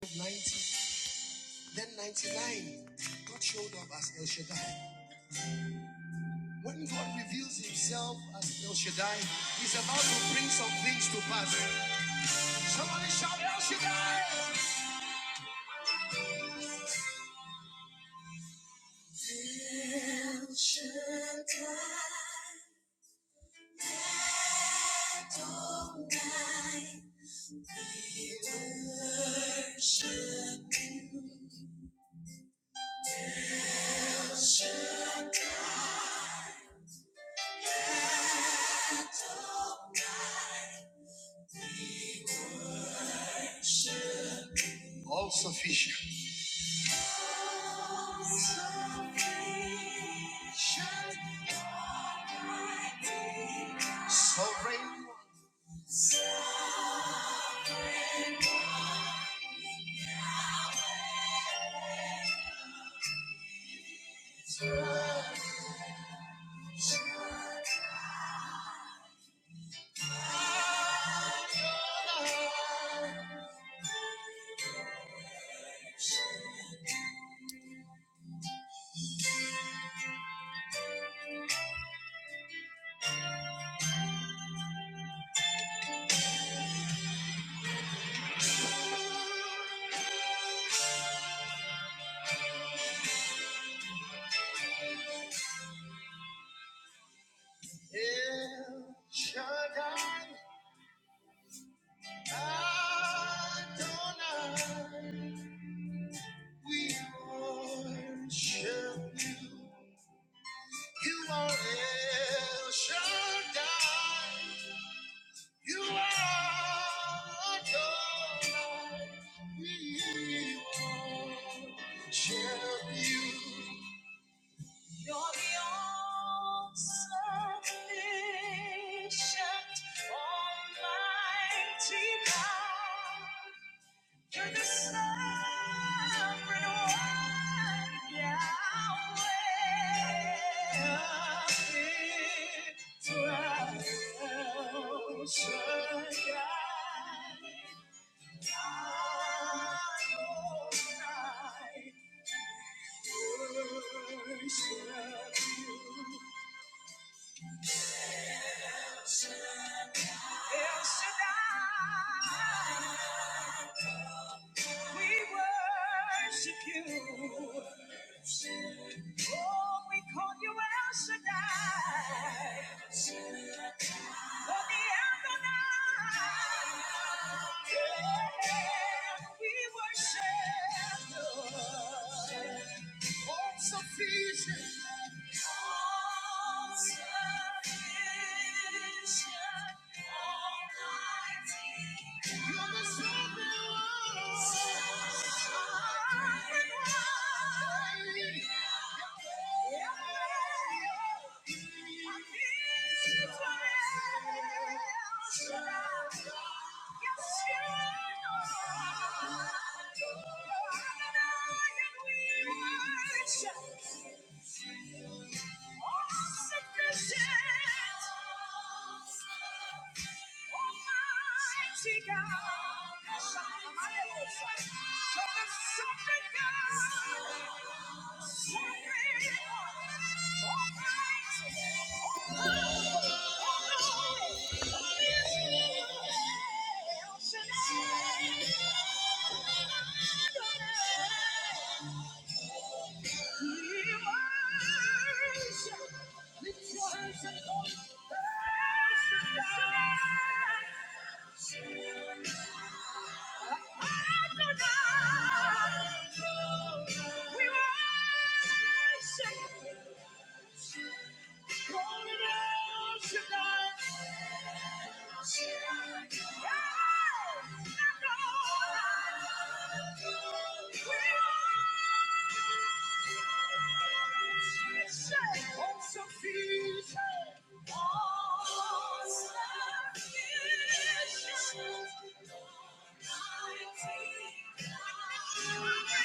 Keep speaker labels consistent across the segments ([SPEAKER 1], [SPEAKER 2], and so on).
[SPEAKER 1] 90, then 99, God showed up as El Shaddai. When God reveals himself as El Shaddai, he's about to bring some things to pass. Somebody shout El Shaddai! El Shaddai, All sufficient. Sovereign, El Shaddai, Adonai, we worship you. You are El Shaddai, you are Adonai, we worship you. You're the all-sufficient, almighty God. You're the sovereign one, Yahweh of Israel, Shaddai, Adonai, worship you. El Shaddai, we worship you. Oh, we call you El Shaddai. For the Adonai, yeah, we worship you. all sufficient. All sufficient, Almighty Yes, you are. Thank you. Call it out Shaddai. Thank you.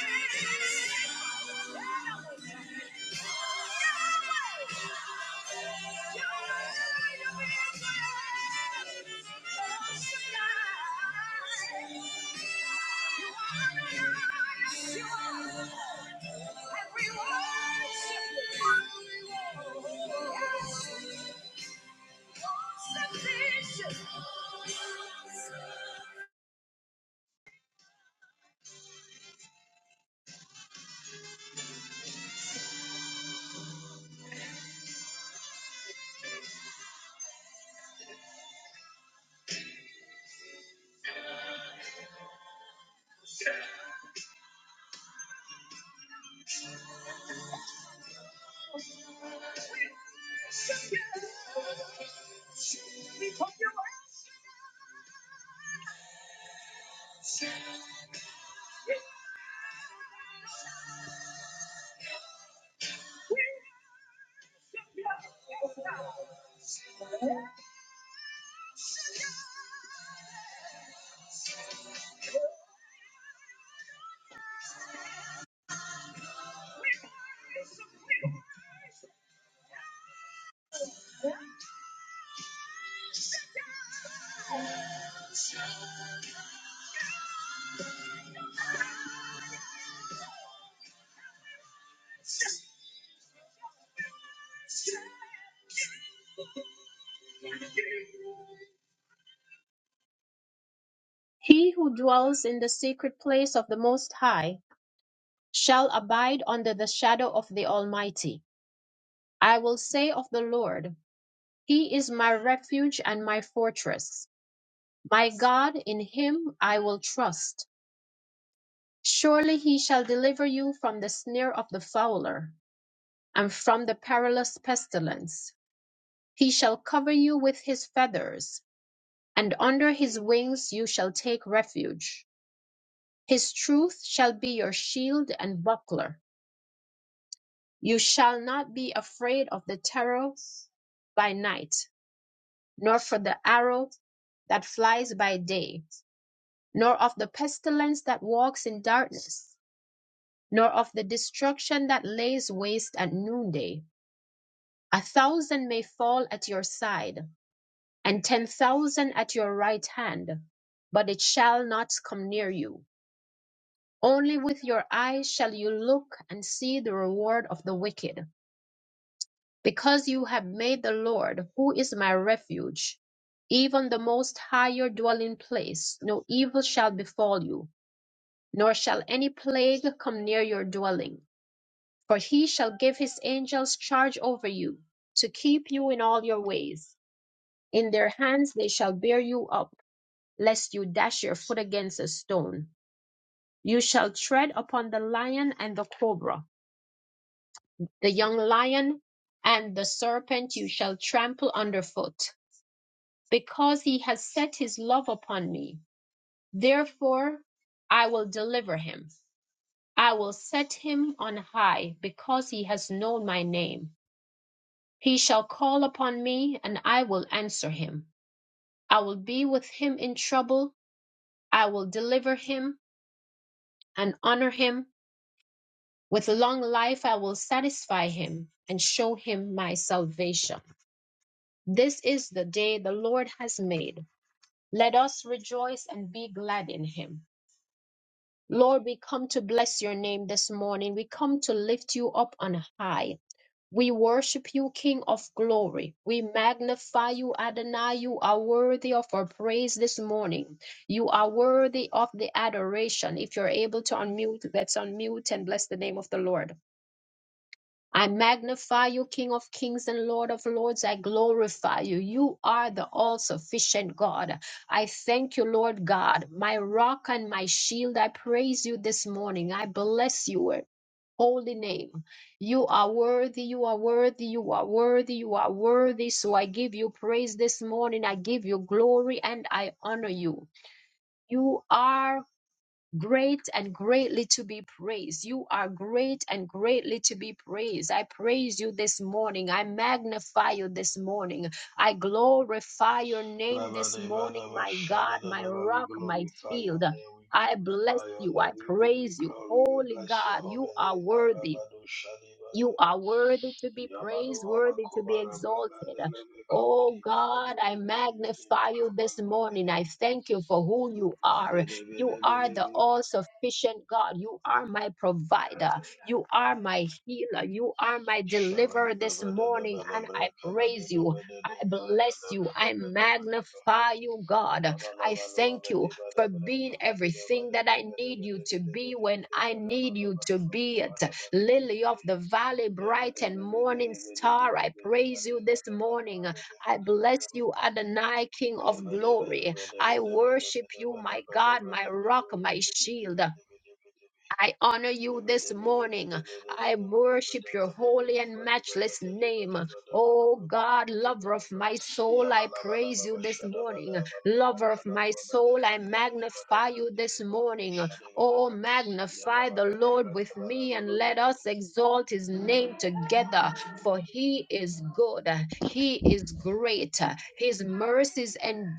[SPEAKER 1] Sufficient. He who dwells in the secret place of the Most High shall abide under the shadow of the Almighty. I will say of the Lord, He is my refuge and my fortress. My God, in Him I will trust. Surely He shall deliver you from the snare of the fowler and from the perilous pestilence. He shall cover you with His feathers, and under His wings you shall take refuge. His truth shall be your shield and buckler. You shall not be afraid of the terror by night, nor for the arrow that flies by day, nor of the pestilence that walks in darkness, nor of the destruction that lays waste at noonday. A thousand may fall at your side, and ten thousand at your right hand, but it shall not come near you. Only with your eyes shall you look and see the reward of the wicked Because you have made the Lord, who is my refuge, even the most high your dwelling place, no evil shall befall you, nor shall any plague come near your dwelling. For he shall give his angels charge over you, to keep you in all your ways. In their hands they shall bear you up, lest you dash your foot against a stone. You shall tread upon the lion and the cobra, the young lion and the serpent you shall trample underfoot because he has set his love upon me. Therefore, I will deliver him. I will set him on high because he has known my name. He shall call upon me and I will answer him. I will be with him in trouble. I will deliver him and honor him. With long life, I will satisfy him and show him my salvation. This is the day the Lord has made. Let us rejoice and be glad in him. Lord, we come to bless your name this morning. We come to lift you up on high. We worship you, King of glory. We magnify you, Adonai. You are worthy of our praise this morning. You are worthy of the adoration. If you're able to unmute, let's unmute and bless the name of the Lord. I magnify you, King of kings and Lord of lords. I glorify you. You are the all sufficient God. I thank you, Lord God, my rock and my shield. I praise you this morning. I bless your Holy name. You are worthy, you are worthy, you are worthy, you are worthy. So I give you praise this morning. I give you glory and I honor you. You are great and greatly to be praised. You are great and greatly to be praised. I praise you this morning. I magnify you this morning. I glorify your name this morning, my God, my
[SPEAKER 2] Labadabadabashadadadaba. We
[SPEAKER 1] rock, my
[SPEAKER 2] glorify your
[SPEAKER 1] shield.
[SPEAKER 2] name, we
[SPEAKER 1] I bless
[SPEAKER 2] glorify your
[SPEAKER 1] you. I
[SPEAKER 2] name, we give you
[SPEAKER 1] praise you.
[SPEAKER 2] glory, we
[SPEAKER 1] Holy
[SPEAKER 2] bless your
[SPEAKER 1] God,
[SPEAKER 2] holy
[SPEAKER 1] you are
[SPEAKER 2] name.
[SPEAKER 1] worthy.
[SPEAKER 2] Marabado
[SPEAKER 1] You
[SPEAKER 2] Shadibayara.
[SPEAKER 1] are worthy to be
[SPEAKER 2] Yamalo
[SPEAKER 1] praised, worthy to
[SPEAKER 2] Amakoba
[SPEAKER 1] be exalted.
[SPEAKER 2] Rabamandalebe
[SPEAKER 1] Oh
[SPEAKER 2] Kabadi
[SPEAKER 1] God,
[SPEAKER 2] Babado
[SPEAKER 1] I
[SPEAKER 2] Debedebedebe
[SPEAKER 1] magnify you this
[SPEAKER 2] Kabalua
[SPEAKER 1] morning. I
[SPEAKER 2] Bedebe.
[SPEAKER 1] thank you for who you are. You are the
[SPEAKER 2] Dedebedebedebe
[SPEAKER 1] all sufficient God. You are my provider. You are my healer. You are my deliverer
[SPEAKER 2] Shabadi
[SPEAKER 1] this morning. And I
[SPEAKER 2] Babadabadabra Kabadi
[SPEAKER 1] praise you. I bless you. I
[SPEAKER 2] Babadabadabadabadabadaba.
[SPEAKER 1] magnify you,
[SPEAKER 2] Yabba
[SPEAKER 1] God. I thank you for being everything that I need you to be when I need you to be. Lily of the valley, bright and morning star. I praise you this morning. I bless you, Adonai, King of glory. I worship you, my God, my rock, my shield. I honor you
[SPEAKER 2] Yabalabala
[SPEAKER 1] this morning. I worship your holy and matchless name. Oh God, lover of my soul, I praise you this morning. Lover of my soul, I magnify you this morning. Oh, magnify the Lord with me and let us exalt his name together, for he is good. He is great. His mercies endure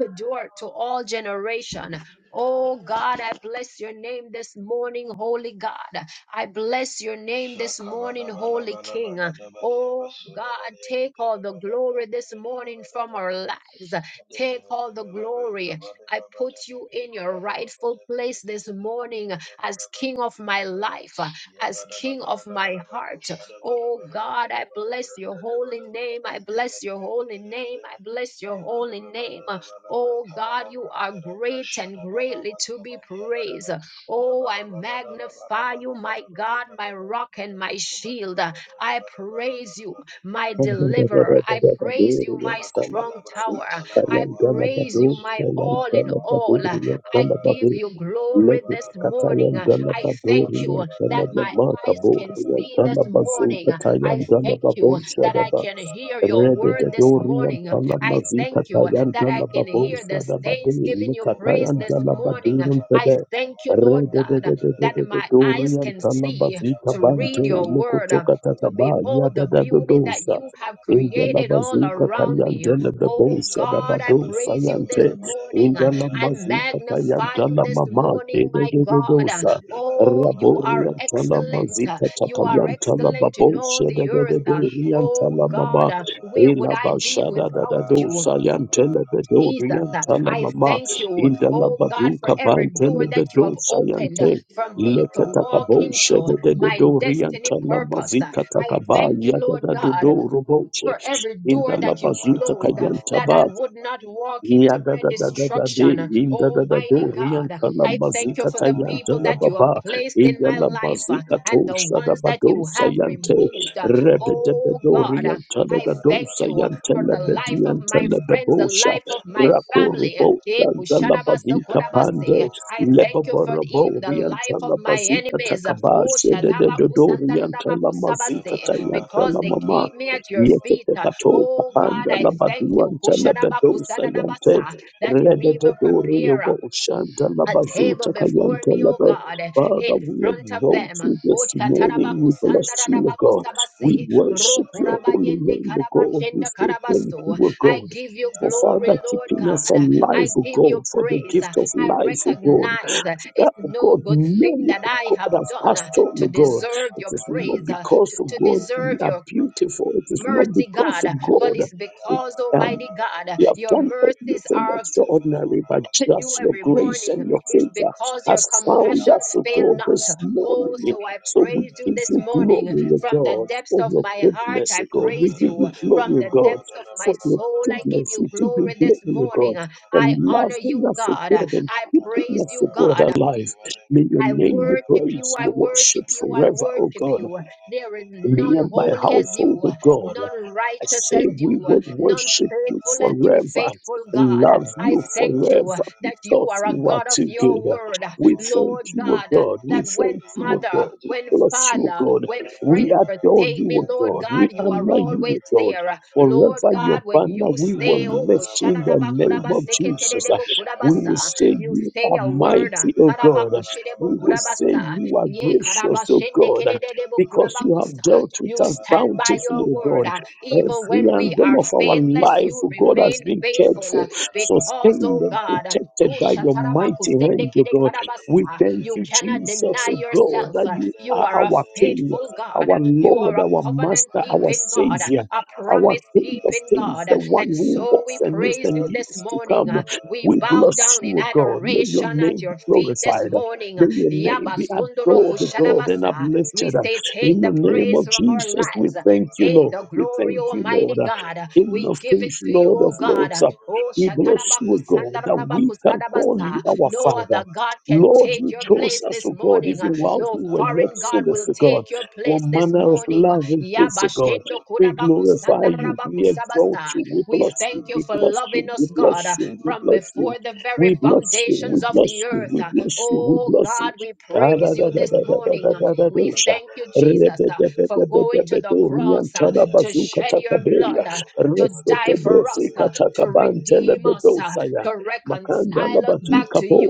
[SPEAKER 1] open the door to all generation. Oh God, I bless your name this morning, Holy God. I bless your name
[SPEAKER 2] Yabada
[SPEAKER 1] this morning, Holy King. Oh God, take all the glory this morning from our lives. Take all the glory. I put you in your rightful place this morning as King of my life, as King of my heart. Oh God, I bless your holy name. I bless your holy name. I bless your holy name. Oh God, you are great and greatly to be praised. Oh, I magnify you, my God, my rock and my shield. I praise you, my
[SPEAKER 3] Let
[SPEAKER 1] deliverer.
[SPEAKER 3] it
[SPEAKER 1] I praise you, my
[SPEAKER 2] Yabakoba
[SPEAKER 1] strong
[SPEAKER 2] labra
[SPEAKER 1] tower.
[SPEAKER 2] katala
[SPEAKER 1] I
[SPEAKER 2] balua balia
[SPEAKER 1] praise you,
[SPEAKER 2] basu
[SPEAKER 1] my
[SPEAKER 2] de
[SPEAKER 1] all
[SPEAKER 2] bedaba
[SPEAKER 1] in all.
[SPEAKER 2] makoba labra
[SPEAKER 1] I
[SPEAKER 2] laba laba
[SPEAKER 1] give you
[SPEAKER 2] yabala
[SPEAKER 1] glory
[SPEAKER 2] bala
[SPEAKER 1] this
[SPEAKER 2] bala
[SPEAKER 1] morning.
[SPEAKER 2] baba
[SPEAKER 3] Katayan
[SPEAKER 1] I
[SPEAKER 2] da
[SPEAKER 3] Dana
[SPEAKER 2] laba
[SPEAKER 1] thank
[SPEAKER 2] kabala
[SPEAKER 1] you
[SPEAKER 3] Badorian
[SPEAKER 2] baba da
[SPEAKER 1] that
[SPEAKER 3] Sama
[SPEAKER 2] laba
[SPEAKER 1] my
[SPEAKER 3] Maka
[SPEAKER 2] laba
[SPEAKER 1] eyes can
[SPEAKER 2] laba
[SPEAKER 3] Borian
[SPEAKER 1] see
[SPEAKER 2] laba
[SPEAKER 1] this
[SPEAKER 3] Sama
[SPEAKER 2] kabalaba
[SPEAKER 3] Bazu
[SPEAKER 1] morning.
[SPEAKER 2] laba kabala bala
[SPEAKER 1] I
[SPEAKER 3] Katayan
[SPEAKER 2] bala bala
[SPEAKER 3] Dana
[SPEAKER 1] thank
[SPEAKER 2] bala
[SPEAKER 1] you
[SPEAKER 3] Babon
[SPEAKER 1] that I
[SPEAKER 2] yabala
[SPEAKER 1] can
[SPEAKER 2] bala bala
[SPEAKER 1] hear your
[SPEAKER 2] kabala
[SPEAKER 1] word
[SPEAKER 2] bala
[SPEAKER 1] this
[SPEAKER 2] bala bala
[SPEAKER 3] Rededorian
[SPEAKER 1] morning.
[SPEAKER 2] bala laba
[SPEAKER 1] I
[SPEAKER 2] laba
[SPEAKER 3] Talamazi
[SPEAKER 2] de
[SPEAKER 1] thank you uh,
[SPEAKER 2] bada
[SPEAKER 3] Katayan
[SPEAKER 2] bada
[SPEAKER 1] that I
[SPEAKER 2] bada
[SPEAKER 1] can
[SPEAKER 2] bada
[SPEAKER 3] Talababo
[SPEAKER 1] hear the
[SPEAKER 2] bada bada bada
[SPEAKER 3] Sadabadi
[SPEAKER 1] saints giving you
[SPEAKER 2] yabala
[SPEAKER 1] praise
[SPEAKER 3] Nikatayan
[SPEAKER 1] this
[SPEAKER 2] bala baba da
[SPEAKER 1] morning.
[SPEAKER 3] Talabadin
[SPEAKER 2] laba
[SPEAKER 1] I
[SPEAKER 3] Tebe
[SPEAKER 2] labra
[SPEAKER 1] thank you,
[SPEAKER 2] kabala baba
[SPEAKER 1] Lord
[SPEAKER 2] da
[SPEAKER 1] God,
[SPEAKER 2] laba laba
[SPEAKER 1] that my
[SPEAKER 2] laba laba
[SPEAKER 1] eyes
[SPEAKER 3] Rededorian
[SPEAKER 1] can
[SPEAKER 2] laba laba
[SPEAKER 1] see
[SPEAKER 3] Talamazi
[SPEAKER 1] to
[SPEAKER 2] yabala
[SPEAKER 3] Kabante
[SPEAKER 2] bala
[SPEAKER 1] read your
[SPEAKER 2] bala bala
[SPEAKER 1] word. uh,
[SPEAKER 2] bala
[SPEAKER 3] Nikotoka
[SPEAKER 2] laba laba
[SPEAKER 1] To
[SPEAKER 3] Tataba
[SPEAKER 2] laba
[SPEAKER 1] behold
[SPEAKER 2] laba
[SPEAKER 1] the
[SPEAKER 2] laba laba
[SPEAKER 1] beauty that
[SPEAKER 3] Yadadadosa
[SPEAKER 1] you
[SPEAKER 2] laba
[SPEAKER 1] have
[SPEAKER 2] laba
[SPEAKER 1] created all
[SPEAKER 3] Indalabazu
[SPEAKER 2] laba laba
[SPEAKER 1] around
[SPEAKER 3] Katayan
[SPEAKER 1] me.
[SPEAKER 3] Telebebo
[SPEAKER 1] Oh
[SPEAKER 2] yeah,
[SPEAKER 1] God, I
[SPEAKER 3] Sadabado
[SPEAKER 1] praise you this
[SPEAKER 3] Sayante
[SPEAKER 1] morning. uh, I
[SPEAKER 3] Indalamazi Katayan
[SPEAKER 1] magnify you this
[SPEAKER 3] Talamama
[SPEAKER 1] morning, my God. uh,
[SPEAKER 3] Dedosa
[SPEAKER 1] Oh, you are
[SPEAKER 3] Raborian Talamazi
[SPEAKER 1] excellent. uh, You are
[SPEAKER 3] Katakayan
[SPEAKER 1] excellent
[SPEAKER 3] Talababo
[SPEAKER 1] in all the earth. uh,
[SPEAKER 3] Shededorian
[SPEAKER 1] Oh
[SPEAKER 3] Talamaba
[SPEAKER 1] God, uh, where would
[SPEAKER 3] Ela
[SPEAKER 1] I be
[SPEAKER 3] bashada da da
[SPEAKER 1] without
[SPEAKER 3] do
[SPEAKER 1] you?
[SPEAKER 3] sayantele bedo
[SPEAKER 1] Jesus, uh,
[SPEAKER 3] riantala
[SPEAKER 1] I
[SPEAKER 3] mama
[SPEAKER 1] thank you,
[SPEAKER 3] indala
[SPEAKER 1] oh God, for
[SPEAKER 3] baduka
[SPEAKER 1] every door
[SPEAKER 3] pantele
[SPEAKER 1] that you
[SPEAKER 3] bedo
[SPEAKER 1] have opened
[SPEAKER 3] sayante
[SPEAKER 1] uh, for me to
[SPEAKER 3] lekata
[SPEAKER 1] walk
[SPEAKER 3] kabo
[SPEAKER 1] into
[SPEAKER 3] shede de de
[SPEAKER 1] my
[SPEAKER 3] do
[SPEAKER 1] destiny
[SPEAKER 3] riantala
[SPEAKER 1] purpose. Uh,
[SPEAKER 3] mazika
[SPEAKER 1] I
[SPEAKER 3] takaba
[SPEAKER 1] thank you,
[SPEAKER 3] yada
[SPEAKER 1] Lord
[SPEAKER 3] da do do
[SPEAKER 1] God,
[SPEAKER 3] roboche
[SPEAKER 1] for every
[SPEAKER 2] Yabba
[SPEAKER 1] door
[SPEAKER 3] indala
[SPEAKER 1] that you
[SPEAKER 3] bazuta
[SPEAKER 1] closed, uh,
[SPEAKER 3] kayanta
[SPEAKER 1] that I would not walk
[SPEAKER 3] Ya
[SPEAKER 1] into
[SPEAKER 3] da
[SPEAKER 1] my
[SPEAKER 3] da da da da de
[SPEAKER 1] destruction. Uh,
[SPEAKER 3] in da da da
[SPEAKER 1] Almighty
[SPEAKER 3] do rian
[SPEAKER 1] God, uh,
[SPEAKER 3] tala
[SPEAKER 1] I thank you
[SPEAKER 3] mazika
[SPEAKER 1] for
[SPEAKER 3] ta
[SPEAKER 1] the
[SPEAKER 3] yan
[SPEAKER 1] people
[SPEAKER 3] tala
[SPEAKER 1] that you have
[SPEAKER 3] baba
[SPEAKER 1] placed
[SPEAKER 3] in
[SPEAKER 1] in
[SPEAKER 3] da
[SPEAKER 1] my
[SPEAKER 3] la
[SPEAKER 1] life uh,
[SPEAKER 3] mazika to
[SPEAKER 1] and the
[SPEAKER 3] sha da
[SPEAKER 1] ones
[SPEAKER 3] ba
[SPEAKER 1] that
[SPEAKER 3] do
[SPEAKER 1] you
[SPEAKER 3] sa
[SPEAKER 1] have
[SPEAKER 3] yan te
[SPEAKER 1] removed. Uh,
[SPEAKER 3] re de de de
[SPEAKER 1] Oh
[SPEAKER 3] do
[SPEAKER 1] God, uh,
[SPEAKER 3] rian tala
[SPEAKER 1] I
[SPEAKER 3] da do
[SPEAKER 1] thank
[SPEAKER 3] sa
[SPEAKER 1] you uh,
[SPEAKER 3] yan te
[SPEAKER 1] for
[SPEAKER 3] la
[SPEAKER 1] the
[SPEAKER 3] de
[SPEAKER 1] life
[SPEAKER 3] di
[SPEAKER 1] of
[SPEAKER 3] yan
[SPEAKER 1] my
[SPEAKER 3] tala da
[SPEAKER 1] friends,
[SPEAKER 3] bo
[SPEAKER 1] the
[SPEAKER 3] sha
[SPEAKER 1] life of my
[SPEAKER 3] ra ko ro
[SPEAKER 1] family. Uh,
[SPEAKER 3] bo
[SPEAKER 1] eh,
[SPEAKER 3] sha da la ba di ka pan de
[SPEAKER 1] I
[SPEAKER 3] le bo
[SPEAKER 1] thank you
[SPEAKER 3] bo
[SPEAKER 1] for
[SPEAKER 3] ro bo
[SPEAKER 1] even the
[SPEAKER 3] rian
[SPEAKER 1] life of
[SPEAKER 3] tala
[SPEAKER 1] my
[SPEAKER 3] mazika ta
[SPEAKER 1] enemies.
[SPEAKER 3] ka
[SPEAKER 1] Uh,
[SPEAKER 3] ba
[SPEAKER 1] Oh,
[SPEAKER 3] she de de de do rian tala
[SPEAKER 2] Yabala
[SPEAKER 3] mazika
[SPEAKER 1] shadabakusandaradabakusabase
[SPEAKER 3] ta yan
[SPEAKER 1] because
[SPEAKER 3] tala
[SPEAKER 1] they
[SPEAKER 3] mama
[SPEAKER 1] keep me at your feet.
[SPEAKER 3] Yekete
[SPEAKER 1] Uh,
[SPEAKER 3] kato
[SPEAKER 1] Oh God,
[SPEAKER 3] kapanda
[SPEAKER 1] I
[SPEAKER 3] la
[SPEAKER 1] thank you
[SPEAKER 3] baduanta la
[SPEAKER 1] Kushadaba,
[SPEAKER 3] bedosa yante.
[SPEAKER 1] kusadadabasa, that you
[SPEAKER 3] Redete
[SPEAKER 1] even
[SPEAKER 3] dori
[SPEAKER 1] prepare
[SPEAKER 3] yobo
[SPEAKER 1] uh,
[SPEAKER 3] ushanta la
[SPEAKER 1] a
[SPEAKER 3] bazuta
[SPEAKER 1] table before
[SPEAKER 3] kayante
[SPEAKER 1] me,
[SPEAKER 3] la
[SPEAKER 1] oh
[SPEAKER 3] be.
[SPEAKER 1] God, eh,
[SPEAKER 3] Father,
[SPEAKER 1] in
[SPEAKER 3] we
[SPEAKER 1] front of
[SPEAKER 3] exalt
[SPEAKER 1] them.
[SPEAKER 3] you
[SPEAKER 1] Oh,
[SPEAKER 3] this morning.
[SPEAKER 1] chatarabaku
[SPEAKER 3] We bless you, O
[SPEAKER 1] sandarabaku
[SPEAKER 3] God. We
[SPEAKER 1] sabasi,
[SPEAKER 3] worship your holy
[SPEAKER 1] rokurabayende
[SPEAKER 3] name, O God. We
[SPEAKER 1] karabashenda
[SPEAKER 3] say thank you,
[SPEAKER 1] karabasto.
[SPEAKER 3] O
[SPEAKER 1] I
[SPEAKER 3] God.
[SPEAKER 1] give you
[SPEAKER 3] For Father,
[SPEAKER 1] glory, Lord
[SPEAKER 3] keeping
[SPEAKER 1] God.
[SPEAKER 3] us
[SPEAKER 1] I
[SPEAKER 3] alive, O
[SPEAKER 1] give you
[SPEAKER 3] God, for the
[SPEAKER 1] praise.
[SPEAKER 3] gift
[SPEAKER 1] I
[SPEAKER 3] of life, O God
[SPEAKER 1] recognize that
[SPEAKER 3] that
[SPEAKER 1] it's
[SPEAKER 3] oh
[SPEAKER 1] no
[SPEAKER 3] God,
[SPEAKER 1] good thing
[SPEAKER 3] many
[SPEAKER 1] that
[SPEAKER 3] of
[SPEAKER 1] I
[SPEAKER 3] God
[SPEAKER 1] have
[SPEAKER 3] has
[SPEAKER 1] done
[SPEAKER 3] passed
[SPEAKER 1] uh,
[SPEAKER 3] on, oh
[SPEAKER 1] to
[SPEAKER 3] God.
[SPEAKER 1] deserve
[SPEAKER 3] It
[SPEAKER 1] your
[SPEAKER 3] is not
[SPEAKER 1] praise, uh,
[SPEAKER 3] because
[SPEAKER 1] to,
[SPEAKER 3] of
[SPEAKER 1] to
[SPEAKER 3] God we
[SPEAKER 1] deserve
[SPEAKER 3] are
[SPEAKER 1] your
[SPEAKER 3] beautiful. It is not
[SPEAKER 1] mercy,
[SPEAKER 3] because of
[SPEAKER 1] God. But
[SPEAKER 3] God
[SPEAKER 1] it's
[SPEAKER 3] it,
[SPEAKER 1] because,
[SPEAKER 3] um,
[SPEAKER 1] Almighty God,
[SPEAKER 3] we have
[SPEAKER 1] your
[SPEAKER 3] done
[SPEAKER 1] mercies
[SPEAKER 3] anything
[SPEAKER 1] are
[SPEAKER 3] extraordinary, but
[SPEAKER 1] new
[SPEAKER 3] just your
[SPEAKER 1] every
[SPEAKER 3] grace
[SPEAKER 1] morning.
[SPEAKER 3] and your
[SPEAKER 1] It's
[SPEAKER 3] favor
[SPEAKER 1] because your
[SPEAKER 3] has found
[SPEAKER 1] compassions
[SPEAKER 3] us, oh
[SPEAKER 1] fail
[SPEAKER 3] God,
[SPEAKER 1] not.
[SPEAKER 3] this morning.
[SPEAKER 1] Oh, so I
[SPEAKER 3] So we
[SPEAKER 1] praise you
[SPEAKER 3] give
[SPEAKER 1] this
[SPEAKER 3] you
[SPEAKER 1] morning.
[SPEAKER 3] glory, oh
[SPEAKER 1] From the
[SPEAKER 3] God,
[SPEAKER 2] Yabala
[SPEAKER 1] depths
[SPEAKER 3] for
[SPEAKER 1] of
[SPEAKER 3] your
[SPEAKER 1] my heart,
[SPEAKER 3] goodness,
[SPEAKER 1] I
[SPEAKER 3] oh God.
[SPEAKER 2] Yada
[SPEAKER 3] We
[SPEAKER 1] praise
[SPEAKER 3] give
[SPEAKER 1] you.
[SPEAKER 3] you
[SPEAKER 1] From
[SPEAKER 3] glory, oh
[SPEAKER 1] the
[SPEAKER 3] God,
[SPEAKER 1] depths of my
[SPEAKER 3] for your
[SPEAKER 1] soul, I give
[SPEAKER 3] goodness.
[SPEAKER 1] you
[SPEAKER 3] We give you
[SPEAKER 1] glory
[SPEAKER 3] glory,
[SPEAKER 1] this
[SPEAKER 3] oh God,
[SPEAKER 1] morning.
[SPEAKER 3] for
[SPEAKER 1] I honor
[SPEAKER 3] loving
[SPEAKER 1] you,
[SPEAKER 3] us, oh
[SPEAKER 1] God. I
[SPEAKER 3] God, and
[SPEAKER 1] praise
[SPEAKER 3] Yes,
[SPEAKER 1] you,
[SPEAKER 3] O God
[SPEAKER 1] God.
[SPEAKER 3] alive. May your
[SPEAKER 1] I
[SPEAKER 3] name be
[SPEAKER 1] worship you,
[SPEAKER 3] praised,
[SPEAKER 1] I
[SPEAKER 3] be
[SPEAKER 1] worship
[SPEAKER 3] worshipped
[SPEAKER 1] you, I
[SPEAKER 3] forever, O
[SPEAKER 1] worship
[SPEAKER 3] God.
[SPEAKER 1] you. There is
[SPEAKER 3] Me
[SPEAKER 1] none
[SPEAKER 3] and my
[SPEAKER 1] holy as
[SPEAKER 3] household,
[SPEAKER 1] you,
[SPEAKER 3] O God.
[SPEAKER 1] none
[SPEAKER 3] I
[SPEAKER 1] righteous as
[SPEAKER 3] say we
[SPEAKER 1] you,
[SPEAKER 3] will
[SPEAKER 1] none
[SPEAKER 3] worship you
[SPEAKER 1] faithful as you,
[SPEAKER 3] forever,
[SPEAKER 1] faithful God.
[SPEAKER 3] love
[SPEAKER 1] I
[SPEAKER 3] you
[SPEAKER 1] thank you
[SPEAKER 3] forever
[SPEAKER 1] that you
[SPEAKER 3] because
[SPEAKER 1] are a
[SPEAKER 3] you are
[SPEAKER 1] God of
[SPEAKER 3] too
[SPEAKER 1] your
[SPEAKER 3] good.
[SPEAKER 1] word,
[SPEAKER 3] We thank
[SPEAKER 1] Lord
[SPEAKER 3] you, O
[SPEAKER 1] God.
[SPEAKER 3] God. We
[SPEAKER 1] That when
[SPEAKER 3] thank you, O
[SPEAKER 1] mother,
[SPEAKER 3] God. We
[SPEAKER 1] when
[SPEAKER 3] bless you, O
[SPEAKER 1] father,
[SPEAKER 3] God.
[SPEAKER 2] Mandala
[SPEAKER 1] when
[SPEAKER 2] bala
[SPEAKER 3] We
[SPEAKER 1] friends
[SPEAKER 3] adore
[SPEAKER 1] forsake
[SPEAKER 3] you,
[SPEAKER 1] me,
[SPEAKER 3] O
[SPEAKER 1] Lord
[SPEAKER 3] God.
[SPEAKER 1] God,
[SPEAKER 3] We
[SPEAKER 1] you are
[SPEAKER 3] honor you,
[SPEAKER 1] always
[SPEAKER 3] O God.
[SPEAKER 1] there. Lord
[SPEAKER 3] Forever your
[SPEAKER 1] God, when
[SPEAKER 3] banner
[SPEAKER 1] you
[SPEAKER 3] we will
[SPEAKER 1] say, Oh,
[SPEAKER 2] bala
[SPEAKER 3] lift
[SPEAKER 2] bala
[SPEAKER 3] in the
[SPEAKER 2] bala
[SPEAKER 3] name
[SPEAKER 2] kabadi
[SPEAKER 3] of
[SPEAKER 2] bala
[SPEAKER 3] Jesus.
[SPEAKER 2] bala shara
[SPEAKER 3] We
[SPEAKER 2] bala
[SPEAKER 3] will say
[SPEAKER 2] baya
[SPEAKER 1] you
[SPEAKER 3] you
[SPEAKER 1] say
[SPEAKER 3] are
[SPEAKER 2] Yabba
[SPEAKER 1] a word. uh,
[SPEAKER 3] mighty, O God. We
[SPEAKER 1] karabakushedebo
[SPEAKER 3] will say
[SPEAKER 1] kurabasa,
[SPEAKER 3] you are
[SPEAKER 1] ye
[SPEAKER 3] gracious, O God,
[SPEAKER 1] karabashendekedededebo
[SPEAKER 3] because you have
[SPEAKER 1] kurabakusa.
[SPEAKER 3] dealt with
[SPEAKER 1] You
[SPEAKER 3] us
[SPEAKER 1] stand by
[SPEAKER 3] bountifully,
[SPEAKER 1] your
[SPEAKER 3] O God.
[SPEAKER 1] word. uh, Even
[SPEAKER 3] Every
[SPEAKER 1] when we
[SPEAKER 3] angle
[SPEAKER 1] are
[SPEAKER 3] of our
[SPEAKER 1] faithless,
[SPEAKER 3] life,
[SPEAKER 1] you
[SPEAKER 3] oh God, has
[SPEAKER 1] remain
[SPEAKER 3] been cared
[SPEAKER 1] faithful
[SPEAKER 3] for,
[SPEAKER 1] uh, because,
[SPEAKER 3] sustained,
[SPEAKER 1] oh
[SPEAKER 3] and
[SPEAKER 1] God,
[SPEAKER 3] protected
[SPEAKER 1] Oh,
[SPEAKER 3] by your
[SPEAKER 1] Shatarabaku
[SPEAKER 3] mighty
[SPEAKER 1] sende
[SPEAKER 3] hand, oh
[SPEAKER 1] kede
[SPEAKER 3] God. We
[SPEAKER 1] Karabasa.
[SPEAKER 3] thank
[SPEAKER 1] You
[SPEAKER 3] you,
[SPEAKER 1] cannot
[SPEAKER 3] Jesus,
[SPEAKER 1] deny
[SPEAKER 3] oh God,
[SPEAKER 1] yourself.
[SPEAKER 3] that you
[SPEAKER 1] You
[SPEAKER 3] are
[SPEAKER 1] are a
[SPEAKER 3] our King,
[SPEAKER 1] faithful God.
[SPEAKER 3] our
[SPEAKER 1] You
[SPEAKER 3] Lord,
[SPEAKER 1] are a
[SPEAKER 3] our
[SPEAKER 1] covenant
[SPEAKER 3] Master, our
[SPEAKER 1] keeping God,
[SPEAKER 3] Savior,
[SPEAKER 1] a
[SPEAKER 3] our
[SPEAKER 1] promise
[SPEAKER 3] King of
[SPEAKER 1] keeping
[SPEAKER 3] Kings,
[SPEAKER 1] God.
[SPEAKER 3] the one
[SPEAKER 1] And
[SPEAKER 3] who
[SPEAKER 1] so
[SPEAKER 3] was
[SPEAKER 1] we
[SPEAKER 3] and is
[SPEAKER 1] praise
[SPEAKER 2] Kibarabarabaya,
[SPEAKER 3] and
[SPEAKER 1] you this
[SPEAKER 3] is to
[SPEAKER 1] morning.
[SPEAKER 3] come.
[SPEAKER 1] We
[SPEAKER 3] We
[SPEAKER 2] kabarabarabarabaya,
[SPEAKER 1] bow
[SPEAKER 3] bless
[SPEAKER 1] down in
[SPEAKER 3] you, O God. May
[SPEAKER 2] kabarabarabarabaya,
[SPEAKER 3] your
[SPEAKER 1] adoration at
[SPEAKER 3] name be
[SPEAKER 1] your feet this
[SPEAKER 3] glorified.
[SPEAKER 1] morning.
[SPEAKER 3] May your
[SPEAKER 2] kabarabarabarabaya,
[SPEAKER 3] name be
[SPEAKER 1] Yabasundoro
[SPEAKER 3] adored, O God, and
[SPEAKER 1] Kushadabasa.
[SPEAKER 2] yabarabarabarabaya,
[SPEAKER 1] We
[SPEAKER 3] uplifted.
[SPEAKER 1] say,
[SPEAKER 3] In
[SPEAKER 1] Take
[SPEAKER 3] the
[SPEAKER 1] the
[SPEAKER 2] kabarabarabarabaya,
[SPEAKER 3] name
[SPEAKER 1] praise
[SPEAKER 3] of
[SPEAKER 1] from
[SPEAKER 2] kabarabarabarabaya,
[SPEAKER 1] our
[SPEAKER 3] Jesus, we
[SPEAKER 1] lives.
[SPEAKER 3] thank you,
[SPEAKER 1] Hey,
[SPEAKER 3] Lord.
[SPEAKER 1] the
[SPEAKER 2] barabaya,
[SPEAKER 3] We
[SPEAKER 1] glory,
[SPEAKER 3] thank
[SPEAKER 2] barabarabaya,
[SPEAKER 3] you, Lord.
[SPEAKER 1] Almighty
[SPEAKER 3] Uh,
[SPEAKER 1] God. uh,
[SPEAKER 3] King
[SPEAKER 1] We
[SPEAKER 3] of
[SPEAKER 1] give it
[SPEAKER 3] kings,
[SPEAKER 1] to you,
[SPEAKER 3] Lord of
[SPEAKER 1] O God.
[SPEAKER 3] lords,
[SPEAKER 1] uh,
[SPEAKER 3] uh,
[SPEAKER 1] Oh,
[SPEAKER 3] we bless
[SPEAKER 1] Shatarabaku
[SPEAKER 3] you,
[SPEAKER 2] yabarabarabarabaya, bari,
[SPEAKER 3] God,
[SPEAKER 2] yabarabarabarabaya,
[SPEAKER 3] that we
[SPEAKER 1] Sandarabaku
[SPEAKER 3] can call you
[SPEAKER 1] Sadabasa.
[SPEAKER 3] our
[SPEAKER 1] No
[SPEAKER 3] Father.
[SPEAKER 1] other
[SPEAKER 2] barabarabarabarabaya,
[SPEAKER 1] God can
[SPEAKER 3] Lord,
[SPEAKER 1] take
[SPEAKER 3] you
[SPEAKER 1] your
[SPEAKER 3] chose
[SPEAKER 1] place
[SPEAKER 3] us,
[SPEAKER 1] this
[SPEAKER 3] O God,
[SPEAKER 2] kabarabarabarabaya,
[SPEAKER 1] morning. uh,
[SPEAKER 3] even while
[SPEAKER 1] No
[SPEAKER 3] we were yet
[SPEAKER 1] foreign God
[SPEAKER 3] sinners,
[SPEAKER 1] will
[SPEAKER 3] O God.
[SPEAKER 1] take your
[SPEAKER 3] What
[SPEAKER 1] place this
[SPEAKER 3] manner of
[SPEAKER 1] morning. uh,
[SPEAKER 3] love is this, O God?
[SPEAKER 1] Yabashendo
[SPEAKER 3] We
[SPEAKER 1] Kudabaku
[SPEAKER 3] glorify you,
[SPEAKER 1] Sandarabaku
[SPEAKER 3] we exalt
[SPEAKER 1] Sabasa.
[SPEAKER 3] you, we
[SPEAKER 1] We
[SPEAKER 3] bless you,
[SPEAKER 1] thank you
[SPEAKER 3] we
[SPEAKER 1] for
[SPEAKER 3] bless you,
[SPEAKER 1] loving
[SPEAKER 3] we
[SPEAKER 1] us, God,
[SPEAKER 3] bless
[SPEAKER 1] uh,
[SPEAKER 3] you, we
[SPEAKER 1] from
[SPEAKER 3] bless you,
[SPEAKER 1] before the very
[SPEAKER 3] we bless you,
[SPEAKER 1] foundations
[SPEAKER 3] we
[SPEAKER 1] of the
[SPEAKER 3] bless you,
[SPEAKER 1] earth.
[SPEAKER 3] we
[SPEAKER 1] uh.
[SPEAKER 3] bless you, we
[SPEAKER 1] Oh,
[SPEAKER 3] bless you.
[SPEAKER 1] God, we
[SPEAKER 3] Da, da,
[SPEAKER 1] praise
[SPEAKER 3] da,
[SPEAKER 1] you
[SPEAKER 3] da,
[SPEAKER 1] this
[SPEAKER 3] da, da, da,
[SPEAKER 1] morning.
[SPEAKER 3] da, da, da,
[SPEAKER 1] We
[SPEAKER 3] da
[SPEAKER 1] thank you,
[SPEAKER 3] rabati
[SPEAKER 1] Jesus, uh, for going to the
[SPEAKER 2] Mandela
[SPEAKER 1] cross uh, to shed your blood.
[SPEAKER 3] Rebedebedebedebedooriantalabazukatakabea.
[SPEAKER 1] uh, to die for us, uh, to redeem us, uh,
[SPEAKER 3] Restotobrosikatakabantelebedosaya.
[SPEAKER 1] to reconcile us back to you.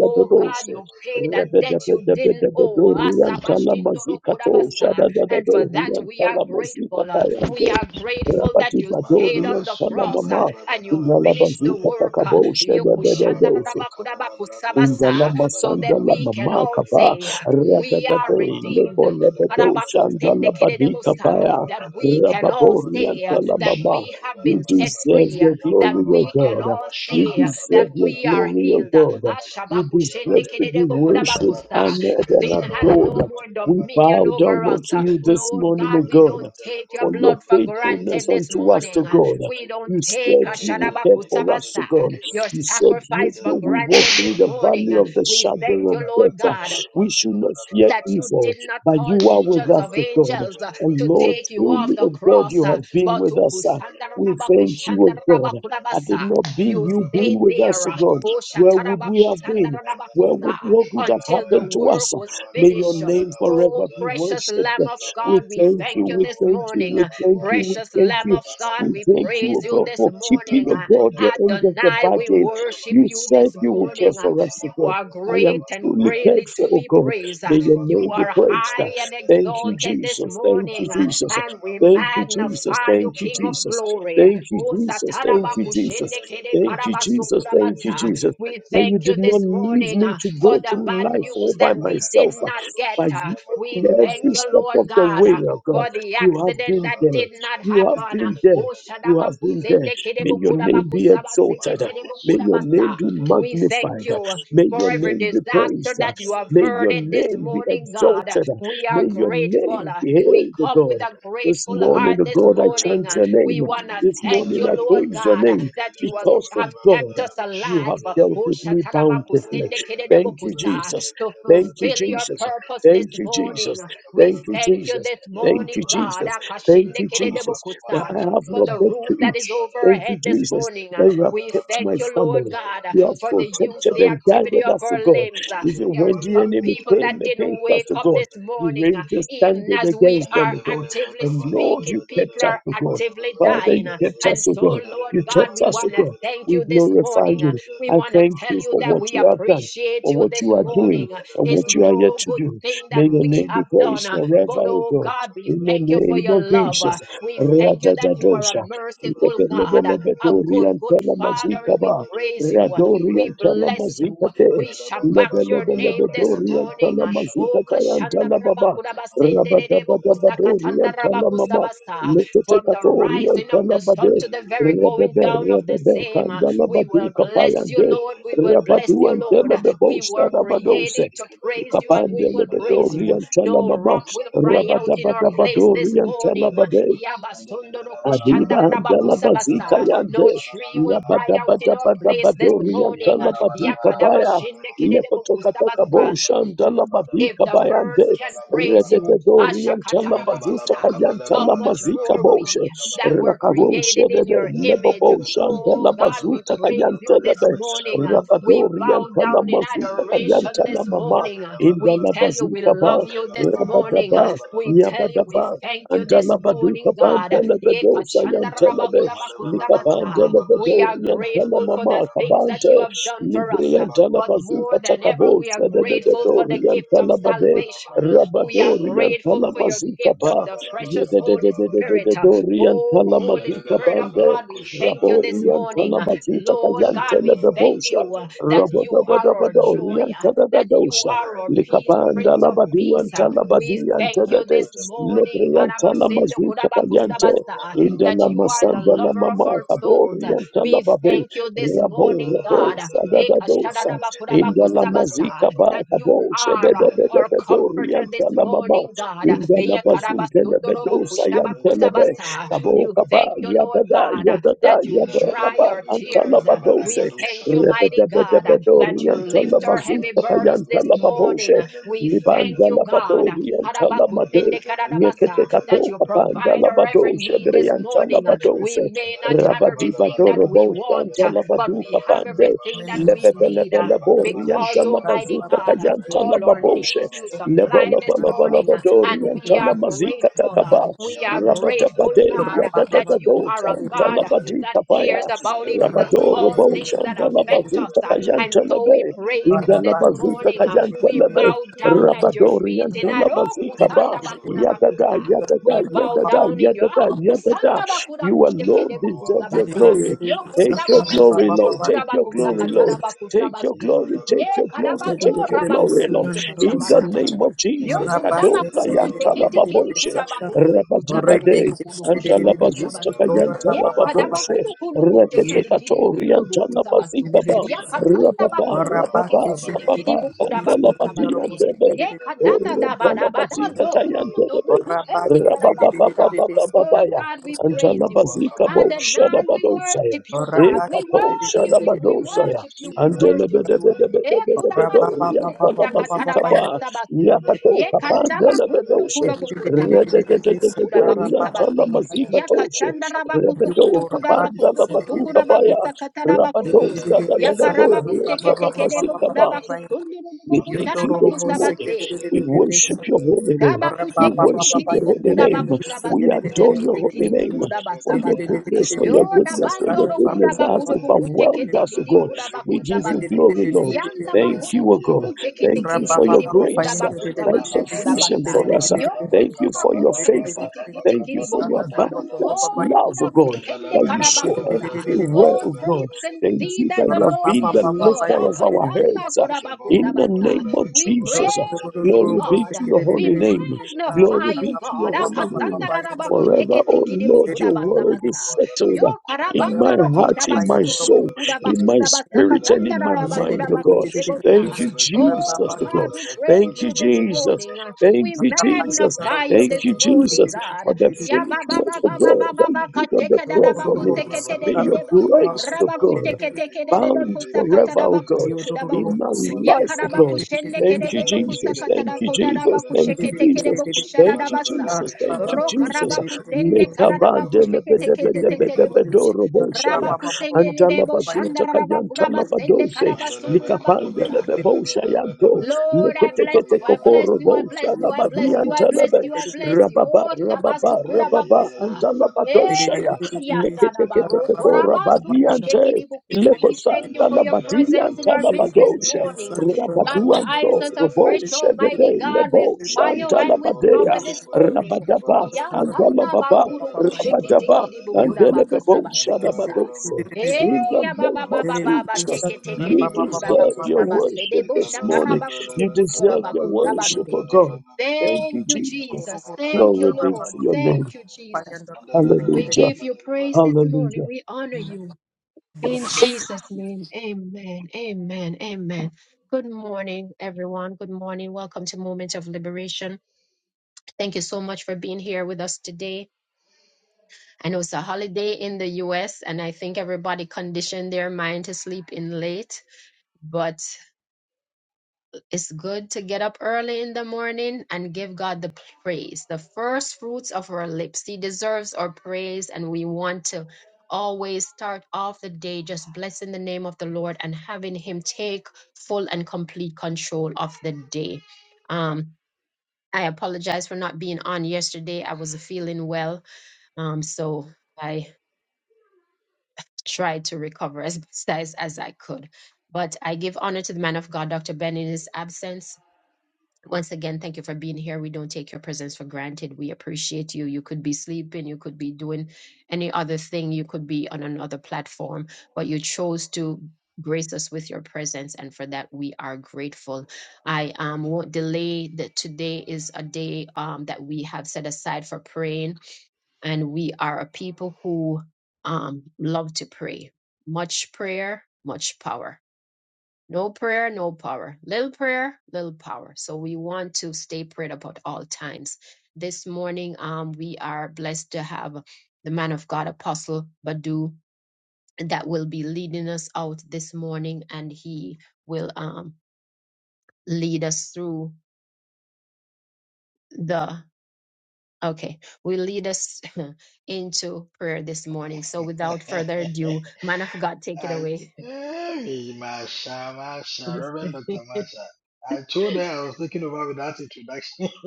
[SPEAKER 1] Oh God, you paid that debt you didn't owe. Asabashindolokodabasa. And for that, we are grateful. uh, We
[SPEAKER 3] Rebedebedebedebedoriantalamazikatoshadadadadoriantalamazikatayande.
[SPEAKER 1] are grateful that you stayed
[SPEAKER 2] Madalaba
[SPEAKER 1] on the
[SPEAKER 2] suka
[SPEAKER 1] cross
[SPEAKER 3] Rabativadoriantalamama.
[SPEAKER 1] uh,
[SPEAKER 2] baliba
[SPEAKER 1] and you
[SPEAKER 2] gadalaba
[SPEAKER 1] finished
[SPEAKER 2] shiba
[SPEAKER 1] the
[SPEAKER 2] debi
[SPEAKER 1] work.
[SPEAKER 2] bede.
[SPEAKER 1] uh,
[SPEAKER 2] Madalaba
[SPEAKER 3] Inalabazukatakaboshedebededosia.
[SPEAKER 2] luaba kabala brandalaba
[SPEAKER 3] Indala
[SPEAKER 1] Yokushandadadabakudabakusabasa,
[SPEAKER 2] sadaba
[SPEAKER 1] So
[SPEAKER 2] liwa
[SPEAKER 1] that
[SPEAKER 3] masandala
[SPEAKER 1] we
[SPEAKER 2] kabaleba
[SPEAKER 1] can
[SPEAKER 3] mama
[SPEAKER 1] all
[SPEAKER 3] kapa
[SPEAKER 2] badeleba laba
[SPEAKER 1] say,
[SPEAKER 2] laba.
[SPEAKER 1] we are
[SPEAKER 3] radadada
[SPEAKER 2] Yabalaba labra
[SPEAKER 3] lebo
[SPEAKER 1] redeemed.
[SPEAKER 2] kabaleba
[SPEAKER 3] lebedo
[SPEAKER 2] bedelebe laba
[SPEAKER 3] shandala
[SPEAKER 2] laba
[SPEAKER 3] badi
[SPEAKER 2] laba
[SPEAKER 1] Karabakotendekerebosa,
[SPEAKER 3] kapaya
[SPEAKER 2] kabaleba
[SPEAKER 1] That we
[SPEAKER 2] badelebe
[SPEAKER 1] can
[SPEAKER 2] laba
[SPEAKER 1] all
[SPEAKER 2] dua
[SPEAKER 3] rababori
[SPEAKER 1] say
[SPEAKER 2] deleba
[SPEAKER 1] uh,
[SPEAKER 3] antala
[SPEAKER 2] dua
[SPEAKER 1] that
[SPEAKER 3] mama.
[SPEAKER 2] shadaba
[SPEAKER 1] we have
[SPEAKER 2] liba
[SPEAKER 3] You
[SPEAKER 1] been
[SPEAKER 2] laba
[SPEAKER 1] set
[SPEAKER 2] laba.
[SPEAKER 3] deserve
[SPEAKER 1] free, uh,
[SPEAKER 3] your
[SPEAKER 1] that
[SPEAKER 3] glory,
[SPEAKER 2] Yabalaba
[SPEAKER 3] O
[SPEAKER 2] ba
[SPEAKER 1] we can
[SPEAKER 3] God.
[SPEAKER 1] all
[SPEAKER 2] kabalua
[SPEAKER 3] You
[SPEAKER 2] shaka
[SPEAKER 1] say uh,
[SPEAKER 2] badabra
[SPEAKER 1] that
[SPEAKER 3] deserve your
[SPEAKER 1] we
[SPEAKER 2] tadaba
[SPEAKER 1] are
[SPEAKER 2] lua
[SPEAKER 3] glory, O
[SPEAKER 1] healed.
[SPEAKER 2] delebe laba
[SPEAKER 3] God.
[SPEAKER 2] laba.
[SPEAKER 3] You deserve to
[SPEAKER 2] Yabalebe
[SPEAKER 3] be
[SPEAKER 2] bedelebe laba
[SPEAKER 3] worshipped,
[SPEAKER 2] dua
[SPEAKER 1] Ashabakushendekerebokorabakusa.
[SPEAKER 3] honored,
[SPEAKER 2] sedebe
[SPEAKER 3] and
[SPEAKER 1] Sin
[SPEAKER 2] laba
[SPEAKER 1] has
[SPEAKER 2] lua ba
[SPEAKER 3] adored.
[SPEAKER 1] no more
[SPEAKER 2] kabaliba
[SPEAKER 3] We
[SPEAKER 2] badelebe.
[SPEAKER 3] bow
[SPEAKER 1] dominion
[SPEAKER 3] down
[SPEAKER 1] over us.
[SPEAKER 3] unto
[SPEAKER 1] uh,
[SPEAKER 2] Mandele
[SPEAKER 3] you
[SPEAKER 2] boro
[SPEAKER 3] this
[SPEAKER 1] Lord
[SPEAKER 2] bro
[SPEAKER 3] morning, O
[SPEAKER 1] God, we
[SPEAKER 2] kebalia
[SPEAKER 3] God,
[SPEAKER 1] don't
[SPEAKER 2] mandele
[SPEAKER 1] take
[SPEAKER 2] bo
[SPEAKER 1] your
[SPEAKER 3] for your
[SPEAKER 2] kodo
[SPEAKER 1] blood for
[SPEAKER 2] brata de de
[SPEAKER 3] faithfulness
[SPEAKER 1] granted
[SPEAKER 2] de de
[SPEAKER 1] this
[SPEAKER 3] unto
[SPEAKER 2] de de
[SPEAKER 3] us, O
[SPEAKER 1] morning. uh,
[SPEAKER 3] God.
[SPEAKER 1] We don't
[SPEAKER 3] You
[SPEAKER 2] de de
[SPEAKER 1] take
[SPEAKER 3] said
[SPEAKER 1] uh,
[SPEAKER 2] de
[SPEAKER 3] you will
[SPEAKER 2] de de de de
[SPEAKER 3] care
[SPEAKER 2] de
[SPEAKER 3] for
[SPEAKER 2] de de
[SPEAKER 3] us, O
[SPEAKER 2] de
[SPEAKER 1] Shadabakusabasa,
[SPEAKER 2] de
[SPEAKER 3] God.
[SPEAKER 1] your
[SPEAKER 2] kebali
[SPEAKER 3] He
[SPEAKER 2] de
[SPEAKER 3] said, Yet
[SPEAKER 1] sacrifice for
[SPEAKER 3] though we walk
[SPEAKER 1] granted this
[SPEAKER 3] through the
[SPEAKER 2] mandele mandele be
[SPEAKER 1] morning.
[SPEAKER 2] de
[SPEAKER 3] valley
[SPEAKER 1] uh,
[SPEAKER 2] be
[SPEAKER 3] of
[SPEAKER 2] de
[SPEAKER 3] the
[SPEAKER 2] be
[SPEAKER 1] We
[SPEAKER 2] de be de
[SPEAKER 1] thank
[SPEAKER 3] shadow
[SPEAKER 1] you,
[SPEAKER 3] of
[SPEAKER 2] bara
[SPEAKER 1] Lord
[SPEAKER 2] bara
[SPEAKER 3] death, uh,
[SPEAKER 2] kada
[SPEAKER 1] God,
[SPEAKER 2] bara
[SPEAKER 3] we
[SPEAKER 2] bara
[SPEAKER 3] should
[SPEAKER 2] kada
[SPEAKER 3] not
[SPEAKER 2] bara
[SPEAKER 3] fear
[SPEAKER 1] that you
[SPEAKER 3] evil,
[SPEAKER 1] did not
[SPEAKER 3] but
[SPEAKER 1] call
[SPEAKER 3] you are
[SPEAKER 2] bara bara
[SPEAKER 3] with
[SPEAKER 1] legions
[SPEAKER 2] mandele
[SPEAKER 3] us,
[SPEAKER 1] of
[SPEAKER 3] O
[SPEAKER 2] be de be de
[SPEAKER 3] God.
[SPEAKER 1] angels uh,
[SPEAKER 3] And
[SPEAKER 1] to
[SPEAKER 3] Lord,
[SPEAKER 1] take
[SPEAKER 2] be
[SPEAKER 1] you
[SPEAKER 2] de
[SPEAKER 1] off
[SPEAKER 3] truly,
[SPEAKER 2] be
[SPEAKER 1] the
[SPEAKER 2] de
[SPEAKER 3] O
[SPEAKER 2] be de
[SPEAKER 3] God,
[SPEAKER 2] be de be
[SPEAKER 1] cross,
[SPEAKER 3] you
[SPEAKER 2] de
[SPEAKER 1] uh,
[SPEAKER 3] have been
[SPEAKER 1] but
[SPEAKER 2] be de be de be de be
[SPEAKER 3] with
[SPEAKER 1] to
[SPEAKER 2] de
[SPEAKER 3] us.
[SPEAKER 2] bara
[SPEAKER 3] uh,
[SPEAKER 2] bara bara
[SPEAKER 3] We
[SPEAKER 2] bara
[SPEAKER 3] thank
[SPEAKER 2] bara
[SPEAKER 3] you, O
[SPEAKER 2] bara bara
[SPEAKER 3] God.
[SPEAKER 2] baya
[SPEAKER 3] Had it
[SPEAKER 1] kusandarabakurabakurabasa.
[SPEAKER 3] not been
[SPEAKER 1] you
[SPEAKER 3] you being
[SPEAKER 1] stayed
[SPEAKER 3] with us,
[SPEAKER 1] there
[SPEAKER 3] O
[SPEAKER 1] uh,
[SPEAKER 3] God,
[SPEAKER 1] oh,
[SPEAKER 3] where would we have been? Where would
[SPEAKER 1] shatarabakusandarabakusa,
[SPEAKER 3] what would have
[SPEAKER 1] until the
[SPEAKER 3] happened to
[SPEAKER 1] work
[SPEAKER 3] us?
[SPEAKER 1] was
[SPEAKER 3] May your
[SPEAKER 1] finished.
[SPEAKER 3] name
[SPEAKER 1] Oh,
[SPEAKER 3] forever be
[SPEAKER 1] precious
[SPEAKER 3] worshipped.
[SPEAKER 1] Lamb of
[SPEAKER 3] We
[SPEAKER 1] God, we
[SPEAKER 3] thank you,
[SPEAKER 1] thank you
[SPEAKER 3] we
[SPEAKER 1] this
[SPEAKER 3] thank you,
[SPEAKER 1] morning. Uh,
[SPEAKER 3] we thank you, we
[SPEAKER 1] Precious
[SPEAKER 3] thank
[SPEAKER 1] Lamb
[SPEAKER 3] you.
[SPEAKER 1] of God,
[SPEAKER 3] We
[SPEAKER 1] we
[SPEAKER 3] thank you,
[SPEAKER 1] praise
[SPEAKER 3] O
[SPEAKER 1] you
[SPEAKER 3] God,
[SPEAKER 1] this
[SPEAKER 3] for keeping,
[SPEAKER 1] morning.
[SPEAKER 3] O
[SPEAKER 1] Uh,
[SPEAKER 3] God, your end of the
[SPEAKER 1] Adonai, we
[SPEAKER 3] bargain.
[SPEAKER 1] worship
[SPEAKER 3] You
[SPEAKER 1] you
[SPEAKER 3] said
[SPEAKER 1] this
[SPEAKER 3] you will care
[SPEAKER 1] morning. Uh,
[SPEAKER 3] for us, O
[SPEAKER 1] You
[SPEAKER 3] God.
[SPEAKER 1] are
[SPEAKER 3] I
[SPEAKER 1] great
[SPEAKER 3] am
[SPEAKER 1] and
[SPEAKER 3] truly cared
[SPEAKER 1] greatly
[SPEAKER 3] for,
[SPEAKER 1] to
[SPEAKER 3] O
[SPEAKER 1] be
[SPEAKER 3] God.
[SPEAKER 1] praised.
[SPEAKER 3] May your
[SPEAKER 1] You
[SPEAKER 3] name be
[SPEAKER 1] are
[SPEAKER 3] praised.
[SPEAKER 1] high and
[SPEAKER 3] Thank you,
[SPEAKER 1] exalted this
[SPEAKER 3] Jesus. Thank you,
[SPEAKER 1] morning, uh,
[SPEAKER 3] Jesus.
[SPEAKER 1] and we
[SPEAKER 3] Thank you, Jesus.
[SPEAKER 1] magnify you,
[SPEAKER 3] Thank you,
[SPEAKER 1] King of
[SPEAKER 3] Jesus.
[SPEAKER 2] Yabala
[SPEAKER 1] glory.
[SPEAKER 3] Thank you,
[SPEAKER 1] O
[SPEAKER 3] Jesus. Thank you, Jesus.
[SPEAKER 1] Satadabakushende Kede
[SPEAKER 3] Thank you, Jesus. Thank you,
[SPEAKER 1] Karabasokurabatsa.
[SPEAKER 3] Jesus.
[SPEAKER 1] We
[SPEAKER 3] That you
[SPEAKER 1] thank
[SPEAKER 3] did
[SPEAKER 1] you
[SPEAKER 3] not
[SPEAKER 1] this
[SPEAKER 3] leave
[SPEAKER 1] morning
[SPEAKER 3] me
[SPEAKER 1] uh,
[SPEAKER 3] to
[SPEAKER 1] for
[SPEAKER 3] go
[SPEAKER 1] the
[SPEAKER 3] through
[SPEAKER 1] bad
[SPEAKER 3] life all
[SPEAKER 1] news
[SPEAKER 3] by
[SPEAKER 1] that we did
[SPEAKER 3] myself, uh,
[SPEAKER 1] not get.
[SPEAKER 3] but
[SPEAKER 1] uh.
[SPEAKER 3] you,
[SPEAKER 1] We
[SPEAKER 3] in
[SPEAKER 1] thank
[SPEAKER 3] every
[SPEAKER 1] you,
[SPEAKER 3] step
[SPEAKER 1] Lord
[SPEAKER 3] of the
[SPEAKER 1] God.
[SPEAKER 3] way,
[SPEAKER 1] uh,
[SPEAKER 3] oh God,
[SPEAKER 1] for the
[SPEAKER 3] you have
[SPEAKER 1] accident
[SPEAKER 3] been
[SPEAKER 1] that
[SPEAKER 3] there.
[SPEAKER 1] did not
[SPEAKER 3] You have
[SPEAKER 1] happen. uh.
[SPEAKER 3] been there.
[SPEAKER 1] Oh,
[SPEAKER 3] You have been there.
[SPEAKER 1] shadabakutsende
[SPEAKER 3] May your name be exalted. May your
[SPEAKER 1] kedebukudabakusabaseketelebukudabasa.
[SPEAKER 3] name be
[SPEAKER 1] We thank
[SPEAKER 3] magnified.
[SPEAKER 1] you. uh,
[SPEAKER 3] May
[SPEAKER 1] for
[SPEAKER 3] your
[SPEAKER 1] every
[SPEAKER 3] name be
[SPEAKER 1] disaster
[SPEAKER 3] praised.
[SPEAKER 1] that you
[SPEAKER 3] May your
[SPEAKER 1] averted this
[SPEAKER 3] name be
[SPEAKER 1] morning, God.
[SPEAKER 3] exalted.
[SPEAKER 1] We are
[SPEAKER 3] May your
[SPEAKER 1] grateful.
[SPEAKER 3] name be
[SPEAKER 1] We
[SPEAKER 3] hailed, O
[SPEAKER 1] come with
[SPEAKER 3] God.
[SPEAKER 1] a
[SPEAKER 3] This
[SPEAKER 1] grateful
[SPEAKER 3] morning,
[SPEAKER 1] heart
[SPEAKER 3] O
[SPEAKER 1] this
[SPEAKER 3] God, I
[SPEAKER 1] morning.
[SPEAKER 3] chant
[SPEAKER 2] Mandela
[SPEAKER 3] your
[SPEAKER 1] We
[SPEAKER 3] name.
[SPEAKER 1] want to
[SPEAKER 3] This
[SPEAKER 2] Yabba
[SPEAKER 1] thank
[SPEAKER 3] morning,
[SPEAKER 1] you,
[SPEAKER 3] I
[SPEAKER 1] Lord
[SPEAKER 3] praise your
[SPEAKER 1] God,
[SPEAKER 3] name
[SPEAKER 1] that you has-
[SPEAKER 3] because of
[SPEAKER 1] have
[SPEAKER 3] God.
[SPEAKER 1] kept us
[SPEAKER 3] You have
[SPEAKER 1] alive
[SPEAKER 3] dealt
[SPEAKER 1] Oh,
[SPEAKER 3] with me bountifully. Thank you,
[SPEAKER 1] shatarabakusendekedebokusa,
[SPEAKER 3] Jesus.
[SPEAKER 1] to
[SPEAKER 3] Thank you,
[SPEAKER 1] fulfill your
[SPEAKER 3] Jesus.
[SPEAKER 1] purpose this
[SPEAKER 3] Thank you,
[SPEAKER 1] morning.
[SPEAKER 3] Jesus.
[SPEAKER 1] We
[SPEAKER 3] Thank you,
[SPEAKER 1] thank you
[SPEAKER 3] Jesus.
[SPEAKER 1] this
[SPEAKER 3] Thank you,
[SPEAKER 1] morning, God,
[SPEAKER 3] Jesus. Thank you, Jesus that
[SPEAKER 1] akashendekedebokusa,
[SPEAKER 3] I have
[SPEAKER 1] for
[SPEAKER 3] no
[SPEAKER 1] the
[SPEAKER 3] bread
[SPEAKER 1] roof
[SPEAKER 3] to
[SPEAKER 1] that
[SPEAKER 3] eat.
[SPEAKER 1] is
[SPEAKER 3] Thank you,
[SPEAKER 1] overhead this
[SPEAKER 3] Jesus,
[SPEAKER 1] morning.
[SPEAKER 3] that you have
[SPEAKER 1] We
[SPEAKER 3] kept my
[SPEAKER 1] thank you, Lord
[SPEAKER 3] family.
[SPEAKER 1] God, uh,
[SPEAKER 3] You have
[SPEAKER 1] for the use,
[SPEAKER 3] protected
[SPEAKER 1] the
[SPEAKER 3] and
[SPEAKER 1] activity
[SPEAKER 3] guided
[SPEAKER 1] of
[SPEAKER 3] us, O
[SPEAKER 1] our
[SPEAKER 3] God.
[SPEAKER 1] limbs. uh.
[SPEAKER 3] Even
[SPEAKER 1] There are
[SPEAKER 3] when the
[SPEAKER 1] some
[SPEAKER 3] enemy
[SPEAKER 1] people
[SPEAKER 3] came
[SPEAKER 1] that didn't
[SPEAKER 3] against us,
[SPEAKER 1] wake
[SPEAKER 3] O
[SPEAKER 1] up
[SPEAKER 3] God,
[SPEAKER 1] this
[SPEAKER 3] you
[SPEAKER 1] morning, uh,
[SPEAKER 3] raised the
[SPEAKER 1] even
[SPEAKER 3] standard
[SPEAKER 1] as we
[SPEAKER 3] against them,
[SPEAKER 1] are
[SPEAKER 3] O God.
[SPEAKER 2] Madalaba
[SPEAKER 1] actively
[SPEAKER 3] And
[SPEAKER 2] kabalu
[SPEAKER 3] Lord, you
[SPEAKER 1] speaking,
[SPEAKER 3] kept
[SPEAKER 1] people
[SPEAKER 3] us,
[SPEAKER 1] are
[SPEAKER 3] O God.
[SPEAKER 1] actively
[SPEAKER 3] Father,
[SPEAKER 1] dying.
[SPEAKER 3] you
[SPEAKER 1] uh.
[SPEAKER 3] kept
[SPEAKER 1] And
[SPEAKER 3] us, O
[SPEAKER 1] so,
[SPEAKER 3] God.
[SPEAKER 1] Lord
[SPEAKER 3] You
[SPEAKER 1] God,
[SPEAKER 3] kept
[SPEAKER 1] we
[SPEAKER 3] us, O
[SPEAKER 1] want to
[SPEAKER 3] God.
[SPEAKER 1] thank
[SPEAKER 3] We
[SPEAKER 1] you this
[SPEAKER 3] glorify
[SPEAKER 1] morning. uh.
[SPEAKER 3] you.
[SPEAKER 1] We
[SPEAKER 3] I
[SPEAKER 1] want to
[SPEAKER 3] thank
[SPEAKER 1] tell
[SPEAKER 3] you
[SPEAKER 1] you
[SPEAKER 3] for
[SPEAKER 1] that
[SPEAKER 3] what
[SPEAKER 1] we
[SPEAKER 3] you have done,
[SPEAKER 1] appreciate
[SPEAKER 3] for
[SPEAKER 1] you
[SPEAKER 3] what
[SPEAKER 1] this
[SPEAKER 3] you are doing,
[SPEAKER 1] morning. uh.
[SPEAKER 3] and
[SPEAKER 1] It's
[SPEAKER 3] what you are yet
[SPEAKER 1] no
[SPEAKER 3] to
[SPEAKER 1] good
[SPEAKER 3] do.
[SPEAKER 1] thing
[SPEAKER 3] May
[SPEAKER 1] that
[SPEAKER 3] your
[SPEAKER 1] we
[SPEAKER 3] name be
[SPEAKER 1] have done,
[SPEAKER 3] praised
[SPEAKER 1] uh,
[SPEAKER 3] forever,
[SPEAKER 1] but
[SPEAKER 3] O
[SPEAKER 1] oh
[SPEAKER 3] God.
[SPEAKER 1] God, we
[SPEAKER 3] In the
[SPEAKER 1] thank you for
[SPEAKER 3] name
[SPEAKER 1] your
[SPEAKER 3] of
[SPEAKER 1] love.
[SPEAKER 3] Jesus.
[SPEAKER 1] uh. We thank you that you are a
[SPEAKER 3] Radadadosha.
[SPEAKER 1] merciful God a good,
[SPEAKER 3] Lebelebelebedorian
[SPEAKER 1] good Father,
[SPEAKER 3] telamazika
[SPEAKER 1] and we
[SPEAKER 3] ba.
[SPEAKER 1] praise you. We
[SPEAKER 3] Radorian
[SPEAKER 1] bless you.
[SPEAKER 3] telamazika te.
[SPEAKER 1] We shall back your name
[SPEAKER 2] adalabra
[SPEAKER 1] this
[SPEAKER 3] Lebelebelebedorian
[SPEAKER 2] katalaba
[SPEAKER 1] morning.
[SPEAKER 3] telamazika
[SPEAKER 1] Oh,
[SPEAKER 2] shabadaba
[SPEAKER 3] tayan
[SPEAKER 1] Kashanda
[SPEAKER 2] badalaba
[SPEAKER 3] talababa.
[SPEAKER 2] Yabba
[SPEAKER 1] Rabakudabasende Dedebo
[SPEAKER 3] Rabadabadabadorian
[SPEAKER 1] Kusakatanda
[SPEAKER 3] talamama.
[SPEAKER 1] Rabakusabasa. From the
[SPEAKER 3] Letetekatorian
[SPEAKER 1] rising of the sun
[SPEAKER 3] talabade.
[SPEAKER 1] to the very going
[SPEAKER 3] Rebebe,
[SPEAKER 1] down of the
[SPEAKER 3] rebebe,
[SPEAKER 1] same, uh, we
[SPEAKER 3] kandalabadu
[SPEAKER 1] will bless you,
[SPEAKER 3] kapayande.
[SPEAKER 1] Lord. We will bless
[SPEAKER 3] Rabadu
[SPEAKER 1] you, Lord. We
[SPEAKER 3] antelebebosta
[SPEAKER 1] were created
[SPEAKER 3] rabadose.
[SPEAKER 1] to praise you and
[SPEAKER 3] Kapande
[SPEAKER 1] we will praise you.
[SPEAKER 3] lebedorian
[SPEAKER 1] No
[SPEAKER 3] talamama.
[SPEAKER 1] rock will cry out in our place this
[SPEAKER 3] Rabadabadabadorian
[SPEAKER 1] morning.
[SPEAKER 3] talabade.
[SPEAKER 1] Yabasundoro
[SPEAKER 3] Adida handala bazika
[SPEAKER 1] Kushandarabakusabasa. No
[SPEAKER 3] yande.
[SPEAKER 1] tree will cry
[SPEAKER 3] Labada
[SPEAKER 1] out in
[SPEAKER 3] bada
[SPEAKER 1] our
[SPEAKER 3] bada
[SPEAKER 1] place this
[SPEAKER 3] badori
[SPEAKER 1] morning.
[SPEAKER 3] yantala badika baya. Lepotoka taka
[SPEAKER 1] Yakadabashindekidebokusabasa.
[SPEAKER 3] bo shandala
[SPEAKER 1] If
[SPEAKER 3] badika
[SPEAKER 1] the
[SPEAKER 3] bayande.
[SPEAKER 1] birds can praise
[SPEAKER 3] Redede
[SPEAKER 1] you,
[SPEAKER 3] dori yantala bazuta
[SPEAKER 1] Ashakatarabakusa, how
[SPEAKER 3] kayantala
[SPEAKER 1] much
[SPEAKER 3] mazika
[SPEAKER 1] more
[SPEAKER 3] boshe.
[SPEAKER 1] we that were
[SPEAKER 3] Rakavo
[SPEAKER 1] created in
[SPEAKER 3] shedede
[SPEAKER 1] your
[SPEAKER 3] lebo bo
[SPEAKER 1] image.
[SPEAKER 3] shandala
[SPEAKER 1] Oh God, we
[SPEAKER 3] bazuta
[SPEAKER 1] praise you
[SPEAKER 3] kayantala
[SPEAKER 1] this
[SPEAKER 3] be.
[SPEAKER 1] morning. We
[SPEAKER 3] Rabadori
[SPEAKER 1] bow
[SPEAKER 3] yantala
[SPEAKER 1] down in
[SPEAKER 3] mazuta
[SPEAKER 1] adoration this
[SPEAKER 3] mama.
[SPEAKER 1] morning. We
[SPEAKER 3] Indala
[SPEAKER 1] tell you we
[SPEAKER 3] bazika ba.
[SPEAKER 1] love you this morning.
[SPEAKER 3] Rabadaba.
[SPEAKER 1] We tell you
[SPEAKER 3] Yabadaba.
[SPEAKER 1] we thank you this
[SPEAKER 3] Antala baduka
[SPEAKER 1] morning, God.
[SPEAKER 3] bantala
[SPEAKER 2] Mandala
[SPEAKER 3] bedosa yantala
[SPEAKER 2] Mandalabe
[SPEAKER 3] be
[SPEAKER 2] Kamandabala
[SPEAKER 3] lika
[SPEAKER 1] Yekachandarabakurabakutabatsa.
[SPEAKER 3] bantala
[SPEAKER 2] Balabado
[SPEAKER 1] We are
[SPEAKER 3] bedori
[SPEAKER 2] Sebeda Bada
[SPEAKER 3] yantala
[SPEAKER 1] grateful
[SPEAKER 2] Bada
[SPEAKER 1] for
[SPEAKER 3] mama
[SPEAKER 1] the
[SPEAKER 2] Bada Bado
[SPEAKER 1] things that
[SPEAKER 3] kabante
[SPEAKER 1] you have
[SPEAKER 2] Shadada
[SPEAKER 1] done for us.
[SPEAKER 3] libri
[SPEAKER 2] Mandela
[SPEAKER 3] yantala
[SPEAKER 2] Badua
[SPEAKER 1] But more
[SPEAKER 3] bazuka
[SPEAKER 2] Bakabada
[SPEAKER 1] than ever,
[SPEAKER 2] Baba
[SPEAKER 1] we are
[SPEAKER 3] takabosa de de
[SPEAKER 2] Mandela
[SPEAKER 3] de
[SPEAKER 1] grateful
[SPEAKER 2] Bede
[SPEAKER 1] for
[SPEAKER 3] dori
[SPEAKER 1] the
[SPEAKER 2] Bele
[SPEAKER 1] gift
[SPEAKER 2] Bele
[SPEAKER 1] of
[SPEAKER 3] yantala
[SPEAKER 2] Bele
[SPEAKER 3] bade
[SPEAKER 2] Kabala
[SPEAKER 1] salvation. Uh,
[SPEAKER 2] Brancato
[SPEAKER 1] We are
[SPEAKER 2] Shada
[SPEAKER 3] rabadori
[SPEAKER 2] Brada
[SPEAKER 1] grateful
[SPEAKER 3] yantala
[SPEAKER 1] for
[SPEAKER 2] Bala
[SPEAKER 1] your
[SPEAKER 3] mazika
[SPEAKER 1] gift
[SPEAKER 3] ba
[SPEAKER 1] of
[SPEAKER 2] Mandela
[SPEAKER 1] the
[SPEAKER 2] Bala
[SPEAKER 3] ye
[SPEAKER 1] precious
[SPEAKER 3] de de
[SPEAKER 2] Bakabala
[SPEAKER 3] de
[SPEAKER 1] Holy
[SPEAKER 3] de
[SPEAKER 2] Baba
[SPEAKER 3] de de
[SPEAKER 2] Dada
[SPEAKER 3] de
[SPEAKER 1] Spirit. Uh,
[SPEAKER 3] dori
[SPEAKER 1] Oh,
[SPEAKER 3] yantala
[SPEAKER 1] Holy
[SPEAKER 2] Mandela
[SPEAKER 3] mazika
[SPEAKER 2] Bala
[SPEAKER 1] Spirit of
[SPEAKER 2] Bala
[SPEAKER 3] bande
[SPEAKER 1] God,
[SPEAKER 2] Bako
[SPEAKER 1] we
[SPEAKER 2] Shada
[SPEAKER 1] thank you
[SPEAKER 2] Bala
[SPEAKER 3] rabori
[SPEAKER 1] this
[SPEAKER 2] Badua
[SPEAKER 1] morning.
[SPEAKER 3] yantala
[SPEAKER 1] Uh,
[SPEAKER 2] Dada
[SPEAKER 3] bazuka
[SPEAKER 1] Lord
[SPEAKER 2] Jabala
[SPEAKER 1] God,
[SPEAKER 3] kayantala
[SPEAKER 1] we
[SPEAKER 2] Baba
[SPEAKER 1] thank
[SPEAKER 2] Dada
[SPEAKER 3] bebosa
[SPEAKER 2] Bele
[SPEAKER 1] you
[SPEAKER 2] Bele
[SPEAKER 1] uh,
[SPEAKER 2] Bele
[SPEAKER 1] that
[SPEAKER 3] rabada
[SPEAKER 1] you
[SPEAKER 3] bada
[SPEAKER 1] are our
[SPEAKER 3] bada
[SPEAKER 2] Bele Bele
[SPEAKER 1] joy, uh,
[SPEAKER 2] Bele
[SPEAKER 1] that you
[SPEAKER 3] orientala
[SPEAKER 1] are our peace,
[SPEAKER 3] likabanda
[SPEAKER 1] Prince of Peace. Uh,
[SPEAKER 3] labaduanta
[SPEAKER 1] We
[SPEAKER 3] labadianta
[SPEAKER 1] thank you
[SPEAKER 3] lede
[SPEAKER 1] this morning,
[SPEAKER 3] lebrianta
[SPEAKER 1] Parabasindo
[SPEAKER 3] lamazuta kayante
[SPEAKER 1] Kudabakusabasa, uh,
[SPEAKER 3] inda
[SPEAKER 1] that you are the
[SPEAKER 3] lamasanda
[SPEAKER 1] lover of
[SPEAKER 3] lamama
[SPEAKER 1] our souls. Uh,
[SPEAKER 3] kaborianta
[SPEAKER 1] We
[SPEAKER 3] lababe
[SPEAKER 1] thank you this
[SPEAKER 3] rabo
[SPEAKER 1] morning,
[SPEAKER 3] rabo
[SPEAKER 1] God,
[SPEAKER 3] sadada dosa. inda
[SPEAKER 1] Ekashadadabakudabakusabasa,
[SPEAKER 3] lamazika ba
[SPEAKER 1] That you
[SPEAKER 3] kabo
[SPEAKER 1] are uh, our comforter
[SPEAKER 3] shebedebedebedorianta
[SPEAKER 1] this
[SPEAKER 3] lamama
[SPEAKER 1] morning, God.
[SPEAKER 3] inda labazunte lebedosa yante lebe
[SPEAKER 1] Ekarabasundorobokushabakusabasa.
[SPEAKER 3] kabo
[SPEAKER 1] You
[SPEAKER 3] kaba
[SPEAKER 1] thank you, Lord
[SPEAKER 2] Mandela
[SPEAKER 3] yadada
[SPEAKER 1] God, uh,
[SPEAKER 3] yadada
[SPEAKER 1] that
[SPEAKER 2] Yabba
[SPEAKER 1] you dry
[SPEAKER 3] yabrakaba
[SPEAKER 1] our
[SPEAKER 3] anta
[SPEAKER 1] tears. uh,
[SPEAKER 3] labadose
[SPEAKER 1] We thank you, mighty God, uh, that you
[SPEAKER 3] Rebedebedebedoriantala
[SPEAKER 1] lift our heavy
[SPEAKER 3] bazuta
[SPEAKER 1] burdens this
[SPEAKER 3] kayantala
[SPEAKER 1] morning.
[SPEAKER 3] baboshe
[SPEAKER 1] uh, We thank you,
[SPEAKER 3] libandala
[SPEAKER 1] God, uh,
[SPEAKER 3] badoriantala made
[SPEAKER 1] Karabakutende karadabasa,
[SPEAKER 3] yekete
[SPEAKER 1] that you
[SPEAKER 3] katoka
[SPEAKER 1] provide
[SPEAKER 3] pandala
[SPEAKER 1] our every
[SPEAKER 3] badoshe
[SPEAKER 1] need this
[SPEAKER 3] breyantala
[SPEAKER 1] morning. Uh, We
[SPEAKER 3] badose
[SPEAKER 1] may not have
[SPEAKER 3] rabadiba
[SPEAKER 1] everything that we want, uh,
[SPEAKER 3] dorobosantala
[SPEAKER 1] but
[SPEAKER 3] baduka
[SPEAKER 1] we have
[SPEAKER 3] pande
[SPEAKER 1] everything that
[SPEAKER 4] Rabba
[SPEAKER 1] we need. uh,
[SPEAKER 3] lebebelebele
[SPEAKER 1] Because
[SPEAKER 3] boriantala
[SPEAKER 1] Almighty
[SPEAKER 3] bazuta
[SPEAKER 1] God, uh,
[SPEAKER 3] kayantala
[SPEAKER 1] all our
[SPEAKER 3] baboshe
[SPEAKER 1] needs you supply this
[SPEAKER 3] lebalabalabala
[SPEAKER 1] morning, uh, and we
[SPEAKER 3] badoriantala
[SPEAKER 1] are
[SPEAKER 3] mazika
[SPEAKER 1] grateful. uh,
[SPEAKER 3] takaba
[SPEAKER 1] We are grateful,
[SPEAKER 3] rabadabade
[SPEAKER 1] God, uh, that you are
[SPEAKER 3] yadadadadosa
[SPEAKER 1] a
[SPEAKER 3] antala
[SPEAKER 1] God that
[SPEAKER 3] badika
[SPEAKER 1] cares
[SPEAKER 2] Yabba
[SPEAKER 1] about
[SPEAKER 2] dabba
[SPEAKER 1] even the
[SPEAKER 2] dabba
[SPEAKER 3] Rabadoro
[SPEAKER 1] small
[SPEAKER 2] dabba
[SPEAKER 1] things that
[SPEAKER 3] Boshanda
[SPEAKER 1] affect us.
[SPEAKER 3] Labazuta
[SPEAKER 1] uh, And so we
[SPEAKER 3] Kajantelebe,
[SPEAKER 1] praise you
[SPEAKER 3] Inda
[SPEAKER 1] this
[SPEAKER 3] Labazuta
[SPEAKER 1] morning. uh, We
[SPEAKER 3] Kajantelebe,
[SPEAKER 1] bow down at your
[SPEAKER 3] Rabadori
[SPEAKER 1] feet in that. Oh,
[SPEAKER 3] Yantalabazika Ba,
[SPEAKER 1] kusanda bakuda
[SPEAKER 3] Yadada,
[SPEAKER 1] bakusa.
[SPEAKER 3] Yadada,
[SPEAKER 1] We bow
[SPEAKER 3] Yadada,
[SPEAKER 1] down in your ah,
[SPEAKER 3] Yadada, Yadada.
[SPEAKER 1] kusanda bakuda
[SPEAKER 3] You
[SPEAKER 1] kushekede
[SPEAKER 3] alone deserve
[SPEAKER 1] bukusa
[SPEAKER 3] your
[SPEAKER 1] basa.
[SPEAKER 2] kabba
[SPEAKER 3] glory.
[SPEAKER 1] Yokunda
[SPEAKER 3] Take your glory,
[SPEAKER 1] bakusendi
[SPEAKER 3] Lord.
[SPEAKER 1] kuda
[SPEAKER 3] Take your
[SPEAKER 1] bakusa
[SPEAKER 3] glory,
[SPEAKER 1] katara
[SPEAKER 3] Lord.
[SPEAKER 1] bakusa
[SPEAKER 3] Take your
[SPEAKER 1] basu.
[SPEAKER 3] glory,
[SPEAKER 1] Ye
[SPEAKER 3] take your glory,
[SPEAKER 1] karabado
[SPEAKER 2] dabba
[SPEAKER 3] take
[SPEAKER 2] dabba
[SPEAKER 3] your
[SPEAKER 4] Shedededede
[SPEAKER 3] glory,
[SPEAKER 1] rabakudu
[SPEAKER 3] Lord.
[SPEAKER 4] suyanda
[SPEAKER 2] dabba.
[SPEAKER 1] kushebusa
[SPEAKER 4] robo
[SPEAKER 3] In the
[SPEAKER 1] basa
[SPEAKER 3] name
[SPEAKER 1] basa.
[SPEAKER 3] of Jesus,
[SPEAKER 1] Yokunda
[SPEAKER 3] Kadota
[SPEAKER 1] bakudu kusheketi kini
[SPEAKER 3] Yantalababoshe,
[SPEAKER 1] kuda bakudu bukusa
[SPEAKER 3] Rabadiba
[SPEAKER 1] basu
[SPEAKER 3] Day,
[SPEAKER 1] kusukudu
[SPEAKER 3] Antalabazuta
[SPEAKER 1] Ye kadaba
[SPEAKER 3] Kayantalababoshe.
[SPEAKER 1] kudu kudu kushikiti kiri
[SPEAKER 3] Reketekatoria
[SPEAKER 1] bukudu bukutabasu.
[SPEAKER 3] ba,
[SPEAKER 1] Ya katanda
[SPEAKER 3] Rababa,
[SPEAKER 1] bakudu kushikiti
[SPEAKER 3] Rababa,
[SPEAKER 1] kiti kiri
[SPEAKER 3] Rababa,
[SPEAKER 1] bukuda
[SPEAKER 3] Tantalabadia
[SPEAKER 1] bakutabase.
[SPEAKER 3] Debe,
[SPEAKER 1] Ye kadanda daba daba
[SPEAKER 3] Orientalabazika
[SPEAKER 1] dando kudu
[SPEAKER 3] Tayantebe,
[SPEAKER 1] dobu kutendi karabakuta. Oh
[SPEAKER 3] Rabababababababaya,
[SPEAKER 1] God, we praise you.
[SPEAKER 3] Antalabazika Bo shada
[SPEAKER 1] Adonai, we
[SPEAKER 3] badosa ya
[SPEAKER 1] worship you,
[SPEAKER 3] e
[SPEAKER 1] God. We
[SPEAKER 3] kato
[SPEAKER 1] worship
[SPEAKER 3] shada
[SPEAKER 1] you. We
[SPEAKER 3] badosa ya
[SPEAKER 1] worship you. We
[SPEAKER 3] antele
[SPEAKER 1] worship
[SPEAKER 3] bede
[SPEAKER 1] you.
[SPEAKER 3] bede
[SPEAKER 1] E
[SPEAKER 3] bede bede bede ori
[SPEAKER 1] kudabasunduru
[SPEAKER 3] antana basika
[SPEAKER 2] Mandela
[SPEAKER 3] ba ya
[SPEAKER 1] kushakatarabakutabatu.
[SPEAKER 3] kato
[SPEAKER 1] Ye
[SPEAKER 3] papa
[SPEAKER 1] kandaba
[SPEAKER 3] antele
[SPEAKER 1] kundu
[SPEAKER 4] Rabba
[SPEAKER 3] bedoshe rede de de
[SPEAKER 1] kudabukushabakutu
[SPEAKER 3] de,
[SPEAKER 1] kutu
[SPEAKER 3] Antelebedebedebedebedorientalabazikaba, Yapato Papandelebedoshe,
[SPEAKER 1] kudabakutabase.
[SPEAKER 3] Redededededorientalabazikatoshe, Rebedos, Kapanda, Babatu,
[SPEAKER 2] Yabba
[SPEAKER 3] Kapaya,
[SPEAKER 1] Yakashandarabakusukutukurabakusukutukurabakusakatarabakutsu.
[SPEAKER 3] Rabados, Dadadadado, Tadabasi, Kaba, we thank you this morning.
[SPEAKER 1] Yakarabakusheketekerebokurabakutundurubukutarabakusabase.
[SPEAKER 3] We worship your holy name.
[SPEAKER 1] Kabakute
[SPEAKER 3] We
[SPEAKER 1] kede
[SPEAKER 3] worship your
[SPEAKER 1] kiri
[SPEAKER 3] holy
[SPEAKER 1] bukura
[SPEAKER 3] name.
[SPEAKER 1] bakuta
[SPEAKER 3] We
[SPEAKER 1] basikute
[SPEAKER 3] adore your
[SPEAKER 1] kete
[SPEAKER 3] holy
[SPEAKER 1] kiri
[SPEAKER 3] name
[SPEAKER 1] bukura
[SPEAKER 3] for
[SPEAKER 1] basa
[SPEAKER 3] your
[SPEAKER 1] basa.
[SPEAKER 3] goodness, for
[SPEAKER 1] Yo
[SPEAKER 3] your
[SPEAKER 1] da
[SPEAKER 3] goodness, for
[SPEAKER 1] bando
[SPEAKER 3] your
[SPEAKER 1] no kura
[SPEAKER 3] goodness that has
[SPEAKER 1] bakuru bukute
[SPEAKER 3] overwhelmed
[SPEAKER 1] kete
[SPEAKER 3] us, O
[SPEAKER 1] kiri
[SPEAKER 3] God.
[SPEAKER 1] kura
[SPEAKER 3] We
[SPEAKER 1] bakuta
[SPEAKER 3] give you
[SPEAKER 1] basu.
[SPEAKER 3] glory, Lord.
[SPEAKER 1] Yanda
[SPEAKER 3] Thank
[SPEAKER 1] bakuru
[SPEAKER 3] you, O
[SPEAKER 1] kuru
[SPEAKER 3] God.
[SPEAKER 1] kute kete
[SPEAKER 3] Thank you
[SPEAKER 1] kete
[SPEAKER 3] for your
[SPEAKER 1] kiri bukura
[SPEAKER 3] grace uh,
[SPEAKER 1] bakuta
[SPEAKER 3] that is
[SPEAKER 1] basu kura
[SPEAKER 3] sufficient
[SPEAKER 1] basa.
[SPEAKER 3] for us. uh.
[SPEAKER 1] Yo
[SPEAKER 3] Thank you
[SPEAKER 1] kunda
[SPEAKER 3] for your
[SPEAKER 1] bakuru kute
[SPEAKER 3] favor.
[SPEAKER 1] kete kete
[SPEAKER 3] Thank you
[SPEAKER 1] kiri
[SPEAKER 3] for your
[SPEAKER 1] bukuta.
[SPEAKER 3] abundant
[SPEAKER 2] Yabadalabakabalababalabakadalabadabadaba.
[SPEAKER 1] Oh
[SPEAKER 3] love, O
[SPEAKER 1] kura
[SPEAKER 3] God,
[SPEAKER 2] Mandela
[SPEAKER 1] kutende
[SPEAKER 3] that you
[SPEAKER 1] kara
[SPEAKER 3] show
[SPEAKER 4] Thank
[SPEAKER 3] everywhere,
[SPEAKER 1] Oh
[SPEAKER 3] O God.
[SPEAKER 1] taste and
[SPEAKER 3] Thank
[SPEAKER 1] see
[SPEAKER 3] you
[SPEAKER 1] that
[SPEAKER 3] that
[SPEAKER 1] the
[SPEAKER 3] you have
[SPEAKER 1] Lord
[SPEAKER 3] been
[SPEAKER 1] is
[SPEAKER 3] the
[SPEAKER 1] good.
[SPEAKER 3] lifter of our
[SPEAKER 1] Akashamba
[SPEAKER 3] heads.
[SPEAKER 1] kura bakuta
[SPEAKER 3] In the
[SPEAKER 1] basa.
[SPEAKER 3] name of
[SPEAKER 1] We
[SPEAKER 3] Jesus, uh,
[SPEAKER 1] praise you
[SPEAKER 3] glory be
[SPEAKER 1] God.
[SPEAKER 3] to your
[SPEAKER 1] We
[SPEAKER 3] holy name.
[SPEAKER 1] magnify
[SPEAKER 3] Glory be
[SPEAKER 1] you,
[SPEAKER 3] to your
[SPEAKER 1] God.
[SPEAKER 3] holy name. Forever, oh Lord, your word
[SPEAKER 1] Akatandararabakusheketikidibukurabatabasa.
[SPEAKER 3] is settled uh, in my heart, in my soul, in my spirit, and in my mind, oh God.
[SPEAKER 1] Yokarabandorokushabakusukutukurabakutabasakatandarabakurabakoshibosa.
[SPEAKER 3] Thank you, Jesus,
[SPEAKER 1] Oh
[SPEAKER 3] oh
[SPEAKER 1] God,
[SPEAKER 3] God.
[SPEAKER 1] we praise
[SPEAKER 3] Thank you,
[SPEAKER 1] you this
[SPEAKER 3] Jesus.
[SPEAKER 1] morning.
[SPEAKER 3] Thank
[SPEAKER 1] We
[SPEAKER 3] you, Jesus.
[SPEAKER 1] magnify you
[SPEAKER 3] Thank
[SPEAKER 1] this
[SPEAKER 3] you,
[SPEAKER 1] morning,
[SPEAKER 3] Jesus,
[SPEAKER 1] God.
[SPEAKER 3] for the finished work of God that you did on the cross for
[SPEAKER 2] Mandela
[SPEAKER 3] me. May your grace, oh God.
[SPEAKER 4] you.
[SPEAKER 3] Bound forever, oh God,
[SPEAKER 4] Yo
[SPEAKER 1] Yababababababababakatekadadabakuseketedededebakusakatadabakusukudabakusabasa.
[SPEAKER 3] in my life, oh
[SPEAKER 1] Yakaraba
[SPEAKER 3] God.
[SPEAKER 1] kushende Yakarabakushende
[SPEAKER 3] Thank you, Jesus. Thank
[SPEAKER 1] Kerebekusakatara katara
[SPEAKER 3] you, Jesus. Thank you,
[SPEAKER 1] kotarabakushekete
[SPEAKER 3] Jesus. Thank you,
[SPEAKER 1] kerebekushadabasa.
[SPEAKER 3] Jesus. Thank you, Jesus.
[SPEAKER 1] Rokarabakusende karadabakushekete ketete Rabakusende debo kush. Raba
[SPEAKER 3] Lekabandelebedebedebedebedoraboshaya.
[SPEAKER 1] kusende debo
[SPEAKER 3] Antalabazuta
[SPEAKER 1] shandaraba kuraba sende
[SPEAKER 3] kayantalabadose.
[SPEAKER 1] karaba basende karabasukura
[SPEAKER 3] Likapandelebeboshayanto.
[SPEAKER 1] Lord, I bless you. I bless you. I bless you. I bless you. I bless
[SPEAKER 3] Leketeketekokoroboshadabadiantalebe.
[SPEAKER 1] you. I bless you.
[SPEAKER 3] Rababa,
[SPEAKER 1] Oh,
[SPEAKER 2] Ya
[SPEAKER 3] rababa,
[SPEAKER 2] bada
[SPEAKER 1] Shabasukura
[SPEAKER 2] ya ya
[SPEAKER 3] rababa,
[SPEAKER 2] ya
[SPEAKER 1] Bakusa.
[SPEAKER 2] ya ya bada
[SPEAKER 1] Eh,
[SPEAKER 2] bada
[SPEAKER 3] antalabadoshaya.
[SPEAKER 2] bada bada bada bada
[SPEAKER 1] Yasanabaro,
[SPEAKER 2] bada bada bada
[SPEAKER 1] Kurabasuku
[SPEAKER 2] bada
[SPEAKER 3] Leketeketekekorabadiante.
[SPEAKER 1] Shekidi Bukusa. We thank you
[SPEAKER 2] Mandela
[SPEAKER 3] Lekosanda
[SPEAKER 1] for your
[SPEAKER 3] labadia
[SPEAKER 1] presence in our midst
[SPEAKER 4] Thank
[SPEAKER 1] this
[SPEAKER 3] talabadosha
[SPEAKER 1] morning. Baptize
[SPEAKER 3] rabaduanto
[SPEAKER 1] us afresh,
[SPEAKER 3] robosha de
[SPEAKER 1] Almighty
[SPEAKER 3] de
[SPEAKER 1] God, with
[SPEAKER 3] lebosha
[SPEAKER 1] fire and with power
[SPEAKER 3] antalabadea
[SPEAKER 1] this morning.
[SPEAKER 3] rabadaba
[SPEAKER 1] Yasanda
[SPEAKER 3] antalababa
[SPEAKER 1] Bakuru Kushekiti
[SPEAKER 3] rabadaba
[SPEAKER 1] Kidi Bukura
[SPEAKER 3] antelebebosha
[SPEAKER 1] Bakasa
[SPEAKER 3] dabadose. In the
[SPEAKER 1] Eya baba
[SPEAKER 3] name of
[SPEAKER 1] baba baba
[SPEAKER 3] Jesus,
[SPEAKER 1] sheke teke
[SPEAKER 3] you
[SPEAKER 1] debo kuraba
[SPEAKER 3] deserve your
[SPEAKER 1] kusaba se
[SPEAKER 3] worship
[SPEAKER 1] debo
[SPEAKER 3] this morning.
[SPEAKER 1] shakaraba
[SPEAKER 3] You
[SPEAKER 1] kusuku
[SPEAKER 3] deserve your worship, oh God. Thank you,
[SPEAKER 1] Thank you,
[SPEAKER 3] Jesus.
[SPEAKER 1] Jesus. Thank you,
[SPEAKER 3] Glory be to
[SPEAKER 1] Lord.
[SPEAKER 3] your name.
[SPEAKER 1] Thank you, Jesus. We
[SPEAKER 3] Hallelujah.
[SPEAKER 1] give you praise this
[SPEAKER 3] Hallelujah.
[SPEAKER 1] morning. We honor you. In Jesus' name, amen, amen, amen. Good morning, everyone. Good morning. Welcome to Moment of Liberation. Thank you so much for being here with us today. I know it's a holiday in the US, and I think everybody conditioned their mind to sleep in late. but it's good to get up early in the morning and give God the praise, the first fruits of our lips. He deserves our praise, and we want to always start off the day just blessing the name of the Lord and having Him take full and complete control of the day. Um, I apologize for not being on yesterday. I was feeling well, um, so I tried to recover as best as, as I could. But I give honor to the man of God, Dr. Ben, in his absence Once again, thank you for being here. We don't take your presence for granted. We appreciate you. You could be sleeping, you could be doing any other thing, you could be on another platform, but you chose to grace us with your presence. And for that, we are grateful. I um, won't delay that today is a day um, that we have set aside for praying, and we are a people who um, love to pray. Much prayer, much power no prayer, no power. Little prayer, little power. So we want to stay prayed about all times. This morning, um, we are blessed to have the man of God, Apostle Badu, that will be leading us out this morning, and he will um lead us through the okay, will lead us into prayer this morning. So without further ado, man of God, take it
[SPEAKER 2] I
[SPEAKER 1] away.
[SPEAKER 2] hey, Masha, Masha, Reverend Dr. Masha. I told her I was taking over with that introduction.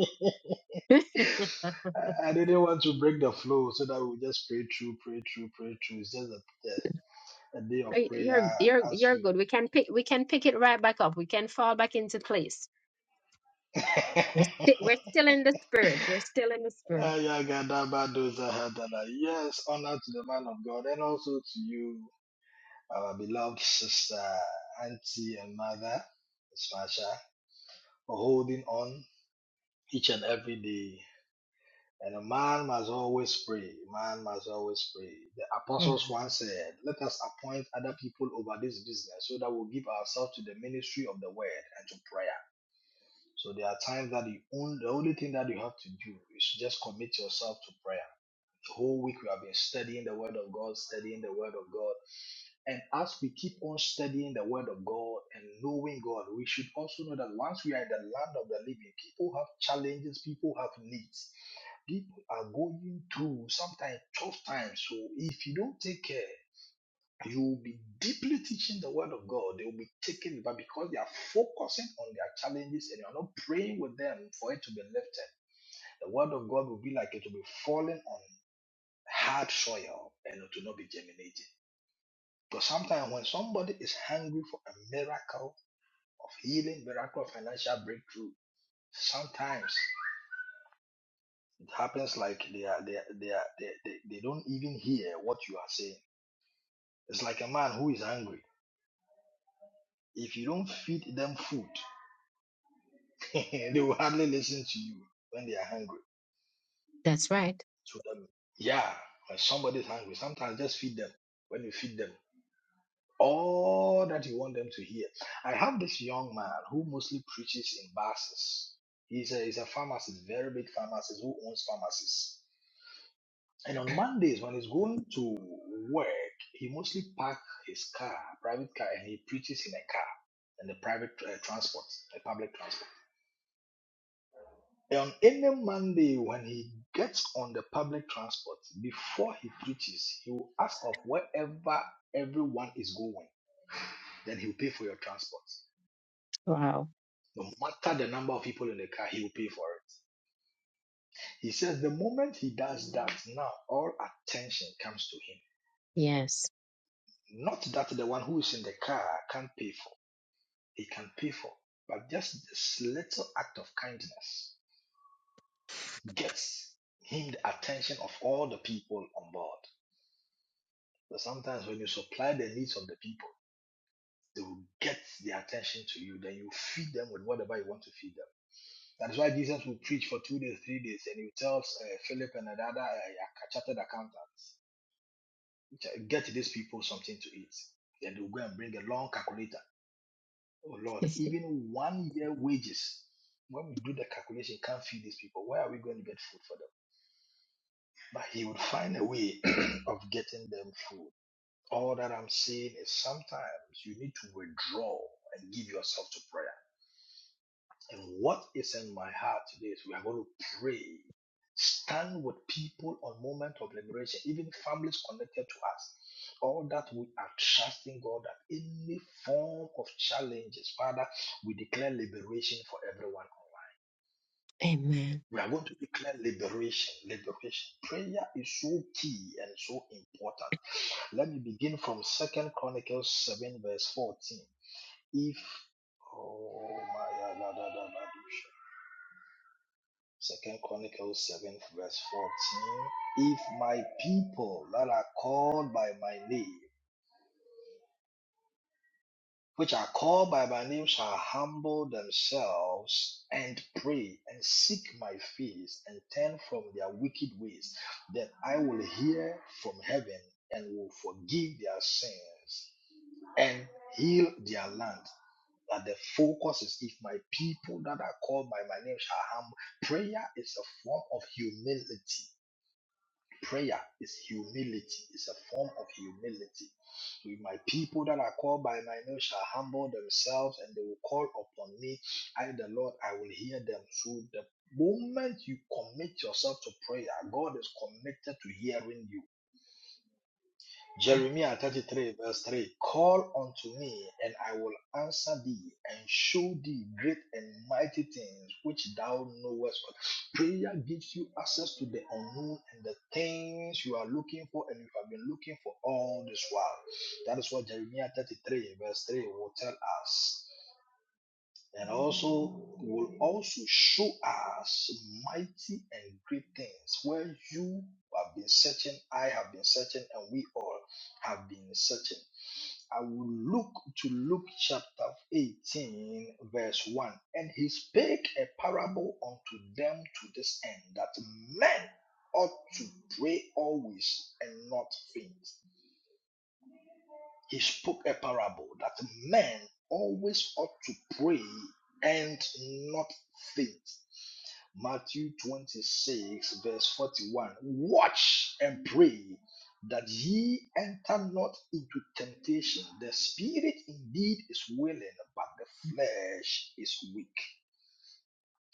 [SPEAKER 2] I I didn't want to break the flow so that we just pray through, pray through, pray through. It's just a, a, a day of
[SPEAKER 1] Uh, You're
[SPEAKER 2] prayer
[SPEAKER 1] you're
[SPEAKER 2] as
[SPEAKER 1] you're
[SPEAKER 2] we.
[SPEAKER 1] good. We can pick we can pick it right back up. We can fall back into place. We're sti we're still in the spirit. We're still in the spirit.
[SPEAKER 2] Ayagadabadozahatala. yes, honor to the man of God and also to you, our beloved sister, auntie, and mother, Miss Masha, for holding on each and every day And a man must always pray. Man must always pray. The apostles
[SPEAKER 1] Amen.
[SPEAKER 2] once said, Let us appoint other people over this business so that we'll give ourselves to the ministry of the word and to prayer. So there are times that the only, the only thing that you have to do is just commit yourself to prayer. The whole week we have been studying the word of God, studying the word of God. And as we keep on studying the word of God and knowing God, we should also know that once we are in the land of the living, people have challenges, people have needs. People are going through sometimes tough times. So if you don't take care, you will be deeply teaching the word of God. They will be taken but because they are focusing on their challenges and you're not praying with them for it to be lifted. The word of God will be like it will be falling on hard soil and it will not be germinating. Because sometimes when somebody is hungry for a miracle of healing, miracle of financial breakthrough, sometimes it happens like they are they are, they, are, they, they they don't even hear what you are saying It's like a man who is hungry. If you don't feed them food, they will hardly listen to you when they are hungry.
[SPEAKER 1] That's right.
[SPEAKER 2] So that yeah, when somebody is hungry, sometimes just feed them. When you feed them, all that you want them to hear. I have this young man who mostly preaches in buses. He's a, he's a pharmacist, very big pharmacist who owns pharmacies. And on Mondays, when he's going to work, he mostly parks his car, private car, and he preaches in a car, in the private uh, transport, the public transport. on any Monday when he gets on the public transport, before he preaches, he will ask of wherever everyone is going. Then he will pay for your transport.
[SPEAKER 1] Wow.
[SPEAKER 2] No matter the number of people in the car, he will pay for it. He says the moment he does that, now all attention comes to
[SPEAKER 1] Yes.
[SPEAKER 2] him. Not that the one who is in the car can't pay for, he can pay for, but just this little act of kindness gets him the attention of all the people on board. But sometimes when you supply the needs of the people, they will get their attention to you. Then you feed them with whatever you want to feed them. That is why Jesus will preach for two days, three days, and he tells uh, Philip and another uh, chartered accountants, get these people something to eat. Then they'll go and bring a long calculator. Oh Lord, even one year wages, when we do the calculation, can't feed these people. Where are we going to get food for them? But he would find a way of getting them food. All that I'm saying is sometimes you need to withdraw and give yourself to prayer. And what is in my heart today is we are going to pray, stand with people on moment of liberation, even families connected to us. All that we are trusting God that any form of challenges, Father, we declare liberation for everyone. online.
[SPEAKER 1] Amen.
[SPEAKER 2] We are going to declare liberation. Liberation. Prayer is so key and so important. Let me begin from Second Chronicles 7, verse 14. If oh my la, la, la, la, Second Chronicles 7, verse 14. If my people that are called by my name which are called by my name shall humble themselves and pray and seek my face and turn from their wicked ways, then I will hear from heaven and will forgive their sins and heal their land. But the focus is if my people that are called by my name shall humble. Prayer is a form of humility. Prayer is humility. It's a form of humility. If my people that are called by my name shall humble themselves and they will call upon me, I, the Lord, I will hear them. So the moment you commit yourself to prayer, God is committed to hearing you. Jeremiah 33, verse 3 Call unto me, and I will answer thee, and show thee great and mighty things which thou knowest not. Prayer gives you access to the unknown and the things you are looking for, and you have been looking for all this while. That is what Jeremiah 33, verse 3 will tell us and also you will also show us mighty and great things where you have been searching, I have been searching, and we all have been searching. I will look to Luke chapter 18, verse 1. And he spake a parable unto them to this end that men ought to pray always and not faint he spoke a parable that men always ought to pray and not faint. Matthew 26, verse 41. Watch and pray that ye enter not into temptation. The spirit indeed is willing, but the flesh is weak.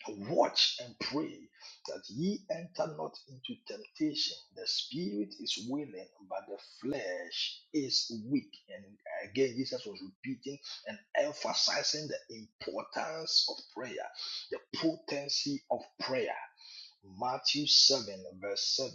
[SPEAKER 2] Watch and pray that ye enter not into temptation. The spirit is willing, but the flesh is weak. And again, Jesus was repeating and emphasizing the importance of prayer, the potency of prayer. Matthew 7, verse 7.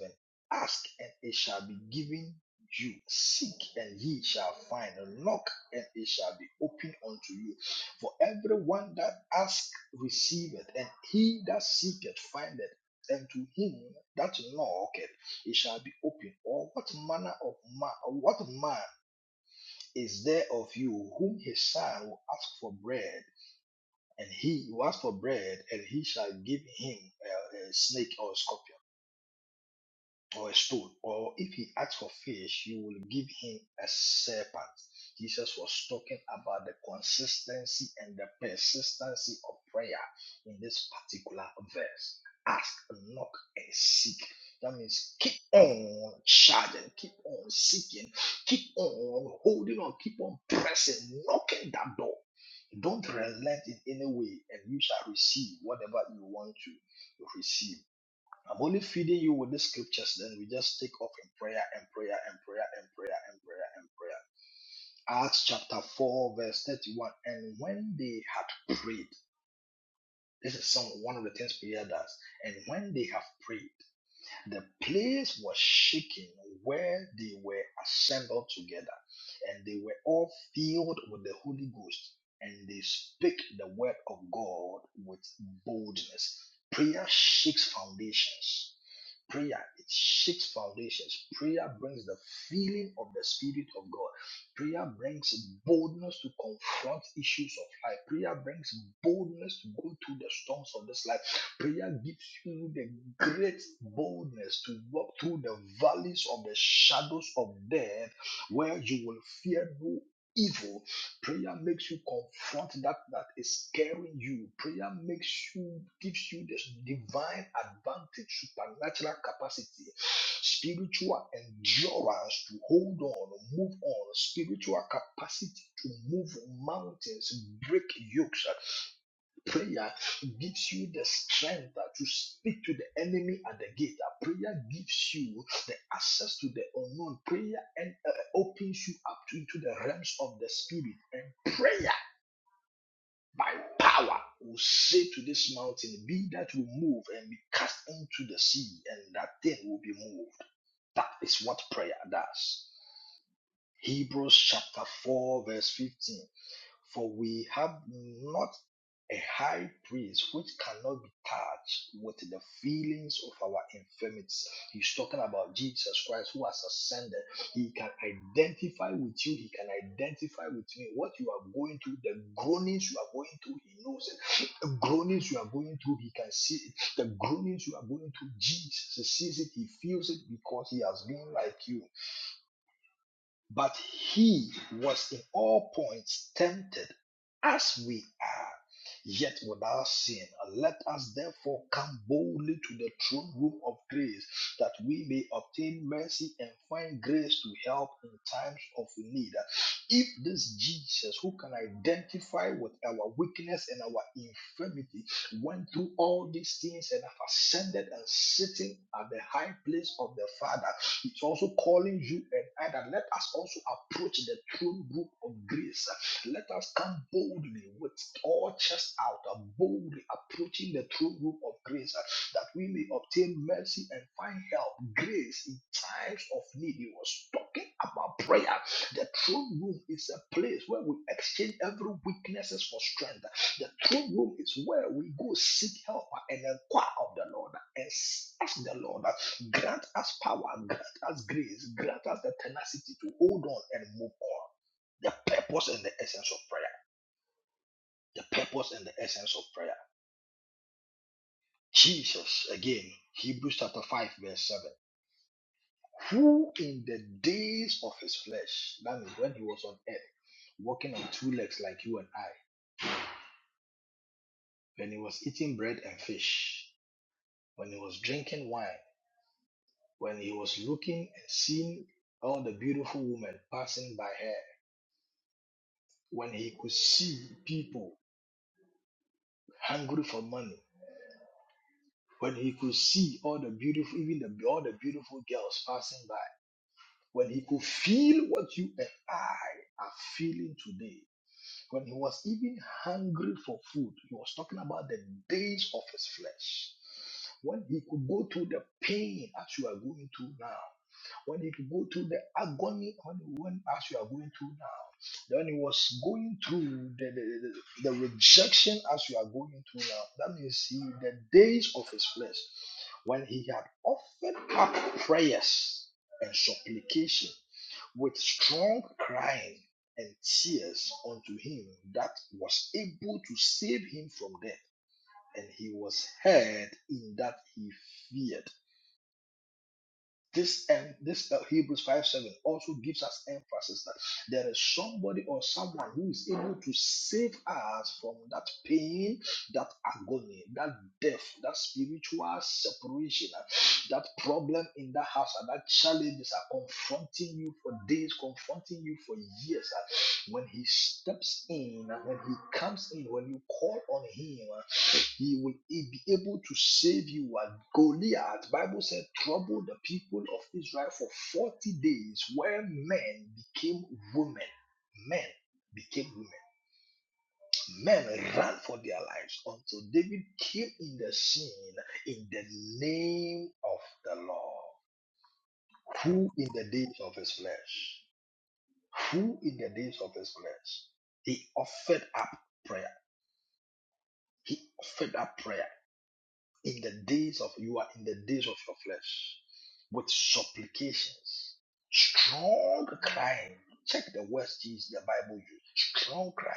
[SPEAKER 2] Ask and it shall be given you. Seek and ye shall find. Knock and it shall be opened unto you. For everyone that ask receiveth, and he that seeketh findeth. And to him that knocketh, it shall be opened. Or what manner of man, what man is there of you whom his son will ask for bread, and he will ask for bread, and he shall give him a, a snake or a scorpion? or a stone, or if he asks for fish, you will give him a serpent. Jesus was talking about the consistency and the persistency of prayer in this particular verse. Ask, knock, and seek. That means keep on charging, keep on seeking, keep on holding on, keep on pressing, knocking that door. Don't relent in any way, and you shall receive whatever you want to receive. I'm only feeding you with the scriptures, then we just take off in prayer and prayer and prayer and prayer and prayer and prayer. Acts chapter 4, verse 31. And when they had prayed, this is some one of the things prayer does. And when they have prayed, the place was shaken where they were assembled together, and they were all filled with the Holy Ghost, and they spake the word of God with boldness. Prayer shakes foundations Prayer, it shakes foundations. Prayer brings the feeling of the Spirit of God. Prayer brings boldness to confront issues of life. Prayer brings boldness to go through the storms of this life. Prayer gives you the great boldness to walk through the valleys of the shadows of death where you will fear no evil Prayer makes you confront that that is scaring you. Prayer makes you gives you this divine advantage, supernatural capacity, spiritual endurance to hold on, move on, spiritual capacity to move mountains, break yokes, Prayer gives you the strength uh, to speak to the enemy at the gate. Uh, Prayer gives you the access to the unknown. Prayer and uh, opens you up to, into the realms of the spirit. And prayer by power will say to this mountain, Be that will move and be cast into the sea, and that thing will be moved. That is what prayer does. Hebrews chapter 4, verse 15. For we have not a high priest which cannot be touched with the feelings of our infirmities. He's talking about Jesus Christ who has ascended. He can identify with you, he can identify with me. What you are going through, the groanings you are going through, he knows it. The groanings you are going through, he can see it. The groanings you are going through, Jesus sees it, he feels it because he has been like you. But he was in all points tempted as we are, yet without sin. Let us therefore come boldly to the throne room of grace, that we may obtain mercy and find grace to help in times of need. If this Jesus, who can identify with our weakness and our infirmity, went through all these things and have ascended and sitting at the high place of the Father, it's also calling you and I that let us also approach the throne room of grace. Let us come boldly with all chest out, uh, boldly approaching the throne room of grace uh, that we may obtain mercy and find help, grace in times of need. He was talking about prayer. The throne room is a place where we exchange every weaknesses for strength. The throne room is where we go seek help and inquire of the Lord and ask the Lord. uh, Grant us power, grant us grace, grant us the tenacity to hold on and move on. The purpose and the essence of prayer. The purpose and the essence of prayer. Jesus, again, Hebrews chapter 5, verse 7. Who in the days of his flesh, that means when he was on earth, walking on two legs like you and I, when he was eating bread and fish, when he was drinking wine, when he was looking and seeing all the beautiful women passing by her, when he could see people hungry for money, when he could see all the beautiful, even the, all the beautiful girls passing by, when he could feel what you and I are feeling today, when he was even hungry for food, he was talking about the days of his flesh. When he could go through the pain as you are going through now, when he could go through the agony when, when as you are going through now, when he was going through the, the, the the rejection as you are going through now, that means he, the days of his flesh, when he had offered up prayers and supplication with strong crying and cheers unto him that was able to save him from death. And he was heard in that he feared. This and this uh, Hebrews 5 7 also gives us emphasis that there is somebody or someone who is able to save us from that pain, that agony, that death, that spiritual separation, uh, that problem in that house, and that challenges are confronting you for days, confronting you for years. uh, When he steps in, uh, when he comes in, when you call on him, uh, he will be able to save you at Goliath. Bible said, "Troubled the people of Israel for 40 days, where men became women. Men became women. Men ran for their lives until David came in the scene in the name of the Lord. Who in the days of his flesh? Who in the days of his flesh? He offered up prayer. He offered up prayer. in the days of you are in the days of your flesh with supplications strong crying check the words Jesus the bible used strong crying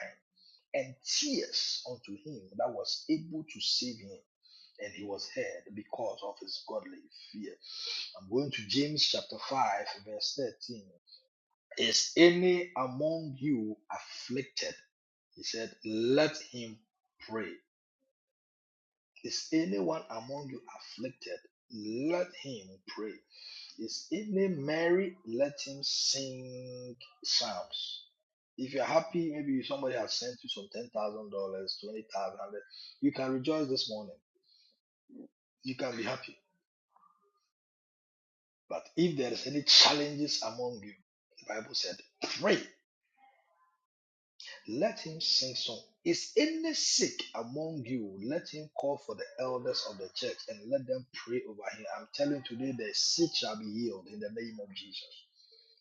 [SPEAKER 2] and tears unto him that was able to save him and he was heard because of his godly fear i'm going to james chapter 5 verse 13 is any among you afflicted he said let him pray Is anyone among you afflicted? Let him pray. Is any merry? Let him sing psalms. If you're happy, maybe somebody has sent you some ten thousand dollars, twenty thousand, hundred. You can rejoice this morning. You can be happy. But if there is any challenges among you, the Bible said, pray Let him sing song. Is any sick among you? Let him call for the elders of the church and let them pray over him. I'm telling you today, the sick shall be healed in the name of Jesus.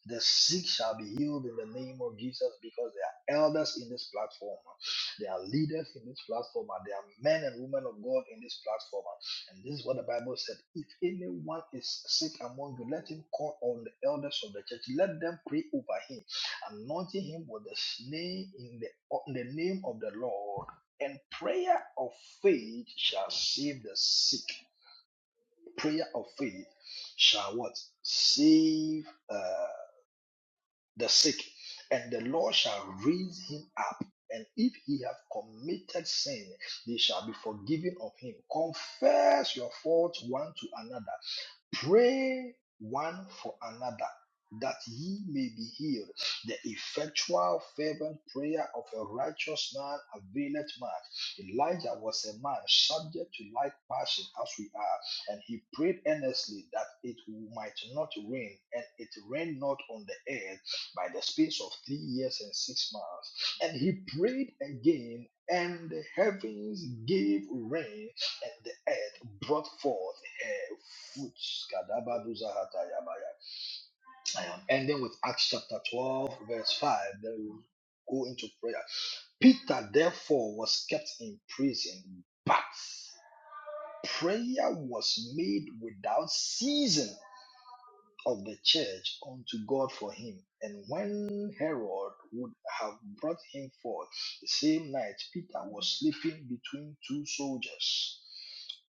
[SPEAKER 2] The sick shall be healed in the name of Jesus because they are elders in this platform. They are leaders in this platform. And they are men and women of God in this platform. And this is what the Bible said. If anyone is sick among you, let him call on the elders of the church. Let them pray over him, anointing him with the name in the, in the name of the Lord. And prayer of faith shall save the sick. Prayer of faith shall what? Save uh, the sick, and the Lord shall raise him up. And if he have committed sin, they shall be forgiven of him. Confess your faults one to another Pray one for another that ye may be healed. The effectual, fervent prayer of a righteous man availeth much. Elijah was a man subject to like passion as we are, and he prayed earnestly that it might not rain, and it rained not on the earth by the space of three years and six months. And he prayed again, and the heavens gave rain, and the earth brought forth her fruit. Skadabaduzahatayabaya. I am ending with Acts chapter 12, verse 5. Then we go into prayer. Peter, therefore, was kept in prison, but prayer was made without ceasing of the church unto God for him. And when Herod would have brought him forth the same night, Peter was sleeping between two soldiers,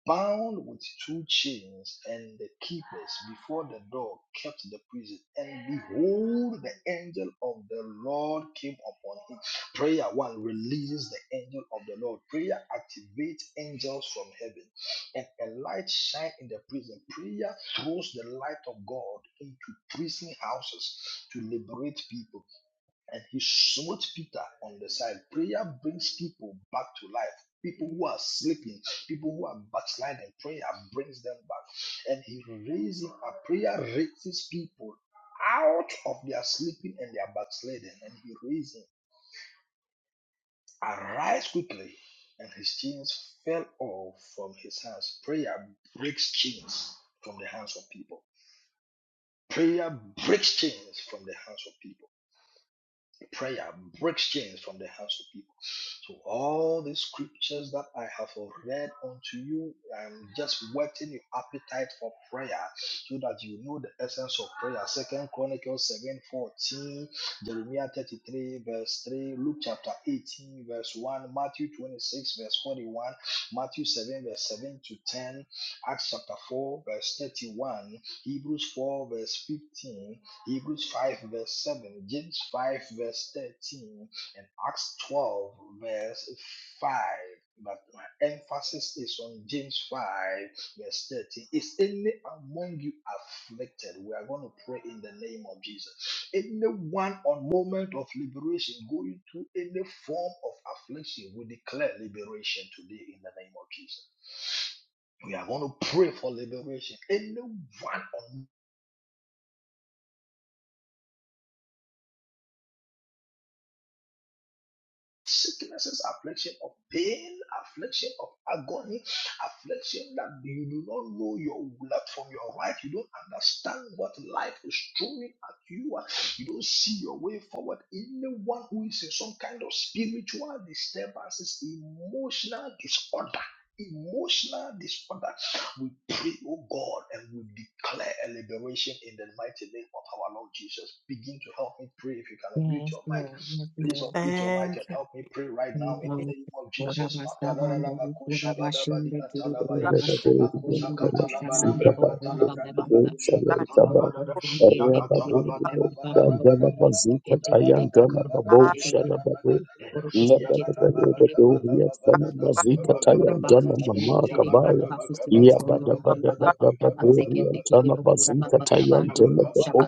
[SPEAKER 2] bound with two chains, and the keepers before the door kept the prison. And behold, the angel of the Lord came upon him. Prayer one releases the angel of the Lord. Prayer activates angels from heaven and a light shine in the prison. Prayer throws the light of God into prison houses to liberate people. And he smote Peter on the side. Prayer brings people back to life. People who are sleeping, people who are backsliding, prayer brings them back. And he raises up, prayer raises people out of their sleeping and their backsliding. And he raises, arise quickly. And his chains fell off from his hands. Prayer breaks chains from the hands of people. Prayer breaks chains from the hands of people. Prayer breaks chains from the hands of people. So all the scriptures that I have read unto you, I'm just whetting your appetite for prayer so that you know the essence of prayer. Second Chronicles 7 14, Jeremiah 33, verse 3, Luke chapter 18, verse 1, Matthew 26, verse 41, Matthew 7, verse 7 to 10, Acts chapter 4, verse 31, Hebrews 4, verse 15, Hebrews 5 verse 7, James 5 verse 13, and Acts 12 verse 5. But my emphasis is on James 5 verse 13. Is any among you afflicted? We are going to pray in the name of Jesus. Anyone on moment of liberation going through any form of affliction, we declare liberation today in the name of Jesus. We are going to pray for liberation. Anyone on sicknesses, affliction of pain, affliction of agony, affliction that you do not know your left from your right. You don't understand what life is throwing at you. You don't see your way forward. Anyone who is in some kind of spiritual disturbances, emotional disorder. Emotional disorder, we pray, oh God, and we declare a liberation in the mighty name of our Lord Jesus. Begin to help me pray if you can unmute
[SPEAKER 1] Yes,
[SPEAKER 2] your mic
[SPEAKER 1] Lord. Yes,
[SPEAKER 2] Please
[SPEAKER 1] Lord.
[SPEAKER 2] unmute your mic and
[SPEAKER 4] you.
[SPEAKER 2] help me pray right now in the
[SPEAKER 1] Amen.
[SPEAKER 2] name of Jesus.
[SPEAKER 1] Korabasabandoro,
[SPEAKER 2] Matalalabakoshabadabadiatalabaya.
[SPEAKER 1] korabashundekiri, korabasabasundoro, kushamandebo, korabagabasa. Koro,
[SPEAKER 2] Makosakatalabalabrakatalabradabadosakatalabadada.
[SPEAKER 1] korabageyendekiri, kasandeba, koro,
[SPEAKER 2] Yakatalabadabadabadabadabadabadabadabadabadabadabadabadabadabadabadabadabadabada.
[SPEAKER 1] korabasakendekiri, kanabakosherebekiri, koro, koseketendekiri, Rokura baka
[SPEAKER 2] Yabalababakabalababadabakabalababadabada.
[SPEAKER 1] shendo kiri kana baku sinu sondo rokura baka kiri
[SPEAKER 2] Yabadabakabalababadabakabalababadabadabadabada.
[SPEAKER 1] rokura baka ndoro boshaba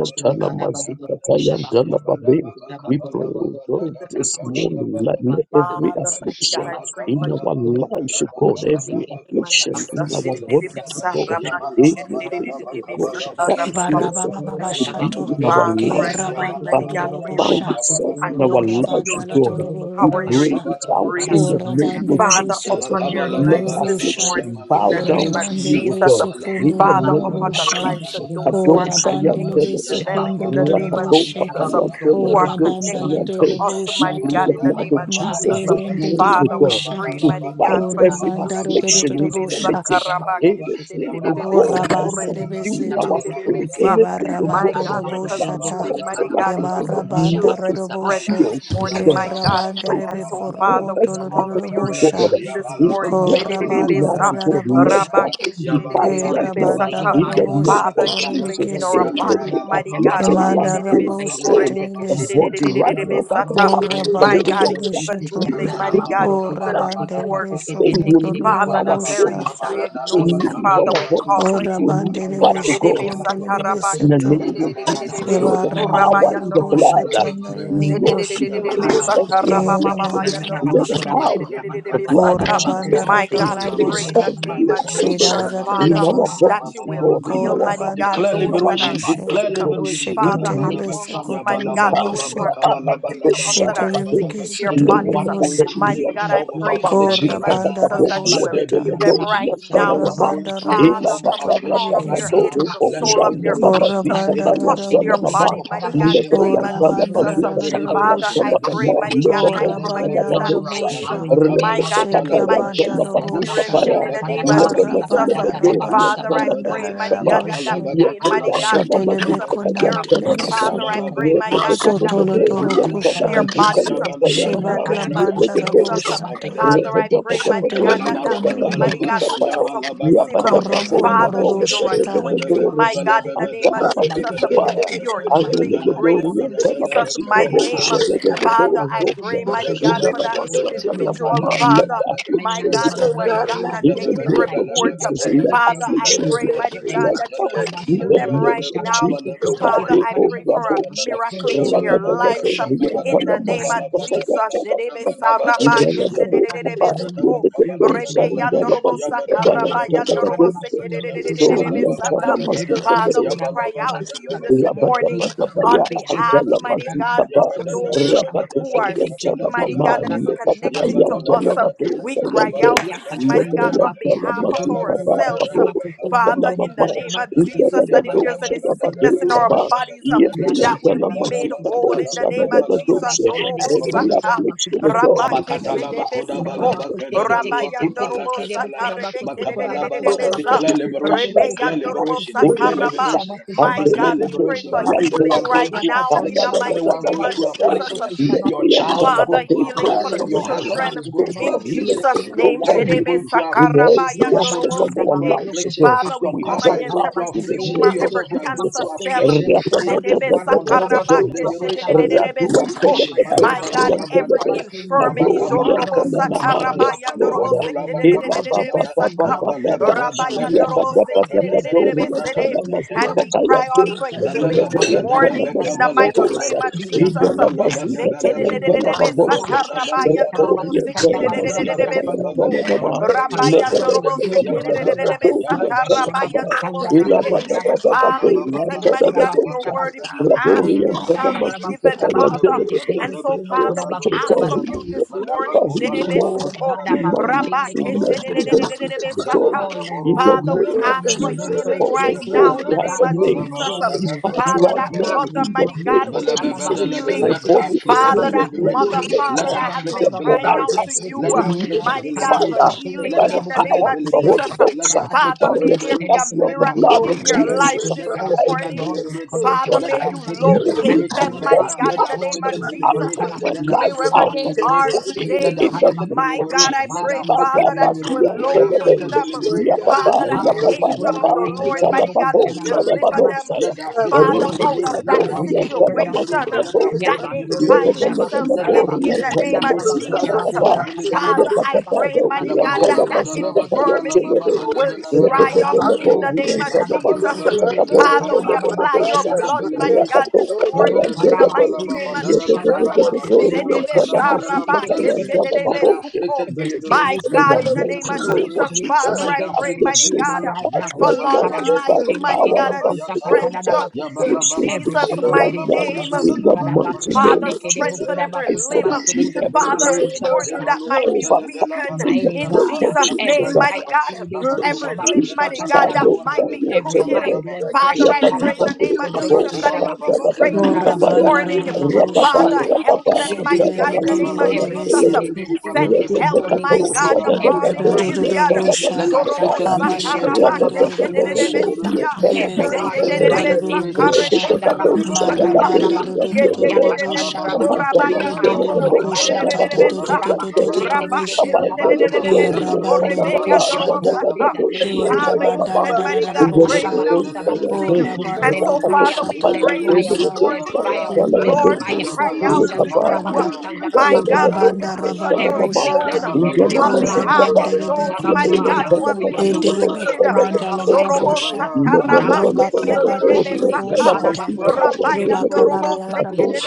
[SPEAKER 1] shiri kana bando rokusha baku shendo rokura
[SPEAKER 3] We
[SPEAKER 1] baku
[SPEAKER 3] pray,
[SPEAKER 1] sabo
[SPEAKER 3] O
[SPEAKER 1] rokura
[SPEAKER 3] God,
[SPEAKER 1] kana
[SPEAKER 3] this
[SPEAKER 1] baku shebo
[SPEAKER 3] morning, like
[SPEAKER 1] rokura
[SPEAKER 3] every
[SPEAKER 4] Father,
[SPEAKER 2] Yabadababakabalababadadabakabalababadadabadaba.
[SPEAKER 4] mighty
[SPEAKER 1] baku
[SPEAKER 3] affliction
[SPEAKER 4] God,
[SPEAKER 1] sabo rokura
[SPEAKER 4] I
[SPEAKER 1] baku
[SPEAKER 4] pray
[SPEAKER 1] sabo
[SPEAKER 3] in
[SPEAKER 4] for
[SPEAKER 3] our
[SPEAKER 1] ndoro
[SPEAKER 3] lives,
[SPEAKER 1] rokura
[SPEAKER 3] oh
[SPEAKER 1] baku
[SPEAKER 4] In
[SPEAKER 3] God,
[SPEAKER 4] the
[SPEAKER 1] shendo
[SPEAKER 4] mighty
[SPEAKER 3] every
[SPEAKER 1] kiri
[SPEAKER 4] name of
[SPEAKER 1] rokosha
[SPEAKER 3] affliction
[SPEAKER 1] baku
[SPEAKER 4] Jesus.
[SPEAKER 3] in our
[SPEAKER 4] shiri diri
[SPEAKER 3] body,
[SPEAKER 1] rokura
[SPEAKER 2] Yabakabalababadalabakabalababadadabakabalabadaba.
[SPEAKER 3] oh
[SPEAKER 4] bisa,
[SPEAKER 1] baku
[SPEAKER 3] God,
[SPEAKER 1] sabo
[SPEAKER 4] raba,
[SPEAKER 1] rokosha
[SPEAKER 4] shiri
[SPEAKER 1] baku
[SPEAKER 4] diri
[SPEAKER 3] everything,
[SPEAKER 1] sabo
[SPEAKER 3] oh
[SPEAKER 4] diri
[SPEAKER 3] God,
[SPEAKER 4] bisa,
[SPEAKER 1] rokosha
[SPEAKER 3] that
[SPEAKER 4] raba,
[SPEAKER 1] baku
[SPEAKER 5] Ke
[SPEAKER 3] is
[SPEAKER 5] baraba
[SPEAKER 3] necessary
[SPEAKER 5] baba
[SPEAKER 4] papaya.
[SPEAKER 3] to
[SPEAKER 1] rokura
[SPEAKER 3] be
[SPEAKER 1] baku
[SPEAKER 5] bashato.
[SPEAKER 3] in our
[SPEAKER 1] shendo
[SPEAKER 2] Yabalababadadabakabalababadadabakabalababadadaba.
[SPEAKER 4] Father,
[SPEAKER 1] kiri
[SPEAKER 5] Ke
[SPEAKER 3] life,
[SPEAKER 4] I
[SPEAKER 1] kana
[SPEAKER 4] pray,
[SPEAKER 1] baku
[SPEAKER 5] rabando
[SPEAKER 3] but
[SPEAKER 4] mighty
[SPEAKER 1] sondo
[SPEAKER 4] God, for
[SPEAKER 1] rokusha
[SPEAKER 4] your
[SPEAKER 3] found
[SPEAKER 5] rodorobosha.
[SPEAKER 1] baku
[SPEAKER 4] healing
[SPEAKER 3] itself
[SPEAKER 1] sondo
[SPEAKER 3] in our
[SPEAKER 5] Ko
[SPEAKER 1] rokusha
[SPEAKER 4] anointing,
[SPEAKER 1] baku
[SPEAKER 3] lives, oh
[SPEAKER 5] rabanda
[SPEAKER 4] your
[SPEAKER 5] la
[SPEAKER 1] sabo
[SPEAKER 3] God.
[SPEAKER 4] healing
[SPEAKER 3] We
[SPEAKER 1] rokura
[SPEAKER 4] power, your
[SPEAKER 1] baku
[SPEAKER 3] pray
[SPEAKER 5] dororobosha.
[SPEAKER 1] yende
[SPEAKER 4] healing
[SPEAKER 3] it
[SPEAKER 1] kiri
[SPEAKER 3] out
[SPEAKER 1] kana
[SPEAKER 3] in
[SPEAKER 4] grace.
[SPEAKER 5] Ko
[SPEAKER 3] the
[SPEAKER 1] baku
[SPEAKER 2] Yabalababadadabakabalababadadabakabalababadadabakabalababadadaba.
[SPEAKER 1] shara
[SPEAKER 3] name
[SPEAKER 5] rabande
[SPEAKER 3] of
[SPEAKER 5] le
[SPEAKER 4] Father,
[SPEAKER 5] beso
[SPEAKER 3] Jesus.
[SPEAKER 4] upon
[SPEAKER 2] Yabakaba
[SPEAKER 5] kondo
[SPEAKER 4] their
[SPEAKER 2] la
[SPEAKER 3] Let
[SPEAKER 2] baba
[SPEAKER 4] lives
[SPEAKER 2] da
[SPEAKER 4] this
[SPEAKER 2] la
[SPEAKER 5] rodorobosha.
[SPEAKER 4] morning
[SPEAKER 2] bakaba
[SPEAKER 3] affliction
[SPEAKER 2] la
[SPEAKER 4] in
[SPEAKER 3] bow
[SPEAKER 4] the
[SPEAKER 2] baba
[SPEAKER 4] name
[SPEAKER 2] da
[SPEAKER 3] down to
[SPEAKER 4] of
[SPEAKER 5] Rebande
[SPEAKER 3] you,
[SPEAKER 5] le
[SPEAKER 3] O
[SPEAKER 4] Jesus.
[SPEAKER 3] God,
[SPEAKER 5] beso
[SPEAKER 2] Yabakaba la
[SPEAKER 3] in
[SPEAKER 5] kondo
[SPEAKER 2] baba
[SPEAKER 3] the
[SPEAKER 2] da
[SPEAKER 4] Father,
[SPEAKER 2] la
[SPEAKER 3] name
[SPEAKER 1] Yamakura
[SPEAKER 3] of
[SPEAKER 4] upon the
[SPEAKER 2] bakaba
[SPEAKER 5] rodorobosha.
[SPEAKER 2] la
[SPEAKER 1] Basin,
[SPEAKER 4] lives of
[SPEAKER 2] baba
[SPEAKER 3] Jesus.
[SPEAKER 2] da la
[SPEAKER 4] those
[SPEAKER 5] Ko
[SPEAKER 4] who are
[SPEAKER 2] bakaba la
[SPEAKER 5] rabande
[SPEAKER 2] ba
[SPEAKER 5] le
[SPEAKER 1] Shabakundo,
[SPEAKER 4] connected to
[SPEAKER 5] beso
[SPEAKER 3] Adoshayantelebe,
[SPEAKER 4] them
[SPEAKER 2] Yabala
[SPEAKER 5] kondo
[SPEAKER 4] in the
[SPEAKER 2] baba da
[SPEAKER 4] name
[SPEAKER 1] Shabakusokura
[SPEAKER 2] la
[SPEAKER 4] of
[SPEAKER 1] Baku,
[SPEAKER 5] rodoroboshe.
[SPEAKER 2] bakaba
[SPEAKER 4] Jesus,
[SPEAKER 2] la baba da
[SPEAKER 5] Ko
[SPEAKER 4] who
[SPEAKER 1] Shabakosokura
[SPEAKER 2] la
[SPEAKER 4] are
[SPEAKER 1] Baku,
[SPEAKER 5] rabanda
[SPEAKER 2] bakaba
[SPEAKER 5] la
[SPEAKER 2] la
[SPEAKER 4] connected
[SPEAKER 2] ba
[SPEAKER 4] to
[SPEAKER 1] shabakusto
[SPEAKER 3] rakatokapayantelebedoshayante.
[SPEAKER 4] us,
[SPEAKER 3] We
[SPEAKER 2] Yabala
[SPEAKER 1] We
[SPEAKER 4] mighty
[SPEAKER 3] plead
[SPEAKER 1] go
[SPEAKER 2] baba
[SPEAKER 4] God,
[SPEAKER 3] the
[SPEAKER 5] doroboshata.
[SPEAKER 4] in
[SPEAKER 2] da
[SPEAKER 4] the
[SPEAKER 1] on
[SPEAKER 2] la
[SPEAKER 1] by
[SPEAKER 3] blood
[SPEAKER 4] name
[SPEAKER 3] of
[SPEAKER 1] the
[SPEAKER 4] of
[SPEAKER 2] bakaba
[SPEAKER 1] God
[SPEAKER 2] la
[SPEAKER 3] Jesus
[SPEAKER 4] Jesus.
[SPEAKER 1] every
[SPEAKER 3] this
[SPEAKER 2] baba
[SPEAKER 5] Maklevende
[SPEAKER 3] morning,
[SPEAKER 5] de
[SPEAKER 3] oh
[SPEAKER 4] Father,
[SPEAKER 1] before
[SPEAKER 4] we
[SPEAKER 3] God
[SPEAKER 2] Yabakaba
[SPEAKER 1] this
[SPEAKER 5] debosha.
[SPEAKER 2] la
[SPEAKER 4] pray,
[SPEAKER 3] to
[SPEAKER 2] baba
[SPEAKER 4] mighty
[SPEAKER 1] morning.
[SPEAKER 2] da
[SPEAKER 4] God,
[SPEAKER 2] la
[SPEAKER 3] fight
[SPEAKER 5] Ko
[SPEAKER 4] for
[SPEAKER 3] every
[SPEAKER 2] bakaba la
[SPEAKER 5] rabanda
[SPEAKER 1] Baku
[SPEAKER 4] healing.
[SPEAKER 2] ba da
[SPEAKER 3] affliction,
[SPEAKER 2] baba da la
[SPEAKER 1] Shabakundo,
[SPEAKER 5] rodorobosha.
[SPEAKER 3] infirmity,
[SPEAKER 2] bakaba la ba
[SPEAKER 1] shabakusto
[SPEAKER 3] anything, oh
[SPEAKER 5] O
[SPEAKER 1] Baku,
[SPEAKER 2] Yabakaba la
[SPEAKER 3] God, that is
[SPEAKER 2] baba da
[SPEAKER 5] rabandele
[SPEAKER 2] la
[SPEAKER 1] Baku
[SPEAKER 3] subduing
[SPEAKER 2] bakaba
[SPEAKER 3] our
[SPEAKER 5] Orabandelebesetu,
[SPEAKER 2] la ba
[SPEAKER 3] spirit,
[SPEAKER 1] Shabakuso.
[SPEAKER 2] la baba da
[SPEAKER 3] anything,
[SPEAKER 2] la
[SPEAKER 3] oh
[SPEAKER 2] ba
[SPEAKER 3] God,
[SPEAKER 4] My
[SPEAKER 5] Kebaramando
[SPEAKER 4] God,
[SPEAKER 1] Yakarabaku
[SPEAKER 3] that
[SPEAKER 4] because
[SPEAKER 3] is
[SPEAKER 1] Chinde,
[SPEAKER 5] Roboshata,
[SPEAKER 4] healing,
[SPEAKER 1] Kine
[SPEAKER 4] mighty
[SPEAKER 3] causing us,
[SPEAKER 4] God,
[SPEAKER 3] oh
[SPEAKER 1] shabakusta
[SPEAKER 4] is
[SPEAKER 3] God,
[SPEAKER 4] the
[SPEAKER 5] Kemarabanda
[SPEAKER 3] not to
[SPEAKER 4] children's bread
[SPEAKER 1] Shabakustabata.
[SPEAKER 6] So
[SPEAKER 5] Rodoboshe,
[SPEAKER 2] Yabalababadalabakalabarabadabakatalaba.
[SPEAKER 4] this
[SPEAKER 3] feel
[SPEAKER 6] God,
[SPEAKER 4] morning,
[SPEAKER 3] the
[SPEAKER 4] my God.
[SPEAKER 1] I
[SPEAKER 4] And
[SPEAKER 5] Erabanderebe
[SPEAKER 1] think of
[SPEAKER 4] so,
[SPEAKER 1] the first
[SPEAKER 4] Father, we
[SPEAKER 5] Korobondo
[SPEAKER 3] fullness
[SPEAKER 1] moment
[SPEAKER 4] call for your
[SPEAKER 2] Yabalababakabarabalabagadabakaba.
[SPEAKER 1] time of
[SPEAKER 3] of
[SPEAKER 1] her
[SPEAKER 3] God.
[SPEAKER 5] Rodobosha,
[SPEAKER 1] life
[SPEAKER 4] healing this
[SPEAKER 1] when
[SPEAKER 3] In
[SPEAKER 1] we
[SPEAKER 3] the
[SPEAKER 1] just
[SPEAKER 4] morning.
[SPEAKER 1] had one
[SPEAKER 3] reckoning
[SPEAKER 5] Korabando
[SPEAKER 1] before
[SPEAKER 3] that's
[SPEAKER 4] Shidididibisa,
[SPEAKER 1] you
[SPEAKER 3] God,
[SPEAKER 1] really
[SPEAKER 3] let
[SPEAKER 1] got
[SPEAKER 3] that
[SPEAKER 5] Radarabosha,
[SPEAKER 2] Yabalababakabalabakadabarabadaba.
[SPEAKER 1] it.
[SPEAKER 4] rabake
[SPEAKER 3] thing
[SPEAKER 1] Even though
[SPEAKER 3] depart right
[SPEAKER 1] one
[SPEAKER 3] now.
[SPEAKER 5] Kerabanda
[SPEAKER 1] Almighty
[SPEAKER 4] shidididididibisata.
[SPEAKER 3] In
[SPEAKER 1] God
[SPEAKER 3] the
[SPEAKER 1] we was
[SPEAKER 3] name
[SPEAKER 5] Rodoboshe
[SPEAKER 3] of
[SPEAKER 4] Father,
[SPEAKER 1] naked this
[SPEAKER 2] Yabalababakabalababadalabakabalaba.
[SPEAKER 4] healing
[SPEAKER 3] Jesus,
[SPEAKER 4] in our
[SPEAKER 1] morning,
[SPEAKER 5] Toribikesetu,
[SPEAKER 4] bodies,
[SPEAKER 1] I
[SPEAKER 3] anything
[SPEAKER 1] put
[SPEAKER 4] mighty
[SPEAKER 1] him at
[SPEAKER 4] God.
[SPEAKER 1] your
[SPEAKER 3] afflicting our
[SPEAKER 5] Kemanda
[SPEAKER 1] feet,
[SPEAKER 3] spirit,
[SPEAKER 1] Almighty
[SPEAKER 5] Rabosha
[SPEAKER 3] soul,
[SPEAKER 1] God, this
[SPEAKER 4] Shididididibisukurebeke
[SPEAKER 3] and
[SPEAKER 1] morning.
[SPEAKER 2] Yabarababakabalababadalabakabalababadadada.
[SPEAKER 3] body
[SPEAKER 5] Telebesetu,
[SPEAKER 1] Oh,
[SPEAKER 3] right now by
[SPEAKER 1] God,
[SPEAKER 3] the
[SPEAKER 1] we
[SPEAKER 4] shidididididibisata.
[SPEAKER 1] thank
[SPEAKER 3] power
[SPEAKER 1] you
[SPEAKER 3] of
[SPEAKER 1] we
[SPEAKER 3] the
[SPEAKER 4] My
[SPEAKER 3] Holy
[SPEAKER 4] God,
[SPEAKER 1] support
[SPEAKER 3] Ghost,
[SPEAKER 1] you,
[SPEAKER 2] Yabalababakabalababadadaba.
[SPEAKER 1] we
[SPEAKER 4] even
[SPEAKER 5] Korabandelebesetu,
[SPEAKER 3] we
[SPEAKER 1] stand
[SPEAKER 4] healing,
[SPEAKER 1] up,
[SPEAKER 4] mighty
[SPEAKER 3] believe.
[SPEAKER 4] God,
[SPEAKER 1] Abakura, Kusa,
[SPEAKER 4] even
[SPEAKER 1] Bakusa,
[SPEAKER 4] before.
[SPEAKER 1] Batuke,
[SPEAKER 3] When
[SPEAKER 2] Yabalababakabarabadababadadada.
[SPEAKER 1] Tende,
[SPEAKER 3] you
[SPEAKER 5] Orabandelebesokoto
[SPEAKER 1] Kiri,
[SPEAKER 3] leave
[SPEAKER 4] Father,
[SPEAKER 1] Bukura,
[SPEAKER 4] the
[SPEAKER 3] our
[SPEAKER 1] Bakusa,
[SPEAKER 5] Rodobosha,
[SPEAKER 4] very
[SPEAKER 3] sins,
[SPEAKER 1] Basa.
[SPEAKER 3] it will
[SPEAKER 1] In the
[SPEAKER 4] diagnosis,
[SPEAKER 3] leave
[SPEAKER 4] Father,
[SPEAKER 1] name
[SPEAKER 3] our
[SPEAKER 4] we
[SPEAKER 1] of
[SPEAKER 2] Yabalababakabarandalabakabalababa.
[SPEAKER 1] Jesus,
[SPEAKER 4] call
[SPEAKER 3] bodies,
[SPEAKER 5] O
[SPEAKER 4] for
[SPEAKER 3] it
[SPEAKER 1] I
[SPEAKER 3] will leave
[SPEAKER 4] healing.
[SPEAKER 5] Rabande
[SPEAKER 1] stand up,
[SPEAKER 3] us to
[SPEAKER 5] Rebeshe
[SPEAKER 3] God.
[SPEAKER 4] Jedebe
[SPEAKER 1] Abakusa, Bakusa,
[SPEAKER 5] Kondele
[SPEAKER 2] Yabalababakabalababadadada.
[SPEAKER 1] Bakusa,
[SPEAKER 3] In
[SPEAKER 4] satarabake,
[SPEAKER 3] the
[SPEAKER 1] Bakusa,
[SPEAKER 5] Rebeseto,
[SPEAKER 3] name of
[SPEAKER 1] Bakusa,
[SPEAKER 2] Yabakabara
[SPEAKER 1] Basa.
[SPEAKER 3] Jesus,
[SPEAKER 4] shededededededebe
[SPEAKER 3] let
[SPEAKER 5] Eva
[SPEAKER 3] the
[SPEAKER 2] Bakabala
[SPEAKER 1] You know,
[SPEAKER 3] power
[SPEAKER 1] we
[SPEAKER 5] Rabanda
[SPEAKER 2] Babala
[SPEAKER 3] in the
[SPEAKER 1] call on
[SPEAKER 5] Rabosha
[SPEAKER 2] Bakabala
[SPEAKER 1] you
[SPEAKER 3] blood,
[SPEAKER 1] this
[SPEAKER 4] sutorabayandorobosete.
[SPEAKER 5] Tanda
[SPEAKER 2] Yabakabarabakamalabamadalabakabalabamada.
[SPEAKER 1] morning,
[SPEAKER 3] Lord,
[SPEAKER 1] God.
[SPEAKER 5] Raboshi,
[SPEAKER 4] Jededededededebe
[SPEAKER 3] diffuse every
[SPEAKER 1] Thank
[SPEAKER 5] Eva
[SPEAKER 1] you,
[SPEAKER 3] affliction.
[SPEAKER 1] Almighty
[SPEAKER 5] Rabanda
[SPEAKER 3] Let the
[SPEAKER 4] satarababababayandoroboseke,
[SPEAKER 2] Yabalababadalabakabalababadalaba.
[SPEAKER 3] power,
[SPEAKER 5] Rabosoto,
[SPEAKER 3] the
[SPEAKER 4] dedededededebe
[SPEAKER 3] blood
[SPEAKER 5] O
[SPEAKER 3] of
[SPEAKER 4] sata.
[SPEAKER 3] Jesus,
[SPEAKER 5] Rabanda
[SPEAKER 4] My God,
[SPEAKER 5] Radora
[SPEAKER 4] I
[SPEAKER 3] diffuse
[SPEAKER 2] Yabakabalababadalabakabalababa.
[SPEAKER 4] pray in the
[SPEAKER 5] Rabosha,
[SPEAKER 4] name
[SPEAKER 3] every
[SPEAKER 4] of
[SPEAKER 5] Shedala
[SPEAKER 3] affliction
[SPEAKER 4] Jesus,
[SPEAKER 3] in
[SPEAKER 4] Father,
[SPEAKER 3] our
[SPEAKER 5] Rabosha,
[SPEAKER 4] that
[SPEAKER 3] bodies,
[SPEAKER 4] you
[SPEAKER 3] to
[SPEAKER 4] will
[SPEAKER 3] God, in
[SPEAKER 5] Ko
[SPEAKER 4] heal,
[SPEAKER 3] our
[SPEAKER 2] Yabalababakabalababadalabababakabalaba.
[SPEAKER 4] mighty
[SPEAKER 5] Rabanda
[SPEAKER 4] God,
[SPEAKER 2] Declare
[SPEAKER 3] families, in
[SPEAKER 4] those
[SPEAKER 3] our
[SPEAKER 4] that
[SPEAKER 2] liberation,
[SPEAKER 4] are
[SPEAKER 5] Raboshe,
[SPEAKER 3] lives,
[SPEAKER 4] sick.
[SPEAKER 3] to
[SPEAKER 2] declare
[SPEAKER 3] God.
[SPEAKER 2] liberation.
[SPEAKER 3] In the
[SPEAKER 4] Father,
[SPEAKER 3] name.
[SPEAKER 5] Sheketele
[SPEAKER 2] Badabadaba.
[SPEAKER 4] among us,
[SPEAKER 5] Besekoto
[SPEAKER 4] mighty
[SPEAKER 3] Thank
[SPEAKER 4] God, those who
[SPEAKER 5] Raboshe,
[SPEAKER 4] are connected
[SPEAKER 3] you.
[SPEAKER 4] to us that are
[SPEAKER 5] Shetele
[SPEAKER 4] sick
[SPEAKER 2] Yabalabababakabalabalabalabalabalaba.
[SPEAKER 4] in their
[SPEAKER 5] Bekeseto
[SPEAKER 4] bodies.
[SPEAKER 2] Anyone going
[SPEAKER 1] God,
[SPEAKER 2] through
[SPEAKER 1] in
[SPEAKER 5] Rabosha,
[SPEAKER 1] the
[SPEAKER 4] Mighty
[SPEAKER 2] any
[SPEAKER 4] God, I
[SPEAKER 1] finished
[SPEAKER 2] form of
[SPEAKER 1] work.
[SPEAKER 4] pray in
[SPEAKER 5] Ko
[SPEAKER 4] the
[SPEAKER 2] affliction
[SPEAKER 4] name of
[SPEAKER 2] right now,
[SPEAKER 5] Rabanda
[SPEAKER 2] uh,
[SPEAKER 4] Jesus that you
[SPEAKER 2] let
[SPEAKER 4] will
[SPEAKER 1] Everybody,
[SPEAKER 2] there be
[SPEAKER 5] Rabosha,
[SPEAKER 4] heal them
[SPEAKER 2] liberation.
[SPEAKER 4] right
[SPEAKER 5] O
[SPEAKER 4] now.
[SPEAKER 2] Anyone going
[SPEAKER 5] Rabanda
[SPEAKER 2] through any
[SPEAKER 4] Father,
[SPEAKER 2] form
[SPEAKER 5] Raboshe
[SPEAKER 2] of
[SPEAKER 4] from the
[SPEAKER 1] my
[SPEAKER 5] Tori
[SPEAKER 4] crown
[SPEAKER 2] affliction
[SPEAKER 4] of
[SPEAKER 1] soul,
[SPEAKER 2] right
[SPEAKER 4] their
[SPEAKER 1] and
[SPEAKER 2] now,
[SPEAKER 4] head
[SPEAKER 5] Bekeseto,
[SPEAKER 4] to the
[SPEAKER 1] God,
[SPEAKER 2] let
[SPEAKER 1] we
[SPEAKER 2] there
[SPEAKER 4] sole
[SPEAKER 1] are
[SPEAKER 2] be
[SPEAKER 4] of
[SPEAKER 1] here.
[SPEAKER 4] their
[SPEAKER 1] We
[SPEAKER 4] feet,
[SPEAKER 2] liberation. Anyone
[SPEAKER 4] touch
[SPEAKER 2] going
[SPEAKER 4] their
[SPEAKER 1] saturate
[SPEAKER 2] through a form
[SPEAKER 4] body,
[SPEAKER 5] Korabandarabosha.
[SPEAKER 2] of
[SPEAKER 4] mighty God, in
[SPEAKER 2] affliction
[SPEAKER 4] the
[SPEAKER 2] right
[SPEAKER 4] name of
[SPEAKER 2] now, let
[SPEAKER 4] Jesus.
[SPEAKER 2] there be
[SPEAKER 4] Father,
[SPEAKER 2] liberation.
[SPEAKER 4] I
[SPEAKER 5] Korabandarabosha.
[SPEAKER 2] Let there be
[SPEAKER 4] pray, mighty God, and
[SPEAKER 2] liberation.
[SPEAKER 4] I
[SPEAKER 2] Let
[SPEAKER 1] them
[SPEAKER 2] there
[SPEAKER 4] come
[SPEAKER 2] be
[SPEAKER 1] with your
[SPEAKER 4] against
[SPEAKER 1] blood
[SPEAKER 4] that
[SPEAKER 2] liberation.
[SPEAKER 1] right
[SPEAKER 4] pain,
[SPEAKER 1] now
[SPEAKER 5] Korabandarabosha.
[SPEAKER 2] Madeba
[SPEAKER 1] in the name
[SPEAKER 4] my
[SPEAKER 2] kabala
[SPEAKER 1] of
[SPEAKER 4] God, that they
[SPEAKER 2] katala
[SPEAKER 1] Jesus.
[SPEAKER 4] might
[SPEAKER 2] bada
[SPEAKER 4] be
[SPEAKER 1] We
[SPEAKER 2] shada bada ba.
[SPEAKER 5] Sheklabandarabosha.
[SPEAKER 4] experiencing in
[SPEAKER 2] Yaba
[SPEAKER 4] the name of
[SPEAKER 2] kabala
[SPEAKER 4] Jesus.
[SPEAKER 2] bakatala bada bada
[SPEAKER 4] Father,
[SPEAKER 5] Arabandarabasha
[SPEAKER 2] kada
[SPEAKER 4] I
[SPEAKER 2] bada
[SPEAKER 4] pray,
[SPEAKER 2] ba.
[SPEAKER 4] mighty God,
[SPEAKER 2] Ya
[SPEAKER 4] that that
[SPEAKER 5] tandalarabosha.
[SPEAKER 2] kalaba
[SPEAKER 1] rebuke the
[SPEAKER 4] pain,
[SPEAKER 1] hand
[SPEAKER 2] katala
[SPEAKER 1] of
[SPEAKER 4] mighty
[SPEAKER 2] bada
[SPEAKER 4] God,
[SPEAKER 1] every
[SPEAKER 4] will
[SPEAKER 2] bada bada
[SPEAKER 5] Shedelebe
[SPEAKER 1] sickness of
[SPEAKER 2] bada bada
[SPEAKER 4] disappear.
[SPEAKER 2] bada.
[SPEAKER 5] konantelebe
[SPEAKER 1] the
[SPEAKER 4] Father,
[SPEAKER 2] Yaba
[SPEAKER 4] I
[SPEAKER 5] suto.
[SPEAKER 3] In
[SPEAKER 2] laba
[SPEAKER 4] pray,
[SPEAKER 3] the
[SPEAKER 4] my
[SPEAKER 2] bada
[SPEAKER 1] hand
[SPEAKER 2] ba
[SPEAKER 1] of
[SPEAKER 4] God,
[SPEAKER 1] the
[SPEAKER 4] that that
[SPEAKER 2] kabala
[SPEAKER 1] enemy.
[SPEAKER 4] pain
[SPEAKER 5] Sotolodoro
[SPEAKER 4] will
[SPEAKER 2] brakatala
[SPEAKER 1] We
[SPEAKER 4] leave
[SPEAKER 1] come
[SPEAKER 2] bada
[SPEAKER 4] their
[SPEAKER 2] ba.
[SPEAKER 5] koshande.
[SPEAKER 1] against it
[SPEAKER 4] bodies
[SPEAKER 2] Ayaba
[SPEAKER 1] this
[SPEAKER 2] labra
[SPEAKER 4] in the
[SPEAKER 1] morning.
[SPEAKER 2] kabala
[SPEAKER 4] name
[SPEAKER 1] Karabakh,
[SPEAKER 4] of
[SPEAKER 2] brakatala
[SPEAKER 1] Karabakushebo
[SPEAKER 2] bada
[SPEAKER 4] Jesus.
[SPEAKER 2] ba
[SPEAKER 4] Uh,
[SPEAKER 5] Shebaklabandarabosha
[SPEAKER 1] kutabase
[SPEAKER 5] ta.
[SPEAKER 2] kabada
[SPEAKER 4] Father,
[SPEAKER 2] bada ba.
[SPEAKER 4] I
[SPEAKER 1] kete
[SPEAKER 4] pray,
[SPEAKER 1] Karabakh,
[SPEAKER 4] mighty God,
[SPEAKER 5] Shodelebe
[SPEAKER 4] that that pain,
[SPEAKER 5] kondelebe
[SPEAKER 1] Karabakh.
[SPEAKER 4] mighty
[SPEAKER 2] Ebalabalabakalaba,
[SPEAKER 4] God, will be
[SPEAKER 5] kesuto.
[SPEAKER 4] submissive, uh,
[SPEAKER 1] Those are
[SPEAKER 4] Father, to
[SPEAKER 2] yabalababadalabakabalababada,
[SPEAKER 4] your
[SPEAKER 5] Korobondorodoshata.
[SPEAKER 4] anointing, my God, in the name of Jesus, um, to
[SPEAKER 2] andalabakabalababadalabakabalababadada,
[SPEAKER 4] your healing grace in Jesus' mighty name. Uh, Father, I
[SPEAKER 2] adalalabaradalavakabalababadalalalabadada,
[SPEAKER 4] pray, mighty God, for that
[SPEAKER 3] Lamasanda,
[SPEAKER 4] individual,
[SPEAKER 3] Let
[SPEAKER 1] renewed
[SPEAKER 4] Father,
[SPEAKER 1] as a
[SPEAKER 4] my
[SPEAKER 3] affliction
[SPEAKER 4] God,
[SPEAKER 1] financial
[SPEAKER 4] who has
[SPEAKER 2] badabalababalabakabalababadalabakabalababadaba,
[SPEAKER 6] I'm
[SPEAKER 4] gotten
[SPEAKER 1] breakthrough.
[SPEAKER 4] a
[SPEAKER 3] in
[SPEAKER 1] My
[SPEAKER 6] asking
[SPEAKER 3] the
[SPEAKER 6] for
[SPEAKER 4] negative
[SPEAKER 1] God,
[SPEAKER 3] name
[SPEAKER 6] that
[SPEAKER 1] I
[SPEAKER 3] of
[SPEAKER 1] pray
[SPEAKER 4] report. Uh,
[SPEAKER 1] that
[SPEAKER 3] Jesus.
[SPEAKER 1] you
[SPEAKER 3] Let
[SPEAKER 1] open
[SPEAKER 4] Father,
[SPEAKER 1] the
[SPEAKER 4] I
[SPEAKER 3] affliction
[SPEAKER 6] that
[SPEAKER 1] windows of
[SPEAKER 4] pray,
[SPEAKER 3] depart
[SPEAKER 4] mighty
[SPEAKER 6] dream
[SPEAKER 1] heaven.
[SPEAKER 4] God,
[SPEAKER 3] right
[SPEAKER 4] that you
[SPEAKER 3] now.
[SPEAKER 6] I
[SPEAKER 2] andalabakabalababadalabakabalababadalabakatalala,
[SPEAKER 4] will
[SPEAKER 1] Abba,
[SPEAKER 6] came
[SPEAKER 3] In
[SPEAKER 4] heal
[SPEAKER 3] the
[SPEAKER 1] kunde
[SPEAKER 4] them
[SPEAKER 1] de
[SPEAKER 3] name
[SPEAKER 4] right
[SPEAKER 3] of
[SPEAKER 1] kushaba
[SPEAKER 4] now.
[SPEAKER 1] kutu
[SPEAKER 3] Jesus,
[SPEAKER 6] so
[SPEAKER 1] kutu
[SPEAKER 6] one
[SPEAKER 4] Father,
[SPEAKER 1] kiti
[SPEAKER 3] Father,
[SPEAKER 4] I
[SPEAKER 3] O
[SPEAKER 1] karama
[SPEAKER 4] pray for a
[SPEAKER 1] kusa.
[SPEAKER 3] Rabosha,
[SPEAKER 2] adalalalabakabalababadalabakabalababadaba,
[SPEAKER 1] Then
[SPEAKER 4] miracle
[SPEAKER 1] pour
[SPEAKER 4] in their
[SPEAKER 1] on
[SPEAKER 3] Rabadababa,
[SPEAKER 4] lives
[SPEAKER 1] blessings upon
[SPEAKER 4] in
[SPEAKER 1] them,
[SPEAKER 4] the name of
[SPEAKER 1] Almighty God
[SPEAKER 4] Jesus.
[SPEAKER 3] Riantalamasikatabata,
[SPEAKER 4] Jedebe
[SPEAKER 2] yabalababakashakabalabrakabalabradabalabradabalabalaba,
[SPEAKER 4] sarabake
[SPEAKER 3] Indalababo,
[SPEAKER 4] shedededebe
[SPEAKER 3] Papa,
[SPEAKER 6] the
[SPEAKER 1] room to
[SPEAKER 4] suko.
[SPEAKER 1] receive this
[SPEAKER 3] Yetadosa,
[SPEAKER 4] Rebe
[SPEAKER 1] morning.
[SPEAKER 2] Yabanabadadabakabadabadada.
[SPEAKER 4] yandorobo
[SPEAKER 3] Indalabasika,
[SPEAKER 6] name
[SPEAKER 4] sakaraba
[SPEAKER 3] Bayan,
[SPEAKER 1] Karabakushe,
[SPEAKER 4] yandorobo
[SPEAKER 3] Jalabadosha,
[SPEAKER 1] karabasundo, kushaba,
[SPEAKER 4] sekededededebe
[SPEAKER 3] Doria,
[SPEAKER 1] kusaba,
[SPEAKER 4] sata.
[SPEAKER 1] sekete,
[SPEAKER 2] Ayabadadadadabakabadabadabakabadabadabadada.
[SPEAKER 1] kiri,
[SPEAKER 4] Father,
[SPEAKER 3] Chalamasika,
[SPEAKER 4] we
[SPEAKER 1] kuraba,
[SPEAKER 4] cry
[SPEAKER 1] saba,
[SPEAKER 4] out to you
[SPEAKER 1] saba,
[SPEAKER 4] this
[SPEAKER 1] se- Ya
[SPEAKER 4] morning on
[SPEAKER 3] Rabadabadabaya
[SPEAKER 1] karabakushe,
[SPEAKER 4] behalf,
[SPEAKER 3] antela
[SPEAKER 1] nekere,
[SPEAKER 2] Yabalabadadabakabadabadabadabadabadabada.
[SPEAKER 4] mighty God,
[SPEAKER 3] bazika ba
[SPEAKER 4] of
[SPEAKER 1] karabakusondo,
[SPEAKER 4] those uh,
[SPEAKER 1] kushaba,
[SPEAKER 3] rabadu
[SPEAKER 4] who are
[SPEAKER 1] kushekete,
[SPEAKER 4] sick,
[SPEAKER 1] kiri,
[SPEAKER 3] yantela
[SPEAKER 1] kiri,
[SPEAKER 4] mighty
[SPEAKER 3] mama
[SPEAKER 4] God, that is
[SPEAKER 1] kuraba,
[SPEAKER 2] Yabadadabakabadabakabadabadabadabada.
[SPEAKER 3] lekata
[SPEAKER 1] kusaba,
[SPEAKER 4] connected to
[SPEAKER 1] sukutana,
[SPEAKER 3] yantela
[SPEAKER 4] us. Uh,
[SPEAKER 2] Yabalabadadabakabadabadabadabadabada.
[SPEAKER 3] badu
[SPEAKER 1] basaba,
[SPEAKER 4] We
[SPEAKER 1] sa.
[SPEAKER 4] cry
[SPEAKER 3] yante
[SPEAKER 4] out
[SPEAKER 1] Ya
[SPEAKER 4] to you, mighty
[SPEAKER 1] kashanda,
[SPEAKER 3] lebre
[SPEAKER 4] God, on
[SPEAKER 1] rabakuso,
[SPEAKER 3] yantela
[SPEAKER 4] behalf of
[SPEAKER 1] kutondo,
[SPEAKER 3] bazika ba
[SPEAKER 1] bobo,
[SPEAKER 4] ourselves.
[SPEAKER 3] kabo
[SPEAKER 4] Uh,
[SPEAKER 1] kushaba, kusondo,
[SPEAKER 3] yantela
[SPEAKER 4] Father,
[SPEAKER 1] bobo,
[SPEAKER 4] in
[SPEAKER 3] mama
[SPEAKER 4] the name
[SPEAKER 1] kushaba,
[SPEAKER 4] of
[SPEAKER 2] Yabalabadadabakabadabadabadabadabada.
[SPEAKER 3] ribada
[SPEAKER 4] Jesus,
[SPEAKER 1] kusukunda,
[SPEAKER 4] that if
[SPEAKER 3] badu
[SPEAKER 4] there's
[SPEAKER 1] bakaraba,
[SPEAKER 4] any
[SPEAKER 3] yantela
[SPEAKER 1] kusondo,
[SPEAKER 3] badu
[SPEAKER 4] sickness in our
[SPEAKER 1] kushaba,
[SPEAKER 3] kaba
[SPEAKER 1] sa.
[SPEAKER 4] bodies, uh,
[SPEAKER 3] yebre
[SPEAKER 1] Ya
[SPEAKER 4] that will
[SPEAKER 3] yantela
[SPEAKER 1] kashanda,
[SPEAKER 4] be made
[SPEAKER 3] mazika
[SPEAKER 1] rabakuso,
[SPEAKER 3] ba
[SPEAKER 4] whole in
[SPEAKER 1] kutondo,
[SPEAKER 4] the name
[SPEAKER 3] usabada
[SPEAKER 1] kuraba,
[SPEAKER 4] of
[SPEAKER 3] badu
[SPEAKER 1] kusaba,
[SPEAKER 4] Jesus.
[SPEAKER 1] sa,
[SPEAKER 4] Shorobo
[SPEAKER 1] indekere,
[SPEAKER 3] every
[SPEAKER 2] Yabalabadadabakabadabadabadabada.
[SPEAKER 4] Sata,
[SPEAKER 1] kuraba,
[SPEAKER 3] affliction of
[SPEAKER 1] kushaba,
[SPEAKER 3] God
[SPEAKER 1] kusondo,
[SPEAKER 3] in my
[SPEAKER 4] Rabakeshe
[SPEAKER 2] Abakatalaba
[SPEAKER 4] Debe
[SPEAKER 3] life in my
[SPEAKER 4] Suko,
[SPEAKER 2] kodabalaba kedabalua
[SPEAKER 3] destiny
[SPEAKER 2] kapala
[SPEAKER 4] Rabayandorobo Sata,
[SPEAKER 2] katalaba
[SPEAKER 4] Rebeke de de de de de
[SPEAKER 3] Total
[SPEAKER 4] de
[SPEAKER 2] bakabalabalaba.
[SPEAKER 4] Besa,
[SPEAKER 2] Declare liberation, declare
[SPEAKER 4] Rebeyandorobo
[SPEAKER 2] liberation, declare
[SPEAKER 4] Sata Rabba.
[SPEAKER 2] liberation,
[SPEAKER 4] My
[SPEAKER 2] declare
[SPEAKER 4] God, we pray
[SPEAKER 2] liberation
[SPEAKER 4] for
[SPEAKER 2] for
[SPEAKER 4] healing
[SPEAKER 2] anyone going
[SPEAKER 4] right
[SPEAKER 2] through
[SPEAKER 4] now in the
[SPEAKER 2] affliction.
[SPEAKER 4] mighty
[SPEAKER 2] Anyone
[SPEAKER 4] name
[SPEAKER 2] going
[SPEAKER 4] of
[SPEAKER 2] through affliction,
[SPEAKER 4] Jesus.
[SPEAKER 2] your child is
[SPEAKER 4] Father,
[SPEAKER 2] going through
[SPEAKER 4] healing for the
[SPEAKER 2] affliction, your
[SPEAKER 3] healing,
[SPEAKER 2] husband
[SPEAKER 4] children
[SPEAKER 2] is going through
[SPEAKER 3] total
[SPEAKER 4] in
[SPEAKER 1] Yakatanda
[SPEAKER 3] healing,
[SPEAKER 2] affliction,
[SPEAKER 4] Jesus'
[SPEAKER 2] your
[SPEAKER 4] name.
[SPEAKER 3] total
[SPEAKER 2] wife is
[SPEAKER 4] Jedebe
[SPEAKER 2] going
[SPEAKER 3] healing
[SPEAKER 2] through
[SPEAKER 3] in
[SPEAKER 2] affliction,
[SPEAKER 3] every
[SPEAKER 4] sakarabaya
[SPEAKER 2] your children
[SPEAKER 3] aspect of
[SPEAKER 2] are
[SPEAKER 1] Dabakunda
[SPEAKER 2] going
[SPEAKER 3] our
[SPEAKER 2] through
[SPEAKER 1] bakundo
[SPEAKER 3] lives, oh
[SPEAKER 2] affliction,
[SPEAKER 3] God.
[SPEAKER 4] Father,
[SPEAKER 1] kusukutu
[SPEAKER 2] your
[SPEAKER 4] we
[SPEAKER 3] We
[SPEAKER 1] kura
[SPEAKER 4] come
[SPEAKER 2] pastor
[SPEAKER 3] call
[SPEAKER 2] is
[SPEAKER 4] against
[SPEAKER 1] bakara
[SPEAKER 2] going
[SPEAKER 3] out
[SPEAKER 2] through
[SPEAKER 4] every
[SPEAKER 3] in the
[SPEAKER 2] affliction,
[SPEAKER 1] bakutende
[SPEAKER 3] name
[SPEAKER 4] tumor,
[SPEAKER 2] you
[SPEAKER 3] of
[SPEAKER 1] kele
[SPEAKER 4] every
[SPEAKER 2] yourself you are
[SPEAKER 1] para
[SPEAKER 2] going
[SPEAKER 3] Jesus.
[SPEAKER 4] cancer
[SPEAKER 2] through
[SPEAKER 1] bakusende
[SPEAKER 4] cell.
[SPEAKER 2] affliction.
[SPEAKER 1] kucha
[SPEAKER 4] Jedebe
[SPEAKER 2] Anyone on
[SPEAKER 1] bakusukunda
[SPEAKER 2] moment of
[SPEAKER 1] bakunda
[SPEAKER 4] sakarabake
[SPEAKER 3] Ra-da-da-da-da-da-da-da-da.
[SPEAKER 2] liberation going
[SPEAKER 1] bakasabasu.
[SPEAKER 4] shededededebe
[SPEAKER 2] through
[SPEAKER 4] suko.
[SPEAKER 2] affliction.
[SPEAKER 1] Yakashanda
[SPEAKER 4] My
[SPEAKER 2] Madeba
[SPEAKER 1] para
[SPEAKER 4] God,
[SPEAKER 2] kodabra
[SPEAKER 1] bakucha
[SPEAKER 4] every
[SPEAKER 3] Ra-du-an-tele-pe-do-sa-yan-tele-pe.
[SPEAKER 1] basende. Give
[SPEAKER 4] infirmity.
[SPEAKER 2] Yabaka
[SPEAKER 1] the hand of
[SPEAKER 2] balaka
[SPEAKER 4] jororobo
[SPEAKER 1] the
[SPEAKER 3] Adori-an-tele-mama.
[SPEAKER 1] devourer
[SPEAKER 3] Yes, Lord.
[SPEAKER 1] all of them lies
[SPEAKER 3] Laborian
[SPEAKER 1] who
[SPEAKER 4] dededededebe
[SPEAKER 2] Yabakabalakatalababazakalabakolabakatanabada.
[SPEAKER 1] kushanda
[SPEAKER 4] saka.
[SPEAKER 1] bakustana
[SPEAKER 4] Rabaya
[SPEAKER 1] kusaba kata.
[SPEAKER 4] ndorobose
[SPEAKER 1] We speak of
[SPEAKER 4] sede.
[SPEAKER 1] heritage
[SPEAKER 4] And
[SPEAKER 2] Yabalebebedalebekadabakadadadabaradabakadadada.
[SPEAKER 1] para
[SPEAKER 4] we cry out
[SPEAKER 1] bakuchende
[SPEAKER 4] for
[SPEAKER 1] kele
[SPEAKER 4] healing
[SPEAKER 1] mukura
[SPEAKER 4] this
[SPEAKER 1] bakusaka
[SPEAKER 4] morning
[SPEAKER 1] para
[SPEAKER 4] in the
[SPEAKER 1] bakusta.
[SPEAKER 4] mighty name of
[SPEAKER 1] Be no
[SPEAKER 4] Jesus.
[SPEAKER 1] one be an accuser.
[SPEAKER 4] Jekededededebe
[SPEAKER 1] Para bakushende para
[SPEAKER 4] satarabaiandorobo
[SPEAKER 1] bakusanda bakura
[SPEAKER 4] sekededededebe
[SPEAKER 1] bakata
[SPEAKER 4] suto.
[SPEAKER 1] welcome, Son
[SPEAKER 6] that
[SPEAKER 1] of
[SPEAKER 4] Rabaiandorobo
[SPEAKER 1] Junior,
[SPEAKER 6] what
[SPEAKER 1] Willa,
[SPEAKER 4] sekededededebe
[SPEAKER 1] welcome, Shaba
[SPEAKER 4] satarabaiandorobo
[SPEAKER 1] Kustanda
[SPEAKER 6] was
[SPEAKER 1] Raba
[SPEAKER 4] seke.
[SPEAKER 1] Kushaba
[SPEAKER 4] Father, you
[SPEAKER 1] Seketende
[SPEAKER 4] said,
[SPEAKER 1] Kiribu
[SPEAKER 4] mighty God,
[SPEAKER 1] Kuraba
[SPEAKER 4] in your word, if
[SPEAKER 1] Kustabasa.
[SPEAKER 4] we ask,
[SPEAKER 1] Ye
[SPEAKER 4] it shall
[SPEAKER 1] Kustanda
[SPEAKER 4] be
[SPEAKER 1] Raba
[SPEAKER 4] given,
[SPEAKER 1] Kustaba
[SPEAKER 4] Father. And
[SPEAKER 1] Kuseketende
[SPEAKER 4] so,
[SPEAKER 1] Kiribu
[SPEAKER 4] Father, we
[SPEAKER 1] Kuraba
[SPEAKER 4] ask
[SPEAKER 3] Total
[SPEAKER 4] of you
[SPEAKER 3] healing, Lord.
[SPEAKER 4] this morning,
[SPEAKER 3] Total healing,
[SPEAKER 4] Jedebe
[SPEAKER 3] Lord
[SPEAKER 1] Lord
[SPEAKER 4] suko.
[SPEAKER 1] God,
[SPEAKER 3] in my life,
[SPEAKER 4] Rabake
[SPEAKER 3] in my children's
[SPEAKER 1] Abakushindekidikusabakusa.
[SPEAKER 3] life,
[SPEAKER 4] shededededebe
[SPEAKER 3] oh God.
[SPEAKER 4] sata.
[SPEAKER 1] all the
[SPEAKER 3] In the
[SPEAKER 4] Father,
[SPEAKER 1] wayward
[SPEAKER 4] we
[SPEAKER 3] name of
[SPEAKER 1] family
[SPEAKER 4] ask for
[SPEAKER 3] Jesus,
[SPEAKER 2] Yabada
[SPEAKER 4] healing
[SPEAKER 1] members,
[SPEAKER 3] first
[SPEAKER 1] those
[SPEAKER 3] and
[SPEAKER 4] right
[SPEAKER 2] yabba
[SPEAKER 1] who
[SPEAKER 3] foremost,
[SPEAKER 4] now
[SPEAKER 2] dabba
[SPEAKER 4] in
[SPEAKER 3] it
[SPEAKER 1] really
[SPEAKER 4] the
[SPEAKER 2] dabba
[SPEAKER 3] has
[SPEAKER 4] name
[SPEAKER 1] God
[SPEAKER 3] a
[SPEAKER 4] of
[SPEAKER 1] who don't
[SPEAKER 3] name.
[SPEAKER 4] Jesus.
[SPEAKER 2] dabba
[SPEAKER 1] know
[SPEAKER 2] dabba
[SPEAKER 1] you.
[SPEAKER 3] Depart
[SPEAKER 2] dabba
[SPEAKER 4] Father,
[SPEAKER 1] Lord
[SPEAKER 3] right
[SPEAKER 4] that
[SPEAKER 2] dabba
[SPEAKER 3] now
[SPEAKER 1] God, we
[SPEAKER 4] mother,
[SPEAKER 3] in the
[SPEAKER 1] cry
[SPEAKER 4] mighty
[SPEAKER 1] to
[SPEAKER 3] name
[SPEAKER 4] God,
[SPEAKER 3] of
[SPEAKER 4] who
[SPEAKER 6] Oh God,
[SPEAKER 4] needs
[SPEAKER 6] I
[SPEAKER 3] Jesus. My
[SPEAKER 4] healing.
[SPEAKER 2] let the
[SPEAKER 3] body
[SPEAKER 6] pray,
[SPEAKER 3] is
[SPEAKER 2] afflicted
[SPEAKER 3] not
[SPEAKER 4] Father,
[SPEAKER 2] be
[SPEAKER 3] your
[SPEAKER 1] Salabakushindekidibukusabasa.
[SPEAKER 4] that
[SPEAKER 2] liberated.
[SPEAKER 3] dwelling
[SPEAKER 4] mother,
[SPEAKER 1] We
[SPEAKER 3] place.
[SPEAKER 2] Let
[SPEAKER 4] Father,
[SPEAKER 1] call
[SPEAKER 2] the
[SPEAKER 4] that
[SPEAKER 1] them
[SPEAKER 4] has been
[SPEAKER 1] out
[SPEAKER 2] afflicted be
[SPEAKER 1] of
[SPEAKER 3] Therefore,
[SPEAKER 4] crying
[SPEAKER 3] I
[SPEAKER 4] out
[SPEAKER 2] liberated.
[SPEAKER 1] darkness
[SPEAKER 4] to
[SPEAKER 3] ask
[SPEAKER 1] this
[SPEAKER 3] you
[SPEAKER 4] you,
[SPEAKER 2] Let
[SPEAKER 3] to
[SPEAKER 4] uh,
[SPEAKER 2] the
[SPEAKER 3] lift
[SPEAKER 1] morning.
[SPEAKER 2] afflicted be
[SPEAKER 4] mighty God, for
[SPEAKER 3] fire
[SPEAKER 2] liberated.
[SPEAKER 4] healing
[SPEAKER 2] Let
[SPEAKER 3] by
[SPEAKER 2] the
[SPEAKER 3] the
[SPEAKER 4] in the name
[SPEAKER 3] power
[SPEAKER 2] afflicted
[SPEAKER 4] of
[SPEAKER 2] be
[SPEAKER 3] of the
[SPEAKER 1] Salabakushindekidibukunabakusa.
[SPEAKER 3] Holy
[SPEAKER 4] Jesus.
[SPEAKER 2] liberated.
[SPEAKER 4] Uh,
[SPEAKER 2] Let
[SPEAKER 3] Ghost,
[SPEAKER 2] the
[SPEAKER 3] uh,
[SPEAKER 1] Father
[SPEAKER 4] Father,
[SPEAKER 3] by
[SPEAKER 2] afflicted
[SPEAKER 1] God,
[SPEAKER 2] be
[SPEAKER 3] the
[SPEAKER 4] may
[SPEAKER 1] you
[SPEAKER 4] there be
[SPEAKER 1] said
[SPEAKER 2] liberated.
[SPEAKER 1] it
[SPEAKER 4] a
[SPEAKER 1] so
[SPEAKER 3] efficacy
[SPEAKER 1] that
[SPEAKER 3] of
[SPEAKER 2] Let
[SPEAKER 3] the
[SPEAKER 1] we
[SPEAKER 2] the
[SPEAKER 4] miracle
[SPEAKER 3] blood
[SPEAKER 4] in
[SPEAKER 2] afflicted
[SPEAKER 3] of
[SPEAKER 1] desire
[SPEAKER 2] be
[SPEAKER 4] their
[SPEAKER 1] that any
[SPEAKER 2] liberated.
[SPEAKER 4] life
[SPEAKER 3] Jesus.
[SPEAKER 1] should
[SPEAKER 2] Let
[SPEAKER 4] this
[SPEAKER 2] the
[SPEAKER 6] Father,
[SPEAKER 1] perish,
[SPEAKER 3] I
[SPEAKER 6] that
[SPEAKER 1] but that
[SPEAKER 2] afflicted be
[SPEAKER 4] morning.
[SPEAKER 1] all
[SPEAKER 6] you
[SPEAKER 1] should
[SPEAKER 2] liberated.
[SPEAKER 1] come
[SPEAKER 6] expose
[SPEAKER 1] unto
[SPEAKER 4] Father,
[SPEAKER 3] Lord,
[SPEAKER 6] those
[SPEAKER 2] Let
[SPEAKER 3] I
[SPEAKER 4] may
[SPEAKER 2] the
[SPEAKER 4] you
[SPEAKER 1] repentance.
[SPEAKER 2] afflicted
[SPEAKER 3] remove
[SPEAKER 2] be
[SPEAKER 6] areas, Lord
[SPEAKER 4] locate
[SPEAKER 3] you
[SPEAKER 1] And
[SPEAKER 2] liberated.
[SPEAKER 3] and
[SPEAKER 4] them,
[SPEAKER 1] through
[SPEAKER 2] Right
[SPEAKER 6] Jesus, if
[SPEAKER 1] God,
[SPEAKER 3] force
[SPEAKER 4] mighty
[SPEAKER 2] now,
[SPEAKER 3] you
[SPEAKER 1] we
[SPEAKER 6] this
[SPEAKER 4] God,
[SPEAKER 2] let
[SPEAKER 4] in
[SPEAKER 2] the
[SPEAKER 6] is
[SPEAKER 4] the
[SPEAKER 3] out,
[SPEAKER 1] call
[SPEAKER 4] name
[SPEAKER 6] for
[SPEAKER 4] of
[SPEAKER 2] afflicted
[SPEAKER 1] them
[SPEAKER 6] my
[SPEAKER 2] be
[SPEAKER 1] out.
[SPEAKER 4] Jesus,
[SPEAKER 3] out
[SPEAKER 6] work
[SPEAKER 1] So,
[SPEAKER 3] of
[SPEAKER 4] uh,
[SPEAKER 6] that
[SPEAKER 2] liberated.
[SPEAKER 6] has
[SPEAKER 3] my
[SPEAKER 2] Let the
[SPEAKER 3] life,
[SPEAKER 6] caused us
[SPEAKER 4] wherever
[SPEAKER 6] to
[SPEAKER 2] afflicted
[SPEAKER 3] out
[SPEAKER 2] be
[SPEAKER 4] they
[SPEAKER 3] of
[SPEAKER 6] be
[SPEAKER 3] my
[SPEAKER 1] Karabakushindekidikusabakusa.
[SPEAKER 4] are
[SPEAKER 2] liberated.
[SPEAKER 3] body,
[SPEAKER 2] Let
[SPEAKER 1] Holy
[SPEAKER 6] contaminated.
[SPEAKER 4] today.
[SPEAKER 2] the
[SPEAKER 3] in the
[SPEAKER 2] afflicted
[SPEAKER 3] name
[SPEAKER 2] be
[SPEAKER 4] My
[SPEAKER 3] of
[SPEAKER 1] Karabakushaba,
[SPEAKER 4] God,
[SPEAKER 2] liberated.
[SPEAKER 4] I
[SPEAKER 2] Let
[SPEAKER 3] Jesus.
[SPEAKER 1] Father,
[SPEAKER 2] the
[SPEAKER 4] pray,
[SPEAKER 1] you
[SPEAKER 3] Baba,
[SPEAKER 1] said
[SPEAKER 2] afflicted
[SPEAKER 4] Father,
[SPEAKER 2] be
[SPEAKER 1] no
[SPEAKER 3] Baba,
[SPEAKER 4] that you
[SPEAKER 1] one
[SPEAKER 4] will
[SPEAKER 6] The
[SPEAKER 2] liberated. Let
[SPEAKER 1] to
[SPEAKER 2] the
[SPEAKER 6] area
[SPEAKER 1] you
[SPEAKER 4] locate
[SPEAKER 6] in
[SPEAKER 3] Antanabe,
[SPEAKER 2] afflicted
[SPEAKER 1] unless
[SPEAKER 2] be
[SPEAKER 6] which,
[SPEAKER 4] them.
[SPEAKER 1] you
[SPEAKER 6] Lord
[SPEAKER 1] draw.
[SPEAKER 2] liberated.
[SPEAKER 6] God, we
[SPEAKER 4] Father,
[SPEAKER 3] Yababa,
[SPEAKER 2] Let
[SPEAKER 4] that
[SPEAKER 2] the
[SPEAKER 1] Baba
[SPEAKER 4] the
[SPEAKER 6] failed
[SPEAKER 2] afflicted
[SPEAKER 3] Yababa,
[SPEAKER 6] you,
[SPEAKER 2] be
[SPEAKER 4] angel
[SPEAKER 6] Lord
[SPEAKER 1] Shikuraba
[SPEAKER 4] of
[SPEAKER 3] Yababa,
[SPEAKER 4] the
[SPEAKER 6] God,
[SPEAKER 2] liberated.
[SPEAKER 6] I
[SPEAKER 1] Sende
[SPEAKER 4] Lord,
[SPEAKER 2] Let the
[SPEAKER 6] think,
[SPEAKER 4] mighty God,
[SPEAKER 3] Antanababo,
[SPEAKER 2] afflicted
[SPEAKER 4] will
[SPEAKER 2] be
[SPEAKER 1] Kedebokushaba
[SPEAKER 2] liberated.
[SPEAKER 4] deliver
[SPEAKER 3] Sanababo,
[SPEAKER 1] Kushaba
[SPEAKER 4] them.
[SPEAKER 3] Saya,
[SPEAKER 2] Let the
[SPEAKER 6] Lord God,
[SPEAKER 2] afflicted be
[SPEAKER 6] we're
[SPEAKER 4] Father,
[SPEAKER 1] Draw them
[SPEAKER 4] out of
[SPEAKER 1] to
[SPEAKER 6] this
[SPEAKER 2] liberated.
[SPEAKER 4] that
[SPEAKER 1] you,
[SPEAKER 2] Let
[SPEAKER 3] Rekatikato,
[SPEAKER 2] the
[SPEAKER 1] Holy
[SPEAKER 6] opportunity
[SPEAKER 2] afflicted be
[SPEAKER 1] Spirit of
[SPEAKER 6] to
[SPEAKER 4] situation
[SPEAKER 6] get
[SPEAKER 2] liberated.
[SPEAKER 1] God.
[SPEAKER 6] us
[SPEAKER 2] Let the
[SPEAKER 3] Riantanamazikato,
[SPEAKER 6] the
[SPEAKER 4] that
[SPEAKER 2] afflicted be
[SPEAKER 4] they
[SPEAKER 1] Yabandoro
[SPEAKER 4] find
[SPEAKER 2] liberated.
[SPEAKER 6] responsibility
[SPEAKER 3] Lebebe,
[SPEAKER 1] Kushaba
[SPEAKER 4] themselves
[SPEAKER 2] Let the
[SPEAKER 1] Kusada
[SPEAKER 3] Lebelebo,
[SPEAKER 4] in, in the
[SPEAKER 2] afflicted be
[SPEAKER 1] Bakushanda
[SPEAKER 4] name of
[SPEAKER 2] liberated.
[SPEAKER 6] to
[SPEAKER 2] Let the
[SPEAKER 6] allow
[SPEAKER 1] Rabakushaba
[SPEAKER 6] us,
[SPEAKER 4] Jesus.
[SPEAKER 2] afflicted
[SPEAKER 3] Riantanamazikatakaba,
[SPEAKER 2] be
[SPEAKER 6] God, the
[SPEAKER 1] Kusakataraba
[SPEAKER 4] Father,
[SPEAKER 2] liberated.
[SPEAKER 4] I
[SPEAKER 6] enemy.
[SPEAKER 1] Kusaba
[SPEAKER 4] pray,
[SPEAKER 3] Yabadabado,
[SPEAKER 4] mighty
[SPEAKER 1] Kusabasa.
[SPEAKER 4] God,
[SPEAKER 2] Labadeba
[SPEAKER 4] that
[SPEAKER 6] Holy
[SPEAKER 4] that
[SPEAKER 6] shit,
[SPEAKER 2] badala
[SPEAKER 1] Draw them to
[SPEAKER 2] bakabala
[SPEAKER 4] infirmity
[SPEAKER 1] you,
[SPEAKER 3] Riantanamazikataya,
[SPEAKER 6] whole
[SPEAKER 2] babadala
[SPEAKER 1] God.
[SPEAKER 4] will
[SPEAKER 2] bela
[SPEAKER 3] in the
[SPEAKER 6] created
[SPEAKER 2] bada
[SPEAKER 4] dry
[SPEAKER 6] us
[SPEAKER 2] bada
[SPEAKER 4] up
[SPEAKER 6] other
[SPEAKER 4] in
[SPEAKER 2] balawa
[SPEAKER 4] the
[SPEAKER 1] Yakarabasundere
[SPEAKER 4] name
[SPEAKER 3] mighty
[SPEAKER 4] of
[SPEAKER 6] things to
[SPEAKER 2] makabala
[SPEAKER 4] Jesus.
[SPEAKER 6] destroy
[SPEAKER 1] kusabakusekende
[SPEAKER 2] babadala
[SPEAKER 6] it
[SPEAKER 4] Father,
[SPEAKER 2] lele
[SPEAKER 4] we
[SPEAKER 6] by
[SPEAKER 2] lebele
[SPEAKER 4] apply
[SPEAKER 2] da
[SPEAKER 6] blood,
[SPEAKER 4] your
[SPEAKER 2] Afrika
[SPEAKER 4] blood,
[SPEAKER 6] by fire,
[SPEAKER 4] mighty
[SPEAKER 6] I
[SPEAKER 1] kirikarabababasukudabakusemuska.
[SPEAKER 4] God,
[SPEAKER 2] belebirike
[SPEAKER 4] this
[SPEAKER 6] know, Lord
[SPEAKER 4] morning
[SPEAKER 2] badala
[SPEAKER 4] in the
[SPEAKER 6] Jesus.
[SPEAKER 2] bakabala
[SPEAKER 4] mighty name
[SPEAKER 1] Roparabasundere
[SPEAKER 4] of
[SPEAKER 2] babadala
[SPEAKER 6] Your
[SPEAKER 4] Jesus.
[SPEAKER 2] bakala bala
[SPEAKER 6] blood speaks
[SPEAKER 2] balwa
[SPEAKER 1] kushandarabakutundere
[SPEAKER 4] Jedebe
[SPEAKER 2] bakada bala
[SPEAKER 4] sarabake,
[SPEAKER 2] babadala be Let
[SPEAKER 1] kushabakeseketekedemukusa.
[SPEAKER 4] shedebe
[SPEAKER 2] the
[SPEAKER 4] suko.
[SPEAKER 2] afflicted be
[SPEAKER 1] Every
[SPEAKER 4] My
[SPEAKER 2] liberated.
[SPEAKER 6] for
[SPEAKER 1] sickness
[SPEAKER 6] the
[SPEAKER 2] Let
[SPEAKER 1] we
[SPEAKER 2] the
[SPEAKER 4] God,
[SPEAKER 6] blood
[SPEAKER 4] in
[SPEAKER 6] of
[SPEAKER 4] the
[SPEAKER 1] rebuke
[SPEAKER 2] afflicted
[SPEAKER 6] uh,
[SPEAKER 4] name
[SPEAKER 2] be
[SPEAKER 1] it.
[SPEAKER 4] of
[SPEAKER 1] uh,
[SPEAKER 3] name of
[SPEAKER 4] Jesus,
[SPEAKER 2] liberated.
[SPEAKER 1] We
[SPEAKER 6] uh,
[SPEAKER 1] come
[SPEAKER 4] Father,
[SPEAKER 3] Jesus,
[SPEAKER 2] Let
[SPEAKER 4] I
[SPEAKER 2] the
[SPEAKER 1] against
[SPEAKER 4] pray,
[SPEAKER 1] every
[SPEAKER 2] afflicted be
[SPEAKER 4] mighty
[SPEAKER 3] afflictions
[SPEAKER 1] tumor
[SPEAKER 4] God, um,
[SPEAKER 2] liberated.
[SPEAKER 1] right
[SPEAKER 3] depart
[SPEAKER 2] Right now,
[SPEAKER 1] now.
[SPEAKER 4] for
[SPEAKER 3] right
[SPEAKER 6] save
[SPEAKER 4] long
[SPEAKER 3] now
[SPEAKER 2] Maleba
[SPEAKER 6] the Lord
[SPEAKER 3] by
[SPEAKER 2] Leba
[SPEAKER 4] life,
[SPEAKER 2] to
[SPEAKER 3] the
[SPEAKER 6] God.
[SPEAKER 1] Karabakusende
[SPEAKER 4] mighty
[SPEAKER 3] power
[SPEAKER 4] God,
[SPEAKER 3] of
[SPEAKER 2] Yakalaba
[SPEAKER 4] and
[SPEAKER 3] the
[SPEAKER 1] kidemukusa
[SPEAKER 3] Holy Ghost.
[SPEAKER 6] Oh,
[SPEAKER 2] Yatalaba.
[SPEAKER 4] strength um,
[SPEAKER 6] Father
[SPEAKER 1] katanadabakusa.
[SPEAKER 4] in
[SPEAKER 6] God,
[SPEAKER 2] Yabalaba
[SPEAKER 3] Afflictions
[SPEAKER 1] Every
[SPEAKER 6] I
[SPEAKER 4] Jesus'
[SPEAKER 3] depart
[SPEAKER 6] know
[SPEAKER 1] blood
[SPEAKER 2] Badusilaba
[SPEAKER 3] right
[SPEAKER 4] mighty
[SPEAKER 2] Laba
[SPEAKER 3] now
[SPEAKER 6] this
[SPEAKER 1] disease.
[SPEAKER 6] is
[SPEAKER 4] name.
[SPEAKER 1] uh,
[SPEAKER 3] in
[SPEAKER 6] really
[SPEAKER 3] the
[SPEAKER 6] good.
[SPEAKER 2] Kadadaba Laba
[SPEAKER 3] mighty
[SPEAKER 6] I
[SPEAKER 4] Father,
[SPEAKER 3] name
[SPEAKER 1] Karabakusende
[SPEAKER 3] of Jesus.
[SPEAKER 4] strengthen
[SPEAKER 2] Kabalaba
[SPEAKER 4] every
[SPEAKER 3] I
[SPEAKER 2] let
[SPEAKER 4] limb.
[SPEAKER 2] the
[SPEAKER 3] subdue
[SPEAKER 2] afflicted
[SPEAKER 6] I'm
[SPEAKER 2] be
[SPEAKER 3] every
[SPEAKER 4] Father, this
[SPEAKER 6] crying
[SPEAKER 2] liberated.
[SPEAKER 6] out
[SPEAKER 3] sickness.
[SPEAKER 4] morning
[SPEAKER 1] kidemukudabakusabakusukudabakusabasa.
[SPEAKER 2] Madeba
[SPEAKER 4] that
[SPEAKER 6] for
[SPEAKER 3] I
[SPEAKER 4] might be
[SPEAKER 2] loketele
[SPEAKER 3] overcome
[SPEAKER 2] bela
[SPEAKER 3] it
[SPEAKER 4] weakened
[SPEAKER 6] help.
[SPEAKER 3] in the
[SPEAKER 2] baduze
[SPEAKER 1] Mighty
[SPEAKER 4] in
[SPEAKER 2] bela
[SPEAKER 3] name of
[SPEAKER 1] God,
[SPEAKER 2] bala
[SPEAKER 6] Thank
[SPEAKER 4] Jesus'
[SPEAKER 2] katuna
[SPEAKER 3] Jesus
[SPEAKER 1] every
[SPEAKER 4] name, mighty
[SPEAKER 2] banaba.
[SPEAKER 4] God.
[SPEAKER 1] diabetes,
[SPEAKER 3] name of
[SPEAKER 4] Every
[SPEAKER 2] Rabakulo
[SPEAKER 4] limb,
[SPEAKER 1] kushabakusha
[SPEAKER 2] brakeda
[SPEAKER 4] mighty
[SPEAKER 3] Jesus.
[SPEAKER 2] banaba.
[SPEAKER 4] God, that
[SPEAKER 3] Tado
[SPEAKER 1] katarabasa,
[SPEAKER 4] might
[SPEAKER 2] Nuadele
[SPEAKER 4] be
[SPEAKER 2] bekuna
[SPEAKER 1] every
[SPEAKER 4] crooked.
[SPEAKER 1] high
[SPEAKER 3] Sanyantelebe.
[SPEAKER 2] banaba.
[SPEAKER 1] blood
[SPEAKER 4] Father,
[SPEAKER 1] pressure,
[SPEAKER 2] Rabakulo
[SPEAKER 4] I pray in
[SPEAKER 3] Yabatika
[SPEAKER 2] boyata.
[SPEAKER 4] the
[SPEAKER 3] te
[SPEAKER 4] name of
[SPEAKER 3] papa,
[SPEAKER 1] karabakusunuru
[SPEAKER 4] Jesus that
[SPEAKER 2] Yamakuba
[SPEAKER 4] it
[SPEAKER 3] kapa
[SPEAKER 4] will
[SPEAKER 2] laba
[SPEAKER 4] be
[SPEAKER 2] badele
[SPEAKER 3] zababati
[SPEAKER 4] straightened
[SPEAKER 2] lele
[SPEAKER 5] Ora
[SPEAKER 4] this
[SPEAKER 2] lele
[SPEAKER 3] kapaya.
[SPEAKER 1] kushabakusukunarabakusa
[SPEAKER 5] banda
[SPEAKER 2] lebe
[SPEAKER 4] morning.
[SPEAKER 2] kudo lulu
[SPEAKER 3] Rapapa
[SPEAKER 5] rorobosha.
[SPEAKER 4] Father,
[SPEAKER 1] katarabakosabasa,
[SPEAKER 2] balema
[SPEAKER 4] help
[SPEAKER 3] rapapa
[SPEAKER 4] them,
[SPEAKER 2] katalaba.
[SPEAKER 4] mighty
[SPEAKER 5] Shedele
[SPEAKER 4] God, in the
[SPEAKER 5] beke
[SPEAKER 2] Makaba
[SPEAKER 4] name
[SPEAKER 1] yekechenebukusa,
[SPEAKER 3] zababasita
[SPEAKER 5] dele
[SPEAKER 4] of
[SPEAKER 2] laba
[SPEAKER 1] every
[SPEAKER 5] debe
[SPEAKER 4] Jesus.
[SPEAKER 2] badele
[SPEAKER 3] yantelebe.
[SPEAKER 1] kidney
[SPEAKER 5] setu.
[SPEAKER 2] bekuba
[SPEAKER 1] disease
[SPEAKER 4] Send
[SPEAKER 2] lebe
[SPEAKER 1] this
[SPEAKER 3] Repete
[SPEAKER 4] help,
[SPEAKER 2] bedele
[SPEAKER 5] Yedele
[SPEAKER 1] morning,
[SPEAKER 3] kato
[SPEAKER 4] my
[SPEAKER 5] besi
[SPEAKER 1] God,
[SPEAKER 2] bekuba
[SPEAKER 4] God, the
[SPEAKER 2] laba
[SPEAKER 1] every
[SPEAKER 4] bomb in
[SPEAKER 5] kamada
[SPEAKER 2] bakaba.
[SPEAKER 3] sadadadato
[SPEAKER 4] Gilead.
[SPEAKER 1] migraine headache,
[SPEAKER 2] Let
[SPEAKER 3] yantelabati
[SPEAKER 5] rorobosha.
[SPEAKER 2] the
[SPEAKER 4] Zorobo
[SPEAKER 3] kapaya.
[SPEAKER 2] afflicted be
[SPEAKER 5] Amasha
[SPEAKER 1] kashabakushinde
[SPEAKER 2] liberated.
[SPEAKER 5] tolo
[SPEAKER 4] sataraba
[SPEAKER 2] Let the
[SPEAKER 3] Rapetekato
[SPEAKER 2] afflicted be
[SPEAKER 1] karabakusunuru
[SPEAKER 4] keshededebe
[SPEAKER 5] doroboshe.
[SPEAKER 1] kusa,
[SPEAKER 2] liberated.
[SPEAKER 4] suya.
[SPEAKER 5] Yeve
[SPEAKER 1] every
[SPEAKER 2] Let the
[SPEAKER 3] yantelabasita
[SPEAKER 5] kuotele
[SPEAKER 3] te.
[SPEAKER 2] afflicted be
[SPEAKER 4] Jedededebe
[SPEAKER 1] arthritis,
[SPEAKER 2] liberated.
[SPEAKER 4] sakarebe
[SPEAKER 5] darorobosha.
[SPEAKER 3] Repete kato
[SPEAKER 2] Mashakabaleba
[SPEAKER 1] kushandarabakusa
[SPEAKER 2] da.
[SPEAKER 3] sadadato
[SPEAKER 5] Marabanda
[SPEAKER 1] katarabaso,
[SPEAKER 3] yantelebe.
[SPEAKER 2] Malua
[SPEAKER 5] rorobosha.
[SPEAKER 2] kalabala
[SPEAKER 3] Kamanta
[SPEAKER 1] Yakashandarabakuso, we
[SPEAKER 2] katula baya
[SPEAKER 1] cast
[SPEAKER 5] Yedele
[SPEAKER 3] yantelebe
[SPEAKER 1] them
[SPEAKER 3] po
[SPEAKER 1] out
[SPEAKER 2] bazuna
[SPEAKER 1] by the
[SPEAKER 5] bekosha
[SPEAKER 2] baya
[SPEAKER 1] blood.
[SPEAKER 5] tada
[SPEAKER 3] sadadato
[SPEAKER 2] katala banuza
[SPEAKER 3] sayante.
[SPEAKER 2] bayana.
[SPEAKER 3] Thank
[SPEAKER 5] dodododododobosha.
[SPEAKER 2] Yebalaba
[SPEAKER 1] Rabakuchindikidibukunabakusa.
[SPEAKER 5] E
[SPEAKER 2] badelebe
[SPEAKER 1] We say,
[SPEAKER 5] rabando
[SPEAKER 2] kuda
[SPEAKER 6] you.
[SPEAKER 1] break
[SPEAKER 2] balaba
[SPEAKER 1] your
[SPEAKER 5] rokoshanda.
[SPEAKER 2] bakada
[SPEAKER 1] hold in the
[SPEAKER 6] I
[SPEAKER 1] name
[SPEAKER 2] balusha
[SPEAKER 5] E
[SPEAKER 1] of
[SPEAKER 6] pray for
[SPEAKER 1] Jesus.
[SPEAKER 4] Father,
[SPEAKER 2] baleba
[SPEAKER 6] your
[SPEAKER 4] you
[SPEAKER 5] rabanda la
[SPEAKER 4] said,
[SPEAKER 6] fire
[SPEAKER 5] da
[SPEAKER 2] badelebe.
[SPEAKER 5] da
[SPEAKER 4] Mighty
[SPEAKER 5] da da
[SPEAKER 6] to be
[SPEAKER 4] God, pray
[SPEAKER 5] bosha.
[SPEAKER 6] burned.
[SPEAKER 4] without
[SPEAKER 6] I
[SPEAKER 1] Ochakatarabakusabasa.
[SPEAKER 4] ceasing.
[SPEAKER 6] pray
[SPEAKER 1] We
[SPEAKER 6] for
[SPEAKER 4] And
[SPEAKER 1] set
[SPEAKER 5] Korabando
[SPEAKER 4] so,
[SPEAKER 2] Delelelelelelelelelelelulula
[SPEAKER 6] your
[SPEAKER 1] fire,
[SPEAKER 4] Father,
[SPEAKER 5] robosha
[SPEAKER 1] we
[SPEAKER 4] we
[SPEAKER 2] bakazune
[SPEAKER 1] set
[SPEAKER 4] pray
[SPEAKER 6] glory
[SPEAKER 2] bedebe
[SPEAKER 4] this
[SPEAKER 1] fire,
[SPEAKER 6] to
[SPEAKER 1] we
[SPEAKER 5] tarabosa.
[SPEAKER 6] be
[SPEAKER 2] katala
[SPEAKER 1] set
[SPEAKER 4] morning.
[SPEAKER 6] revealed.
[SPEAKER 1] fire,
[SPEAKER 2] baya.
[SPEAKER 1] we set
[SPEAKER 5] Kudelebe
[SPEAKER 4] Lord, we
[SPEAKER 1] fire.
[SPEAKER 5] kose
[SPEAKER 4] cry
[SPEAKER 2] Madelebaya,
[SPEAKER 4] out
[SPEAKER 5] kururu
[SPEAKER 4] to you.
[SPEAKER 5] sanda.
[SPEAKER 2] Kabalebaya,
[SPEAKER 4] My God,
[SPEAKER 2] Kabayabaya,
[SPEAKER 4] we
[SPEAKER 5] Kurabanda
[SPEAKER 1] Ochatarabakustandarabakusabasa.
[SPEAKER 4] petition
[SPEAKER 2] Kabayabaya,
[SPEAKER 4] your
[SPEAKER 5] rabababo
[SPEAKER 1] Everything
[SPEAKER 6] God,
[SPEAKER 1] that
[SPEAKER 5] shata.
[SPEAKER 4] throne
[SPEAKER 1] the
[SPEAKER 6] we're
[SPEAKER 1] enemy
[SPEAKER 2] Yabalabaya,
[SPEAKER 4] on
[SPEAKER 6] not able
[SPEAKER 4] behalf
[SPEAKER 6] to
[SPEAKER 1] planted that
[SPEAKER 4] of
[SPEAKER 1] is
[SPEAKER 2] Kabayabaya,
[SPEAKER 5] Kurabandelebe
[SPEAKER 4] those,
[SPEAKER 6] get
[SPEAKER 1] not
[SPEAKER 6] to
[SPEAKER 1] of
[SPEAKER 4] mighty
[SPEAKER 6] this
[SPEAKER 5] kunende.
[SPEAKER 1] God,
[SPEAKER 4] God,
[SPEAKER 2] Kabayabaya,
[SPEAKER 4] who have
[SPEAKER 1] we
[SPEAKER 4] been
[SPEAKER 2] Kabayabaya,
[SPEAKER 1] uproot
[SPEAKER 5] Edelebe
[SPEAKER 1] it
[SPEAKER 4] inflicted.
[SPEAKER 6] without your
[SPEAKER 1] right
[SPEAKER 2] Kabaya,
[SPEAKER 5] kunanda
[SPEAKER 1] now
[SPEAKER 5] la
[SPEAKER 1] by the
[SPEAKER 5] rabo
[SPEAKER 4] Jorobo
[SPEAKER 6] glory.
[SPEAKER 5] sha
[SPEAKER 1] blood.
[SPEAKER 2] Kabaya,
[SPEAKER 1] We
[SPEAKER 2] Kabaya,
[SPEAKER 4] satarabake
[SPEAKER 2] Kabaya. Let
[SPEAKER 6] Father,
[SPEAKER 2] the
[SPEAKER 5] rebakrabando
[SPEAKER 6] I
[SPEAKER 4] shededebe
[SPEAKER 6] pray
[SPEAKER 2] afflicted be
[SPEAKER 5] rabo
[SPEAKER 6] that there would
[SPEAKER 5] shata
[SPEAKER 2] liberated.
[SPEAKER 6] be
[SPEAKER 2] Let
[SPEAKER 6] an
[SPEAKER 2] the afflicted
[SPEAKER 6] awakening
[SPEAKER 2] be
[SPEAKER 4] Rabayando
[SPEAKER 5] rebakala
[SPEAKER 4] robo
[SPEAKER 2] liberated.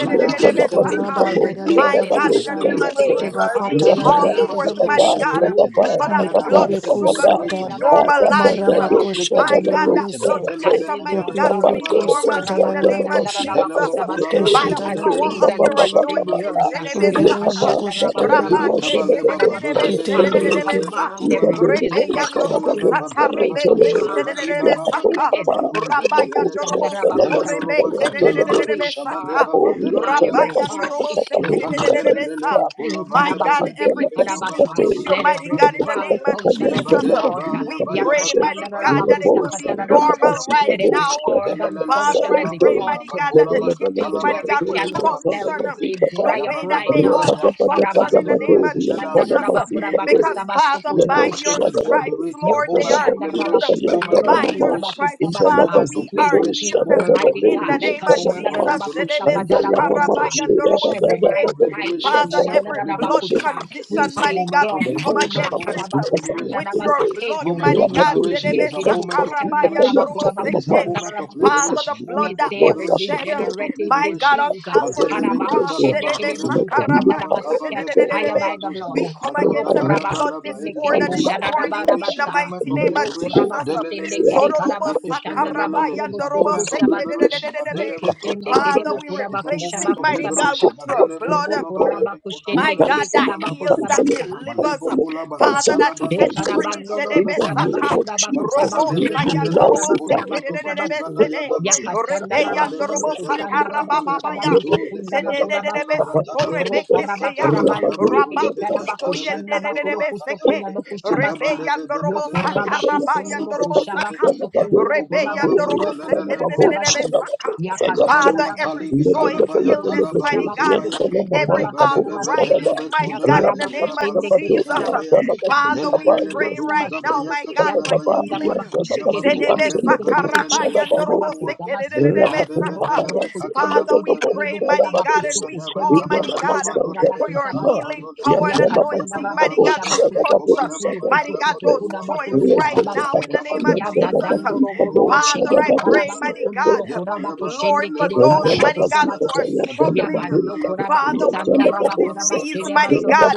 [SPEAKER 2] Let
[SPEAKER 5] Rebakrabado raboshata. Rebakarabosha.
[SPEAKER 2] the afflicted be
[SPEAKER 1] speak to
[SPEAKER 4] saka.
[SPEAKER 1] every
[SPEAKER 2] liberated. Let
[SPEAKER 6] in
[SPEAKER 2] the
[SPEAKER 5] Kurabanda
[SPEAKER 6] the
[SPEAKER 4] My
[SPEAKER 1] sickness.
[SPEAKER 4] God,
[SPEAKER 2] afflicted
[SPEAKER 4] in
[SPEAKER 2] be
[SPEAKER 4] the
[SPEAKER 5] rabosha.
[SPEAKER 1] We
[SPEAKER 6] spirit
[SPEAKER 4] name
[SPEAKER 6] of
[SPEAKER 4] of
[SPEAKER 2] liberated
[SPEAKER 3] you.
[SPEAKER 6] our
[SPEAKER 1] say the
[SPEAKER 2] right
[SPEAKER 4] Jesus,
[SPEAKER 6] lives.
[SPEAKER 2] now.
[SPEAKER 4] we
[SPEAKER 1] depart in
[SPEAKER 5] Shebakatala
[SPEAKER 1] the
[SPEAKER 6] Let
[SPEAKER 3] Rapapa,
[SPEAKER 2] Let
[SPEAKER 4] call
[SPEAKER 2] the
[SPEAKER 6] the
[SPEAKER 1] name of
[SPEAKER 4] forth,
[SPEAKER 2] afflicted be
[SPEAKER 3] rapapa,
[SPEAKER 4] mighty
[SPEAKER 1] Jesus.
[SPEAKER 5] raboshoto.
[SPEAKER 4] God,
[SPEAKER 2] liberated
[SPEAKER 3] rapapa,
[SPEAKER 2] right
[SPEAKER 4] for
[SPEAKER 2] now.
[SPEAKER 4] that
[SPEAKER 2] Let the
[SPEAKER 3] rapapa,
[SPEAKER 4] blood
[SPEAKER 5] Medelebe
[SPEAKER 2] afflicted be
[SPEAKER 4] sugar
[SPEAKER 3] rapapa.
[SPEAKER 4] to be
[SPEAKER 2] liberated
[SPEAKER 5] kusata.
[SPEAKER 2] right now.
[SPEAKER 3] Ada, ada, ada,
[SPEAKER 4] normalized.
[SPEAKER 2] Let the
[SPEAKER 3] do,
[SPEAKER 2] afflicted
[SPEAKER 3] shada,
[SPEAKER 5] Marabakoshoto
[SPEAKER 2] be
[SPEAKER 4] My
[SPEAKER 3] ba,
[SPEAKER 4] God,
[SPEAKER 3] do,
[SPEAKER 4] that
[SPEAKER 2] liberated.
[SPEAKER 3] da,
[SPEAKER 1] We
[SPEAKER 4] blood
[SPEAKER 3] da,
[SPEAKER 5] lebese.
[SPEAKER 2] Madele
[SPEAKER 3] da.
[SPEAKER 1] stand
[SPEAKER 4] pressure,
[SPEAKER 1] in
[SPEAKER 2] bene
[SPEAKER 1] the
[SPEAKER 4] mighty
[SPEAKER 2] bene
[SPEAKER 4] God,
[SPEAKER 2] be
[SPEAKER 4] to
[SPEAKER 5] Totolebe
[SPEAKER 3] Ikapa,
[SPEAKER 4] be
[SPEAKER 3] do,
[SPEAKER 2] kabala
[SPEAKER 3] do,
[SPEAKER 1] authority
[SPEAKER 2] ba
[SPEAKER 3] do,
[SPEAKER 4] normal
[SPEAKER 5] kusata
[SPEAKER 2] doze
[SPEAKER 3] sa,
[SPEAKER 4] in the
[SPEAKER 3] da,
[SPEAKER 2] bene be.
[SPEAKER 4] name
[SPEAKER 3] da,
[SPEAKER 4] of
[SPEAKER 3] ba, si,
[SPEAKER 5] rabosha.
[SPEAKER 3] o,
[SPEAKER 4] Jesus.
[SPEAKER 2] Madele
[SPEAKER 3] pa,
[SPEAKER 2] bo
[SPEAKER 3] da,
[SPEAKER 4] Jesus,
[SPEAKER 3] da, da,
[SPEAKER 2] kodabra
[SPEAKER 3] da.
[SPEAKER 4] by
[SPEAKER 6] glory
[SPEAKER 4] the
[SPEAKER 2] shede
[SPEAKER 1] as
[SPEAKER 5] Keshatana
[SPEAKER 6] turn.
[SPEAKER 4] power
[SPEAKER 1] kings
[SPEAKER 3] Pa,
[SPEAKER 4] of
[SPEAKER 1] and
[SPEAKER 3] pa,
[SPEAKER 4] your
[SPEAKER 3] pa,
[SPEAKER 2] kolaba
[SPEAKER 3] pa,
[SPEAKER 1] priests
[SPEAKER 5] Bullshit.
[SPEAKER 3] pa,
[SPEAKER 1] in
[SPEAKER 2] leba
[SPEAKER 3] pa,
[SPEAKER 1] the
[SPEAKER 4] anointing,
[SPEAKER 3] ya.
[SPEAKER 2] doze
[SPEAKER 1] earth.
[SPEAKER 6] Let the
[SPEAKER 5] Urena
[SPEAKER 4] Jenebesaka,
[SPEAKER 3] Lekapa,
[SPEAKER 6] glory
[SPEAKER 3] da,
[SPEAKER 5] Bokushi
[SPEAKER 3] da,
[SPEAKER 5] to
[SPEAKER 6] turn. Let the glory turn. Let the glory turn. Let the glory
[SPEAKER 3] ba,
[SPEAKER 5] the
[SPEAKER 3] do,
[SPEAKER 2] Edelebe
[SPEAKER 3] wa,
[SPEAKER 4] Rabake
[SPEAKER 3] da,
[SPEAKER 5] Boshi.
[SPEAKER 3] da, da,
[SPEAKER 2] kabaleba
[SPEAKER 3] do, sa, ya,
[SPEAKER 2] badozebe de
[SPEAKER 3] da,
[SPEAKER 1] And
[SPEAKER 3] da, da.
[SPEAKER 1] we
[SPEAKER 2] belebe
[SPEAKER 5] Ketele
[SPEAKER 2] lebe
[SPEAKER 4] Shedebesa,
[SPEAKER 1] command
[SPEAKER 3] Iba,
[SPEAKER 1] every
[SPEAKER 3] do,
[SPEAKER 2] kobalaba
[SPEAKER 3] do, wo,
[SPEAKER 1] dizziness to
[SPEAKER 3] shada, ba,
[SPEAKER 4] Rebeyandorobo
[SPEAKER 2] makabalaba
[SPEAKER 3] do,
[SPEAKER 1] flee.
[SPEAKER 3] sa,
[SPEAKER 4] Sata
[SPEAKER 3] ya,
[SPEAKER 2] badalaba
[SPEAKER 1] We
[SPEAKER 3] da, da,
[SPEAKER 4] Rebeke
[SPEAKER 3] da.
[SPEAKER 2] koshadaba
[SPEAKER 1] command every
[SPEAKER 3] Ya, pa,
[SPEAKER 2] dibalaba
[SPEAKER 3] po,
[SPEAKER 4] Shedebesaka,
[SPEAKER 3] pa, pa,
[SPEAKER 2] kadaba
[SPEAKER 3] da,
[SPEAKER 2] luazede
[SPEAKER 3] pa,
[SPEAKER 1] SD,
[SPEAKER 3] po,
[SPEAKER 2] bedede
[SPEAKER 3] sha,
[SPEAKER 4] Rabayandorobo
[SPEAKER 3] da,
[SPEAKER 1] Kushandaraba,
[SPEAKER 3] la,
[SPEAKER 4] Suko
[SPEAKER 3] ba, si,
[SPEAKER 1] Kusata,
[SPEAKER 2] delelolo
[SPEAKER 3] ta, ya,
[SPEAKER 4] Rebeke
[SPEAKER 1] Tusmi.
[SPEAKER 3] da, da,
[SPEAKER 2] bakatalaba
[SPEAKER 3] da.
[SPEAKER 1] We are
[SPEAKER 3] Ka,
[SPEAKER 4] Sata,
[SPEAKER 2] dishabadeba
[SPEAKER 3] po, ni, ya,
[SPEAKER 1] command
[SPEAKER 3] cha, la,
[SPEAKER 2] badelelelebo
[SPEAKER 1] every
[SPEAKER 3] ba, si,
[SPEAKER 1] heart
[SPEAKER 3] ta,
[SPEAKER 2] kulaba
[SPEAKER 4] Rabayandorobo
[SPEAKER 3] ta, ta,
[SPEAKER 1] issue
[SPEAKER 3] bo, sha, da,
[SPEAKER 1] to
[SPEAKER 4] Sekedebesa.
[SPEAKER 3] da.
[SPEAKER 2] yakalebelelelebo
[SPEAKER 1] fling
[SPEAKER 2] kulaba
[SPEAKER 4] My
[SPEAKER 2] lebe
[SPEAKER 4] God, every
[SPEAKER 1] Karabakusende
[SPEAKER 2] bedelebe
[SPEAKER 4] kidney
[SPEAKER 1] Karabasa.
[SPEAKER 2] kabalaba
[SPEAKER 4] issue,
[SPEAKER 1] Let
[SPEAKER 4] mighty
[SPEAKER 2] bakodaba
[SPEAKER 1] every
[SPEAKER 4] God, in the
[SPEAKER 1] valve
[SPEAKER 4] name
[SPEAKER 2] dibaya
[SPEAKER 4] of
[SPEAKER 1] function as it
[SPEAKER 4] Jesus,
[SPEAKER 2] yabadeba
[SPEAKER 1] ought.
[SPEAKER 2] yaba
[SPEAKER 4] we
[SPEAKER 2] yaba yaba
[SPEAKER 4] pray, mighty
[SPEAKER 2] kodaba
[SPEAKER 4] God,
[SPEAKER 2] yaba
[SPEAKER 4] that it will be
[SPEAKER 2] kobalebe
[SPEAKER 1] Yakashandarabakustakatararabaso.
[SPEAKER 4] normal
[SPEAKER 2] bekabadebe
[SPEAKER 4] right
[SPEAKER 1] Let every
[SPEAKER 4] now
[SPEAKER 1] organ
[SPEAKER 2] delelelebe
[SPEAKER 4] Father,
[SPEAKER 1] function
[SPEAKER 4] I
[SPEAKER 1] as it
[SPEAKER 2] kulaba
[SPEAKER 4] pray,
[SPEAKER 1] ought
[SPEAKER 2] leba
[SPEAKER 4] mighty
[SPEAKER 1] to.
[SPEAKER 4] God, that the
[SPEAKER 2] bakolaba
[SPEAKER 1] We
[SPEAKER 4] kidneys,
[SPEAKER 1] speak to
[SPEAKER 2] katalaba
[SPEAKER 4] mighty
[SPEAKER 1] every
[SPEAKER 4] God, will
[SPEAKER 2] dulebe
[SPEAKER 1] cancer cell.
[SPEAKER 4] function
[SPEAKER 1] We
[SPEAKER 4] um,
[SPEAKER 2] labadozebe
[SPEAKER 1] say,
[SPEAKER 4] the
[SPEAKER 1] dry up
[SPEAKER 4] way that
[SPEAKER 1] right
[SPEAKER 2] Yabaleba,
[SPEAKER 4] they
[SPEAKER 2] but
[SPEAKER 1] now.
[SPEAKER 2] let
[SPEAKER 4] ought
[SPEAKER 2] the
[SPEAKER 4] to
[SPEAKER 2] afflicted
[SPEAKER 4] function
[SPEAKER 2] be
[SPEAKER 4] in the name of
[SPEAKER 2] liberated. Let the
[SPEAKER 4] Jesus.
[SPEAKER 2] afflicted
[SPEAKER 4] uh,
[SPEAKER 2] be
[SPEAKER 4] Because,
[SPEAKER 2] liberated.
[SPEAKER 4] Father,
[SPEAKER 2] Let the
[SPEAKER 4] by your
[SPEAKER 2] afflicted be
[SPEAKER 1] Karabasundorokushandarabakurabakusabasukujokushebusa.
[SPEAKER 4] stripes,
[SPEAKER 2] liberated.
[SPEAKER 4] Lord, they
[SPEAKER 2] Moment
[SPEAKER 4] are
[SPEAKER 2] of
[SPEAKER 4] healed. um,
[SPEAKER 2] liberation. Moment of
[SPEAKER 4] By your
[SPEAKER 2] liberation.
[SPEAKER 4] stripes,
[SPEAKER 1] Yokushandarabakustundorobokusabakusabasa.
[SPEAKER 4] Father,
[SPEAKER 2] Moment of
[SPEAKER 4] we
[SPEAKER 1] We
[SPEAKER 4] are
[SPEAKER 2] liberation.
[SPEAKER 1] speak,
[SPEAKER 4] healed. um,
[SPEAKER 2] Moment of
[SPEAKER 1] Almighty
[SPEAKER 4] In
[SPEAKER 1] God.
[SPEAKER 4] the
[SPEAKER 2] liberation.
[SPEAKER 4] name of
[SPEAKER 2] Moment of
[SPEAKER 4] Jesus.
[SPEAKER 2] liberation.
[SPEAKER 4] Jedebe
[SPEAKER 3] Anda ya
[SPEAKER 2] Moment
[SPEAKER 3] mama
[SPEAKER 2] of
[SPEAKER 1] Ekashandarabakustakadarabakustakadarabasa
[SPEAKER 3] shira
[SPEAKER 1] to
[SPEAKER 3] da
[SPEAKER 2] liberation.
[SPEAKER 3] da
[SPEAKER 1] every
[SPEAKER 3] da
[SPEAKER 2] Moment
[SPEAKER 3] da
[SPEAKER 4] sakarabayandoroboseke.
[SPEAKER 2] of
[SPEAKER 1] Aite
[SPEAKER 2] liberation.
[SPEAKER 3] da
[SPEAKER 4] Father,
[SPEAKER 3] da,
[SPEAKER 2] Moment of
[SPEAKER 4] every blood
[SPEAKER 3] Patel,
[SPEAKER 2] liberation.
[SPEAKER 1] kushandarabakusa.
[SPEAKER 2] It
[SPEAKER 1] We
[SPEAKER 4] condition,
[SPEAKER 2] is a
[SPEAKER 1] say,
[SPEAKER 4] mighty
[SPEAKER 2] moment
[SPEAKER 4] God,
[SPEAKER 2] of
[SPEAKER 4] we
[SPEAKER 3] Ramba
[SPEAKER 4] come
[SPEAKER 2] liberation.
[SPEAKER 1] glaucoma,
[SPEAKER 3] Ramba
[SPEAKER 4] against it.
[SPEAKER 2] Moment
[SPEAKER 3] Du
[SPEAKER 2] of
[SPEAKER 4] um,
[SPEAKER 3] Patel,
[SPEAKER 2] liberation.
[SPEAKER 1] karabakusanda da
[SPEAKER 4] With your
[SPEAKER 1] karabakusandarabakusa,
[SPEAKER 3] Delaware,
[SPEAKER 1] take
[SPEAKER 4] blood,
[SPEAKER 1] your
[SPEAKER 2] Moment
[SPEAKER 4] mighty
[SPEAKER 3] Ramba
[SPEAKER 2] of
[SPEAKER 1] leave.
[SPEAKER 4] God.
[SPEAKER 3] Patel,
[SPEAKER 2] liberation
[SPEAKER 3] Via
[SPEAKER 2] is
[SPEAKER 4] Jedebe
[SPEAKER 2] a moment
[SPEAKER 3] Jalpa
[SPEAKER 2] of
[SPEAKER 3] Du Patel,
[SPEAKER 2] liberation. It
[SPEAKER 3] Jalpa
[SPEAKER 2] is a
[SPEAKER 4] sakarabayandoroboseke.
[SPEAKER 3] Mars,
[SPEAKER 2] moment of
[SPEAKER 1] Yekerebukushandarabakurabakusandarabakusa.
[SPEAKER 4] Father,
[SPEAKER 2] liberation.
[SPEAKER 4] the
[SPEAKER 3] Executive,
[SPEAKER 4] blood
[SPEAKER 2] Moment
[SPEAKER 1] We
[SPEAKER 4] that
[SPEAKER 2] of
[SPEAKER 1] say
[SPEAKER 3] so
[SPEAKER 1] every
[SPEAKER 4] was
[SPEAKER 2] liberation.
[SPEAKER 3] Doctor,
[SPEAKER 4] shed, uh,
[SPEAKER 2] Moment of
[SPEAKER 1] degenerative
[SPEAKER 4] my God,
[SPEAKER 2] liberation.
[SPEAKER 4] on
[SPEAKER 1] disease.
[SPEAKER 3] so
[SPEAKER 4] Calvary's
[SPEAKER 2] Madelebe
[SPEAKER 3] really the
[SPEAKER 4] cross.
[SPEAKER 3] coach,
[SPEAKER 2] katalaba
[SPEAKER 4] Jedebe
[SPEAKER 2] dolebe
[SPEAKER 3] Let the
[SPEAKER 1] karabakushendekerebukusa,
[SPEAKER 3] healing
[SPEAKER 2] kabalaba
[SPEAKER 4] sakarabake
[SPEAKER 1] katarabasa,
[SPEAKER 3] power of
[SPEAKER 1] Catch
[SPEAKER 2] kabalebe
[SPEAKER 1] fire
[SPEAKER 3] God
[SPEAKER 4] shededededebe.
[SPEAKER 2] dolaba
[SPEAKER 1] by the
[SPEAKER 2] doza.
[SPEAKER 1] blood.
[SPEAKER 4] We
[SPEAKER 3] Lord
[SPEAKER 4] come
[SPEAKER 3] through
[SPEAKER 4] against
[SPEAKER 3] my
[SPEAKER 4] every
[SPEAKER 1] ba
[SPEAKER 3] house,
[SPEAKER 4] blood
[SPEAKER 2] It is a
[SPEAKER 3] my
[SPEAKER 4] disorder this
[SPEAKER 2] moment
[SPEAKER 3] life,
[SPEAKER 1] shada
[SPEAKER 2] of
[SPEAKER 1] da ba
[SPEAKER 4] morning
[SPEAKER 1] da
[SPEAKER 4] in
[SPEAKER 2] liberation.
[SPEAKER 4] the
[SPEAKER 2] Moment
[SPEAKER 4] mighty
[SPEAKER 3] and
[SPEAKER 1] Rokurabakusendekerebushadarabarabasa.
[SPEAKER 2] of
[SPEAKER 3] let
[SPEAKER 4] name of
[SPEAKER 3] it go.
[SPEAKER 2] liberation.
[SPEAKER 4] Jesus. Uh,
[SPEAKER 3] Say,
[SPEAKER 2] Madelelelele.
[SPEAKER 3] I love
[SPEAKER 4] Jodorobo
[SPEAKER 2] Yeketelelelele. It's a
[SPEAKER 3] that
[SPEAKER 4] sakarabayandorobo
[SPEAKER 2] moment of
[SPEAKER 3] sleep.
[SPEAKER 1] Rokurabakusendekerekarabakuşandarabakurabuskurubusabase.
[SPEAKER 2] liberation.
[SPEAKER 4] sekededededebe.
[SPEAKER 2] Madelebe
[SPEAKER 1] Yeketende
[SPEAKER 4] Father,
[SPEAKER 2] kotalabaya.
[SPEAKER 1] kerebo
[SPEAKER 4] we
[SPEAKER 1] kuraba
[SPEAKER 2] It's a
[SPEAKER 4] replace
[SPEAKER 2] moment
[SPEAKER 1] kushaba
[SPEAKER 4] it,
[SPEAKER 2] of
[SPEAKER 4] mighty God,
[SPEAKER 1] kusabasa.
[SPEAKER 2] liberation.
[SPEAKER 4] with your
[SPEAKER 3] What's
[SPEAKER 2] Madelebe
[SPEAKER 3] the good
[SPEAKER 4] blood.
[SPEAKER 1] Roku
[SPEAKER 3] God?
[SPEAKER 2] kodabalebe
[SPEAKER 1] rabaku
[SPEAKER 3] We
[SPEAKER 1] shende
[SPEAKER 4] My
[SPEAKER 2] kodabalebe
[SPEAKER 1] kede
[SPEAKER 4] God,
[SPEAKER 3] cancel
[SPEAKER 4] that
[SPEAKER 3] it, we
[SPEAKER 1] karabaku
[SPEAKER 2] kabalaba
[SPEAKER 4] heals,
[SPEAKER 2] doza.
[SPEAKER 3] cancel
[SPEAKER 4] that
[SPEAKER 3] it,
[SPEAKER 1] sabasa.
[SPEAKER 3] we
[SPEAKER 4] delivers.
[SPEAKER 3] cancel
[SPEAKER 2] Malebo
[SPEAKER 3] it, we
[SPEAKER 2] kolaba
[SPEAKER 4] Father,
[SPEAKER 3] cancel it,
[SPEAKER 2] katala
[SPEAKER 4] that
[SPEAKER 3] we
[SPEAKER 4] set
[SPEAKER 2] baduzi
[SPEAKER 3] cancel it.
[SPEAKER 2] ya
[SPEAKER 4] free.
[SPEAKER 1] Ekarabando
[SPEAKER 3] In
[SPEAKER 2] katala
[SPEAKER 3] the
[SPEAKER 1] kusaba
[SPEAKER 3] name
[SPEAKER 2] baduza.
[SPEAKER 4] Jedebesaka.
[SPEAKER 3] of
[SPEAKER 1] kuraba
[SPEAKER 3] Jesus,
[SPEAKER 1] kusaba
[SPEAKER 4] Robo
[SPEAKER 3] we
[SPEAKER 1] kutu
[SPEAKER 2] Makabalebe
[SPEAKER 1] kutu
[SPEAKER 4] sayando
[SPEAKER 2] bedelebe
[SPEAKER 3] denounce
[SPEAKER 4] robo
[SPEAKER 1] kuraba
[SPEAKER 3] it. uh, In
[SPEAKER 1] kuraba
[SPEAKER 2] kodododo
[SPEAKER 4] sekerere
[SPEAKER 1] kusaba
[SPEAKER 2] badi
[SPEAKER 3] the
[SPEAKER 1] su.
[SPEAKER 3] name
[SPEAKER 2] ya
[SPEAKER 3] of
[SPEAKER 2] dabaya.
[SPEAKER 3] Jesus,
[SPEAKER 1] Yakashanda
[SPEAKER 3] and
[SPEAKER 1] raba
[SPEAKER 4] rebeyando
[SPEAKER 3] it's,
[SPEAKER 2] Yabalebe
[SPEAKER 1] kuraba
[SPEAKER 4] robo
[SPEAKER 3] uh,
[SPEAKER 1] kusanda
[SPEAKER 2] bedelebe
[SPEAKER 4] satara
[SPEAKER 3] in
[SPEAKER 1] raba
[SPEAKER 2] kabaleba
[SPEAKER 1] kusaba
[SPEAKER 3] the name
[SPEAKER 4] bababaya
[SPEAKER 3] of
[SPEAKER 1] kusu
[SPEAKER 2] baduze
[SPEAKER 3] the
[SPEAKER 1] kundaba
[SPEAKER 3] Father,
[SPEAKER 2] belebe
[SPEAKER 1] kuraba
[SPEAKER 4] jedededebe
[SPEAKER 3] the Son,
[SPEAKER 2] kolabra
[SPEAKER 1] sa.
[SPEAKER 4] suko
[SPEAKER 2] tadaba.
[SPEAKER 3] and the
[SPEAKER 1] Ro
[SPEAKER 3] Holy Spirit.
[SPEAKER 4] rebeke
[SPEAKER 1] karaba
[SPEAKER 4] sheya
[SPEAKER 2] Yakatala
[SPEAKER 1] karaba
[SPEAKER 3] Rabba, do
[SPEAKER 2] balaba
[SPEAKER 1] yende
[SPEAKER 3] it,
[SPEAKER 1] kere
[SPEAKER 2] dulebe
[SPEAKER 3] rabba, do
[SPEAKER 1] karaba
[SPEAKER 4] rabakusto
[SPEAKER 2] ketalebe
[SPEAKER 1] kushanda ba kuro
[SPEAKER 2] doboroa
[SPEAKER 4] yenderebe
[SPEAKER 1] kusu
[SPEAKER 4] seke
[SPEAKER 2] katalebe.
[SPEAKER 1] kunaba
[SPEAKER 3] it,
[SPEAKER 1] kushaba sa.
[SPEAKER 2] Mekabalebe
[SPEAKER 4] rebeyando
[SPEAKER 1] Yo
[SPEAKER 4] robo
[SPEAKER 2] bedelebe
[SPEAKER 3] rabba, do it,
[SPEAKER 1] kuraba
[SPEAKER 3] rabba,
[SPEAKER 2] bushi
[SPEAKER 4] satara
[SPEAKER 1] kusunduru
[SPEAKER 3] do
[SPEAKER 4] bayando
[SPEAKER 2] badalaba
[SPEAKER 4] robo
[SPEAKER 1] kushaba
[SPEAKER 3] it,
[SPEAKER 2] kodode.
[SPEAKER 4] saka
[SPEAKER 3] rabba,
[SPEAKER 1] kusu
[SPEAKER 3] do it.
[SPEAKER 1] kunduru kuraba
[SPEAKER 2] Yabakubalaba
[SPEAKER 3] Yang
[SPEAKER 4] rebeyando robo
[SPEAKER 1] kurubu
[SPEAKER 3] dalam
[SPEAKER 1] kurubu
[SPEAKER 2] badelelele
[SPEAKER 1] kusaba
[SPEAKER 2] borobo.
[SPEAKER 4] sekerere
[SPEAKER 1] su.
[SPEAKER 4] saka
[SPEAKER 1] Yakashanda
[SPEAKER 4] Father,
[SPEAKER 2] Akabalua
[SPEAKER 1] raba
[SPEAKER 4] every
[SPEAKER 2] talibi
[SPEAKER 1] kusu kutu
[SPEAKER 4] joint
[SPEAKER 2] kalabaya
[SPEAKER 1] kunduru
[SPEAKER 4] illness,
[SPEAKER 2] talaba
[SPEAKER 4] mighty
[SPEAKER 1] kushaba
[SPEAKER 4] God
[SPEAKER 1] kusu
[SPEAKER 2] dozebaya
[SPEAKER 1] kutu
[SPEAKER 4] every
[SPEAKER 1] kuraba
[SPEAKER 2] makeberebe
[SPEAKER 1] kasaba sa.
[SPEAKER 4] arthritis,
[SPEAKER 2] bedelebe
[SPEAKER 4] mighty God,
[SPEAKER 2] kodebe
[SPEAKER 4] in the
[SPEAKER 2] debena
[SPEAKER 4] name of
[SPEAKER 1] Yakarabakushende
[SPEAKER 2] baluke
[SPEAKER 1] kiri
[SPEAKER 4] Jesus.
[SPEAKER 2] telebea
[SPEAKER 1] karabakusukutuku
[SPEAKER 4] Father, we
[SPEAKER 2] madelelele
[SPEAKER 4] pray right
[SPEAKER 2] baduza
[SPEAKER 4] now,
[SPEAKER 1] dukulubosabase.
[SPEAKER 2] baya
[SPEAKER 4] my God, for
[SPEAKER 2] katalabaya dua
[SPEAKER 4] healing.
[SPEAKER 1] Yakashandarabakusheke teke
[SPEAKER 2] yamakuba
[SPEAKER 1] teke
[SPEAKER 2] lebe
[SPEAKER 1] teke teke
[SPEAKER 2] bedelelele borodua
[SPEAKER 1] dibukurabakusabase.
[SPEAKER 2] yebelebe
[SPEAKER 1] Roku
[SPEAKER 2] bedelebe
[SPEAKER 1] roku shende
[SPEAKER 4] Father,
[SPEAKER 2] katalaba
[SPEAKER 1] kiri
[SPEAKER 4] we
[SPEAKER 2] debe
[SPEAKER 1] kiri
[SPEAKER 4] pray,
[SPEAKER 2] debe de
[SPEAKER 4] mighty God, and
[SPEAKER 1] bukurabakusuku
[SPEAKER 4] we
[SPEAKER 2] yebedebe
[SPEAKER 4] call,
[SPEAKER 1] shende kiri
[SPEAKER 4] mighty
[SPEAKER 2] kabaleba
[SPEAKER 1] kiri
[SPEAKER 4] God,
[SPEAKER 2] badodebe
[SPEAKER 4] for your
[SPEAKER 2] katalaba
[SPEAKER 1] bukurabakusabase.
[SPEAKER 4] healing
[SPEAKER 2] dolebe
[SPEAKER 4] power
[SPEAKER 2] ya
[SPEAKER 4] and
[SPEAKER 3] masih
[SPEAKER 4] anointing,
[SPEAKER 2] yebelebe
[SPEAKER 4] mighty
[SPEAKER 3] kabut,
[SPEAKER 4] God, to
[SPEAKER 3] syada
[SPEAKER 2] bedelebe
[SPEAKER 3] kabut,
[SPEAKER 4] touch,
[SPEAKER 1] Yakatandarabakushabakusukutuku
[SPEAKER 2] kobaleba
[SPEAKER 3] syada
[SPEAKER 4] mighty
[SPEAKER 2] bedelebe
[SPEAKER 4] God,
[SPEAKER 3] kabut,
[SPEAKER 1] dukutukutuku
[SPEAKER 4] those
[SPEAKER 2] dudua baya
[SPEAKER 4] joints right
[SPEAKER 1] dabakulukusabase.
[SPEAKER 4] now
[SPEAKER 2] madelebe
[SPEAKER 4] in the name of
[SPEAKER 2] kabaleba
[SPEAKER 4] Jesus.
[SPEAKER 1] Yadadando
[SPEAKER 2] bedelebe
[SPEAKER 1] robo robo
[SPEAKER 2] kolobaya
[SPEAKER 4] Father, I
[SPEAKER 1] shekele
[SPEAKER 2] talaba
[SPEAKER 4] pray,
[SPEAKER 2] duzebaya
[SPEAKER 4] mighty
[SPEAKER 2] Yabba
[SPEAKER 1] karabakusundoro
[SPEAKER 4] God,
[SPEAKER 1] kurabakushende
[SPEAKER 4] Lord, for
[SPEAKER 1] kiri
[SPEAKER 4] those, mighty God, who
[SPEAKER 1] karabakusabase.
[SPEAKER 4] are
[SPEAKER 1] Ya
[SPEAKER 4] struggling.
[SPEAKER 1] Yabando
[SPEAKER 4] Father, with
[SPEAKER 1] Kurabakusanda
[SPEAKER 4] any disease,
[SPEAKER 1] Rabakurabashede
[SPEAKER 4] mighty
[SPEAKER 1] Basodo
[SPEAKER 4] God,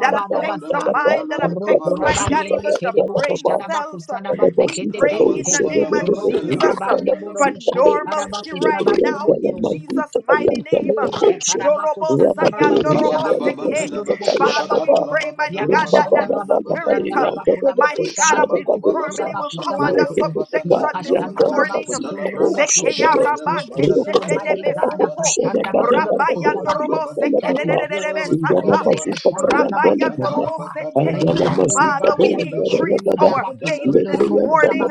[SPEAKER 4] that affects the
[SPEAKER 1] Basa.
[SPEAKER 4] mind, that affects, mighty
[SPEAKER 1] Rokuraba
[SPEAKER 4] God,
[SPEAKER 1] Yende
[SPEAKER 4] even the
[SPEAKER 1] Kedebu
[SPEAKER 4] brain
[SPEAKER 1] Kushanaba
[SPEAKER 4] cells.
[SPEAKER 1] Kusanaba
[SPEAKER 4] We
[SPEAKER 1] Sekete
[SPEAKER 4] pray in
[SPEAKER 1] Tete.
[SPEAKER 4] the name of Jesus
[SPEAKER 1] Rokuraba Neburo
[SPEAKER 4] for
[SPEAKER 1] Bushede
[SPEAKER 4] normalcy right now in
[SPEAKER 1] Karabakusabasobusu.
[SPEAKER 4] Jesus' mighty name.
[SPEAKER 1] We thank you, Almighty
[SPEAKER 4] Dorobo sayando
[SPEAKER 3] Rabadori and
[SPEAKER 4] seke.
[SPEAKER 3] Talamazita
[SPEAKER 2] Makabalebabadalaba,
[SPEAKER 4] Father, we
[SPEAKER 3] Tayantaba,
[SPEAKER 4] pray, mighty
[SPEAKER 3] Thank
[SPEAKER 4] God,
[SPEAKER 2] shakabalababadalaba,
[SPEAKER 4] that that spirit,
[SPEAKER 2] kabadabadalaba,
[SPEAKER 4] uh,
[SPEAKER 2] zodabadaya,
[SPEAKER 4] mighty God of infirmity, will come under
[SPEAKER 2] yabakobalabrakatalabatabadalaba,
[SPEAKER 4] subjection this
[SPEAKER 2] kabalaba,
[SPEAKER 4] morning.
[SPEAKER 2] badalabrakato,
[SPEAKER 4] Zekeya rabake shedede
[SPEAKER 1] God,
[SPEAKER 2] shabadababadalabadabadabadaba,
[SPEAKER 4] besuko. Rabayando robo
[SPEAKER 1] that you bore
[SPEAKER 4] sekededededebe
[SPEAKER 2] badalabekobalababadekalobakadaba,
[SPEAKER 1] on in
[SPEAKER 4] sata.
[SPEAKER 1] the
[SPEAKER 2] kabadaba,
[SPEAKER 4] Rabayando robo sete.
[SPEAKER 1] in your own
[SPEAKER 2] badalabekatalabakabalababadalaba,
[SPEAKER 4] Father,
[SPEAKER 1] body
[SPEAKER 4] we
[SPEAKER 1] and the
[SPEAKER 4] increase
[SPEAKER 1] tree.
[SPEAKER 2] kabalababada,
[SPEAKER 4] our faith this morning.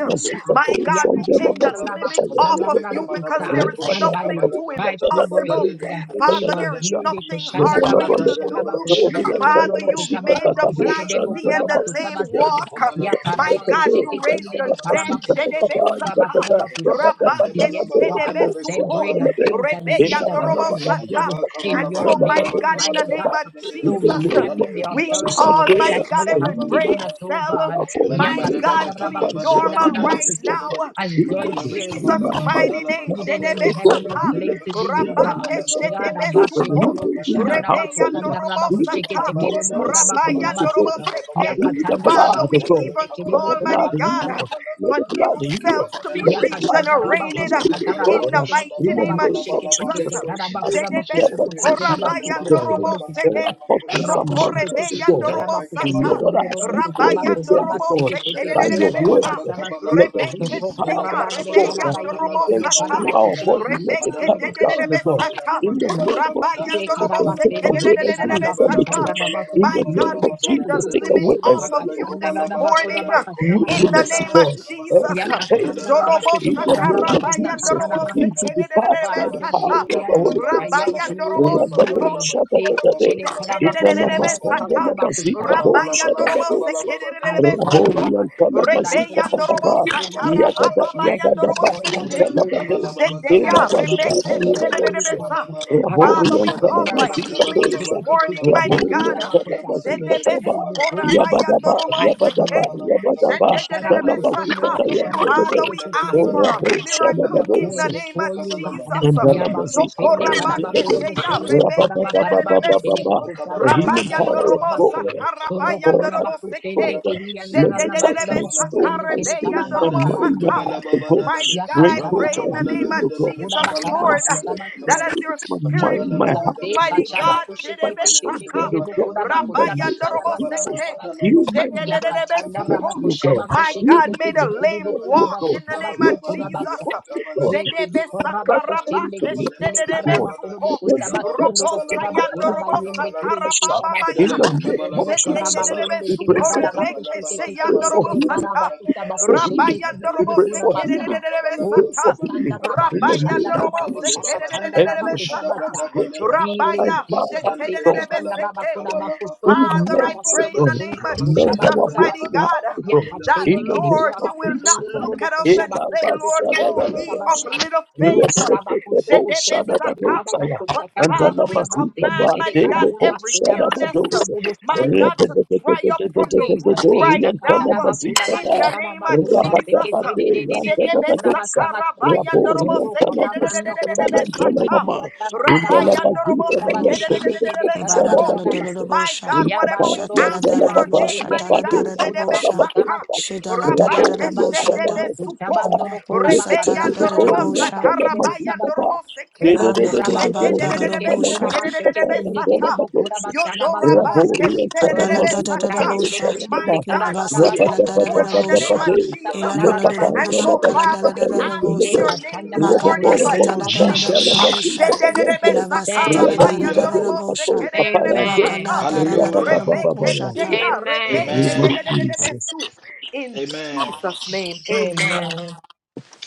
[SPEAKER 4] My God, we take the limit off of you because there is
[SPEAKER 2] badalabekabadabrakatosha,
[SPEAKER 1] And by your
[SPEAKER 4] nothing too
[SPEAKER 1] Christ, we
[SPEAKER 2] kabalababadalaba,
[SPEAKER 1] were
[SPEAKER 4] impossible.
[SPEAKER 1] healed. We
[SPEAKER 2] ladebelebemishi,
[SPEAKER 4] Father,
[SPEAKER 1] were
[SPEAKER 4] there is
[SPEAKER 3] you.
[SPEAKER 1] healed.
[SPEAKER 4] nothing
[SPEAKER 2] ladebelebemishi,
[SPEAKER 4] hard
[SPEAKER 3] Lebona
[SPEAKER 4] for
[SPEAKER 2] let
[SPEAKER 4] you
[SPEAKER 3] bona
[SPEAKER 2] there
[SPEAKER 4] to
[SPEAKER 2] be
[SPEAKER 3] tota
[SPEAKER 4] do.
[SPEAKER 2] liberation.
[SPEAKER 3] Batori
[SPEAKER 2] Let
[SPEAKER 3] ba
[SPEAKER 2] there be
[SPEAKER 3] tsala
[SPEAKER 4] Father,
[SPEAKER 3] ba
[SPEAKER 4] you
[SPEAKER 2] liberation.
[SPEAKER 3] sika
[SPEAKER 4] made the
[SPEAKER 3] taka
[SPEAKER 2] Balabako
[SPEAKER 3] bo
[SPEAKER 4] blind see
[SPEAKER 3] tsanda ba
[SPEAKER 4] and the
[SPEAKER 3] ba
[SPEAKER 2] shadabanabaya.
[SPEAKER 3] sika
[SPEAKER 4] lame
[SPEAKER 3] ka
[SPEAKER 4] walk.
[SPEAKER 2] Yamakobalababa
[SPEAKER 4] My God, you
[SPEAKER 2] zadabalaba
[SPEAKER 3] Batori ba
[SPEAKER 4] raised the
[SPEAKER 3] tsala ba
[SPEAKER 2] katalabadu
[SPEAKER 4] dead.
[SPEAKER 3] sika taka
[SPEAKER 2] zabadibaba
[SPEAKER 3] ba ya
[SPEAKER 4] Jedebesaka.
[SPEAKER 2] katalabadaza.
[SPEAKER 3] ya ba ba ba ba
[SPEAKER 1] Yes,
[SPEAKER 2] Madebalaba
[SPEAKER 1] God,
[SPEAKER 3] bo
[SPEAKER 1] you
[SPEAKER 2] madelebe
[SPEAKER 1] said
[SPEAKER 4] Rabateshtedebesuko.
[SPEAKER 3] tsanda
[SPEAKER 1] greater
[SPEAKER 3] la
[SPEAKER 2] kotalabadi
[SPEAKER 3] be
[SPEAKER 1] things
[SPEAKER 4] Rebe
[SPEAKER 1] than
[SPEAKER 2] abaku
[SPEAKER 3] e
[SPEAKER 1] these
[SPEAKER 3] na
[SPEAKER 1] that
[SPEAKER 3] ba
[SPEAKER 1] we
[SPEAKER 3] na
[SPEAKER 2] shadabaya.
[SPEAKER 4] yandorobo
[SPEAKER 3] ba na
[SPEAKER 1] will
[SPEAKER 3] ba
[SPEAKER 4] sata.
[SPEAKER 1] do
[SPEAKER 2] Ayaba
[SPEAKER 3] sika ka
[SPEAKER 1] in
[SPEAKER 4] And
[SPEAKER 1] your
[SPEAKER 2] kabalababa
[SPEAKER 4] so, mighty
[SPEAKER 1] name,
[SPEAKER 2] dalaba
[SPEAKER 4] God, in the
[SPEAKER 1] Almighty
[SPEAKER 4] name
[SPEAKER 2] kabalababa
[SPEAKER 3] ba
[SPEAKER 4] of
[SPEAKER 1] God.
[SPEAKER 2] delebe
[SPEAKER 3] in
[SPEAKER 1] So
[SPEAKER 2] daba.
[SPEAKER 3] the
[SPEAKER 1] we
[SPEAKER 4] Jesus, uh,
[SPEAKER 3] name
[SPEAKER 1] stand
[SPEAKER 3] of
[SPEAKER 1] in
[SPEAKER 2] Madalebe
[SPEAKER 1] the
[SPEAKER 4] we
[SPEAKER 3] Jesus I
[SPEAKER 1] authority
[SPEAKER 2] kabalababa
[SPEAKER 4] call,
[SPEAKER 3] pray
[SPEAKER 1] that
[SPEAKER 2] dalaba
[SPEAKER 4] mighty God,
[SPEAKER 1] you
[SPEAKER 3] for
[SPEAKER 1] have
[SPEAKER 4] every
[SPEAKER 2] kabalababa
[SPEAKER 3] healing
[SPEAKER 1] given
[SPEAKER 4] brain
[SPEAKER 1] us,
[SPEAKER 3] I
[SPEAKER 1] oh
[SPEAKER 3] pray
[SPEAKER 4] cell, uh,
[SPEAKER 1] God.
[SPEAKER 3] for
[SPEAKER 4] my
[SPEAKER 2] Liberation,
[SPEAKER 3] healing
[SPEAKER 4] God, to
[SPEAKER 1] Yakasandaraba,
[SPEAKER 4] be
[SPEAKER 3] right
[SPEAKER 2] liberation,
[SPEAKER 3] Lord, in
[SPEAKER 4] normal
[SPEAKER 3] my
[SPEAKER 1] kushandaraba,
[SPEAKER 4] right
[SPEAKER 3] soul,
[SPEAKER 4] now.
[SPEAKER 2] liberation.
[SPEAKER 4] uh,
[SPEAKER 1] As
[SPEAKER 4] In
[SPEAKER 1] joint
[SPEAKER 3] healing
[SPEAKER 1] heirs with
[SPEAKER 3] in
[SPEAKER 4] Jesus'
[SPEAKER 3] my
[SPEAKER 1] you
[SPEAKER 3] mind,
[SPEAKER 4] mighty name,
[SPEAKER 1] hidden in the
[SPEAKER 4] Jedebe
[SPEAKER 3] oh God,
[SPEAKER 1] heavenly
[SPEAKER 4] saka.
[SPEAKER 3] healing
[SPEAKER 1] places in
[SPEAKER 3] in
[SPEAKER 1] you,
[SPEAKER 3] the
[SPEAKER 1] God.
[SPEAKER 4] Rabake
[SPEAKER 3] lives of my
[SPEAKER 1] God,
[SPEAKER 4] shedebe
[SPEAKER 3] children,
[SPEAKER 4] suko.
[SPEAKER 1] Abashindoro
[SPEAKER 3] healing in my
[SPEAKER 1] Kushana
[SPEAKER 4] Rebe
[SPEAKER 3] household,
[SPEAKER 1] Bakusanda
[SPEAKER 4] yandorobo
[SPEAKER 3] healing
[SPEAKER 1] Rabakushiki
[SPEAKER 3] my
[SPEAKER 4] sata.
[SPEAKER 3] mouth,
[SPEAKER 1] Tekiri
[SPEAKER 3] my
[SPEAKER 4] Rabba
[SPEAKER 3] siblings, oh
[SPEAKER 1] Kurabakusabaski.
[SPEAKER 3] God.
[SPEAKER 4] yandorobo
[SPEAKER 3] I
[SPEAKER 4] seke.
[SPEAKER 3] plead the
[SPEAKER 1] Yakatanda
[SPEAKER 4] Father,
[SPEAKER 3] blood of
[SPEAKER 4] we
[SPEAKER 3] God.
[SPEAKER 1] Rabakushiki
[SPEAKER 4] even
[SPEAKER 1] Tekiri
[SPEAKER 3] Let the
[SPEAKER 4] call, mighty
[SPEAKER 3] blood
[SPEAKER 4] God
[SPEAKER 1] Kurabakusabas.
[SPEAKER 3] heal. Let
[SPEAKER 4] for
[SPEAKER 3] the blood
[SPEAKER 4] new
[SPEAKER 3] heal.
[SPEAKER 4] cells to be
[SPEAKER 3] Let the blood
[SPEAKER 1] Yakashanda
[SPEAKER 3] heal,
[SPEAKER 4] regenerated
[SPEAKER 1] Rabakusha
[SPEAKER 4] uh,
[SPEAKER 3] healing, oh
[SPEAKER 4] in the
[SPEAKER 3] God.
[SPEAKER 4] mighty
[SPEAKER 3] In the
[SPEAKER 4] name of
[SPEAKER 3] name of
[SPEAKER 1] Katarabakusabakusabakushiki
[SPEAKER 4] Jesus.
[SPEAKER 1] Tekiti
[SPEAKER 3] Jesus,
[SPEAKER 4] uh.
[SPEAKER 3] as we
[SPEAKER 4] Jedebe
[SPEAKER 3] gather
[SPEAKER 4] sukoraba
[SPEAKER 3] tonight,
[SPEAKER 1] Karabakurabakutukurabaski
[SPEAKER 3] oh
[SPEAKER 2] Mandela
[SPEAKER 1] Tikiri
[SPEAKER 3] God,
[SPEAKER 2] Kabala
[SPEAKER 4] yandorobo
[SPEAKER 2] Baba
[SPEAKER 3] there
[SPEAKER 1] Bukusa.
[SPEAKER 2] Dana
[SPEAKER 3] are
[SPEAKER 4] sede,
[SPEAKER 2] Makusha
[SPEAKER 3] apostles
[SPEAKER 2] Dana
[SPEAKER 1] Rakushiki
[SPEAKER 3] amongst us,
[SPEAKER 4] zokorebe
[SPEAKER 2] Baba
[SPEAKER 1] Tikiti
[SPEAKER 3] oh God.
[SPEAKER 2] Mandela
[SPEAKER 4] yandorobo
[SPEAKER 3] And
[SPEAKER 2] Kabala
[SPEAKER 4] sata,
[SPEAKER 3] Lord,
[SPEAKER 2] Baba
[SPEAKER 1] Karabakusumusunduru
[SPEAKER 3] as
[SPEAKER 2] Dana
[SPEAKER 3] we
[SPEAKER 4] raba
[SPEAKER 3] pray
[SPEAKER 2] Kabala
[SPEAKER 3] with
[SPEAKER 2] Baba
[SPEAKER 3] them,
[SPEAKER 4] yandorobo
[SPEAKER 3] oh God
[SPEAKER 1] Kukabakusabasiki
[SPEAKER 3] by
[SPEAKER 1] Tikiri
[SPEAKER 3] your
[SPEAKER 4] sekedededebe
[SPEAKER 3] word.
[SPEAKER 4] sa,
[SPEAKER 1] Kurabasabas.
[SPEAKER 3] Let the
[SPEAKER 4] rebe
[SPEAKER 3] healing
[SPEAKER 4] keshte
[SPEAKER 3] power
[SPEAKER 4] ya
[SPEAKER 3] of
[SPEAKER 1] Rokurabande
[SPEAKER 3] God
[SPEAKER 4] rebe
[SPEAKER 1] karabayende
[SPEAKER 4] yandorobo
[SPEAKER 1] kede
[SPEAKER 3] edge
[SPEAKER 4] sata.
[SPEAKER 3] through
[SPEAKER 1] karabaku
[SPEAKER 3] our
[SPEAKER 1] chiki
[SPEAKER 3] body.
[SPEAKER 1] tiki
[SPEAKER 3] Let it
[SPEAKER 1] tiki
[SPEAKER 4] Rebeke
[SPEAKER 1] de
[SPEAKER 4] de
[SPEAKER 3] come
[SPEAKER 4] de de
[SPEAKER 1] bukusha.
[SPEAKER 4] de
[SPEAKER 3] down, oh God.
[SPEAKER 4] besata.
[SPEAKER 3] In the name of
[SPEAKER 1] Ite
[SPEAKER 4] Rabayando
[SPEAKER 3] Jesus,
[SPEAKER 4] robo
[SPEAKER 3] and take
[SPEAKER 1] karabase
[SPEAKER 4] seke
[SPEAKER 1] ne
[SPEAKER 4] de de
[SPEAKER 3] away
[SPEAKER 4] de
[SPEAKER 1] kede
[SPEAKER 4] de de de
[SPEAKER 3] every
[SPEAKER 1] karabaku
[SPEAKER 3] infirmity.
[SPEAKER 4] besata.
[SPEAKER 1] Sandara rabaku
[SPEAKER 3] In the
[SPEAKER 4] My
[SPEAKER 1] rabuku
[SPEAKER 3] name
[SPEAKER 4] God,
[SPEAKER 3] of
[SPEAKER 4] we
[SPEAKER 1] rubuku
[SPEAKER 4] take the
[SPEAKER 3] Jesus,
[SPEAKER 1] kutu
[SPEAKER 3] take
[SPEAKER 1] kuru
[SPEAKER 4] limit
[SPEAKER 3] away
[SPEAKER 4] off of
[SPEAKER 1] kurabaka
[SPEAKER 3] every
[SPEAKER 4] you
[SPEAKER 1] sanda
[SPEAKER 4] this
[SPEAKER 1] rabaku
[SPEAKER 4] morning uh,
[SPEAKER 1] rabaka sabasu
[SPEAKER 4] in the
[SPEAKER 3] Wickedness,
[SPEAKER 4] name of
[SPEAKER 3] God,
[SPEAKER 1] kurabaku.
[SPEAKER 4] Jesus.
[SPEAKER 3] every
[SPEAKER 4] uh,
[SPEAKER 1] Yaka
[SPEAKER 3] pain
[SPEAKER 1] sanda rabaku
[SPEAKER 4] Jorobo
[SPEAKER 3] in the
[SPEAKER 1] Sandara
[SPEAKER 4] sata
[SPEAKER 3] name of
[SPEAKER 1] rabaku
[SPEAKER 4] rabayando
[SPEAKER 3] Jesus
[SPEAKER 1] sakata
[SPEAKER 4] robo
[SPEAKER 1] rabaku.
[SPEAKER 3] begin to
[SPEAKER 4] seke de de de
[SPEAKER 3] depart
[SPEAKER 4] de
[SPEAKER 3] by the power
[SPEAKER 4] besata.
[SPEAKER 3] of
[SPEAKER 1] Bamendilia,
[SPEAKER 3] the
[SPEAKER 1] we
[SPEAKER 3] Holy
[SPEAKER 1] cry
[SPEAKER 3] Ghost.
[SPEAKER 1] out to
[SPEAKER 4] Rabayando
[SPEAKER 1] you this
[SPEAKER 4] robo
[SPEAKER 3] ra da da da
[SPEAKER 4] suto.
[SPEAKER 1] morning.
[SPEAKER 3] da da
[SPEAKER 1] Hey,
[SPEAKER 3] da da
[SPEAKER 1] kushede
[SPEAKER 3] In
[SPEAKER 1] karabaku
[SPEAKER 3] the
[SPEAKER 1] sanda
[SPEAKER 3] Namastanda
[SPEAKER 1] rabaku
[SPEAKER 4] Zekededededebesata.
[SPEAKER 2] Mandala
[SPEAKER 1] rabaku
[SPEAKER 3] Namazika
[SPEAKER 2] Madabala
[SPEAKER 1] sabasa.
[SPEAKER 2] Balaba
[SPEAKER 4] Rabayandorobo
[SPEAKER 2] Kabala
[SPEAKER 3] Boshadabadoso.
[SPEAKER 2] Baba
[SPEAKER 1] I
[SPEAKER 2] Dalaba
[SPEAKER 1] call
[SPEAKER 2] Kabala
[SPEAKER 3] Rabori
[SPEAKER 1] God
[SPEAKER 4] sekededededebesuto.
[SPEAKER 2] Baba
[SPEAKER 1] to
[SPEAKER 3] Antala
[SPEAKER 2] Debede
[SPEAKER 1] put
[SPEAKER 2] Bede
[SPEAKER 1] I put
[SPEAKER 3] Mazika
[SPEAKER 1] on
[SPEAKER 2] Bede
[SPEAKER 1] him
[SPEAKER 4] Rebeyandorobo
[SPEAKER 2] Balaba
[SPEAKER 3] Tataba.
[SPEAKER 1] before you,
[SPEAKER 2] Kabala
[SPEAKER 4] satara
[SPEAKER 1] God.
[SPEAKER 3] Yadada
[SPEAKER 2] Bada
[SPEAKER 1] I put
[SPEAKER 4] bababayandorobo
[SPEAKER 3] Yabadaba
[SPEAKER 2] Kabala
[SPEAKER 1] Georgia
[SPEAKER 4] seke.
[SPEAKER 3] Antala
[SPEAKER 1] before you, God.
[SPEAKER 3] Badesh.
[SPEAKER 1] I
[SPEAKER 4] Zedeya
[SPEAKER 1] put hell before you,
[SPEAKER 3] Elabashadadadoso.
[SPEAKER 1] God.
[SPEAKER 4] rebekeshtedededebesa.
[SPEAKER 3] Rabori
[SPEAKER 4] Father,
[SPEAKER 1] Karabaku
[SPEAKER 4] we
[SPEAKER 3] Antala
[SPEAKER 4] call for
[SPEAKER 1] Sandarabaku
[SPEAKER 3] Mazika
[SPEAKER 4] healing
[SPEAKER 1] Tiki
[SPEAKER 4] this
[SPEAKER 3] Tosha.
[SPEAKER 1] Tiki Tiki
[SPEAKER 4] morning,
[SPEAKER 1] Tiki
[SPEAKER 4] mighty
[SPEAKER 3] Rabori
[SPEAKER 4] God.
[SPEAKER 1] Bukunabaku
[SPEAKER 3] Antala
[SPEAKER 1] Takuma.
[SPEAKER 3] Mazika
[SPEAKER 4] Zedebe
[SPEAKER 3] Taba.
[SPEAKER 1] Hell before you, God.
[SPEAKER 3] Yabadaba,
[SPEAKER 1] I put my
[SPEAKER 4] seke.
[SPEAKER 3] Yabadaba,
[SPEAKER 1] mother before
[SPEAKER 3] Yabadaba,
[SPEAKER 1] Kusharabaku
[SPEAKER 3] Dalabazuka
[SPEAKER 1] Sundaru
[SPEAKER 4] Jededededebesata.
[SPEAKER 1] Kusharabaku
[SPEAKER 3] Tayantelebe,
[SPEAKER 4] Father,
[SPEAKER 1] Tiki
[SPEAKER 4] we
[SPEAKER 1] Tiki
[SPEAKER 4] ask for a
[SPEAKER 1] Demusta.
[SPEAKER 3] Orabo
[SPEAKER 4] miracle
[SPEAKER 1] Mother
[SPEAKER 4] in
[SPEAKER 1] phone
[SPEAKER 4] the name of
[SPEAKER 1] before you, God.
[SPEAKER 4] Jesus.
[SPEAKER 3] and the
[SPEAKER 1] Yabaku
[SPEAKER 3] Lamazika
[SPEAKER 1] Shende
[SPEAKER 3] and the
[SPEAKER 1] Karabaku
[SPEAKER 3] Lebe.
[SPEAKER 4] Zokorabakesheya
[SPEAKER 1] Sundaru Kurabakarabaku
[SPEAKER 4] rebekededededebesu.
[SPEAKER 3] Rabba-ba-ba-ba-ba-ba-ba.
[SPEAKER 1] Shedebu
[SPEAKER 3] The healing power of
[SPEAKER 1] Kusanabasa
[SPEAKER 3] God.
[SPEAKER 4] Rabayandorobosata,
[SPEAKER 3] I
[SPEAKER 1] Koro
[SPEAKER 3] call out
[SPEAKER 1] koraba
[SPEAKER 3] for
[SPEAKER 1] kusende
[SPEAKER 4] rabayandoroboseke.
[SPEAKER 3] God.
[SPEAKER 1] kiri
[SPEAKER 3] Let
[SPEAKER 1] andara
[SPEAKER 3] it
[SPEAKER 1] raba
[SPEAKER 3] touch my
[SPEAKER 1] kuraba
[SPEAKER 4] Jededededebesaka,
[SPEAKER 3] soul,
[SPEAKER 1] kusende
[SPEAKER 3] my
[SPEAKER 1] kiri
[SPEAKER 3] spirit,
[SPEAKER 1] karaba
[SPEAKER 3] my
[SPEAKER 1] karaba
[SPEAKER 3] mind, my
[SPEAKER 4] rebeyandorobosata.
[SPEAKER 1] karaba.
[SPEAKER 3] heart, oh God.
[SPEAKER 4] Mighty God,
[SPEAKER 3] Bring
[SPEAKER 4] I
[SPEAKER 1] Yakashanda
[SPEAKER 4] pray in
[SPEAKER 3] total
[SPEAKER 1] raba
[SPEAKER 4] the name
[SPEAKER 3] healing, oh
[SPEAKER 4] of
[SPEAKER 1] kusukutu
[SPEAKER 3] God,
[SPEAKER 4] Jesus,
[SPEAKER 1] kuraba
[SPEAKER 3] to my
[SPEAKER 1] karaba
[SPEAKER 4] Lord,
[SPEAKER 3] soul,
[SPEAKER 1] kusaba
[SPEAKER 3] my
[SPEAKER 4] that as
[SPEAKER 3] spirit,
[SPEAKER 4] your
[SPEAKER 3] my
[SPEAKER 4] Spirit,
[SPEAKER 3] mind, my
[SPEAKER 1] Jesus,
[SPEAKER 4] move,
[SPEAKER 3] heart,
[SPEAKER 1] take
[SPEAKER 3] oh
[SPEAKER 4] mighty
[SPEAKER 3] God.
[SPEAKER 1] kachaba
[SPEAKER 4] God.
[SPEAKER 3] My
[SPEAKER 1] kushiki tiki tiki
[SPEAKER 3] children,
[SPEAKER 4] Jedebesaka,
[SPEAKER 3] oh
[SPEAKER 1] debu
[SPEAKER 3] God,
[SPEAKER 1] kuda
[SPEAKER 3] in
[SPEAKER 1] baku
[SPEAKER 3] the
[SPEAKER 1] saba
[SPEAKER 3] name of
[SPEAKER 1] saba ba saba
[SPEAKER 3] Jesus.
[SPEAKER 4] rabayandoroboseke,
[SPEAKER 1] saba
[SPEAKER 3] Heal
[SPEAKER 1] su.
[SPEAKER 3] my
[SPEAKER 1] Ya katanda raba
[SPEAKER 3] body,
[SPEAKER 4] jedededebesuko.
[SPEAKER 3] oh
[SPEAKER 1] kushaba
[SPEAKER 3] God.
[SPEAKER 4] My
[SPEAKER 3] Heal
[SPEAKER 1] kushiki
[SPEAKER 4] God,
[SPEAKER 3] my
[SPEAKER 1] tiki
[SPEAKER 4] made a
[SPEAKER 1] tiki
[SPEAKER 4] lame
[SPEAKER 3] body,
[SPEAKER 1] debu kuda
[SPEAKER 3] oh
[SPEAKER 4] walk
[SPEAKER 1] baku
[SPEAKER 4] in
[SPEAKER 3] God.
[SPEAKER 4] the
[SPEAKER 1] saba
[SPEAKER 4] name
[SPEAKER 3] Heal
[SPEAKER 1] su
[SPEAKER 4] of
[SPEAKER 3] my
[SPEAKER 1] kuda basa.
[SPEAKER 4] Jesus.
[SPEAKER 3] body, oh God.
[SPEAKER 1] Ye kide koraba
[SPEAKER 4] Jedebesaka,
[SPEAKER 3] Brother,
[SPEAKER 1] kushende
[SPEAKER 4] rabake,
[SPEAKER 3] everything
[SPEAKER 1] kide
[SPEAKER 3] belongs
[SPEAKER 1] kide
[SPEAKER 3] to God.
[SPEAKER 1] karaba kuda
[SPEAKER 3] But
[SPEAKER 4] jedededebesuko,
[SPEAKER 1] baku
[SPEAKER 3] there's a
[SPEAKER 1] saba sundo ro
[SPEAKER 3] destiny to
[SPEAKER 1] kuda baku
[SPEAKER 3] God
[SPEAKER 1] da
[SPEAKER 3] and
[SPEAKER 1] ba
[SPEAKER 3] my
[SPEAKER 1] yende
[SPEAKER 2] Rabba
[SPEAKER 1] kide baku
[SPEAKER 3] pressure.
[SPEAKER 1] shaba sa.
[SPEAKER 3] In
[SPEAKER 4] robosayandorobosatarababayaya.
[SPEAKER 3] the
[SPEAKER 2] Kadalaba
[SPEAKER 1] So,
[SPEAKER 3] name of
[SPEAKER 2] kabalaba
[SPEAKER 1] Ro
[SPEAKER 3] Jesus,
[SPEAKER 1] koraba
[SPEAKER 2] kabalaba
[SPEAKER 1] yende
[SPEAKER 3] we pray
[SPEAKER 1] kide
[SPEAKER 4] Jededededebesuko,
[SPEAKER 2] raba
[SPEAKER 3] for
[SPEAKER 1] karaba
[SPEAKER 3] healing.
[SPEAKER 4] rebeke,
[SPEAKER 1] kushiki
[SPEAKER 2] kabalaba kabalaba
[SPEAKER 1] tiki
[SPEAKER 3] Pray
[SPEAKER 1] tiki
[SPEAKER 3] for
[SPEAKER 1] kide
[SPEAKER 3] healing.
[SPEAKER 1] karaba
[SPEAKER 4] sheyandorobosata,
[SPEAKER 3] We
[SPEAKER 2] kabalaba
[SPEAKER 1] kushaba
[SPEAKER 3] pray For
[SPEAKER 2] dalaba
[SPEAKER 1] kushende
[SPEAKER 3] healing.
[SPEAKER 1] kide
[SPEAKER 3] We
[SPEAKER 1] kide
[SPEAKER 2] madelebe
[SPEAKER 3] pray
[SPEAKER 1] kuda
[SPEAKER 3] for
[SPEAKER 4] rabayandoroboseke,
[SPEAKER 2] kabalaba
[SPEAKER 1] basa.
[SPEAKER 3] healing. We
[SPEAKER 2] kabalaba
[SPEAKER 3] pray
[SPEAKER 1] Oko
[SPEAKER 3] for
[SPEAKER 4] dedededebesata.
[SPEAKER 2] kabalaba
[SPEAKER 1] sanda
[SPEAKER 3] healing. In
[SPEAKER 1] rabaku
[SPEAKER 3] the
[SPEAKER 2] bebelebe
[SPEAKER 4] Rabbi
[SPEAKER 1] shanda
[SPEAKER 3] name of
[SPEAKER 1] rabaku
[SPEAKER 2] makabaleba
[SPEAKER 3] Jesus,
[SPEAKER 1] saka tanda
[SPEAKER 2] badalaba
[SPEAKER 3] every
[SPEAKER 1] rabaku
[SPEAKER 3] heart
[SPEAKER 2] koshada
[SPEAKER 3] that is
[SPEAKER 2] branda
[SPEAKER 1] sabasa.
[SPEAKER 2] baleba
[SPEAKER 3] broken, I
[SPEAKER 1] Healing
[SPEAKER 2] badalaba
[SPEAKER 4] Rabaya
[SPEAKER 3] bow
[SPEAKER 1] Jesus
[SPEAKER 2] madelebe
[SPEAKER 3] up
[SPEAKER 1] eka shanda
[SPEAKER 2] kabalaba
[SPEAKER 1] rabaku
[SPEAKER 4] Jetedebeseke.
[SPEAKER 1] rabaku
[SPEAKER 2] kabalaba
[SPEAKER 3] who
[SPEAKER 1] sunduru
[SPEAKER 4] Father,
[SPEAKER 2] badalaba
[SPEAKER 4] I
[SPEAKER 3] meant
[SPEAKER 1] kurabaku
[SPEAKER 3] to
[SPEAKER 4] pray
[SPEAKER 2] kabalaba
[SPEAKER 1] rubu
[SPEAKER 4] in
[SPEAKER 3] God,
[SPEAKER 4] the name
[SPEAKER 1] sunduru
[SPEAKER 4] of
[SPEAKER 2] raba
[SPEAKER 3] mend
[SPEAKER 4] Jesus,
[SPEAKER 1] kushabaku
[SPEAKER 3] our
[SPEAKER 2] katolebe
[SPEAKER 4] mighty
[SPEAKER 3] broken
[SPEAKER 1] sabasu.
[SPEAKER 2] dabaleba
[SPEAKER 3] heart
[SPEAKER 4] God,
[SPEAKER 3] to God,
[SPEAKER 1] Yaka
[SPEAKER 2] katolebe
[SPEAKER 4] that
[SPEAKER 3] in
[SPEAKER 1] chende
[SPEAKER 3] the
[SPEAKER 2] dabalaba
[SPEAKER 1] kiri
[SPEAKER 3] name
[SPEAKER 4] Lord, you
[SPEAKER 3] of
[SPEAKER 2] zabaliya
[SPEAKER 1] kurabaku
[SPEAKER 4] will
[SPEAKER 3] Jesus.
[SPEAKER 4] not
[SPEAKER 1] sunduru
[SPEAKER 4] look
[SPEAKER 1] rubu
[SPEAKER 4] at us
[SPEAKER 3] In
[SPEAKER 4] and
[SPEAKER 3] the
[SPEAKER 1] kushabaku
[SPEAKER 4] say,
[SPEAKER 1] suku
[SPEAKER 4] Lord,
[SPEAKER 1] suku
[SPEAKER 3] Basada
[SPEAKER 2] dalaba
[SPEAKER 4] oh
[SPEAKER 3] Da
[SPEAKER 1] rubu
[SPEAKER 3] da
[SPEAKER 4] ye
[SPEAKER 2] laba
[SPEAKER 4] of
[SPEAKER 2] laba
[SPEAKER 1] sabasa.
[SPEAKER 4] little faith,
[SPEAKER 1] Yoku rabaku suku shende kiri
[SPEAKER 4] Jedebesaka.
[SPEAKER 3] Resekekeboshadadadosa,
[SPEAKER 1] karabaku
[SPEAKER 4] but
[SPEAKER 1] saka
[SPEAKER 3] and
[SPEAKER 4] Father,
[SPEAKER 3] the
[SPEAKER 1] rabaku
[SPEAKER 4] we
[SPEAKER 3] Basita
[SPEAKER 1] rabasende
[SPEAKER 4] command,
[SPEAKER 3] Ba
[SPEAKER 1] kiri
[SPEAKER 4] mighty
[SPEAKER 3] de
[SPEAKER 4] God, every
[SPEAKER 1] karabasende
[SPEAKER 3] Labasika
[SPEAKER 4] illness,
[SPEAKER 1] rabasuku
[SPEAKER 3] Badeleboshadabadosa,
[SPEAKER 1] tubu
[SPEAKER 4] my God, to dry up from the
[SPEAKER 1] Jesus.
[SPEAKER 4] room right
[SPEAKER 1] Esha
[SPEAKER 3] Rebededededededededededorian
[SPEAKER 4] now uh,
[SPEAKER 1] kataraba
[SPEAKER 3] basita
[SPEAKER 1] kuraba
[SPEAKER 4] in the
[SPEAKER 3] Ba,
[SPEAKER 4] name
[SPEAKER 1] shekaraba
[SPEAKER 4] of
[SPEAKER 1] kuraba
[SPEAKER 4] Jesus.
[SPEAKER 1] Seke te
[SPEAKER 4] uh.
[SPEAKER 3] Rabadabade,
[SPEAKER 1] de de de
[SPEAKER 3] and
[SPEAKER 1] de
[SPEAKER 3] the
[SPEAKER 1] de bo
[SPEAKER 4] Jedebe
[SPEAKER 1] kuraba
[SPEAKER 3] Labadosa,
[SPEAKER 1] sabasa.
[SPEAKER 4] sakarabayandorobo
[SPEAKER 3] Raborian
[SPEAKER 1] Ro kurabanda
[SPEAKER 3] Talabasika
[SPEAKER 1] kuraba
[SPEAKER 4] sekedededededebe
[SPEAKER 1] shendi
[SPEAKER 4] sata.
[SPEAKER 3] mama.
[SPEAKER 1] kiyatana radaba
[SPEAKER 3] Indala
[SPEAKER 1] kuraba
[SPEAKER 4] Rabayandorobo
[SPEAKER 3] bazuka
[SPEAKER 1] kusaba
[SPEAKER 3] kayante
[SPEAKER 5] Rosha.
[SPEAKER 1] sekete
[SPEAKER 3] lebe
[SPEAKER 1] kede
[SPEAKER 4] sekedededededebe
[SPEAKER 1] karaba
[SPEAKER 5] Kebara
[SPEAKER 3] kusada
[SPEAKER 4] suko.
[SPEAKER 5] Dala
[SPEAKER 1] sadaba
[SPEAKER 5] Dolor
[SPEAKER 3] badose.
[SPEAKER 1] so.
[SPEAKER 4] My
[SPEAKER 5] Bosha.
[SPEAKER 4] God,
[SPEAKER 1] Ya
[SPEAKER 3] Ripaka
[SPEAKER 4] whatever we
[SPEAKER 1] bandoro
[SPEAKER 5] Shatala
[SPEAKER 4] ask in
[SPEAKER 3] yantala
[SPEAKER 5] Dara
[SPEAKER 1] kusaba
[SPEAKER 4] your
[SPEAKER 3] baba
[SPEAKER 4] name,
[SPEAKER 5] Bosha
[SPEAKER 1] kushende
[SPEAKER 4] mighty
[SPEAKER 5] Tala
[SPEAKER 1] kede
[SPEAKER 3] rabade
[SPEAKER 4] God,
[SPEAKER 1] bo
[SPEAKER 5] Dara
[SPEAKER 4] jedebe
[SPEAKER 1] kuraba
[SPEAKER 3] antala
[SPEAKER 5] Bosha.
[SPEAKER 1] kusaba
[SPEAKER 4] saka.
[SPEAKER 3] badosa.
[SPEAKER 1] se.
[SPEAKER 5] Shedala
[SPEAKER 1] Ya
[SPEAKER 3] Rabo
[SPEAKER 5] Dara
[SPEAKER 4] Rabake
[SPEAKER 3] yantala
[SPEAKER 5] Boshata.
[SPEAKER 1] shabatundoro
[SPEAKER 4] shedebe
[SPEAKER 3] mazika
[SPEAKER 4] suko.
[SPEAKER 3] ba.
[SPEAKER 1] kusabandoro
[SPEAKER 5] Abaku
[SPEAKER 1] kuraba
[SPEAKER 3] Leka chete
[SPEAKER 5] Satala
[SPEAKER 1] kasanda
[SPEAKER 5] Dara
[SPEAKER 3] teko
[SPEAKER 1] raba kuraba
[SPEAKER 5] Bosha.
[SPEAKER 3] yantala
[SPEAKER 1] kede bo
[SPEAKER 3] mazika
[SPEAKER 1] sabasa.
[SPEAKER 3] ba.
[SPEAKER 4] Tarabayandoroboseke.
[SPEAKER 1] Ro kuraba
[SPEAKER 3] Kedededededede
[SPEAKER 1] koshende kede
[SPEAKER 3] yantala
[SPEAKER 1] bo
[SPEAKER 5] Amaklabanda
[SPEAKER 4] Jedededededebeseke.
[SPEAKER 1] raba
[SPEAKER 3] mazika ba
[SPEAKER 1] sekete
[SPEAKER 3] yantala
[SPEAKER 1] kede bo
[SPEAKER 3] badose.
[SPEAKER 1] kuraba sadaba
[SPEAKER 3] Rabo
[SPEAKER 4] Yodoraba
[SPEAKER 1] sabasa.
[SPEAKER 3] yantala
[SPEAKER 5] Katala da da
[SPEAKER 3] mazika
[SPEAKER 5] da da
[SPEAKER 3] ba
[SPEAKER 1] Robokunayende
[SPEAKER 5] bosha.
[SPEAKER 3] yantala
[SPEAKER 1] kishende
[SPEAKER 4] My
[SPEAKER 3] baba.
[SPEAKER 4] God
[SPEAKER 1] karabana
[SPEAKER 4] shall
[SPEAKER 5] Kilabasa
[SPEAKER 1] basa
[SPEAKER 5] tala
[SPEAKER 3] Rabade
[SPEAKER 4] come
[SPEAKER 2] badalaba
[SPEAKER 5] da da da
[SPEAKER 1] katana
[SPEAKER 4] forth
[SPEAKER 5] da
[SPEAKER 3] babade
[SPEAKER 4] in the
[SPEAKER 1] bakusa
[SPEAKER 5] bosha.
[SPEAKER 4] name
[SPEAKER 2] yaba
[SPEAKER 4] of
[SPEAKER 3] babade.
[SPEAKER 1] bakusa
[SPEAKER 4] Jesus.
[SPEAKER 5] Ela da
[SPEAKER 1] katana
[SPEAKER 5] la
[SPEAKER 3] Leka
[SPEAKER 1] na
[SPEAKER 5] da
[SPEAKER 3] pa
[SPEAKER 5] da
[SPEAKER 1] bakuna
[SPEAKER 4] And
[SPEAKER 3] yantala
[SPEAKER 5] bosha
[SPEAKER 4] so,
[SPEAKER 1] bakusa
[SPEAKER 5] tala da
[SPEAKER 4] Father,
[SPEAKER 3] bazuka
[SPEAKER 5] la
[SPEAKER 1] basa.
[SPEAKER 5] da
[SPEAKER 4] we
[SPEAKER 5] da da
[SPEAKER 3] kayante
[SPEAKER 4] ask in
[SPEAKER 1] Ye
[SPEAKER 3] lebe.
[SPEAKER 5] bosa.
[SPEAKER 4] your name
[SPEAKER 1] katana
[SPEAKER 3] The
[SPEAKER 4] this
[SPEAKER 1] na
[SPEAKER 4] morning
[SPEAKER 2] in
[SPEAKER 1] bakuna
[SPEAKER 2] the
[SPEAKER 5] Maklabasa
[SPEAKER 4] for
[SPEAKER 1] basa
[SPEAKER 2] name of
[SPEAKER 5] tala da
[SPEAKER 1] basa.
[SPEAKER 5] da
[SPEAKER 4] healing.
[SPEAKER 5] da da da
[SPEAKER 2] Jesus.
[SPEAKER 5] bosha. Kilabasa
[SPEAKER 1] Thank
[SPEAKER 5] tala
[SPEAKER 1] you,
[SPEAKER 5] da da da
[SPEAKER 1] Jesus.
[SPEAKER 2] Hallelujah.
[SPEAKER 5] da da bosha.
[SPEAKER 1] Amen.
[SPEAKER 5] Ebakala
[SPEAKER 4] Jededededebesakarabayandoroboseke-dedededebe-sata.
[SPEAKER 5] da da da da da da
[SPEAKER 2] Hallelujah.
[SPEAKER 5] bokosha ta.
[SPEAKER 4] Rebekesheya,
[SPEAKER 1] Amen.
[SPEAKER 3] name
[SPEAKER 5] Kesu.
[SPEAKER 2] Amen.
[SPEAKER 3] of Jesus.
[SPEAKER 4] rebeke-dededededebesu. In
[SPEAKER 2] Amen.
[SPEAKER 4] Jesus' name, amen.
[SPEAKER 1] Amen.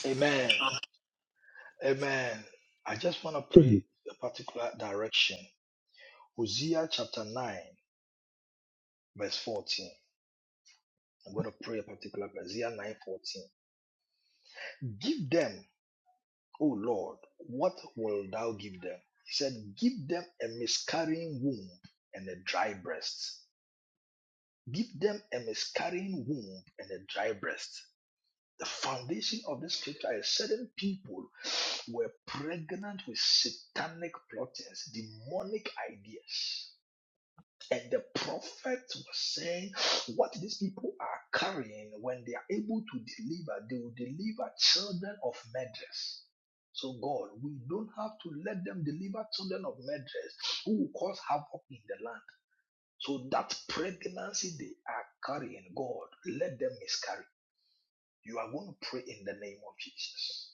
[SPEAKER 2] Amen. Amen. I just want to pray
[SPEAKER 3] Mm.
[SPEAKER 2] a particular direction. Hosea chapter 9, verse 14. I'm going to pray a particular verse. Hosea 9 14. Give them, O Lord, what will thou give them? He said, Give them a miscarrying womb and a dry breast. Give them a miscarrying womb and a dry breast. the foundation of this scripture is certain people were pregnant with satanic plottings, demonic ideas. And the prophet was saying, What these people are carrying, when they are able to deliver, they will deliver children of murderers. So, God, we don't have to let them deliver children of murderers who will cause havoc in the land. So, that pregnancy they are carrying, God, let them miscarry. You are going to pray in the name of Jesus.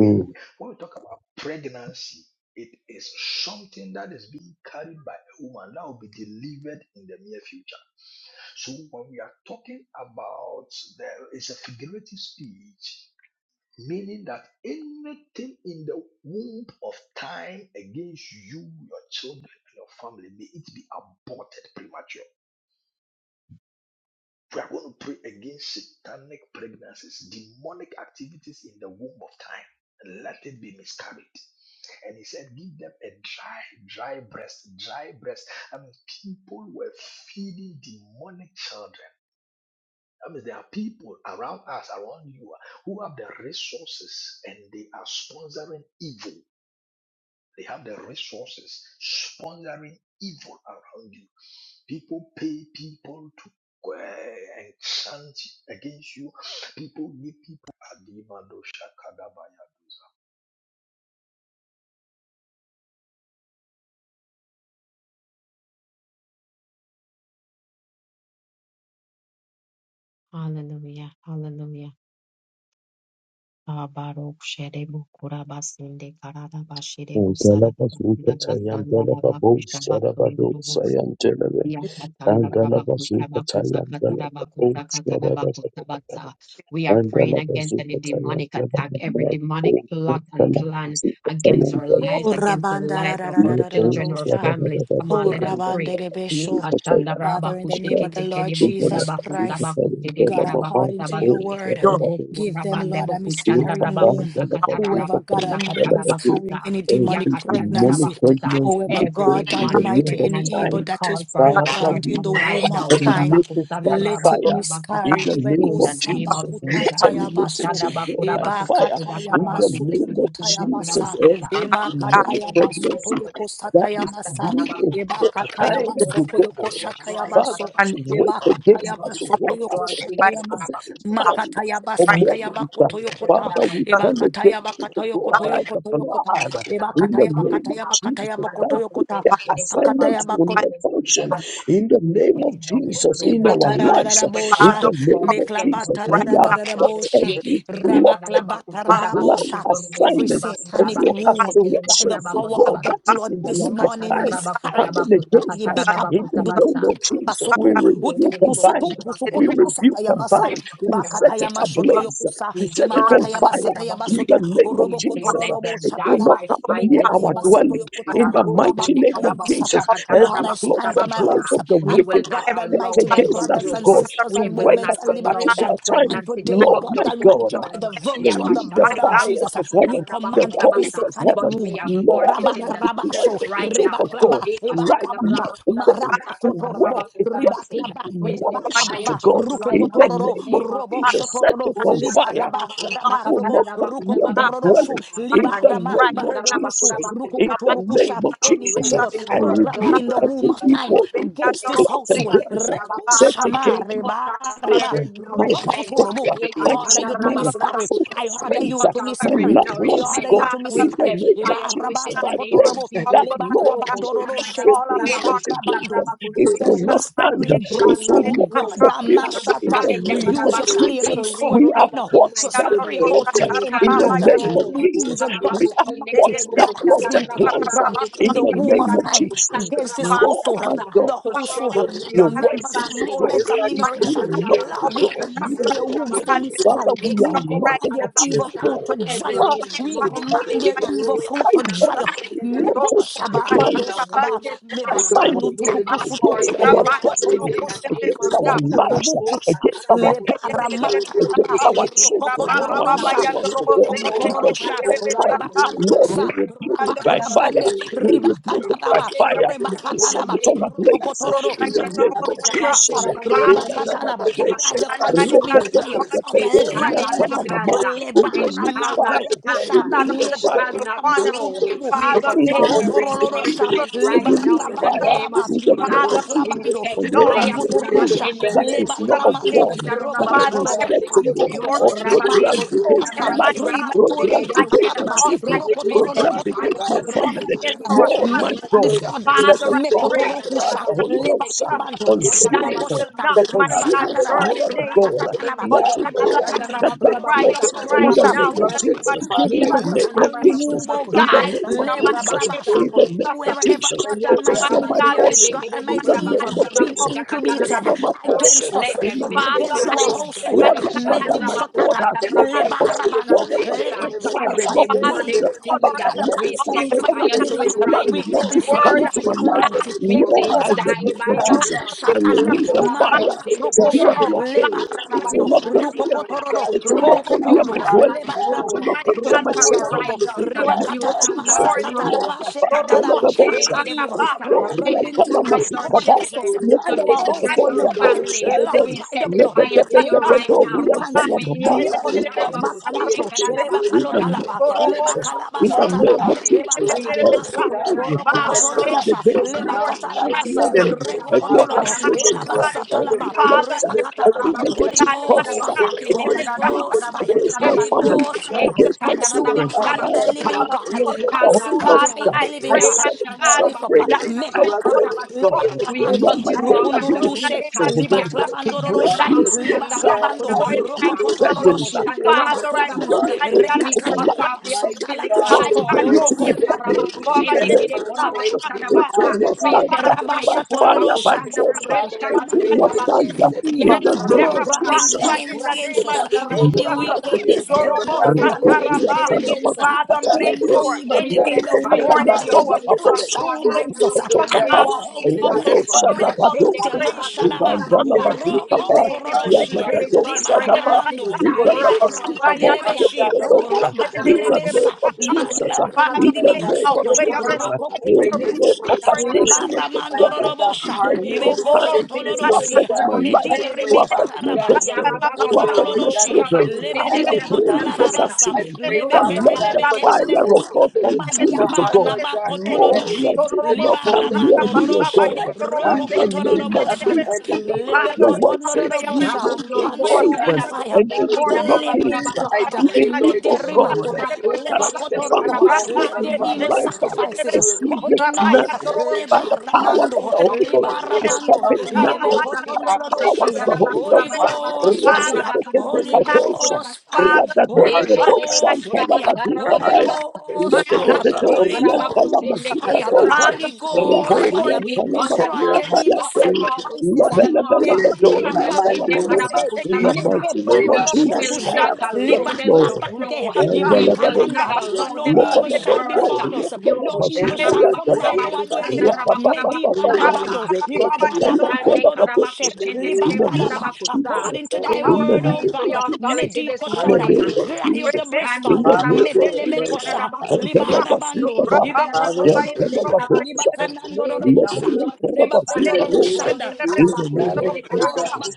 [SPEAKER 2] It- when we talk about pregnancy, it is something that is being carried by a woman that will be delivered in the near future. So when we are talking about there is a figurative speech, meaning that anything in the womb of time against you, your children, and your family, may it be aborted prematurely. We are going to pray against satanic pregnancies, demonic activities in the womb of time. Let it be miscarried. And he said, Give them a dry, dry breast, dry breast. I mean, people were feeding demonic children. I mean, there are people around us, around you, who have the resources and they are sponsoring evil. They have the resources sponsoring evil around you. People pay people to go and chant against you. People give people Adimado Shakadabaya.
[SPEAKER 1] Hallelujah. Hallelujah. Abaro shere bukura basinde karada bashire
[SPEAKER 3] Mm.
[SPEAKER 1] busara bakura basanda bakusha batundu Yakatandarabakoshabakusakatarabakosakatarabakosabasa. We are praying against any demonic attack, every demonic plot and plan against our
[SPEAKER 3] Mm.
[SPEAKER 1] lives,
[SPEAKER 5] Oh,
[SPEAKER 1] against the
[SPEAKER 5] rabanda da
[SPEAKER 1] lives
[SPEAKER 5] da
[SPEAKER 1] of
[SPEAKER 5] da da
[SPEAKER 1] our
[SPEAKER 5] da da da
[SPEAKER 1] children or
[SPEAKER 5] bosha.
[SPEAKER 1] families. Come on,
[SPEAKER 5] Oh,
[SPEAKER 1] let us pray.
[SPEAKER 5] rabande lebesho. Father, in the name of the Lord
[SPEAKER 3] Every
[SPEAKER 5] Jesus Christ. God, according to your
[SPEAKER 1] Yekashandarabakushikitekedebokurabakusabakutedekarabakosabase.
[SPEAKER 5] word, give them, Lord, a miscarrying womb. Whoever, God Almighty, is carrying any demonic
[SPEAKER 3] demonic
[SPEAKER 5] pregnancy,
[SPEAKER 1] Rukurabandebukushandarabakosakatarabakosakatarabakosabasa.
[SPEAKER 3] pregnancy
[SPEAKER 5] however,
[SPEAKER 3] of
[SPEAKER 1] Every
[SPEAKER 3] God
[SPEAKER 5] God
[SPEAKER 3] in the
[SPEAKER 1] demonic
[SPEAKER 3] name
[SPEAKER 5] Almighty,
[SPEAKER 3] of
[SPEAKER 5] any
[SPEAKER 1] pregnancy
[SPEAKER 5] evil
[SPEAKER 1] we
[SPEAKER 3] time,
[SPEAKER 5] that
[SPEAKER 1] call
[SPEAKER 5] is
[SPEAKER 1] for an
[SPEAKER 3] Father,
[SPEAKER 5] programmed
[SPEAKER 1] abortion
[SPEAKER 3] we
[SPEAKER 5] in the
[SPEAKER 1] right
[SPEAKER 5] womb of
[SPEAKER 1] now.
[SPEAKER 5] time,
[SPEAKER 3] terminate it by
[SPEAKER 5] let it
[SPEAKER 3] fire. In
[SPEAKER 1] Korabakusandabrabakudabakusa.
[SPEAKER 5] miscarry.
[SPEAKER 3] the name
[SPEAKER 1] In
[SPEAKER 5] Ibeko
[SPEAKER 3] of
[SPEAKER 1] the name of
[SPEAKER 3] Jesus, we
[SPEAKER 1] Jesus,
[SPEAKER 5] sabakutataya
[SPEAKER 3] terminate it
[SPEAKER 5] baso,
[SPEAKER 3] today by fire.
[SPEAKER 5] ebakataya
[SPEAKER 3] In the
[SPEAKER 5] baso,
[SPEAKER 3] name of
[SPEAKER 5] tukutaya
[SPEAKER 3] Jesus,
[SPEAKER 5] basa,
[SPEAKER 1] Ukashadabakudabakusukedakarabakusekekekebukudabakusa.
[SPEAKER 3] every
[SPEAKER 4] God,
[SPEAKER 3] demonic
[SPEAKER 5] emakataya baso,
[SPEAKER 3] pregnancy
[SPEAKER 5] toyoko
[SPEAKER 3] that
[SPEAKER 5] sataya
[SPEAKER 3] is
[SPEAKER 5] masa,
[SPEAKER 3] being of
[SPEAKER 1] Yekisekekekebukudabakusandabakusa.
[SPEAKER 3] God,
[SPEAKER 5] ebakataya
[SPEAKER 1] Let
[SPEAKER 3] time
[SPEAKER 5] baso,
[SPEAKER 3] to
[SPEAKER 1] every
[SPEAKER 5] toyoko
[SPEAKER 3] God,
[SPEAKER 1] spiritual
[SPEAKER 5] shataya
[SPEAKER 3] Father,
[SPEAKER 5] baso.
[SPEAKER 4] and
[SPEAKER 3] to work
[SPEAKER 1] akarabakuche,
[SPEAKER 3] against
[SPEAKER 1] evil
[SPEAKER 5] Ebakatayaba
[SPEAKER 3] us, oh God, at
[SPEAKER 5] sotoyoko
[SPEAKER 1] spiritual
[SPEAKER 3] a
[SPEAKER 1] safety,
[SPEAKER 5] shatayama.
[SPEAKER 3] specific
[SPEAKER 4] I'm
[SPEAKER 1] karabakusukuche.
[SPEAKER 3] time
[SPEAKER 5] Makatayaba
[SPEAKER 3] or
[SPEAKER 4] righteous.
[SPEAKER 1] Let
[SPEAKER 5] satayaba
[SPEAKER 3] moment.
[SPEAKER 1] karabakuche, that's
[SPEAKER 5] kotoyokota.
[SPEAKER 3] Father,
[SPEAKER 1] not what
[SPEAKER 3] we
[SPEAKER 1] we
[SPEAKER 3] come against
[SPEAKER 1] pray.
[SPEAKER 5] Ebakatayaba
[SPEAKER 3] it, oh
[SPEAKER 5] katayoko
[SPEAKER 4] I'm
[SPEAKER 3] God, by
[SPEAKER 1] Weapon
[SPEAKER 5] toyoko
[SPEAKER 3] the
[SPEAKER 5] toyokota.
[SPEAKER 3] blood. In the
[SPEAKER 5] Ebakatayaba
[SPEAKER 3] name of
[SPEAKER 5] katayaba
[SPEAKER 3] Jesus,
[SPEAKER 5] katayaba
[SPEAKER 3] that the
[SPEAKER 5] kotoyokota.
[SPEAKER 3] assignment will
[SPEAKER 4] mighty.
[SPEAKER 3] not function
[SPEAKER 4] Oh,
[SPEAKER 3] in the name of Jesus in our lives. In
[SPEAKER 1] that
[SPEAKER 5] Ekotarararabosha,
[SPEAKER 4] Father,
[SPEAKER 3] the
[SPEAKER 1] is
[SPEAKER 3] name
[SPEAKER 4] come
[SPEAKER 1] formed
[SPEAKER 3] of
[SPEAKER 1] against us
[SPEAKER 3] Jesus,
[SPEAKER 1] will
[SPEAKER 3] we
[SPEAKER 4] right
[SPEAKER 3] have
[SPEAKER 4] now.
[SPEAKER 1] prosper.
[SPEAKER 3] bought
[SPEAKER 5] meklabatarararabosha,
[SPEAKER 3] every
[SPEAKER 1] Yekitinda
[SPEAKER 3] plotted and
[SPEAKER 4] Father,
[SPEAKER 3] planned
[SPEAKER 5] rabaklabatararabosha. Every
[SPEAKER 3] assignment,
[SPEAKER 5] satanic
[SPEAKER 3] every
[SPEAKER 4] I
[SPEAKER 5] womb by
[SPEAKER 3] orchestration,
[SPEAKER 5] the
[SPEAKER 3] so
[SPEAKER 5] power of
[SPEAKER 3] God,
[SPEAKER 5] the
[SPEAKER 3] that is in
[SPEAKER 5] blood
[SPEAKER 3] the
[SPEAKER 5] this
[SPEAKER 3] name of
[SPEAKER 5] morning
[SPEAKER 1] Yakatanda
[SPEAKER 3] time
[SPEAKER 1] rabakuta
[SPEAKER 5] miscarry.
[SPEAKER 3] coming
[SPEAKER 1] bakuta
[SPEAKER 3] against us.
[SPEAKER 1] katanda
[SPEAKER 4] am
[SPEAKER 5] Bayibika
[SPEAKER 3] In the
[SPEAKER 1] rabakuta
[SPEAKER 5] bandu
[SPEAKER 3] name
[SPEAKER 1] basta
[SPEAKER 3] of
[SPEAKER 5] tukata
[SPEAKER 3] Jesus, we
[SPEAKER 5] basoto,
[SPEAKER 1] we
[SPEAKER 3] rebuke
[SPEAKER 5] uteku
[SPEAKER 3] and
[SPEAKER 5] sutu,
[SPEAKER 3] bind.
[SPEAKER 4] the
[SPEAKER 3] We
[SPEAKER 5] kusukutu kusata
[SPEAKER 3] rebuke and
[SPEAKER 5] yamasa,
[SPEAKER 3] bind. We set
[SPEAKER 5] ibakata
[SPEAKER 3] it
[SPEAKER 5] yamashoto
[SPEAKER 3] ablaze.
[SPEAKER 5] yokusa,
[SPEAKER 3] We set it
[SPEAKER 4] ignorant.
[SPEAKER 5] imakata
[SPEAKER 3] on fire.
[SPEAKER 5] yabasata
[SPEAKER 3] In the
[SPEAKER 5] yabasoto,
[SPEAKER 3] name of
[SPEAKER 5] urobokoto
[SPEAKER 1] say,
[SPEAKER 3] Jesus,
[SPEAKER 1] let
[SPEAKER 5] rorobo
[SPEAKER 1] them
[SPEAKER 3] it will
[SPEAKER 1] die
[SPEAKER 3] not
[SPEAKER 5] shatalama,
[SPEAKER 1] by
[SPEAKER 3] come
[SPEAKER 1] fire
[SPEAKER 3] near
[SPEAKER 5] mekata
[SPEAKER 1] this
[SPEAKER 3] our
[SPEAKER 1] morning.
[SPEAKER 5] yabasato
[SPEAKER 3] dwelling.
[SPEAKER 5] yokoto,
[SPEAKER 3] In the mighty name
[SPEAKER 5] urabakata
[SPEAKER 3] of
[SPEAKER 5] yamasata.
[SPEAKER 3] Jesus,
[SPEAKER 5] Lord,
[SPEAKER 3] every
[SPEAKER 5] I
[SPEAKER 3] plot
[SPEAKER 5] stand for
[SPEAKER 3] and
[SPEAKER 5] my
[SPEAKER 3] plans
[SPEAKER 5] host
[SPEAKER 3] of the
[SPEAKER 1] We
[SPEAKER 5] and for
[SPEAKER 3] wicked
[SPEAKER 1] will not
[SPEAKER 5] God
[SPEAKER 4] Every
[SPEAKER 5] Almighty.
[SPEAKER 1] allow
[SPEAKER 3] set
[SPEAKER 5] Almighty, my
[SPEAKER 1] them
[SPEAKER 3] against
[SPEAKER 1] to
[SPEAKER 3] us,
[SPEAKER 5] brothers
[SPEAKER 1] grow.
[SPEAKER 5] and
[SPEAKER 3] God,
[SPEAKER 4] other
[SPEAKER 5] sisters,
[SPEAKER 3] to
[SPEAKER 1] We
[SPEAKER 5] and
[SPEAKER 1] will
[SPEAKER 3] wake
[SPEAKER 1] not
[SPEAKER 5] moments and
[SPEAKER 3] at a
[SPEAKER 1] allow
[SPEAKER 4] night,
[SPEAKER 3] particular
[SPEAKER 5] liberation.
[SPEAKER 1] that
[SPEAKER 3] time,
[SPEAKER 5] And
[SPEAKER 1] pregnancy to
[SPEAKER 5] today,
[SPEAKER 3] Lord
[SPEAKER 1] come
[SPEAKER 5] God
[SPEAKER 3] my
[SPEAKER 1] to full
[SPEAKER 3] God,
[SPEAKER 5] Almighty, by
[SPEAKER 1] term.
[SPEAKER 5] the virtue of the
[SPEAKER 3] release the
[SPEAKER 4] I
[SPEAKER 5] blood of
[SPEAKER 3] fires
[SPEAKER 5] Jesus, uh,
[SPEAKER 3] of
[SPEAKER 5] we
[SPEAKER 3] heaven, the
[SPEAKER 5] command every
[SPEAKER 3] coals of
[SPEAKER 5] satanic
[SPEAKER 1] But
[SPEAKER 3] heaven,
[SPEAKER 5] womb.
[SPEAKER 1] we abort
[SPEAKER 3] Lord,
[SPEAKER 1] it
[SPEAKER 3] and
[SPEAKER 5] Rabak
[SPEAKER 3] I
[SPEAKER 1] in the
[SPEAKER 3] deploy
[SPEAKER 1] spirit
[SPEAKER 5] rabasho,
[SPEAKER 3] the
[SPEAKER 1] right
[SPEAKER 3] angels
[SPEAKER 1] now.
[SPEAKER 5] rebak
[SPEAKER 3] of
[SPEAKER 5] raba,
[SPEAKER 3] God
[SPEAKER 1] We set
[SPEAKER 5] ebak
[SPEAKER 3] right
[SPEAKER 1] fire
[SPEAKER 5] rababa,
[SPEAKER 3] now, oh God,
[SPEAKER 5] marabak
[SPEAKER 3] to work
[SPEAKER 5] kotorobo, ribak
[SPEAKER 3] against the
[SPEAKER 5] raba, rebak
[SPEAKER 4] come.
[SPEAKER 3] demolition
[SPEAKER 5] rababa,
[SPEAKER 3] to
[SPEAKER 1] to
[SPEAKER 3] God
[SPEAKER 1] it
[SPEAKER 5] ruko
[SPEAKER 1] right
[SPEAKER 3] in the
[SPEAKER 1] now
[SPEAKER 4] I
[SPEAKER 1] in
[SPEAKER 5] kotororo,
[SPEAKER 1] the
[SPEAKER 3] name of
[SPEAKER 1] name of
[SPEAKER 5] robo
[SPEAKER 3] Jesus.
[SPEAKER 1] Jesus.
[SPEAKER 3] Set
[SPEAKER 5] shotororo,
[SPEAKER 3] it on
[SPEAKER 5] liba
[SPEAKER 3] fire
[SPEAKER 5] raba,
[SPEAKER 4] cannot
[SPEAKER 5] ramak
[SPEAKER 3] will
[SPEAKER 5] lobo,
[SPEAKER 3] not come
[SPEAKER 5] ruko
[SPEAKER 3] near my
[SPEAKER 5] kotororo shu,
[SPEAKER 3] dwelling in
[SPEAKER 5] liba
[SPEAKER 1] And
[SPEAKER 3] the
[SPEAKER 1] it
[SPEAKER 5] rama,
[SPEAKER 1] was
[SPEAKER 4] right
[SPEAKER 3] name of
[SPEAKER 5] marebe kushu,
[SPEAKER 3] Jesus. In
[SPEAKER 4] now.
[SPEAKER 3] the
[SPEAKER 5] ruko
[SPEAKER 3] name
[SPEAKER 5] Rekusha,
[SPEAKER 3] of
[SPEAKER 5] any
[SPEAKER 3] Jesus, uh,
[SPEAKER 1] already
[SPEAKER 4] The
[SPEAKER 5] evil
[SPEAKER 3] I
[SPEAKER 1] been
[SPEAKER 4] shit
[SPEAKER 1] birth,
[SPEAKER 5] programmed
[SPEAKER 1] oh
[SPEAKER 4] that
[SPEAKER 3] rebuke
[SPEAKER 5] in the womb
[SPEAKER 3] every
[SPEAKER 5] of
[SPEAKER 1] God.
[SPEAKER 5] time
[SPEAKER 3] evil,
[SPEAKER 4] they can
[SPEAKER 3] evil
[SPEAKER 5] against
[SPEAKER 4] do.
[SPEAKER 5] this
[SPEAKER 3] plot
[SPEAKER 4] Say,
[SPEAKER 3] and
[SPEAKER 5] household.
[SPEAKER 3] plans uh, set
[SPEAKER 4] Father, make
[SPEAKER 1] We
[SPEAKER 3] against
[SPEAKER 5] Rekushama,
[SPEAKER 3] my
[SPEAKER 1] cut
[SPEAKER 5] reba,
[SPEAKER 4] that
[SPEAKER 1] off
[SPEAKER 5] reba,
[SPEAKER 4] something
[SPEAKER 1] every
[SPEAKER 3] children, my
[SPEAKER 4] of the
[SPEAKER 1] nourishment.
[SPEAKER 4] Lord.
[SPEAKER 3] household,
[SPEAKER 5] rokokuturubu.
[SPEAKER 3] uh,
[SPEAKER 5] I
[SPEAKER 4] The
[SPEAKER 6] turn.
[SPEAKER 3] my
[SPEAKER 6] Let
[SPEAKER 5] order you
[SPEAKER 3] children,
[SPEAKER 5] to
[SPEAKER 3] my
[SPEAKER 4] people righteous.
[SPEAKER 5] miscarry.
[SPEAKER 3] household,
[SPEAKER 5] I
[SPEAKER 3] my
[SPEAKER 5] order
[SPEAKER 1] We
[SPEAKER 3] friends,
[SPEAKER 5] you
[SPEAKER 3] uh,
[SPEAKER 1] cut
[SPEAKER 5] to
[SPEAKER 1] off
[SPEAKER 3] my
[SPEAKER 1] every
[SPEAKER 5] miscarry.
[SPEAKER 3] loved
[SPEAKER 5] I
[SPEAKER 3] ones, oh
[SPEAKER 5] order
[SPEAKER 1] nourishment.
[SPEAKER 5] you
[SPEAKER 3] God.
[SPEAKER 5] to
[SPEAKER 4] Father,
[SPEAKER 1] We
[SPEAKER 3] In
[SPEAKER 4] God,
[SPEAKER 3] the
[SPEAKER 5] miscarry.
[SPEAKER 1] set
[SPEAKER 3] name of
[SPEAKER 5] Eba,
[SPEAKER 1] fire to it
[SPEAKER 3] Jesus,
[SPEAKER 5] raba,
[SPEAKER 1] in the
[SPEAKER 3] I
[SPEAKER 1] name of
[SPEAKER 3] pray
[SPEAKER 5] sokoturubu.
[SPEAKER 1] Jesus.
[SPEAKER 3] that
[SPEAKER 4] humble
[SPEAKER 5] Leba,
[SPEAKER 4] my
[SPEAKER 3] Lord,
[SPEAKER 4] God. It
[SPEAKER 5] krabandororoshe.
[SPEAKER 4] fall
[SPEAKER 3] everything
[SPEAKER 5] Leba,
[SPEAKER 3] set
[SPEAKER 4] apart.
[SPEAKER 3] against
[SPEAKER 5] krabando.
[SPEAKER 3] them, it
[SPEAKER 5] Give them
[SPEAKER 3] will
[SPEAKER 5] a
[SPEAKER 3] not
[SPEAKER 4] That's my
[SPEAKER 3] stand,
[SPEAKER 1] You
[SPEAKER 3] uh,
[SPEAKER 4] name.
[SPEAKER 5] miscarrying
[SPEAKER 3] it
[SPEAKER 1] shall
[SPEAKER 5] breast,
[SPEAKER 3] will
[SPEAKER 1] not
[SPEAKER 5] oh
[SPEAKER 4] It's
[SPEAKER 3] not
[SPEAKER 4] not
[SPEAKER 3] be
[SPEAKER 5] God.
[SPEAKER 1] grow.
[SPEAKER 4] God.
[SPEAKER 3] fulfilled.
[SPEAKER 6] the
[SPEAKER 3] In
[SPEAKER 6] glory
[SPEAKER 5] Amashata.
[SPEAKER 3] the
[SPEAKER 6] turn.
[SPEAKER 4] Rabache,
[SPEAKER 5] We
[SPEAKER 3] name of
[SPEAKER 5] use your
[SPEAKER 3] Jesus,
[SPEAKER 5] flaming
[SPEAKER 1] To wreak
[SPEAKER 4] oh,
[SPEAKER 5] sword
[SPEAKER 3] we have
[SPEAKER 5] right
[SPEAKER 1] havoc
[SPEAKER 5] now
[SPEAKER 1] in my
[SPEAKER 3] watched
[SPEAKER 5] to
[SPEAKER 3] down
[SPEAKER 6] the
[SPEAKER 4] yandor,
[SPEAKER 5] scrape wipe
[SPEAKER 1] family.
[SPEAKER 4] oh,
[SPEAKER 3] plot
[SPEAKER 5] out
[SPEAKER 3] uh,
[SPEAKER 5] and
[SPEAKER 1] You
[SPEAKER 4] sakara,
[SPEAKER 6] brokenness
[SPEAKER 1] shall
[SPEAKER 3] in
[SPEAKER 5] empty
[SPEAKER 6] is
[SPEAKER 3] the
[SPEAKER 1] not
[SPEAKER 4] baba,
[SPEAKER 5] out uh,
[SPEAKER 6] that
[SPEAKER 3] name of
[SPEAKER 1] grow.
[SPEAKER 4] yandor, oh,
[SPEAKER 5] any
[SPEAKER 3] Jesus.
[SPEAKER 5] evil God
[SPEAKER 3] We have
[SPEAKER 4] de,
[SPEAKER 5] Almighty
[SPEAKER 3] fought
[SPEAKER 4] de, de,
[SPEAKER 3] that
[SPEAKER 4] de,
[SPEAKER 5] that
[SPEAKER 3] plot
[SPEAKER 5] has been
[SPEAKER 3] and
[SPEAKER 4] sakara,
[SPEAKER 3] plans uh,
[SPEAKER 5] programmed
[SPEAKER 4] baba,
[SPEAKER 5] in
[SPEAKER 4] baba,
[SPEAKER 3] in
[SPEAKER 5] the
[SPEAKER 3] the
[SPEAKER 5] womb
[SPEAKER 3] name
[SPEAKER 5] of
[SPEAKER 3] of
[SPEAKER 5] time
[SPEAKER 4] yandor,
[SPEAKER 3] Jesus.
[SPEAKER 5] against this
[SPEAKER 3] Lord,
[SPEAKER 5] household uh,
[SPEAKER 3] my
[SPEAKER 5] and
[SPEAKER 3] God.
[SPEAKER 5] the
[SPEAKER 1] To
[SPEAKER 4] Our
[SPEAKER 5] household uh,
[SPEAKER 4] Almighty
[SPEAKER 6] your
[SPEAKER 1] trouble
[SPEAKER 5] of
[SPEAKER 1] me
[SPEAKER 5] the
[SPEAKER 3] Your
[SPEAKER 6] weakness
[SPEAKER 1] or
[SPEAKER 4] God has
[SPEAKER 3] word
[SPEAKER 1] my
[SPEAKER 6] is
[SPEAKER 4] been
[SPEAKER 5] members of
[SPEAKER 3] says, oh
[SPEAKER 1] family.
[SPEAKER 4] thrown
[SPEAKER 6] put it
[SPEAKER 3] God,
[SPEAKER 5] Moments of
[SPEAKER 6] back
[SPEAKER 3] if
[SPEAKER 4] by
[SPEAKER 3] we
[SPEAKER 5] Liberation.
[SPEAKER 6] together
[SPEAKER 3] knock,
[SPEAKER 5] Lord,
[SPEAKER 6] again,
[SPEAKER 4] our
[SPEAKER 3] oh
[SPEAKER 6] Father
[SPEAKER 5] we
[SPEAKER 3] God,
[SPEAKER 6] God,
[SPEAKER 5] command
[SPEAKER 3] you
[SPEAKER 6] so
[SPEAKER 3] will
[SPEAKER 4] direction,
[SPEAKER 5] their
[SPEAKER 6] that it
[SPEAKER 4] mighty
[SPEAKER 5] wombs
[SPEAKER 6] will
[SPEAKER 3] open.
[SPEAKER 5] to
[SPEAKER 4] God.
[SPEAKER 6] be
[SPEAKER 4] May it
[SPEAKER 6] able
[SPEAKER 3] Father,
[SPEAKER 5] miscarry.
[SPEAKER 6] to
[SPEAKER 3] we
[SPEAKER 4] burn
[SPEAKER 3] are
[SPEAKER 5] We
[SPEAKER 4] up right
[SPEAKER 3] knocking
[SPEAKER 5] command their
[SPEAKER 3] at
[SPEAKER 4] now
[SPEAKER 3] your
[SPEAKER 4] by
[SPEAKER 5] evil fruit to
[SPEAKER 3] door.
[SPEAKER 4] fire,
[SPEAKER 5] dry
[SPEAKER 1] Every
[SPEAKER 5] up.
[SPEAKER 3] Father,
[SPEAKER 6] accomplish
[SPEAKER 5] We
[SPEAKER 4] by
[SPEAKER 6] the
[SPEAKER 4] the
[SPEAKER 1] demonic
[SPEAKER 5] command
[SPEAKER 3] forgive
[SPEAKER 6] Father. It
[SPEAKER 1] thing
[SPEAKER 5] their
[SPEAKER 3] us
[SPEAKER 6] is
[SPEAKER 5] evil
[SPEAKER 3] to
[SPEAKER 6] you
[SPEAKER 1] growing.
[SPEAKER 4] name of Jesus.
[SPEAKER 5] fruit to
[SPEAKER 3] fight
[SPEAKER 5] dry up.
[SPEAKER 6] that is
[SPEAKER 3] every
[SPEAKER 6] the
[SPEAKER 3] plot
[SPEAKER 5] Nebo
[SPEAKER 3] and
[SPEAKER 5] shaba
[SPEAKER 3] plan
[SPEAKER 1] In the
[SPEAKER 5] badoshkaba
[SPEAKER 1] name of
[SPEAKER 6] and
[SPEAKER 1] time,
[SPEAKER 6] to
[SPEAKER 1] uh,
[SPEAKER 5] mebaba
[SPEAKER 6] walk
[SPEAKER 3] assignment
[SPEAKER 1] we
[SPEAKER 6] in this
[SPEAKER 5] nututukusutu
[SPEAKER 1] abort
[SPEAKER 3] against
[SPEAKER 6] favor
[SPEAKER 1] you
[SPEAKER 6] in
[SPEAKER 3] our
[SPEAKER 6] the
[SPEAKER 1] right
[SPEAKER 6] mighty
[SPEAKER 1] now
[SPEAKER 3] destinies,
[SPEAKER 6] name
[SPEAKER 1] in
[SPEAKER 6] of
[SPEAKER 1] the
[SPEAKER 5] orokotorokosha
[SPEAKER 1] name
[SPEAKER 3] against
[SPEAKER 1] of
[SPEAKER 6] Jesus.
[SPEAKER 3] our
[SPEAKER 6] Now,
[SPEAKER 5] medu
[SPEAKER 1] Jesus.
[SPEAKER 3] lives, uh,
[SPEAKER 1] Oh,
[SPEAKER 5] rubukusha
[SPEAKER 3] against
[SPEAKER 6] God,
[SPEAKER 3] our purpose,
[SPEAKER 1] Shatarabakusete,
[SPEAKER 3] uh,
[SPEAKER 6] people
[SPEAKER 5] lebaramata
[SPEAKER 6] will be
[SPEAKER 5] laba
[SPEAKER 3] against our
[SPEAKER 1] Kadamakusene,
[SPEAKER 6] awakening.
[SPEAKER 3] children and our loved
[SPEAKER 5] rokokotororosha
[SPEAKER 6] You
[SPEAKER 3] ones
[SPEAKER 1] Kerebukurabakutabasaha.
[SPEAKER 3] to
[SPEAKER 6] will
[SPEAKER 3] God.
[SPEAKER 1] We
[SPEAKER 6] know
[SPEAKER 3] In
[SPEAKER 1] set
[SPEAKER 6] how
[SPEAKER 3] the
[SPEAKER 5] rokokotororosha
[SPEAKER 3] womb
[SPEAKER 1] fire,
[SPEAKER 3] of
[SPEAKER 6] to
[SPEAKER 3] time,
[SPEAKER 1] Korabakusene,
[SPEAKER 6] move.
[SPEAKER 3] Lord, we
[SPEAKER 5] rebakalabasa
[SPEAKER 3] rebuke
[SPEAKER 6] I'm of
[SPEAKER 3] it by fire.
[SPEAKER 5] rabaklabande
[SPEAKER 1] Kerebukurabakustandarabakusene,
[SPEAKER 3] We
[SPEAKER 6] Jesus, I
[SPEAKER 3] rebuke it by
[SPEAKER 5] ribakadaraba
[SPEAKER 3] fire. We set
[SPEAKER 5] rebakatanaba
[SPEAKER 3] it on the blaze uh,
[SPEAKER 5] rokokotororo
[SPEAKER 3] in the name of
[SPEAKER 5] rokokotororosha
[SPEAKER 3] Jesus. uh, in
[SPEAKER 4] Father,
[SPEAKER 3] the- the-
[SPEAKER 4] every
[SPEAKER 3] the-
[SPEAKER 5] rebakatanaba
[SPEAKER 3] the-
[SPEAKER 4] evil
[SPEAKER 5] by
[SPEAKER 6] pray,
[SPEAKER 5] the
[SPEAKER 4] plan,
[SPEAKER 3] uh,
[SPEAKER 6] Father,
[SPEAKER 4] mighty
[SPEAKER 6] the
[SPEAKER 5] consuming
[SPEAKER 4] God, we
[SPEAKER 6] enemy
[SPEAKER 5] fire
[SPEAKER 4] come
[SPEAKER 6] is
[SPEAKER 5] of
[SPEAKER 1] it
[SPEAKER 6] searching
[SPEAKER 5] the
[SPEAKER 1] shall
[SPEAKER 4] right
[SPEAKER 1] not
[SPEAKER 6] for
[SPEAKER 5] living
[SPEAKER 4] now
[SPEAKER 5] God
[SPEAKER 6] answers.
[SPEAKER 1] stand.
[SPEAKER 4] in
[SPEAKER 6] Father,
[SPEAKER 3] We
[SPEAKER 4] the
[SPEAKER 6] the
[SPEAKER 1] It
[SPEAKER 4] name of
[SPEAKER 3] release
[SPEAKER 1] shall not
[SPEAKER 4] Jesus,
[SPEAKER 3] fire.
[SPEAKER 6] enemy
[SPEAKER 1] stand.
[SPEAKER 3] We
[SPEAKER 5] lebaramaturukusha
[SPEAKER 4] plan
[SPEAKER 6] is
[SPEAKER 4] of
[SPEAKER 3] release
[SPEAKER 6] searching
[SPEAKER 1] It
[SPEAKER 4] the
[SPEAKER 6] for
[SPEAKER 3] fire.
[SPEAKER 6] the
[SPEAKER 1] shall
[SPEAKER 4] evil
[SPEAKER 1] not
[SPEAKER 6] only
[SPEAKER 4] one.
[SPEAKER 6] voice
[SPEAKER 1] grow.
[SPEAKER 6] they
[SPEAKER 1] We
[SPEAKER 6] hear
[SPEAKER 1] cut
[SPEAKER 4] Father,
[SPEAKER 3] Okay, in
[SPEAKER 4] may
[SPEAKER 3] the
[SPEAKER 4] it
[SPEAKER 1] off
[SPEAKER 6] and
[SPEAKER 4] be
[SPEAKER 1] every
[SPEAKER 5] lebaramatururubu
[SPEAKER 3] name of
[SPEAKER 6] respond to
[SPEAKER 5] Rorosha,
[SPEAKER 3] Jesus,
[SPEAKER 4] so
[SPEAKER 6] his
[SPEAKER 1] nourishment
[SPEAKER 4] in
[SPEAKER 3] we
[SPEAKER 4] the
[SPEAKER 1] right
[SPEAKER 6] voice.
[SPEAKER 4] name
[SPEAKER 1] now
[SPEAKER 6] God,
[SPEAKER 3] release
[SPEAKER 1] in
[SPEAKER 6] let
[SPEAKER 1] the
[SPEAKER 6] them
[SPEAKER 4] of
[SPEAKER 5] Libakrabanda
[SPEAKER 3] fire
[SPEAKER 6] not
[SPEAKER 4] Jesus.
[SPEAKER 1] name of
[SPEAKER 5] Raba,
[SPEAKER 3] in the
[SPEAKER 6] respond,
[SPEAKER 1] Jesus.
[SPEAKER 3] name
[SPEAKER 6] Lord
[SPEAKER 4] Father,
[SPEAKER 3] of
[SPEAKER 4] may it
[SPEAKER 1] We
[SPEAKER 3] Jesus
[SPEAKER 4] be
[SPEAKER 5] Rebaklabando,
[SPEAKER 1] catch
[SPEAKER 3] on
[SPEAKER 6] Jesus.
[SPEAKER 4] known in
[SPEAKER 1] fire.
[SPEAKER 6] Hallelujah,
[SPEAKER 3] everything
[SPEAKER 5] Rukukuturusha,
[SPEAKER 6] to
[SPEAKER 1] Kurabashende
[SPEAKER 3] that
[SPEAKER 1] kerebo
[SPEAKER 3] is not
[SPEAKER 6] battle
[SPEAKER 3] of
[SPEAKER 4] Jesus' name.
[SPEAKER 5] Lebaklamanda,
[SPEAKER 3] God,
[SPEAKER 1] kurabakusanda
[SPEAKER 3] that
[SPEAKER 6] other
[SPEAKER 3] has
[SPEAKER 4] Father,
[SPEAKER 3] been
[SPEAKER 5] Robokotorobo,
[SPEAKER 1] rabakurabasa.
[SPEAKER 3] set
[SPEAKER 6] blessings
[SPEAKER 3] to
[SPEAKER 6] that
[SPEAKER 4] every
[SPEAKER 6] would
[SPEAKER 3] God
[SPEAKER 1] Yo
[SPEAKER 5] Antini
[SPEAKER 4] word
[SPEAKER 6] draw
[SPEAKER 3] or
[SPEAKER 6] him
[SPEAKER 4] that has
[SPEAKER 5] Data
[SPEAKER 6] away from
[SPEAKER 3] programmed
[SPEAKER 1] kurabadebo
[SPEAKER 5] Masha
[SPEAKER 6] you and his
[SPEAKER 1] sanda
[SPEAKER 3] against
[SPEAKER 4] spoken,
[SPEAKER 3] my
[SPEAKER 5] Katanaba,
[SPEAKER 4] my
[SPEAKER 6] family.
[SPEAKER 3] life,
[SPEAKER 6] But
[SPEAKER 4] God,
[SPEAKER 6] Father
[SPEAKER 5] Premature
[SPEAKER 6] God,
[SPEAKER 3] programmed
[SPEAKER 6] I
[SPEAKER 5] Data
[SPEAKER 1] rabakurabasegedebo
[SPEAKER 6] pray
[SPEAKER 3] against
[SPEAKER 4] against
[SPEAKER 3] my
[SPEAKER 6] that you
[SPEAKER 5] Katanaba,
[SPEAKER 4] us,
[SPEAKER 6] will
[SPEAKER 3] children,
[SPEAKER 6] over
[SPEAKER 4] against
[SPEAKER 6] this
[SPEAKER 1] we
[SPEAKER 4] those
[SPEAKER 5] Rokotoro
[SPEAKER 1] Mete
[SPEAKER 3] programmed
[SPEAKER 6] God, oh
[SPEAKER 1] fire
[SPEAKER 3] against
[SPEAKER 5] Kotanaba,
[SPEAKER 4] connected
[SPEAKER 3] my
[SPEAKER 6] God,
[SPEAKER 1] por
[SPEAKER 4] to us,
[SPEAKER 5] Reba
[SPEAKER 1] abajo,
[SPEAKER 3] family.
[SPEAKER 6] and
[SPEAKER 4] against
[SPEAKER 1] shende
[SPEAKER 5] Katanaba,
[SPEAKER 1] que
[SPEAKER 4] our
[SPEAKER 6] react
[SPEAKER 1] debo
[SPEAKER 3] Lord,
[SPEAKER 6] and
[SPEAKER 3] my
[SPEAKER 1] sacar
[SPEAKER 5] Mental
[SPEAKER 4] family.
[SPEAKER 6] move,
[SPEAKER 3] God,
[SPEAKER 6] Lord
[SPEAKER 1] la bajo
[SPEAKER 5] Disorders,
[SPEAKER 6] Jesus,
[SPEAKER 1] está.
[SPEAKER 3] let
[SPEAKER 6] to
[SPEAKER 3] the
[SPEAKER 4] Father, I
[SPEAKER 6] the things
[SPEAKER 1] O
[SPEAKER 4] pray
[SPEAKER 6] that
[SPEAKER 1] sacar
[SPEAKER 3] fire of
[SPEAKER 5] Mekotorokusha,
[SPEAKER 6] draws
[SPEAKER 3] the
[SPEAKER 6] him
[SPEAKER 4] my
[SPEAKER 1] abajo,
[SPEAKER 3] Holy
[SPEAKER 1] shende
[SPEAKER 6] closer
[SPEAKER 3] Ghost
[SPEAKER 1] que
[SPEAKER 6] to
[SPEAKER 3] uh,
[SPEAKER 4] God,
[SPEAKER 1] debo
[SPEAKER 5] Lebaklabando,
[SPEAKER 6] you in
[SPEAKER 1] cochar la
[SPEAKER 6] the
[SPEAKER 4] that
[SPEAKER 3] consume
[SPEAKER 6] name
[SPEAKER 4] it
[SPEAKER 1] raba
[SPEAKER 6] of
[SPEAKER 3] it.
[SPEAKER 1] por
[SPEAKER 3] uh,
[SPEAKER 4] will
[SPEAKER 5] Robokoshata,
[SPEAKER 1] abajo
[SPEAKER 4] not,
[SPEAKER 3] The
[SPEAKER 6] Jesus,
[SPEAKER 1] está más
[SPEAKER 4] mighty
[SPEAKER 5] Reba
[SPEAKER 6] Father.
[SPEAKER 1] acá.
[SPEAKER 4] God,
[SPEAKER 3] consuming
[SPEAKER 6] Let us
[SPEAKER 5] Katanaba,
[SPEAKER 1] Yo
[SPEAKER 3] fire
[SPEAKER 1] por
[SPEAKER 3] of
[SPEAKER 4] germinate.
[SPEAKER 1] abajo,
[SPEAKER 3] God, uh,
[SPEAKER 6] not
[SPEAKER 5] Rakatatanaba,
[SPEAKER 1] shende
[SPEAKER 4] But
[SPEAKER 1] que
[SPEAKER 3] let
[SPEAKER 6] God,
[SPEAKER 3] it
[SPEAKER 1] debo
[SPEAKER 5] Reba
[SPEAKER 6] Lord
[SPEAKER 3] go
[SPEAKER 4] Father,
[SPEAKER 6] God,
[SPEAKER 4] it
[SPEAKER 5] Katanaba,
[SPEAKER 4] will
[SPEAKER 3] after
[SPEAKER 6] that
[SPEAKER 3] that
[SPEAKER 6] is
[SPEAKER 4] cry
[SPEAKER 6] going
[SPEAKER 3] plot
[SPEAKER 6] to
[SPEAKER 4] up
[SPEAKER 5] Rokotoro
[SPEAKER 6] end
[SPEAKER 3] in
[SPEAKER 6] in
[SPEAKER 4] right
[SPEAKER 3] the
[SPEAKER 5] Kosha,
[SPEAKER 4] now
[SPEAKER 3] name
[SPEAKER 4] in
[SPEAKER 3] of
[SPEAKER 4] the
[SPEAKER 6] destruction,
[SPEAKER 3] Jesus
[SPEAKER 4] name
[SPEAKER 6] but Father,
[SPEAKER 5] Give
[SPEAKER 3] in
[SPEAKER 6] I
[SPEAKER 1] Ye
[SPEAKER 5] them
[SPEAKER 4] of
[SPEAKER 5] a
[SPEAKER 3] the
[SPEAKER 4] Jesus.
[SPEAKER 6] pray,
[SPEAKER 1] cachar
[SPEAKER 3] name
[SPEAKER 1] la
[SPEAKER 3] of
[SPEAKER 6] Lord
[SPEAKER 5] miscarrying
[SPEAKER 1] raba
[SPEAKER 6] Jesus,
[SPEAKER 1] por
[SPEAKER 5] womb,
[SPEAKER 3] Jesus,
[SPEAKER 5] oh
[SPEAKER 1] abajo
[SPEAKER 5] God.
[SPEAKER 3] in
[SPEAKER 1] está
[SPEAKER 3] the
[SPEAKER 1] más
[SPEAKER 4] die in
[SPEAKER 1] acá,
[SPEAKER 3] name
[SPEAKER 6] that
[SPEAKER 3] of
[SPEAKER 4] the
[SPEAKER 6] you
[SPEAKER 5] Labor
[SPEAKER 4] mighty
[SPEAKER 6] would
[SPEAKER 3] Jesus,
[SPEAKER 6] give
[SPEAKER 4] name of
[SPEAKER 3] in
[SPEAKER 6] them,
[SPEAKER 5] krabashoto.
[SPEAKER 3] the
[SPEAKER 6] Lord
[SPEAKER 3] name of
[SPEAKER 4] Jesus.
[SPEAKER 6] Jesus,
[SPEAKER 5] Whoever
[SPEAKER 6] the
[SPEAKER 5] ever
[SPEAKER 3] Jesus.
[SPEAKER 6] strength,
[SPEAKER 5] God
[SPEAKER 3] It
[SPEAKER 4] Even
[SPEAKER 6] Lord
[SPEAKER 3] is
[SPEAKER 4] my
[SPEAKER 6] God,
[SPEAKER 5] Almighty,
[SPEAKER 6] and
[SPEAKER 3] not
[SPEAKER 6] the
[SPEAKER 3] my
[SPEAKER 4] God,
[SPEAKER 5] there
[SPEAKER 6] courage,
[SPEAKER 5] is
[SPEAKER 6] Lord
[SPEAKER 5] God
[SPEAKER 3] portion,
[SPEAKER 4] before
[SPEAKER 6] Jesus,
[SPEAKER 3] in
[SPEAKER 4] my
[SPEAKER 5] Almighty
[SPEAKER 3] the
[SPEAKER 4] God
[SPEAKER 5] evil
[SPEAKER 3] name
[SPEAKER 6] the
[SPEAKER 3] of
[SPEAKER 4] is
[SPEAKER 6] strength and
[SPEAKER 5] being
[SPEAKER 3] Jesus.
[SPEAKER 6] the
[SPEAKER 3] It
[SPEAKER 6] courage to
[SPEAKER 3] is
[SPEAKER 5] incubated
[SPEAKER 3] not my
[SPEAKER 1] Yakarabakushendekedebokorabakusabakushakatararabakusa.
[SPEAKER 4] committed,
[SPEAKER 6] surrender,
[SPEAKER 3] portion,
[SPEAKER 5] against
[SPEAKER 6] Father,
[SPEAKER 5] us
[SPEAKER 1] Let
[SPEAKER 6] I
[SPEAKER 3] in the
[SPEAKER 1] them
[SPEAKER 5] or
[SPEAKER 6] come
[SPEAKER 3] name of
[SPEAKER 6] against
[SPEAKER 4] Father,
[SPEAKER 5] against
[SPEAKER 4] I
[SPEAKER 6] every
[SPEAKER 5] our
[SPEAKER 3] Jesus.
[SPEAKER 1] miscarry.
[SPEAKER 4] pray,
[SPEAKER 5] household.
[SPEAKER 4] my
[SPEAKER 6] assignment
[SPEAKER 4] God,
[SPEAKER 3] Whatever
[SPEAKER 4] that
[SPEAKER 6] of
[SPEAKER 3] that
[SPEAKER 6] God
[SPEAKER 3] my
[SPEAKER 4] nothing
[SPEAKER 3] God
[SPEAKER 5] Medishotaraba.
[SPEAKER 3] has
[SPEAKER 6] every
[SPEAKER 3] no
[SPEAKER 4] God will
[SPEAKER 3] purpose,
[SPEAKER 6] rebellious
[SPEAKER 5] Lebarabando.
[SPEAKER 3] whatever
[SPEAKER 6] nature,
[SPEAKER 5] Let
[SPEAKER 1] Okushandarabakusatararabakusakatararabakusa.
[SPEAKER 6] and
[SPEAKER 3] my
[SPEAKER 4] with
[SPEAKER 6] every
[SPEAKER 5] it
[SPEAKER 4] the
[SPEAKER 3] God
[SPEAKER 5] dry up.
[SPEAKER 3] has
[SPEAKER 1] Every
[SPEAKER 3] not
[SPEAKER 6] rebellious
[SPEAKER 5] Let
[SPEAKER 4] Father,
[SPEAKER 3] planned,
[SPEAKER 5] it
[SPEAKER 1] demonic
[SPEAKER 6] spirit,
[SPEAKER 5] die
[SPEAKER 4] cut
[SPEAKER 3] but
[SPEAKER 6] Father
[SPEAKER 1] seed, uh,
[SPEAKER 6] God,
[SPEAKER 5] by the
[SPEAKER 4] ourselves
[SPEAKER 3] Lord,
[SPEAKER 6] every
[SPEAKER 1] we
[SPEAKER 3] the
[SPEAKER 4] off,
[SPEAKER 1] set
[SPEAKER 5] consuming
[SPEAKER 4] my
[SPEAKER 5] fire of
[SPEAKER 1] fire
[SPEAKER 5] the
[SPEAKER 4] God,
[SPEAKER 3] enemy
[SPEAKER 1] to
[SPEAKER 6] unscripted
[SPEAKER 5] living
[SPEAKER 1] it
[SPEAKER 3] has
[SPEAKER 6] will,
[SPEAKER 5] God.
[SPEAKER 3] planned,
[SPEAKER 1] right
[SPEAKER 6] Lord
[SPEAKER 3] he
[SPEAKER 5] We
[SPEAKER 1] now
[SPEAKER 4] the
[SPEAKER 1] in
[SPEAKER 6] Jesus,
[SPEAKER 3] wants
[SPEAKER 1] the
[SPEAKER 3] it to
[SPEAKER 5] cancel
[SPEAKER 1] name
[SPEAKER 6] I
[SPEAKER 3] come
[SPEAKER 4] word
[SPEAKER 1] of
[SPEAKER 3] into
[SPEAKER 5] every
[SPEAKER 6] pray,
[SPEAKER 3] my
[SPEAKER 1] Jesus.
[SPEAKER 3] life.
[SPEAKER 6] Father,
[SPEAKER 4] that
[SPEAKER 5] calamity,
[SPEAKER 6] that you
[SPEAKER 1] We
[SPEAKER 6] will
[SPEAKER 5] every
[SPEAKER 3] Lord,
[SPEAKER 1] say,
[SPEAKER 4] oh,
[SPEAKER 6] mark
[SPEAKER 3] I, in
[SPEAKER 6] us,
[SPEAKER 4] can
[SPEAKER 3] the
[SPEAKER 5] disaster.
[SPEAKER 6] oh
[SPEAKER 1] die
[SPEAKER 3] name of
[SPEAKER 1] by the
[SPEAKER 6] God,
[SPEAKER 3] Jesus,
[SPEAKER 5] Roko
[SPEAKER 1] blood.
[SPEAKER 6] to
[SPEAKER 3] I
[SPEAKER 4] be a
[SPEAKER 5] shatalama.
[SPEAKER 3] release
[SPEAKER 6] move,
[SPEAKER 3] the
[SPEAKER 6] oh
[SPEAKER 4] mind
[SPEAKER 3] fire
[SPEAKER 5] Maraba
[SPEAKER 6] God, into
[SPEAKER 3] to
[SPEAKER 6] the
[SPEAKER 4] over
[SPEAKER 3] be
[SPEAKER 5] krokosha
[SPEAKER 3] a
[SPEAKER 4] our
[SPEAKER 6] right
[SPEAKER 4] life,
[SPEAKER 3] blockade.
[SPEAKER 6] humility
[SPEAKER 3] It
[SPEAKER 6] and
[SPEAKER 4] and
[SPEAKER 3] will
[SPEAKER 5] rabando
[SPEAKER 3] not come
[SPEAKER 6] submission,
[SPEAKER 3] near
[SPEAKER 6] Lord
[SPEAKER 3] me.
[SPEAKER 5] Rukokotoro,
[SPEAKER 6] God,
[SPEAKER 3] It
[SPEAKER 6] we
[SPEAKER 3] will
[SPEAKER 1] Rokorabakushendekedebokorabakusatarabakushandarabakusa.
[SPEAKER 3] not
[SPEAKER 4] over
[SPEAKER 6] cast
[SPEAKER 3] come
[SPEAKER 1] You
[SPEAKER 3] near
[SPEAKER 6] out
[SPEAKER 3] my
[SPEAKER 5] Rukokotoro,
[SPEAKER 1] shall
[SPEAKER 6] pride
[SPEAKER 3] dwelling.
[SPEAKER 1] not
[SPEAKER 5] leba
[SPEAKER 3] It
[SPEAKER 6] now,
[SPEAKER 3] will
[SPEAKER 1] grow
[SPEAKER 5] rabando
[SPEAKER 3] not
[SPEAKER 4] mighty
[SPEAKER 6] in
[SPEAKER 3] appear
[SPEAKER 1] to
[SPEAKER 6] the
[SPEAKER 4] God,
[SPEAKER 3] my
[SPEAKER 4] we say,
[SPEAKER 6] name of
[SPEAKER 3] children.
[SPEAKER 5] rokokotorobo
[SPEAKER 1] terrorize
[SPEAKER 6] Jesus, we
[SPEAKER 3] In
[SPEAKER 1] us.
[SPEAKER 4] this
[SPEAKER 3] the
[SPEAKER 5] riba
[SPEAKER 6] cast
[SPEAKER 3] name
[SPEAKER 1] You
[SPEAKER 3] of
[SPEAKER 6] out
[SPEAKER 1] shall
[SPEAKER 5] kataraba
[SPEAKER 1] not
[SPEAKER 3] Jesus,
[SPEAKER 6] pride
[SPEAKER 4] morning,
[SPEAKER 3] let
[SPEAKER 1] grow.
[SPEAKER 6] now,
[SPEAKER 5] sakataraba
[SPEAKER 3] Papa
[SPEAKER 6] in
[SPEAKER 4] Dorobo
[SPEAKER 5] shekataraba
[SPEAKER 6] the name
[SPEAKER 3] Delabosha,
[SPEAKER 5] any
[SPEAKER 6] of
[SPEAKER 5] evil
[SPEAKER 6] Jesus.
[SPEAKER 4] Sataraba,
[SPEAKER 1] Shadabakusheketerebokusa,
[SPEAKER 6] Christ,
[SPEAKER 4] may
[SPEAKER 1] To
[SPEAKER 4] it
[SPEAKER 6] I
[SPEAKER 3] Radoria
[SPEAKER 5] programming
[SPEAKER 6] pray,
[SPEAKER 5] time
[SPEAKER 1] distress
[SPEAKER 6] Lord
[SPEAKER 1] our
[SPEAKER 4] abort
[SPEAKER 6] Jesus,
[SPEAKER 3] Talamazikaba,
[SPEAKER 6] that
[SPEAKER 4] it,
[SPEAKER 5] against
[SPEAKER 6] you
[SPEAKER 5] us
[SPEAKER 1] children,
[SPEAKER 6] will not
[SPEAKER 5] and
[SPEAKER 1] to
[SPEAKER 5] our
[SPEAKER 6] allow
[SPEAKER 1] distress
[SPEAKER 6] us
[SPEAKER 5] household
[SPEAKER 1] our
[SPEAKER 6] to
[SPEAKER 3] Lepetekora
[SPEAKER 6] live,
[SPEAKER 5] members
[SPEAKER 6] Lord
[SPEAKER 3] Bosha,
[SPEAKER 1] family.
[SPEAKER 6] God, to
[SPEAKER 5] Lord
[SPEAKER 1] We
[SPEAKER 5] by the
[SPEAKER 1] set
[SPEAKER 5] blood
[SPEAKER 6] take
[SPEAKER 1] fire to you
[SPEAKER 6] things
[SPEAKER 5] yekana
[SPEAKER 1] right
[SPEAKER 5] we
[SPEAKER 1] now.
[SPEAKER 3] Lebedebedoria
[SPEAKER 5] cancel it
[SPEAKER 1] We eh,
[SPEAKER 6] Allow
[SPEAKER 3] Talamama,
[SPEAKER 6] him
[SPEAKER 5] yekona
[SPEAKER 3] in the
[SPEAKER 6] not to
[SPEAKER 3] name of
[SPEAKER 6] stay in the
[SPEAKER 5] Emakanaso,
[SPEAKER 3] Jesus, in
[SPEAKER 6] confusion
[SPEAKER 3] the name
[SPEAKER 6] again,
[SPEAKER 5] Elebakalotalaba,
[SPEAKER 3] of
[SPEAKER 6] Father. That
[SPEAKER 3] Jesus,
[SPEAKER 5] Lebakalaba
[SPEAKER 3] in the
[SPEAKER 6] God would
[SPEAKER 3] name
[SPEAKER 6] not
[SPEAKER 5] Satalaba,
[SPEAKER 3] of
[SPEAKER 6] be
[SPEAKER 1] kushadabakusindekedadabakushadadabakushadabakusukorabakusa.
[SPEAKER 3] Jesus,
[SPEAKER 1] we
[SPEAKER 6] neglectful,
[SPEAKER 5] Ebakatalaba
[SPEAKER 6] Lord
[SPEAKER 1] destroy
[SPEAKER 5] Soto,
[SPEAKER 1] you
[SPEAKER 6] God,
[SPEAKER 1] right
[SPEAKER 3] everything
[SPEAKER 1] now
[SPEAKER 6] and that
[SPEAKER 1] by
[SPEAKER 4] Father,
[SPEAKER 6] he
[SPEAKER 1] the blood.
[SPEAKER 6] would
[SPEAKER 4] they
[SPEAKER 3] assigned
[SPEAKER 6] not
[SPEAKER 5] Orokokotolorosha,
[SPEAKER 6] be so
[SPEAKER 3] against me
[SPEAKER 4] worship
[SPEAKER 6] numb,
[SPEAKER 3] by
[SPEAKER 6] my
[SPEAKER 4] right
[SPEAKER 3] the
[SPEAKER 5] Lebakatalabasa,
[SPEAKER 6] God,
[SPEAKER 4] now,
[SPEAKER 6] that
[SPEAKER 3] enemy,
[SPEAKER 6] you would,
[SPEAKER 3] every
[SPEAKER 6] Father,
[SPEAKER 5] Rekokotolobo,
[SPEAKER 4] my
[SPEAKER 6] that you
[SPEAKER 3] orchestration,
[SPEAKER 6] will
[SPEAKER 4] God.
[SPEAKER 6] help him,
[SPEAKER 3] every
[SPEAKER 5] Elabasatalaba,
[SPEAKER 1] Yorabakushindekerebekurabakusandarabakurabakurabakushedesa.
[SPEAKER 6] Lord
[SPEAKER 3] plot,
[SPEAKER 4] Father,
[SPEAKER 6] Jesus, Father
[SPEAKER 5] Rekakatalaba,
[SPEAKER 3] every
[SPEAKER 6] God,
[SPEAKER 4] everyone,
[SPEAKER 5] Holy
[SPEAKER 6] touch
[SPEAKER 3] negative
[SPEAKER 4] God, my
[SPEAKER 3] thought
[SPEAKER 5] Ghost
[SPEAKER 6] all
[SPEAKER 5] fire,
[SPEAKER 4] God,
[SPEAKER 6] areas,
[SPEAKER 5] Holy
[SPEAKER 3] against me
[SPEAKER 5] Ghost
[SPEAKER 6] the
[SPEAKER 5] fire,
[SPEAKER 6] dead
[SPEAKER 3] against
[SPEAKER 4] every
[SPEAKER 3] my
[SPEAKER 5] Holy
[SPEAKER 6] areas,
[SPEAKER 1] Yokurabakusindekerebakusindekadadabakurabakustadabasa.
[SPEAKER 3] family,
[SPEAKER 6] Lord
[SPEAKER 5] Ghost
[SPEAKER 4] of
[SPEAKER 6] God,
[SPEAKER 5] fire,
[SPEAKER 4] the
[SPEAKER 3] against my
[SPEAKER 6] touch
[SPEAKER 5] consume
[SPEAKER 4] angels,
[SPEAKER 6] the
[SPEAKER 4] my
[SPEAKER 5] consuming
[SPEAKER 3] children
[SPEAKER 4] God,
[SPEAKER 6] Father
[SPEAKER 5] fire of
[SPEAKER 3] by
[SPEAKER 5] the
[SPEAKER 6] God,
[SPEAKER 3] the
[SPEAKER 1] Yekochandarabakurabakura.
[SPEAKER 5] living
[SPEAKER 6] numb
[SPEAKER 3] power
[SPEAKER 5] God,
[SPEAKER 1] You
[SPEAKER 6] areas,
[SPEAKER 3] of the
[SPEAKER 1] shall
[SPEAKER 6] Lord
[SPEAKER 1] not
[SPEAKER 3] Holy
[SPEAKER 5] consuming
[SPEAKER 6] God,
[SPEAKER 3] Ghost.
[SPEAKER 1] grow.
[SPEAKER 4] Father,
[SPEAKER 5] fire of the
[SPEAKER 4] I
[SPEAKER 6] the
[SPEAKER 3] I
[SPEAKER 5] living
[SPEAKER 4] pray,
[SPEAKER 5] God,
[SPEAKER 6] areas,
[SPEAKER 4] my
[SPEAKER 3] set
[SPEAKER 6] Lord
[SPEAKER 4] God,
[SPEAKER 6] God,
[SPEAKER 5] burn
[SPEAKER 3] myself
[SPEAKER 5] it up,
[SPEAKER 1] Yakashandarabaku,
[SPEAKER 6] that
[SPEAKER 3] free.
[SPEAKER 4] that is
[SPEAKER 6] is
[SPEAKER 3] I
[SPEAKER 4] meant
[SPEAKER 5] medo
[SPEAKER 4] for
[SPEAKER 3] pray,
[SPEAKER 6] struggling
[SPEAKER 5] raba,
[SPEAKER 6] to
[SPEAKER 3] God,
[SPEAKER 5] leba
[SPEAKER 6] feel
[SPEAKER 4] destruction.
[SPEAKER 1] We
[SPEAKER 5] rabando,
[SPEAKER 6] again
[SPEAKER 3] let
[SPEAKER 1] cut
[SPEAKER 6] in
[SPEAKER 3] my
[SPEAKER 6] the
[SPEAKER 4] I
[SPEAKER 1] you off
[SPEAKER 3] prayer
[SPEAKER 1] at
[SPEAKER 4] pray
[SPEAKER 6] mighty name
[SPEAKER 1] the
[SPEAKER 3] be
[SPEAKER 4] in the
[SPEAKER 5] rukundurushe,
[SPEAKER 1] root.
[SPEAKER 4] name of
[SPEAKER 3] effective,
[SPEAKER 5] liba
[SPEAKER 6] of
[SPEAKER 3] God,
[SPEAKER 4] Jesus
[SPEAKER 6] Jesus.
[SPEAKER 3] to
[SPEAKER 5] klabando
[SPEAKER 6] God,
[SPEAKER 3] break
[SPEAKER 4] that
[SPEAKER 5] rorosha,
[SPEAKER 4] it will
[SPEAKER 3] these
[SPEAKER 1] Yakashendakarabaku,
[SPEAKER 5] liba
[SPEAKER 3] yokes,
[SPEAKER 4] be
[SPEAKER 3] uh,
[SPEAKER 4] null and
[SPEAKER 1] Tandarabaku,
[SPEAKER 6] I'm
[SPEAKER 3] to
[SPEAKER 5] klabando,
[SPEAKER 4] void
[SPEAKER 3] break
[SPEAKER 6] asking you,
[SPEAKER 4] right
[SPEAKER 6] Lord
[SPEAKER 3] these
[SPEAKER 5] rokokoto
[SPEAKER 4] now.
[SPEAKER 6] Jesus,
[SPEAKER 3] burdens uh,
[SPEAKER 5] roroshi,
[SPEAKER 6] that you would
[SPEAKER 3] that
[SPEAKER 5] liba
[SPEAKER 3] the
[SPEAKER 4] Father,
[SPEAKER 6] touch
[SPEAKER 4] I
[SPEAKER 6] his
[SPEAKER 3] enemy
[SPEAKER 4] pray,
[SPEAKER 5] klabanda,
[SPEAKER 3] wants to
[SPEAKER 4] my
[SPEAKER 6] heart,
[SPEAKER 3] bring
[SPEAKER 4] God, that
[SPEAKER 3] into
[SPEAKER 6] Lord.
[SPEAKER 1] We
[SPEAKER 3] my
[SPEAKER 4] every
[SPEAKER 5] rekakata
[SPEAKER 1] cut
[SPEAKER 4] weapon
[SPEAKER 3] life,
[SPEAKER 1] off the
[SPEAKER 5] labasha
[SPEAKER 6] My
[SPEAKER 3] that the enemy
[SPEAKER 1] umbilical
[SPEAKER 6] God,
[SPEAKER 3] wants
[SPEAKER 4] My
[SPEAKER 5] talabasho,
[SPEAKER 3] to
[SPEAKER 6] your
[SPEAKER 4] God,
[SPEAKER 1] cord.
[SPEAKER 3] bring
[SPEAKER 6] word
[SPEAKER 4] no
[SPEAKER 3] into my
[SPEAKER 5] oroko
[SPEAKER 6] said
[SPEAKER 4] weapon that
[SPEAKER 6] that
[SPEAKER 3] family.
[SPEAKER 4] is
[SPEAKER 6] it
[SPEAKER 1] Yakarabaku,
[SPEAKER 3] In
[SPEAKER 4] formed
[SPEAKER 6] is
[SPEAKER 3] the
[SPEAKER 6] better
[SPEAKER 4] against
[SPEAKER 3] name
[SPEAKER 6] for
[SPEAKER 3] of
[SPEAKER 6] the
[SPEAKER 4] us
[SPEAKER 6] clay
[SPEAKER 3] Jesus,
[SPEAKER 6] to
[SPEAKER 4] shall
[SPEAKER 6] be
[SPEAKER 3] it
[SPEAKER 4] prosper.
[SPEAKER 3] will
[SPEAKER 6] molded
[SPEAKER 3] not
[SPEAKER 4] So,
[SPEAKER 1] We
[SPEAKER 6] than
[SPEAKER 3] stand
[SPEAKER 6] the
[SPEAKER 1] set
[SPEAKER 3] uh,
[SPEAKER 4] Father, every
[SPEAKER 3] by
[SPEAKER 1] fire,
[SPEAKER 5] rabasha
[SPEAKER 6] potter.
[SPEAKER 4] weapon
[SPEAKER 3] fire,
[SPEAKER 1] Korabaku,
[SPEAKER 3] by
[SPEAKER 5] tororosha,
[SPEAKER 6] If
[SPEAKER 4] formed
[SPEAKER 6] the
[SPEAKER 3] force.
[SPEAKER 4] against
[SPEAKER 3] uh,
[SPEAKER 1] Sandarabaku,
[SPEAKER 5] reba
[SPEAKER 6] potter, I
[SPEAKER 3] It will
[SPEAKER 1] Shabasu,
[SPEAKER 6] pray,
[SPEAKER 4] us
[SPEAKER 5] klabando,
[SPEAKER 3] not
[SPEAKER 6] Lord
[SPEAKER 3] stand
[SPEAKER 6] Jesus,
[SPEAKER 3] uh,
[SPEAKER 5] every
[SPEAKER 6] that he's
[SPEAKER 4] may
[SPEAKER 3] in
[SPEAKER 6] in
[SPEAKER 5] evil
[SPEAKER 4] it
[SPEAKER 3] the
[SPEAKER 6] your
[SPEAKER 3] name
[SPEAKER 4] never
[SPEAKER 3] of
[SPEAKER 6] hands, Lord
[SPEAKER 5] programming
[SPEAKER 3] Jesus.
[SPEAKER 6] God.
[SPEAKER 4] prosper
[SPEAKER 5] timed
[SPEAKER 4] in the
[SPEAKER 6] He will
[SPEAKER 5] against
[SPEAKER 4] name of
[SPEAKER 5] us,
[SPEAKER 6] not remove
[SPEAKER 3] In the
[SPEAKER 5] any
[SPEAKER 3] name
[SPEAKER 6] himself
[SPEAKER 4] Jesus.
[SPEAKER 6] from your
[SPEAKER 5] wickedness
[SPEAKER 6] hand, but
[SPEAKER 4] Zorobo
[SPEAKER 3] of
[SPEAKER 6] Father, he will
[SPEAKER 5] programming
[SPEAKER 6] let
[SPEAKER 3] Jesus,
[SPEAKER 6] you
[SPEAKER 5] time
[SPEAKER 4] Sataraba.
[SPEAKER 6] finish
[SPEAKER 5] against
[SPEAKER 6] what you
[SPEAKER 5] us.
[SPEAKER 4] Father,
[SPEAKER 6] started
[SPEAKER 4] make
[SPEAKER 6] in
[SPEAKER 5] any
[SPEAKER 6] him,
[SPEAKER 4] our
[SPEAKER 6] Lord
[SPEAKER 5] evil
[SPEAKER 1] we
[SPEAKER 6] God.
[SPEAKER 4] enemies
[SPEAKER 5] in
[SPEAKER 1] set
[SPEAKER 5] the
[SPEAKER 4] this
[SPEAKER 6] That
[SPEAKER 1] fire
[SPEAKER 5] womb of
[SPEAKER 1] to
[SPEAKER 4] morning
[SPEAKER 1] the
[SPEAKER 6] Father,
[SPEAKER 5] time
[SPEAKER 6] even
[SPEAKER 4] our
[SPEAKER 1] umbilical
[SPEAKER 6] that
[SPEAKER 5] fashioned
[SPEAKER 1] cord
[SPEAKER 4] footstool.
[SPEAKER 6] there
[SPEAKER 1] right
[SPEAKER 6] are
[SPEAKER 5] against
[SPEAKER 1] now
[SPEAKER 5] us
[SPEAKER 6] things,
[SPEAKER 5] uh,
[SPEAKER 1] in the
[SPEAKER 6] Lord
[SPEAKER 4] So,
[SPEAKER 6] God,
[SPEAKER 5] and our
[SPEAKER 6] that
[SPEAKER 1] name
[SPEAKER 4] Father,
[SPEAKER 1] of
[SPEAKER 6] is even in
[SPEAKER 4] all
[SPEAKER 5] household.
[SPEAKER 1] Jesus.
[SPEAKER 6] this
[SPEAKER 4] the
[SPEAKER 5] uh,
[SPEAKER 1] We
[SPEAKER 4] glory
[SPEAKER 6] process
[SPEAKER 4] and
[SPEAKER 5] God,
[SPEAKER 6] that
[SPEAKER 4] all
[SPEAKER 6] you
[SPEAKER 5] the
[SPEAKER 4] the
[SPEAKER 6] want
[SPEAKER 4] praise.
[SPEAKER 6] to
[SPEAKER 5] Mashalaba,
[SPEAKER 6] remove different things in
[SPEAKER 5] Uroko
[SPEAKER 4] go
[SPEAKER 6] this
[SPEAKER 1] say every
[SPEAKER 4] to
[SPEAKER 6] process,
[SPEAKER 5] Tororoshi,
[SPEAKER 6] Father
[SPEAKER 4] this
[SPEAKER 6] God,
[SPEAKER 1] spiritual
[SPEAKER 6] that you want to
[SPEAKER 1] pregnancy
[SPEAKER 6] heal
[SPEAKER 5] Libaramando,
[SPEAKER 6] it.
[SPEAKER 1] die
[SPEAKER 6] Lord, bring
[SPEAKER 1] right now
[SPEAKER 6] them,
[SPEAKER 1] by
[SPEAKER 4] Rabbi Adonai.
[SPEAKER 1] fire.
[SPEAKER 6] Father
[SPEAKER 5] Libaramandelebesi,
[SPEAKER 6] God, the
[SPEAKER 1] Oko
[SPEAKER 6] both of them, Lord
[SPEAKER 5] Urabandelebesa,
[SPEAKER 6] Jesus. So I
[SPEAKER 3] uh,
[SPEAKER 5] Makla
[SPEAKER 6] ask you
[SPEAKER 3] in
[SPEAKER 4] Father,
[SPEAKER 1] chandarabakurabakusendekerebokurabasha.
[SPEAKER 3] the
[SPEAKER 5] Bandidibi
[SPEAKER 6] right
[SPEAKER 4] make
[SPEAKER 6] now
[SPEAKER 3] name
[SPEAKER 6] that
[SPEAKER 4] a
[SPEAKER 6] you
[SPEAKER 3] of
[SPEAKER 5] Asoto,
[SPEAKER 6] would
[SPEAKER 4] way of
[SPEAKER 3] Jesus,
[SPEAKER 6] intervene.
[SPEAKER 3] uh,
[SPEAKER 5] Roko
[SPEAKER 6] I
[SPEAKER 4] escape
[SPEAKER 6] pray
[SPEAKER 4] for
[SPEAKER 3] in
[SPEAKER 6] for
[SPEAKER 4] us
[SPEAKER 3] the
[SPEAKER 4] this
[SPEAKER 5] Kotororusha,
[SPEAKER 6] Jimmy
[SPEAKER 4] morning.
[SPEAKER 3] orchestration of the
[SPEAKER 6] my
[SPEAKER 5] Libaramando
[SPEAKER 6] God,
[SPEAKER 3] devil,
[SPEAKER 1] Yokorabakusendekerebokusharabakurabakurabakusha.
[SPEAKER 6] the
[SPEAKER 3] in
[SPEAKER 5] Rorobosha,
[SPEAKER 3] the womb
[SPEAKER 6] hardness,
[SPEAKER 3] of
[SPEAKER 4] So
[SPEAKER 6] the
[SPEAKER 5] Ibeko
[SPEAKER 4] Zorobo
[SPEAKER 3] time
[SPEAKER 6] sickness,
[SPEAKER 3] to
[SPEAKER 6] Lord
[SPEAKER 5] Sotolorosi,
[SPEAKER 3] affect
[SPEAKER 6] God.
[SPEAKER 3] my life,
[SPEAKER 6] I pray,
[SPEAKER 3] to
[SPEAKER 1] Yokorabakusendekerebokurabakustedebosa.
[SPEAKER 3] affect
[SPEAKER 5] Mediri
[SPEAKER 6] Father
[SPEAKER 3] my
[SPEAKER 6] God,
[SPEAKER 5] Raba
[SPEAKER 6] for
[SPEAKER 3] destiny, to
[SPEAKER 6] anger,
[SPEAKER 1] Yabababa,
[SPEAKER 3] affect my
[SPEAKER 6] Lord God,
[SPEAKER 5] Rokotoroloshi
[SPEAKER 6] the
[SPEAKER 3] children.
[SPEAKER 6] bitterness
[SPEAKER 3] I
[SPEAKER 6] and
[SPEAKER 4] Sataraba.
[SPEAKER 5] Lebedebe
[SPEAKER 3] am
[SPEAKER 6] the
[SPEAKER 3] praying this
[SPEAKER 6] jealousy.
[SPEAKER 1] rokorabakusendekerebokusharabasa.
[SPEAKER 5] Kotalarabasa
[SPEAKER 6] I
[SPEAKER 4] Father, make a way of
[SPEAKER 3] afternoon
[SPEAKER 6] pray,
[SPEAKER 3] that
[SPEAKER 6] Father
[SPEAKER 5] Lebekete
[SPEAKER 3] let
[SPEAKER 6] God,
[SPEAKER 3] the
[SPEAKER 6] for
[SPEAKER 5] Lebekete
[SPEAKER 6] the
[SPEAKER 3] fire of
[SPEAKER 5] Lebesa
[SPEAKER 6] wound,
[SPEAKER 1] Yokorabakusendekerebokurabakuse.
[SPEAKER 3] God
[SPEAKER 6] the, the,
[SPEAKER 3] consume
[SPEAKER 6] the
[SPEAKER 3] it, oh
[SPEAKER 5] Madiaba
[SPEAKER 6] heart,
[SPEAKER 3] God.
[SPEAKER 6] Lord
[SPEAKER 3] Lord,
[SPEAKER 6] God.
[SPEAKER 5] Nabakotolodoshi
[SPEAKER 3] let it
[SPEAKER 6] It's
[SPEAKER 3] not come
[SPEAKER 6] falling,
[SPEAKER 3] near
[SPEAKER 6] Lord
[SPEAKER 5] Libaramando
[SPEAKER 3] me, oh
[SPEAKER 6] Jesus,
[SPEAKER 5] Roroshi
[SPEAKER 6] my
[SPEAKER 3] God.
[SPEAKER 6] God,
[SPEAKER 3] In
[SPEAKER 6] the
[SPEAKER 3] the name of
[SPEAKER 6] agenda of the
[SPEAKER 5] Rokokotorobosanda
[SPEAKER 4] escape
[SPEAKER 3] Jesus. uh,
[SPEAKER 6] enemy, Lord
[SPEAKER 3] Your
[SPEAKER 6] God,
[SPEAKER 3] word says
[SPEAKER 6] against the
[SPEAKER 3] we
[SPEAKER 5] Lebekotonorobosha
[SPEAKER 6] this
[SPEAKER 3] will
[SPEAKER 1] Shabando
[SPEAKER 6] week,
[SPEAKER 3] take
[SPEAKER 1] robo
[SPEAKER 4] for
[SPEAKER 6] Lord
[SPEAKER 4] our
[SPEAKER 6] God,
[SPEAKER 5] Consuming
[SPEAKER 3] poison
[SPEAKER 4] family
[SPEAKER 6] and
[SPEAKER 1] kusaba
[SPEAKER 6] the
[SPEAKER 5] fire
[SPEAKER 3] and it
[SPEAKER 6] marriage,
[SPEAKER 1] kusende
[SPEAKER 5] of the
[SPEAKER 3] will
[SPEAKER 6] Lord
[SPEAKER 4] morning.
[SPEAKER 3] not
[SPEAKER 1] karaba
[SPEAKER 6] God.
[SPEAKER 3] kill
[SPEAKER 1] koraba
[SPEAKER 3] us.
[SPEAKER 5] living
[SPEAKER 3] uh,
[SPEAKER 6] I
[SPEAKER 4] in
[SPEAKER 5] God
[SPEAKER 4] the
[SPEAKER 1] kusabasa.
[SPEAKER 3] Even
[SPEAKER 6] pray,
[SPEAKER 4] name
[SPEAKER 3] if,
[SPEAKER 6] Lord
[SPEAKER 3] oh
[SPEAKER 6] Jesus,
[SPEAKER 4] of
[SPEAKER 1] Roko
[SPEAKER 3] God,
[SPEAKER 5] Mederimako
[SPEAKER 6] that
[SPEAKER 1] raba
[SPEAKER 4] Jesus.
[SPEAKER 6] you will
[SPEAKER 3] it
[SPEAKER 6] touch
[SPEAKER 3] has
[SPEAKER 1] kusende kere
[SPEAKER 6] them, Lord
[SPEAKER 3] found
[SPEAKER 5] Levakotorobo
[SPEAKER 1] karaba
[SPEAKER 6] God,
[SPEAKER 3] its
[SPEAKER 6] from
[SPEAKER 3] way
[SPEAKER 5] Let
[SPEAKER 6] the
[SPEAKER 3] in
[SPEAKER 4] Rabate,
[SPEAKER 5] their
[SPEAKER 1] kusabasi.
[SPEAKER 3] my
[SPEAKER 6] crown of
[SPEAKER 5] evil
[SPEAKER 6] their
[SPEAKER 3] life.
[SPEAKER 6] head
[SPEAKER 3] uh,
[SPEAKER 6] to the
[SPEAKER 5] sacrifices
[SPEAKER 3] I
[SPEAKER 6] sole of their
[SPEAKER 3] see
[SPEAKER 5] come
[SPEAKER 6] feet,
[SPEAKER 3] this
[SPEAKER 5] to naught
[SPEAKER 6] Father,
[SPEAKER 4] Rabaya,
[SPEAKER 5] God.
[SPEAKER 3] now
[SPEAKER 6] strength
[SPEAKER 3] by
[SPEAKER 5] Leba
[SPEAKER 4] Dorobosek,
[SPEAKER 3] the
[SPEAKER 6] and Father,
[SPEAKER 1] Shaba
[SPEAKER 3] power of
[SPEAKER 6] you
[SPEAKER 5] ramando,
[SPEAKER 3] the
[SPEAKER 6] know,
[SPEAKER 3] Holy
[SPEAKER 1] kusende
[SPEAKER 6] to
[SPEAKER 3] Ghost.
[SPEAKER 1] kere
[SPEAKER 5] leba
[SPEAKER 6] hold
[SPEAKER 3] I
[SPEAKER 6] their
[SPEAKER 1] karaba
[SPEAKER 3] stop
[SPEAKER 5] ramando,
[SPEAKER 3] it
[SPEAKER 1] kusondo
[SPEAKER 6] tongue,
[SPEAKER 3] now
[SPEAKER 1] robo
[SPEAKER 5] yebe
[SPEAKER 6] hold their
[SPEAKER 4] Rabaya,
[SPEAKER 1] kuraba
[SPEAKER 6] feet. I
[SPEAKER 1] raba
[SPEAKER 6] pray
[SPEAKER 4] Dorobosek,
[SPEAKER 3] power
[SPEAKER 6] for
[SPEAKER 1] sakata
[SPEAKER 3] of
[SPEAKER 5] konondoloroshi.
[SPEAKER 3] the
[SPEAKER 6] Cindy's
[SPEAKER 1] raba
[SPEAKER 3] Holy
[SPEAKER 5] Holy
[SPEAKER 1] kuraba
[SPEAKER 3] Ghost.
[SPEAKER 6] heart
[SPEAKER 1] sabasa
[SPEAKER 6] right
[SPEAKER 1] robo
[SPEAKER 5] Ghost
[SPEAKER 6] now,
[SPEAKER 4] Father,
[SPEAKER 6] Lord
[SPEAKER 5] fire,
[SPEAKER 1] kuraba karaba
[SPEAKER 4] every
[SPEAKER 1] kere
[SPEAKER 5] Holy
[SPEAKER 1] kere yende Shabandorobokusadabakusende karabakurabakosabasa.
[SPEAKER 4] plan
[SPEAKER 6] Jesus,
[SPEAKER 1] Rokurabakusendekere karabakusabase.
[SPEAKER 3] Reseteketekatoshe.
[SPEAKER 1] Shabakusendekere
[SPEAKER 5] Ghost
[SPEAKER 1] karabakusondorobokurakarabasakatarabakurabasabasobokurabakarabanyendebokurabase.
[SPEAKER 5] fire,
[SPEAKER 4] Father, that
[SPEAKER 6] her
[SPEAKER 4] is
[SPEAKER 5] Holy
[SPEAKER 6] heart, Lord
[SPEAKER 4] divided
[SPEAKER 6] God,
[SPEAKER 5] Ghost
[SPEAKER 4] against
[SPEAKER 5] fire,
[SPEAKER 6] her heart,
[SPEAKER 5] Holy
[SPEAKER 3] Radadoroboshantalabadikabaya.
[SPEAKER 1] Yesheterebokurabasarabakarabasa.
[SPEAKER 6] Jesus, I
[SPEAKER 4] my
[SPEAKER 5] Ghost
[SPEAKER 4] God,
[SPEAKER 5] fire,
[SPEAKER 6] hold Our my
[SPEAKER 1] Hey,
[SPEAKER 5] Holy
[SPEAKER 6] God,
[SPEAKER 5] Ghost
[SPEAKER 1] Karabakusende
[SPEAKER 6] touch
[SPEAKER 1] kere
[SPEAKER 5] fire,
[SPEAKER 6] her
[SPEAKER 3] Ledededeorientalamadikatoshe.
[SPEAKER 6] heart,
[SPEAKER 5] Holy
[SPEAKER 4] Father,
[SPEAKER 1] kurabakusabasa.
[SPEAKER 6] Jesus.
[SPEAKER 5] Ghost fire.
[SPEAKER 4] morning,
[SPEAKER 1] We cut them
[SPEAKER 6] Set
[SPEAKER 5] Destroy
[SPEAKER 6] your
[SPEAKER 1] off,
[SPEAKER 5] their
[SPEAKER 6] heart
[SPEAKER 1] we
[SPEAKER 5] evil
[SPEAKER 1] cut
[SPEAKER 6] to
[SPEAKER 3] Raborientalamadikatayate.
[SPEAKER 6] do
[SPEAKER 1] them off,
[SPEAKER 6] it.
[SPEAKER 1] we
[SPEAKER 5] sacrifices.
[SPEAKER 1] cut them
[SPEAKER 6] Let
[SPEAKER 1] off.
[SPEAKER 5] Meba
[SPEAKER 6] me
[SPEAKER 1] Ye
[SPEAKER 5] rama
[SPEAKER 6] command
[SPEAKER 1] kashende
[SPEAKER 6] you,
[SPEAKER 3] Lebelebelebedorientalabama.
[SPEAKER 5] tututushe,
[SPEAKER 3] In
[SPEAKER 6] Rebase.
[SPEAKER 3] the
[SPEAKER 1] karabakusabasa.
[SPEAKER 5] mebe
[SPEAKER 3] mighty name
[SPEAKER 5] banda
[SPEAKER 3] of
[SPEAKER 1] We sh- will
[SPEAKER 3] Jesus,
[SPEAKER 5] tututushe,
[SPEAKER 1] not
[SPEAKER 3] yes,
[SPEAKER 1] allow them
[SPEAKER 6] Rebasatarabasekte.
[SPEAKER 3] Lord.
[SPEAKER 1] to grow.
[SPEAKER 5] Labande,
[SPEAKER 6] In
[SPEAKER 3] And
[SPEAKER 6] the
[SPEAKER 3] the
[SPEAKER 1] We
[SPEAKER 6] name of
[SPEAKER 1] will not
[SPEAKER 3] Labadosa,
[SPEAKER 5] Ibakananda, for
[SPEAKER 6] Jesus,
[SPEAKER 1] allow
[SPEAKER 5] no
[SPEAKER 1] them to
[SPEAKER 5] evil
[SPEAKER 1] be
[SPEAKER 6] Father,
[SPEAKER 5] shall
[SPEAKER 1] birthed.
[SPEAKER 5] befall
[SPEAKER 6] Father,
[SPEAKER 5] us,
[SPEAKER 1] Yoko
[SPEAKER 5] no
[SPEAKER 6] in
[SPEAKER 5] evil
[SPEAKER 1] shanda
[SPEAKER 6] the
[SPEAKER 5] shall
[SPEAKER 6] name
[SPEAKER 5] come
[SPEAKER 6] of
[SPEAKER 5] nigh
[SPEAKER 3] Lebalabadorientalamadikayataba.
[SPEAKER 5] our
[SPEAKER 1] rabakurabaku
[SPEAKER 5] dwelling.
[SPEAKER 1] sanda
[SPEAKER 6] Yerbasha,
[SPEAKER 5] Medi
[SPEAKER 1] rabakurabaku
[SPEAKER 6] in the name of
[SPEAKER 1] sabasa.
[SPEAKER 5] banabado,
[SPEAKER 1] But
[SPEAKER 3] But
[SPEAKER 1] we
[SPEAKER 3] I am the
[SPEAKER 5] ibadadaba
[SPEAKER 6] Zekekiah,
[SPEAKER 1] stand eh,
[SPEAKER 3] love
[SPEAKER 5] tontoro
[SPEAKER 3] of the
[SPEAKER 6] in
[SPEAKER 5] kushe,
[SPEAKER 3] church.
[SPEAKER 6] the
[SPEAKER 1] karabakushende
[SPEAKER 6] name
[SPEAKER 3] In the
[SPEAKER 6] of
[SPEAKER 1] kerebo
[SPEAKER 3] name
[SPEAKER 5] libatadaba.
[SPEAKER 6] Jesus,
[SPEAKER 3] of
[SPEAKER 1] kurabakusa.
[SPEAKER 5] According
[SPEAKER 3] Jesus.
[SPEAKER 5] to thy
[SPEAKER 6] oh,
[SPEAKER 1] in our
[SPEAKER 3] In the
[SPEAKER 5] word,
[SPEAKER 3] name
[SPEAKER 5] O
[SPEAKER 3] of
[SPEAKER 1] priestly
[SPEAKER 5] God,
[SPEAKER 3] Jesus.
[SPEAKER 1] authority
[SPEAKER 5] medi
[SPEAKER 1] this
[SPEAKER 3] In the
[SPEAKER 6] Father,
[SPEAKER 5] koshata,
[SPEAKER 1] morning.
[SPEAKER 6] do
[SPEAKER 3] name of
[SPEAKER 6] it.
[SPEAKER 5] dry up
[SPEAKER 1] We
[SPEAKER 5] the
[SPEAKER 3] Jesus.
[SPEAKER 5] breast,
[SPEAKER 1] stand
[SPEAKER 5] God,
[SPEAKER 1] oh,
[SPEAKER 3] In the
[SPEAKER 6] Father,
[SPEAKER 3] name
[SPEAKER 6] do
[SPEAKER 3] of
[SPEAKER 6] it,
[SPEAKER 5] medelebe
[SPEAKER 1] kurabakusende
[SPEAKER 6] Lord
[SPEAKER 3] Jesus.
[SPEAKER 6] God.
[SPEAKER 5] kosha,
[SPEAKER 6] Father,
[SPEAKER 3] And
[SPEAKER 1] karabakusa.
[SPEAKER 3] tell
[SPEAKER 6] fix
[SPEAKER 3] of
[SPEAKER 6] it.
[SPEAKER 3] us in
[SPEAKER 5] libarabando,
[SPEAKER 3] the bar.
[SPEAKER 6] Father,
[SPEAKER 3] And tell
[SPEAKER 1] Nukushandarabakusende
[SPEAKER 6] shift
[SPEAKER 5] ibekotorodose,
[SPEAKER 3] of us in
[SPEAKER 1] karabasa.
[SPEAKER 6] it.
[SPEAKER 5] libakanando
[SPEAKER 3] the
[SPEAKER 1] Waving the
[SPEAKER 5] rorobosha,
[SPEAKER 1] blood-stained
[SPEAKER 3] bar.
[SPEAKER 6] In
[SPEAKER 1] banner
[SPEAKER 6] the
[SPEAKER 1] this
[SPEAKER 6] name of
[SPEAKER 5] rebakotorodosanda,
[SPEAKER 1] morning.
[SPEAKER 3] In
[SPEAKER 6] Jesus,
[SPEAKER 3] the
[SPEAKER 6] God,
[SPEAKER 3] name of
[SPEAKER 6] I pray,
[SPEAKER 5] Oh,
[SPEAKER 6] God,
[SPEAKER 3] Jesus.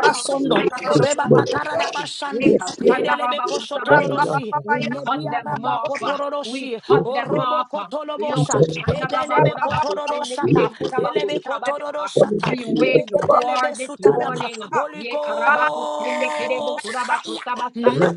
[SPEAKER 6] that you will
[SPEAKER 5] Sondo,
[SPEAKER 6] make us
[SPEAKER 3] Yes,
[SPEAKER 6] strong,
[SPEAKER 5] Reba
[SPEAKER 3] Lord.
[SPEAKER 6] oh God.
[SPEAKER 5] Sondo,
[SPEAKER 3] Yes, Lord.
[SPEAKER 6] Yes,
[SPEAKER 5] Idelebe
[SPEAKER 3] Yes,
[SPEAKER 1] Yekashandarabakusabasa.
[SPEAKER 5] Kosotorosi,
[SPEAKER 1] We cut
[SPEAKER 3] Lord.
[SPEAKER 5] Media
[SPEAKER 1] them off. uh,
[SPEAKER 5] Rebakatarabashando, Rebakatarabashande, Idelebekoshotororosi,
[SPEAKER 1] We
[SPEAKER 5] Mediarabakotororoshi,
[SPEAKER 3] Yes,
[SPEAKER 1] cut them
[SPEAKER 3] Lord.
[SPEAKER 1] off. uh.
[SPEAKER 3] And tell
[SPEAKER 5] Orobokotolobosha,
[SPEAKER 3] of us in the bar.
[SPEAKER 5] Edelebekotoroshata,
[SPEAKER 3] Yes, Lord.
[SPEAKER 1] Yokushandarabakurabakustindikidekurabakusabasa.
[SPEAKER 5] Elebekotoroshata,
[SPEAKER 1] We wage war this
[SPEAKER 5] Ebeketelebesutaraba.
[SPEAKER 1] morning.
[SPEAKER 5] Holy Ghost, fire,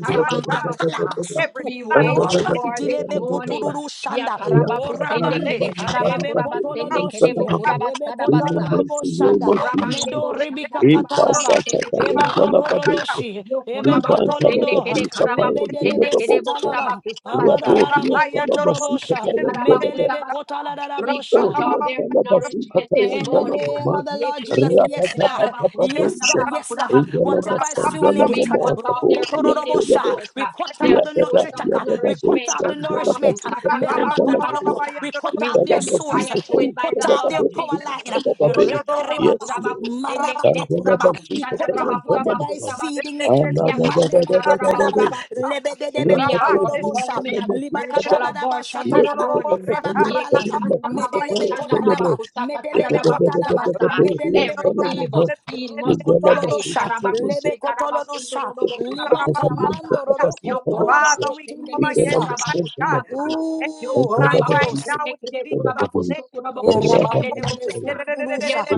[SPEAKER 3] Yes,
[SPEAKER 4] My
[SPEAKER 3] Lord.
[SPEAKER 4] God,
[SPEAKER 3] Yes, Lord.
[SPEAKER 4] every
[SPEAKER 5] basutu.
[SPEAKER 1] We
[SPEAKER 4] plan of
[SPEAKER 1] wage
[SPEAKER 4] the
[SPEAKER 5] Oba
[SPEAKER 1] war this
[SPEAKER 5] dilebe
[SPEAKER 1] morning.
[SPEAKER 5] kutururu
[SPEAKER 1] Ya
[SPEAKER 5] shanda. O
[SPEAKER 1] karabaku
[SPEAKER 4] sun,
[SPEAKER 1] sende kede
[SPEAKER 5] rabande, Ebe
[SPEAKER 1] karabakuraba sende kede
[SPEAKER 5] kotolodoshi.
[SPEAKER 1] bu kuraba
[SPEAKER 4] Rabato,
[SPEAKER 5] Ebe
[SPEAKER 1] sadabasa.
[SPEAKER 5] kotolodobo
[SPEAKER 1] Yo
[SPEAKER 5] shanda.
[SPEAKER 1] kurabande
[SPEAKER 5] Medo
[SPEAKER 1] bo
[SPEAKER 4] Rebecca,
[SPEAKER 5] ribika
[SPEAKER 1] shandaraba kuraba
[SPEAKER 4] Robosa,
[SPEAKER 5] katalaba.
[SPEAKER 1] sekete bu
[SPEAKER 4] Baba,
[SPEAKER 5] Eba
[SPEAKER 1] bo
[SPEAKER 4] Baba,
[SPEAKER 1] sabasa.
[SPEAKER 4] Baba,
[SPEAKER 5] kotorodoshi.
[SPEAKER 1] Yo
[SPEAKER 5] Ebe
[SPEAKER 4] Yodo,
[SPEAKER 1] kurabaku
[SPEAKER 4] Robo,
[SPEAKER 1] sende
[SPEAKER 5] kotolodo.
[SPEAKER 1] kede karabaku
[SPEAKER 5] Lebe
[SPEAKER 1] sende
[SPEAKER 5] delebe
[SPEAKER 1] kede bo
[SPEAKER 3] Rapatapatapatoshe.
[SPEAKER 5] sitalaba.
[SPEAKER 1] kurabaku sabasa.
[SPEAKER 5] Abadalarabo
[SPEAKER 4] Rabaya,
[SPEAKER 5] kotorobosha. Medelebe
[SPEAKER 1] Ikarabakusabasa. We cut
[SPEAKER 5] kotalarabosha.
[SPEAKER 1] off
[SPEAKER 4] Robo,
[SPEAKER 1] their nourishment this
[SPEAKER 5] In the
[SPEAKER 1] morning.
[SPEAKER 5] name of the Lord Jesus, yes, God, yes, God, yes, God,
[SPEAKER 3] Angela
[SPEAKER 5] whatever is
[SPEAKER 1] Yekishirikirarabakushandarabakurarabakusabasa.
[SPEAKER 3] Masandala
[SPEAKER 5] fueling it,
[SPEAKER 1] We
[SPEAKER 3] Mama
[SPEAKER 1] cut off their feeding
[SPEAKER 3] Kaboria
[SPEAKER 5] rokotororobosha.
[SPEAKER 1] source,
[SPEAKER 5] we
[SPEAKER 1] uh,
[SPEAKER 5] cut out
[SPEAKER 1] their
[SPEAKER 5] the
[SPEAKER 3] Yadada,
[SPEAKER 1] source of
[SPEAKER 5] nutritaka,
[SPEAKER 3] yadada,
[SPEAKER 5] we cut
[SPEAKER 1] nourishment.
[SPEAKER 5] out
[SPEAKER 3] dosha,
[SPEAKER 5] the
[SPEAKER 3] yadaba,
[SPEAKER 5] nourishment,
[SPEAKER 3] sika, paranda, labade,
[SPEAKER 5] merabakotorobo.
[SPEAKER 1] Akarabakusatarabakurarabakusa.
[SPEAKER 5] we cut
[SPEAKER 1] We
[SPEAKER 5] out
[SPEAKER 3] yadaba,
[SPEAKER 5] their
[SPEAKER 1] set
[SPEAKER 5] source,
[SPEAKER 1] fire
[SPEAKER 3] masika,
[SPEAKER 1] to
[SPEAKER 5] we
[SPEAKER 1] it
[SPEAKER 3] to,
[SPEAKER 1] by
[SPEAKER 5] cut
[SPEAKER 1] the
[SPEAKER 5] out
[SPEAKER 3] yadaba,
[SPEAKER 1] blood
[SPEAKER 5] their
[SPEAKER 3] be,
[SPEAKER 1] of
[SPEAKER 5] power
[SPEAKER 1] Jesus.
[SPEAKER 5] line,
[SPEAKER 3] yadaba, be. Yes,
[SPEAKER 5] reberibaba,
[SPEAKER 3] Lord. Yadaba,
[SPEAKER 5] marabakatalaba. we
[SPEAKER 3] sika,
[SPEAKER 5] cut out
[SPEAKER 3] paranda,
[SPEAKER 5] whatever is
[SPEAKER 3] labade.
[SPEAKER 1] Oshakarabakurarabakusendekidekurarabakushandarabakurarabakusabasa.
[SPEAKER 5] feeding it.
[SPEAKER 3] Ala, da, da, da,
[SPEAKER 5] Mareba
[SPEAKER 3] da, da, da, da,
[SPEAKER 5] katalaba,
[SPEAKER 3] da.
[SPEAKER 1] Yakashandarabakurarabakusa.
[SPEAKER 5] lebedebe
[SPEAKER 1] We
[SPEAKER 3] Raba,
[SPEAKER 1] are
[SPEAKER 3] do, hu,
[SPEAKER 5] kotororobosha,
[SPEAKER 1] performing
[SPEAKER 3] salama,
[SPEAKER 5] liba
[SPEAKER 3] ba.
[SPEAKER 1] spiritual
[SPEAKER 5] katalaraba
[SPEAKER 1] abortion this
[SPEAKER 3] Yes,
[SPEAKER 5] shataraba,
[SPEAKER 3] sika, ta,
[SPEAKER 1] morning.
[SPEAKER 3] ta,
[SPEAKER 5] reba
[SPEAKER 3] ya,
[SPEAKER 5] katalaba,
[SPEAKER 3] salama, sika, ta,
[SPEAKER 5] medelebe
[SPEAKER 3] ya, salama.
[SPEAKER 5] kotalaba, medelebe
[SPEAKER 3] Yadada, da, da, da,
[SPEAKER 5] kotalaba,
[SPEAKER 3] da, da,
[SPEAKER 1] Yekatandarabakustandarabakusakatadadabakusabasa.
[SPEAKER 3] do,
[SPEAKER 5] medelebe
[SPEAKER 1] Every
[SPEAKER 3] ba.
[SPEAKER 1] evil
[SPEAKER 5] kotalaba,
[SPEAKER 1] seed
[SPEAKER 5] robo
[SPEAKER 1] must
[SPEAKER 3] Yadaba,
[SPEAKER 1] die.
[SPEAKER 3] sika,
[SPEAKER 5] kotolodosha,
[SPEAKER 3] salama, sika, ta,
[SPEAKER 5] lebe
[SPEAKER 1] Karabakushe,
[SPEAKER 5] kotolodosha, liba
[SPEAKER 3] ta, ya,
[SPEAKER 1] karabasundorodobokunabakusabasa.
[SPEAKER 5] kanando
[SPEAKER 3] salama,
[SPEAKER 5] roro
[SPEAKER 3] sika,
[SPEAKER 5] kotoro
[SPEAKER 3] dosha.
[SPEAKER 4] Father, we come against
[SPEAKER 5] kotilibisa.
[SPEAKER 3] Yadaba,
[SPEAKER 4] my
[SPEAKER 3] sika,
[SPEAKER 4] God.
[SPEAKER 1] Yokorabakushendekedekurabakusabasa.
[SPEAKER 4] Every
[SPEAKER 3] Thank
[SPEAKER 5] Ooh,
[SPEAKER 3] you.
[SPEAKER 4] plan
[SPEAKER 5] Holy
[SPEAKER 4] right
[SPEAKER 5] Ghost.
[SPEAKER 4] now in Jesus'
[SPEAKER 5] Erabandelebe
[SPEAKER 1] Yokorabakushendekedekurabakusukurabakustokurabakushekedebokusa.
[SPEAKER 5] suludurusha.
[SPEAKER 4] name.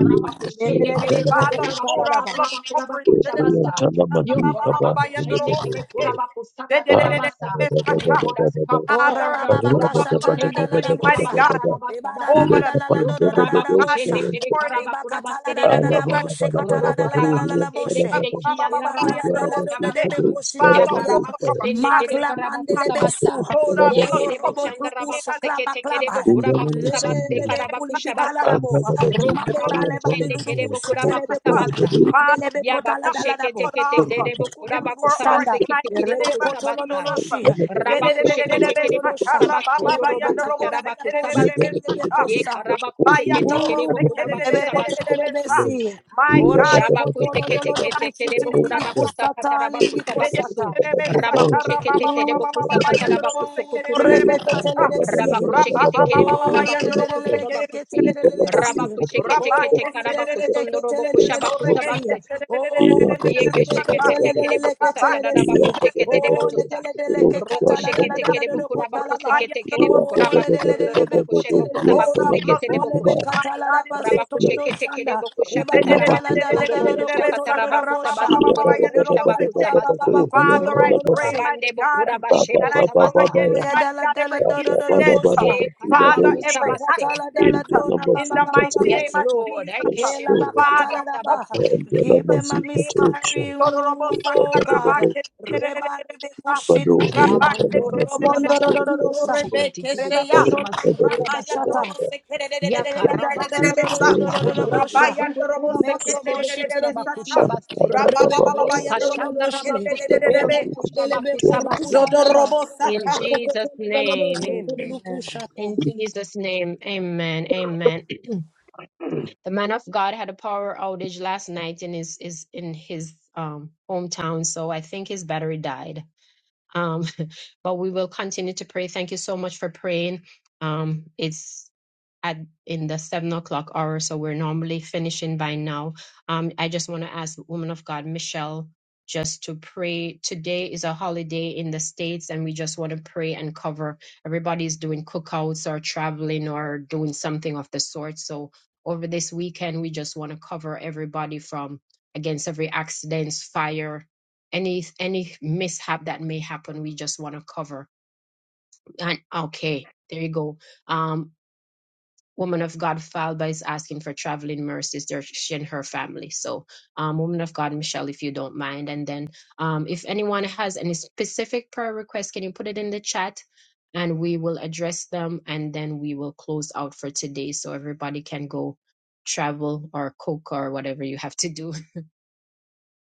[SPEAKER 4] Father, pour our blood coverage.
[SPEAKER 1] Yokorabakushendekedekurabakusakatarabasa. We put a stop
[SPEAKER 5] Oh,
[SPEAKER 4] Father,
[SPEAKER 1] Ora
[SPEAKER 5] rababa
[SPEAKER 4] total
[SPEAKER 1] kuraba
[SPEAKER 4] blood
[SPEAKER 5] kashata la da
[SPEAKER 1] kushende
[SPEAKER 5] la
[SPEAKER 1] kere
[SPEAKER 5] da
[SPEAKER 4] coverage, mighty
[SPEAKER 1] buraba
[SPEAKER 5] bosa.
[SPEAKER 4] God,
[SPEAKER 1] saraba basa
[SPEAKER 5] Eba da da
[SPEAKER 1] basa.
[SPEAKER 4] over
[SPEAKER 5] la da
[SPEAKER 4] the men
[SPEAKER 5] la la
[SPEAKER 1] Yo
[SPEAKER 5] do
[SPEAKER 4] and
[SPEAKER 5] da da
[SPEAKER 4] women
[SPEAKER 5] da
[SPEAKER 1] kuraba
[SPEAKER 4] of
[SPEAKER 5] da
[SPEAKER 4] God
[SPEAKER 5] bosa.
[SPEAKER 4] this
[SPEAKER 1] kushende kere
[SPEAKER 4] morning.
[SPEAKER 1] karaba
[SPEAKER 5] Eba
[SPEAKER 1] kuraba
[SPEAKER 5] kata la
[SPEAKER 4] In
[SPEAKER 5] da
[SPEAKER 4] the
[SPEAKER 1] sedede
[SPEAKER 5] la da
[SPEAKER 4] name
[SPEAKER 5] da
[SPEAKER 1] bosa.
[SPEAKER 4] of
[SPEAKER 5] bose kata la
[SPEAKER 1] Ro
[SPEAKER 5] da la
[SPEAKER 4] Jesus.
[SPEAKER 5] da
[SPEAKER 1] kuraba
[SPEAKER 5] la la la
[SPEAKER 1] kushende
[SPEAKER 5] bose.
[SPEAKER 1] kere kiyanda
[SPEAKER 5] Eba
[SPEAKER 1] raba
[SPEAKER 5] kala da
[SPEAKER 1] kuraba
[SPEAKER 5] la do le le
[SPEAKER 1] basa.
[SPEAKER 5] be kosi tu
[SPEAKER 1] Ya
[SPEAKER 4] Father,
[SPEAKER 5] libia.
[SPEAKER 1] karaba
[SPEAKER 4] over our
[SPEAKER 1] kushende
[SPEAKER 5] Mak
[SPEAKER 1] kere
[SPEAKER 4] family,
[SPEAKER 5] la
[SPEAKER 1] karaba
[SPEAKER 4] mighty
[SPEAKER 5] bande
[SPEAKER 4] God,
[SPEAKER 5] le be su.
[SPEAKER 1] kusabasa.
[SPEAKER 4] hold our
[SPEAKER 1] Ye
[SPEAKER 4] blood
[SPEAKER 5] Oh,
[SPEAKER 1] kere
[SPEAKER 5] robo
[SPEAKER 4] coverage
[SPEAKER 1] bochanda raba
[SPEAKER 4] in
[SPEAKER 5] klukusha klaba
[SPEAKER 1] kusekete
[SPEAKER 4] the
[SPEAKER 1] kere bo
[SPEAKER 5] klaba.
[SPEAKER 1] kuraba
[SPEAKER 4] name
[SPEAKER 5] Lebe
[SPEAKER 1] kusabaste
[SPEAKER 5] lebe
[SPEAKER 1] karaba
[SPEAKER 5] kulibi kala la
[SPEAKER 1] kushabasa.
[SPEAKER 5] bo.
[SPEAKER 1] Ro
[SPEAKER 5] Made
[SPEAKER 4] of
[SPEAKER 1] kuraba
[SPEAKER 5] ba
[SPEAKER 4] Jesus.
[SPEAKER 5] le ba di
[SPEAKER 1] kushende
[SPEAKER 5] lulu
[SPEAKER 1] kere bo
[SPEAKER 5] buse
[SPEAKER 1] kuraba
[SPEAKER 5] telebe ku.
[SPEAKER 1] kusabasa.
[SPEAKER 5] Made
[SPEAKER 4] Father,
[SPEAKER 5] lebe
[SPEAKER 4] we will
[SPEAKER 1] Yaba
[SPEAKER 5] kota la
[SPEAKER 4] not
[SPEAKER 5] da la
[SPEAKER 4] be
[SPEAKER 5] da
[SPEAKER 1] kushekete
[SPEAKER 5] bo.
[SPEAKER 4] cut
[SPEAKER 1] kete
[SPEAKER 4] off
[SPEAKER 1] kere bo
[SPEAKER 5] Ruku
[SPEAKER 1] kuraba
[SPEAKER 5] kutururu
[SPEAKER 4] before our
[SPEAKER 1] kusabase
[SPEAKER 5] shanda.
[SPEAKER 1] kete
[SPEAKER 4] time
[SPEAKER 1] kere
[SPEAKER 4] in the
[SPEAKER 1] bo
[SPEAKER 5] Lebe
[SPEAKER 4] name of
[SPEAKER 5] kotolo
[SPEAKER 1] kusabasa.
[SPEAKER 4] Jesus.
[SPEAKER 5] doloshi. Ebe
[SPEAKER 1] Rabakusheke
[SPEAKER 5] kotolo
[SPEAKER 1] tekerebo
[SPEAKER 5] dolorosa.
[SPEAKER 1] kusaba
[SPEAKER 5] Eba
[SPEAKER 1] sondorobo
[SPEAKER 5] katala
[SPEAKER 1] kusharaba
[SPEAKER 5] dalala boshi
[SPEAKER 1] kusabase.
[SPEAKER 5] telebe
[SPEAKER 1] Ye
[SPEAKER 5] kosa.
[SPEAKER 1] karaba kusheke tekerebo
[SPEAKER 5] Ooh,
[SPEAKER 1] kuraba
[SPEAKER 5] ebe
[SPEAKER 1] kusabasa.
[SPEAKER 5] kotele besi.
[SPEAKER 4] My God,
[SPEAKER 5] Orebe
[SPEAKER 1] Shaba
[SPEAKER 4] we speak
[SPEAKER 5] kotolo
[SPEAKER 1] kusheke
[SPEAKER 5] doloro
[SPEAKER 1] teke
[SPEAKER 4] life
[SPEAKER 5] kushi
[SPEAKER 4] in the
[SPEAKER 1] tekerebo
[SPEAKER 4] name
[SPEAKER 5] tiri
[SPEAKER 4] of
[SPEAKER 1] kuraba
[SPEAKER 5] bikusta tali
[SPEAKER 1] kusakataraba kusaba
[SPEAKER 4] Rabba
[SPEAKER 5] bikosata.
[SPEAKER 1] kusu. Raba kusheke tekerebo
[SPEAKER 5] Ooh,
[SPEAKER 1] kusakataraba kusukuturobo kusa. raba
[SPEAKER 5] rekeketelelesi.
[SPEAKER 1] kusheke tekerebo
[SPEAKER 5] Oh,
[SPEAKER 1] kuraba kusukuturoba kusi. raba shaba
[SPEAKER 5] lelelelelekeketelelelesi.
[SPEAKER 1] kusabase ye Rabakusheketekerebokutabasundorobokusharabakosabase.
[SPEAKER 5] Oh,
[SPEAKER 1] Yekarabakusheketekerebokurabakosabasa. Shabakusheketeketekerebokurabakosakatarabakosabakusu. Rabakusheketekerebokusakatarabakusukuturobokusa. Rabakusheketekerebokurabakosukuturobakuse.
[SPEAKER 5] leleleleleketelelelekesi.
[SPEAKER 1] kusabase.
[SPEAKER 5] Oh,
[SPEAKER 1] Yeke shekete tekere boku satarada baku
[SPEAKER 5] leleleleketeleleleleketelelesi.
[SPEAKER 1] shekete de
[SPEAKER 5] Oh,
[SPEAKER 1] boku sa. Roko shekete kere
[SPEAKER 3] Yeah,
[SPEAKER 1] boku rabaku
[SPEAKER 5] ledelelelekekataladaladaladokotalabaha.
[SPEAKER 1] sekete kere boku
[SPEAKER 5] Oh,
[SPEAKER 1] rabaku sundoro boku she boku
[SPEAKER 4] Oh,
[SPEAKER 1] sabaku
[SPEAKER 4] the
[SPEAKER 5] ledelelelebekotelelebesi.
[SPEAKER 4] blood
[SPEAKER 1] sekete de
[SPEAKER 5] Oh,
[SPEAKER 1] boku she.
[SPEAKER 4] coverage, my God, in the name
[SPEAKER 1] Rabaku
[SPEAKER 4] of
[SPEAKER 1] shekete
[SPEAKER 4] Jesus.
[SPEAKER 1] kere
[SPEAKER 5] lebekatalarabasotoledoshanda.
[SPEAKER 1] boku shakatara baku sundoro ku shakatara baku
[SPEAKER 5] Ebakataladaladaladokotoledodobosha.
[SPEAKER 1] sabasundoro boku shabaku sabasa.
[SPEAKER 4] Father, I
[SPEAKER 1] Roku
[SPEAKER 4] pray,
[SPEAKER 5] Rebakalabababakotoledodoloshe.
[SPEAKER 1] rabande
[SPEAKER 4] mighty
[SPEAKER 1] boku
[SPEAKER 4] God,
[SPEAKER 1] rabashebo
[SPEAKER 4] that I come
[SPEAKER 1] sabasa.
[SPEAKER 5] Oh,
[SPEAKER 4] against,
[SPEAKER 5] ya
[SPEAKER 4] mighty
[SPEAKER 5] dala
[SPEAKER 4] God,
[SPEAKER 5] dala
[SPEAKER 4] every
[SPEAKER 5] dora dora
[SPEAKER 4] incident.
[SPEAKER 5] bosa.
[SPEAKER 1] He
[SPEAKER 4] Father,
[SPEAKER 1] karabaku
[SPEAKER 5] Eh,
[SPEAKER 4] every
[SPEAKER 1] sabase.
[SPEAKER 5] bakatala dala
[SPEAKER 4] accident
[SPEAKER 5] dora ba
[SPEAKER 4] in
[SPEAKER 5] ba
[SPEAKER 4] the
[SPEAKER 5] ba ba ba
[SPEAKER 4] mighty
[SPEAKER 5] ba
[SPEAKER 1] Yes,
[SPEAKER 4] name of
[SPEAKER 5] soto.
[SPEAKER 1] Lord.
[SPEAKER 4] Jesus.
[SPEAKER 1] Eke
[SPEAKER 5] Bela
[SPEAKER 1] shebo
[SPEAKER 4] Father,
[SPEAKER 5] bakatala da
[SPEAKER 4] come
[SPEAKER 5] ba.
[SPEAKER 1] kusabasabasa.
[SPEAKER 4] in
[SPEAKER 5] Give them a
[SPEAKER 4] Jesus' name.
[SPEAKER 5] miscarriage,
[SPEAKER 4] Dororobo
[SPEAKER 5] oh God.
[SPEAKER 4] sakarabake.
[SPEAKER 5] Reba rebe kushilibi.
[SPEAKER 1] Shabandoro
[SPEAKER 5] Robondo dora dora
[SPEAKER 1] kurabasukuru
[SPEAKER 5] dosa.
[SPEAKER 1] kushikitiki
[SPEAKER 5] Reba
[SPEAKER 4] Rebekesheya.
[SPEAKER 5] kotolo dora
[SPEAKER 1] kusabasukura
[SPEAKER 4] Rabaya
[SPEAKER 5] kushata.
[SPEAKER 4] Robo
[SPEAKER 1] basabasu.
[SPEAKER 4] Sekere
[SPEAKER 5] Ela da la da do do do
[SPEAKER 1] Yakarabasundoro
[SPEAKER 5] do
[SPEAKER 4] Besa.
[SPEAKER 5] do do do do bosha.
[SPEAKER 4] Rabaya
[SPEAKER 1] kushabakutukuru
[SPEAKER 4] Robo
[SPEAKER 3] Yes,
[SPEAKER 4] Sekere
[SPEAKER 5] Meklo
[SPEAKER 1] kurabakusebo
[SPEAKER 5] boshi tiri anda.
[SPEAKER 4] Besata.
[SPEAKER 3] Thank
[SPEAKER 1] kusabakushabase.
[SPEAKER 5] Rebe
[SPEAKER 1] Ye
[SPEAKER 5] kotolo
[SPEAKER 4] Rabababaya
[SPEAKER 5] dolo
[SPEAKER 4] Robo
[SPEAKER 1] kashandaraba
[SPEAKER 5] doshi. Era
[SPEAKER 4] Sekere
[SPEAKER 5] bandele be kuru
[SPEAKER 1] bokushabakusabasa.
[SPEAKER 4] Zodo
[SPEAKER 5] kutalaba.
[SPEAKER 4] Robo
[SPEAKER 1] In
[SPEAKER 4] Sata.
[SPEAKER 5] Roko
[SPEAKER 1] Jesus'
[SPEAKER 5] kotolo dolo
[SPEAKER 1] name,
[SPEAKER 5] doshi
[SPEAKER 1] in,
[SPEAKER 5] kuru
[SPEAKER 4] Amen.
[SPEAKER 5] kushata.
[SPEAKER 1] in Jesus' name, amen, amen. The man of God had a power outage last night in his, is in his um hometown, so I think his battery died. Um, but we will continue to pray. Thank you so much for praying. Um, it's at in the seven o'clock hour, so we're normally finishing by now. Um, I just want to ask woman of God, Michelle, just to pray. Today is a holiday in the States, and we just want to pray and cover. Everybody's doing cookouts or traveling or doing something of the sort. So over this weekend, we just want to cover everybody from against every accidents, fire, any any mishap that may happen. We just want to cover. And okay, there you go. Um, woman of God Falba is asking for traveling mercies there she and her family. So um woman of God Michelle, if you don't mind. And then um if anyone has any specific prayer requests, can you put it in the chat? And we will address them and then we will close out for today so everybody can go travel or cook or whatever you have to do.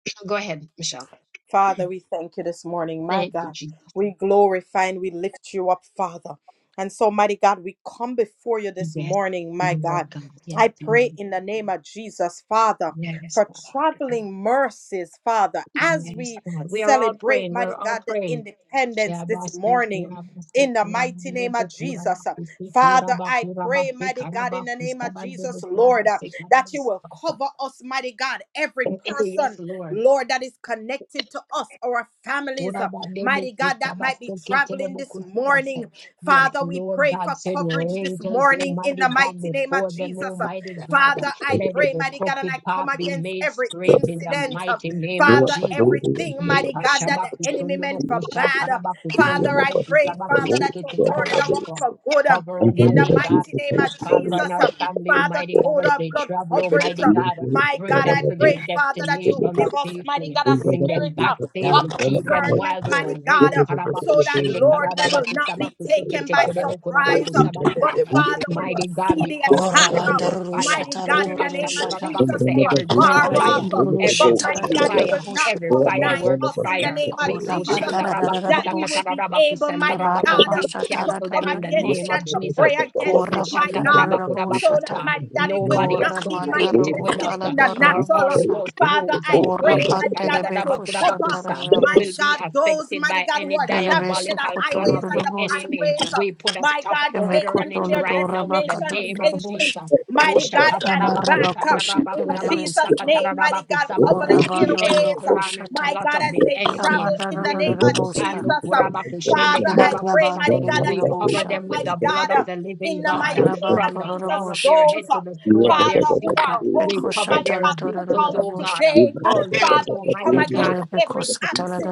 [SPEAKER 1] go ahead, Michelle.
[SPEAKER 4] Father, we thank you this morning, my
[SPEAKER 1] Thank you,
[SPEAKER 4] God.
[SPEAKER 1] Jesus.
[SPEAKER 4] We glorify and we lift you up, Father. And so, mighty God, we come before you this
[SPEAKER 1] Yes,
[SPEAKER 4] morning,
[SPEAKER 1] you
[SPEAKER 4] my
[SPEAKER 1] Lord
[SPEAKER 4] God.
[SPEAKER 1] God. Yes,
[SPEAKER 4] I
[SPEAKER 1] you
[SPEAKER 4] pray
[SPEAKER 1] Lord.
[SPEAKER 4] in the name of Jesus, Father,
[SPEAKER 1] Yes,
[SPEAKER 4] for
[SPEAKER 1] God.
[SPEAKER 4] traveling mercies, Father, as
[SPEAKER 1] Yes,
[SPEAKER 4] we
[SPEAKER 1] God. We are all
[SPEAKER 4] celebrate,
[SPEAKER 1] praying. We're
[SPEAKER 4] mighty
[SPEAKER 1] all
[SPEAKER 4] God, the
[SPEAKER 1] praying.
[SPEAKER 4] independence this
[SPEAKER 1] Shabasu
[SPEAKER 4] morning.
[SPEAKER 1] kurabasu
[SPEAKER 4] In the mighty name
[SPEAKER 1] kurabandebe
[SPEAKER 4] of Jesus,
[SPEAKER 1] kurabakusi
[SPEAKER 4] Father, I pray,
[SPEAKER 1] kurabakurabasi
[SPEAKER 4] mighty God, in the name of
[SPEAKER 1] karabakusabandebu
[SPEAKER 4] Jesus, Lord, uh,
[SPEAKER 1] kurabasi
[SPEAKER 4] that you will
[SPEAKER 1] karabasabasa.
[SPEAKER 4] cover us, mighty God, every person
[SPEAKER 1] Yes, Lord.
[SPEAKER 4] Lord, that is connected to us, our
[SPEAKER 1] Yes,
[SPEAKER 4] families. uh, Mighty God, that might be traveling this morning. Father, we
[SPEAKER 1] Lord
[SPEAKER 4] pray for
[SPEAKER 1] God, send your
[SPEAKER 4] coverage this
[SPEAKER 1] angels,
[SPEAKER 4] morning in
[SPEAKER 1] Almighty
[SPEAKER 4] the
[SPEAKER 1] God,
[SPEAKER 4] mighty name of
[SPEAKER 1] before them,
[SPEAKER 4] Jesus. Uh,
[SPEAKER 1] Almighty God.
[SPEAKER 4] Father, I
[SPEAKER 1] Let
[SPEAKER 4] pray,
[SPEAKER 1] every
[SPEAKER 4] mighty God, and I
[SPEAKER 1] crooked
[SPEAKER 4] come
[SPEAKER 1] path be
[SPEAKER 4] against
[SPEAKER 1] made
[SPEAKER 4] every
[SPEAKER 1] straight in the
[SPEAKER 4] incident. uh,
[SPEAKER 1] mighty name of
[SPEAKER 4] Father,
[SPEAKER 1] Jesus.
[SPEAKER 4] everything, mighty God, that the enemy meant for bad. uh, Father, I pray, Father, that you turn it around
[SPEAKER 1] Yekashabakusundulukushakarabakutundulukushabakushikitikarabakutwa.
[SPEAKER 4] for good. um,
[SPEAKER 1] Cover,
[SPEAKER 4] In the
[SPEAKER 1] Almighty God,
[SPEAKER 4] mighty name
[SPEAKER 1] the
[SPEAKER 4] of
[SPEAKER 1] Father and
[SPEAKER 4] Jesus.
[SPEAKER 1] our
[SPEAKER 4] um,
[SPEAKER 1] family,
[SPEAKER 4] Father,
[SPEAKER 1] Almighty God, as
[SPEAKER 4] total
[SPEAKER 1] they
[SPEAKER 4] blood
[SPEAKER 1] travel,
[SPEAKER 6] I pray that
[SPEAKER 4] coverage.
[SPEAKER 6] my
[SPEAKER 1] Almighty
[SPEAKER 4] uh,
[SPEAKER 1] God,
[SPEAKER 4] my
[SPEAKER 1] bring
[SPEAKER 4] God,
[SPEAKER 1] them
[SPEAKER 4] I
[SPEAKER 1] to their
[SPEAKER 4] pray, Father, that you
[SPEAKER 1] destination
[SPEAKER 4] give us, mighty
[SPEAKER 1] safely.
[SPEAKER 4] God, a
[SPEAKER 1] Bring them
[SPEAKER 4] spirit
[SPEAKER 1] back
[SPEAKER 4] of,
[SPEAKER 6] God,
[SPEAKER 4] of
[SPEAKER 1] safely.
[SPEAKER 6] my
[SPEAKER 1] Keep them
[SPEAKER 4] discernment,
[SPEAKER 1] while they're
[SPEAKER 6] word,
[SPEAKER 4] mighty God,
[SPEAKER 1] away.
[SPEAKER 4] uh,
[SPEAKER 1] Karabaku
[SPEAKER 4] so that,
[SPEAKER 1] shende
[SPEAKER 4] Lord, we will
[SPEAKER 1] karabaku
[SPEAKER 4] not be taken by
[SPEAKER 6] Father, I pray
[SPEAKER 4] surprise, uh,
[SPEAKER 6] that
[SPEAKER 4] but,
[SPEAKER 6] there will be
[SPEAKER 4] Father, we
[SPEAKER 1] Mighty
[SPEAKER 4] will
[SPEAKER 1] God,
[SPEAKER 4] see
[SPEAKER 1] we
[SPEAKER 4] the
[SPEAKER 1] come
[SPEAKER 4] attack,
[SPEAKER 5] Ora
[SPEAKER 1] against
[SPEAKER 4] uh,
[SPEAKER 5] banda
[SPEAKER 1] every
[SPEAKER 5] ruru
[SPEAKER 1] fire.
[SPEAKER 4] mighty
[SPEAKER 5] shata la
[SPEAKER 4] God,
[SPEAKER 1] Oh,
[SPEAKER 4] in
[SPEAKER 5] doro
[SPEAKER 4] the
[SPEAKER 5] ruru
[SPEAKER 4] name of
[SPEAKER 5] shata.
[SPEAKER 1] kashandarabaku
[SPEAKER 4] Jesus
[SPEAKER 1] to
[SPEAKER 4] from
[SPEAKER 1] every grill
[SPEAKER 4] afar
[SPEAKER 5] Ora
[SPEAKER 4] off.
[SPEAKER 1] fire,
[SPEAKER 5] banda
[SPEAKER 4] uh,
[SPEAKER 5] ruru
[SPEAKER 1] every
[SPEAKER 4] but
[SPEAKER 5] la
[SPEAKER 1] house
[SPEAKER 4] mighty
[SPEAKER 5] dolo
[SPEAKER 4] God,
[SPEAKER 3] you.
[SPEAKER 4] it
[SPEAKER 5] dolo
[SPEAKER 4] will
[SPEAKER 1] fire,
[SPEAKER 4] not
[SPEAKER 5] bosha.
[SPEAKER 1] every
[SPEAKER 3] Thank
[SPEAKER 4] come nigh
[SPEAKER 1] fireworks
[SPEAKER 4] us in the
[SPEAKER 1] fire.
[SPEAKER 4] name
[SPEAKER 1] We
[SPEAKER 4] of
[SPEAKER 5] Ora
[SPEAKER 4] Jesus.
[SPEAKER 5] banda
[SPEAKER 4] uh,
[SPEAKER 5] ra ra ra ra
[SPEAKER 1] kushandarabaku
[SPEAKER 5] ra
[SPEAKER 4] That we will
[SPEAKER 5] bosha.
[SPEAKER 4] be
[SPEAKER 1] sakatarabaku
[SPEAKER 4] able, mighty
[SPEAKER 5] Kebara
[SPEAKER 4] God. uh,
[SPEAKER 1] We
[SPEAKER 5] masha
[SPEAKER 4] to
[SPEAKER 5] tala
[SPEAKER 1] cancel
[SPEAKER 4] come
[SPEAKER 5] dolo
[SPEAKER 1] them in the
[SPEAKER 5] dolo
[SPEAKER 4] against
[SPEAKER 1] name
[SPEAKER 4] it
[SPEAKER 5] bosha.
[SPEAKER 1] of
[SPEAKER 4] and to
[SPEAKER 1] Jesus.
[SPEAKER 4] pray
[SPEAKER 1] Oh,
[SPEAKER 4] against it, my God,
[SPEAKER 1] kushandarabaku
[SPEAKER 4] so that,
[SPEAKER 5] Korabandarabosata.
[SPEAKER 4] mighty God, it will
[SPEAKER 1] Nobody
[SPEAKER 4] not be
[SPEAKER 1] associated with
[SPEAKER 4] manifested
[SPEAKER 1] us
[SPEAKER 4] in the
[SPEAKER 1] nor our
[SPEAKER 4] natural.
[SPEAKER 5] Koramandarokotaladarabosa.
[SPEAKER 4] Father,
[SPEAKER 1] households uh,
[SPEAKER 4] I pray, mighty God, that you cover,
[SPEAKER 1] yekashandaradabakudabakusa, will
[SPEAKER 4] mighty
[SPEAKER 5] Korabandelebekushantarabosa.
[SPEAKER 1] be
[SPEAKER 4] God, those,
[SPEAKER 1] affected
[SPEAKER 4] mighty
[SPEAKER 1] by
[SPEAKER 4] God, who
[SPEAKER 1] any
[SPEAKER 4] are traveling in the
[SPEAKER 1] diabolical plan
[SPEAKER 4] highways
[SPEAKER 1] of
[SPEAKER 4] and
[SPEAKER 1] the
[SPEAKER 4] the
[SPEAKER 5] Telebesokotolodorobosa.
[SPEAKER 1] enemy.
[SPEAKER 4] byways. uh,
[SPEAKER 1] We put a
[SPEAKER 4] My
[SPEAKER 1] stop
[SPEAKER 4] God, take
[SPEAKER 1] order on
[SPEAKER 4] them to
[SPEAKER 1] it
[SPEAKER 4] their
[SPEAKER 1] right now in the
[SPEAKER 4] destination
[SPEAKER 1] name of
[SPEAKER 4] safely.
[SPEAKER 5] Yemekotolodorabakatolodorobosha.
[SPEAKER 1] Jesus.
[SPEAKER 4] Mighty God, and back uh, in Jesus'
[SPEAKER 5] Kamarabakoshethelebeseto.
[SPEAKER 4] name, mighty God, cover
[SPEAKER 1] Woshakatarabakusandarabakudabakusakatararabakusabasa.
[SPEAKER 4] the
[SPEAKER 1] Any
[SPEAKER 4] airways.
[SPEAKER 1] plan and
[SPEAKER 5] Korabandororokoshata.
[SPEAKER 4] My
[SPEAKER 1] plot
[SPEAKER 4] God,
[SPEAKER 1] of
[SPEAKER 4] as
[SPEAKER 1] the
[SPEAKER 4] they
[SPEAKER 1] enemy
[SPEAKER 4] travel in the
[SPEAKER 1] will
[SPEAKER 4] name
[SPEAKER 1] not
[SPEAKER 4] of
[SPEAKER 5] Kamandorororobosa.
[SPEAKER 1] stand.
[SPEAKER 4] Jesus, uh, Father, I pray,
[SPEAKER 1] Ukurabakushendekarabakusa.
[SPEAKER 4] mighty God, that
[SPEAKER 1] We
[SPEAKER 4] you
[SPEAKER 1] cover
[SPEAKER 5] Kibaklabandorororobosha.
[SPEAKER 4] cover,
[SPEAKER 1] them with
[SPEAKER 4] mighty
[SPEAKER 1] the blood
[SPEAKER 4] God, uh,
[SPEAKER 1] of the living
[SPEAKER 4] in the mighty
[SPEAKER 1] God
[SPEAKER 4] name of
[SPEAKER 1] from the crown
[SPEAKER 4] Jesus,
[SPEAKER 1] of their
[SPEAKER 5] Rabandororoboshata.
[SPEAKER 4] those,
[SPEAKER 1] head to
[SPEAKER 4] uh,
[SPEAKER 1] the sole of their
[SPEAKER 4] Father, who
[SPEAKER 1] feet. uh,
[SPEAKER 4] are
[SPEAKER 1] We
[SPEAKER 4] hosting,
[SPEAKER 1] cover
[SPEAKER 4] mighty
[SPEAKER 1] their
[SPEAKER 4] God,
[SPEAKER 3] you.
[SPEAKER 1] vehicles,
[SPEAKER 4] cookouts
[SPEAKER 1] oh
[SPEAKER 5] Bekoshataladorodorobosha.
[SPEAKER 1] God. uh,
[SPEAKER 4] today.
[SPEAKER 3] Thank
[SPEAKER 1] All those,
[SPEAKER 4] Father, we come
[SPEAKER 1] Almighty
[SPEAKER 4] against
[SPEAKER 1] God,
[SPEAKER 5] Rabanda
[SPEAKER 4] every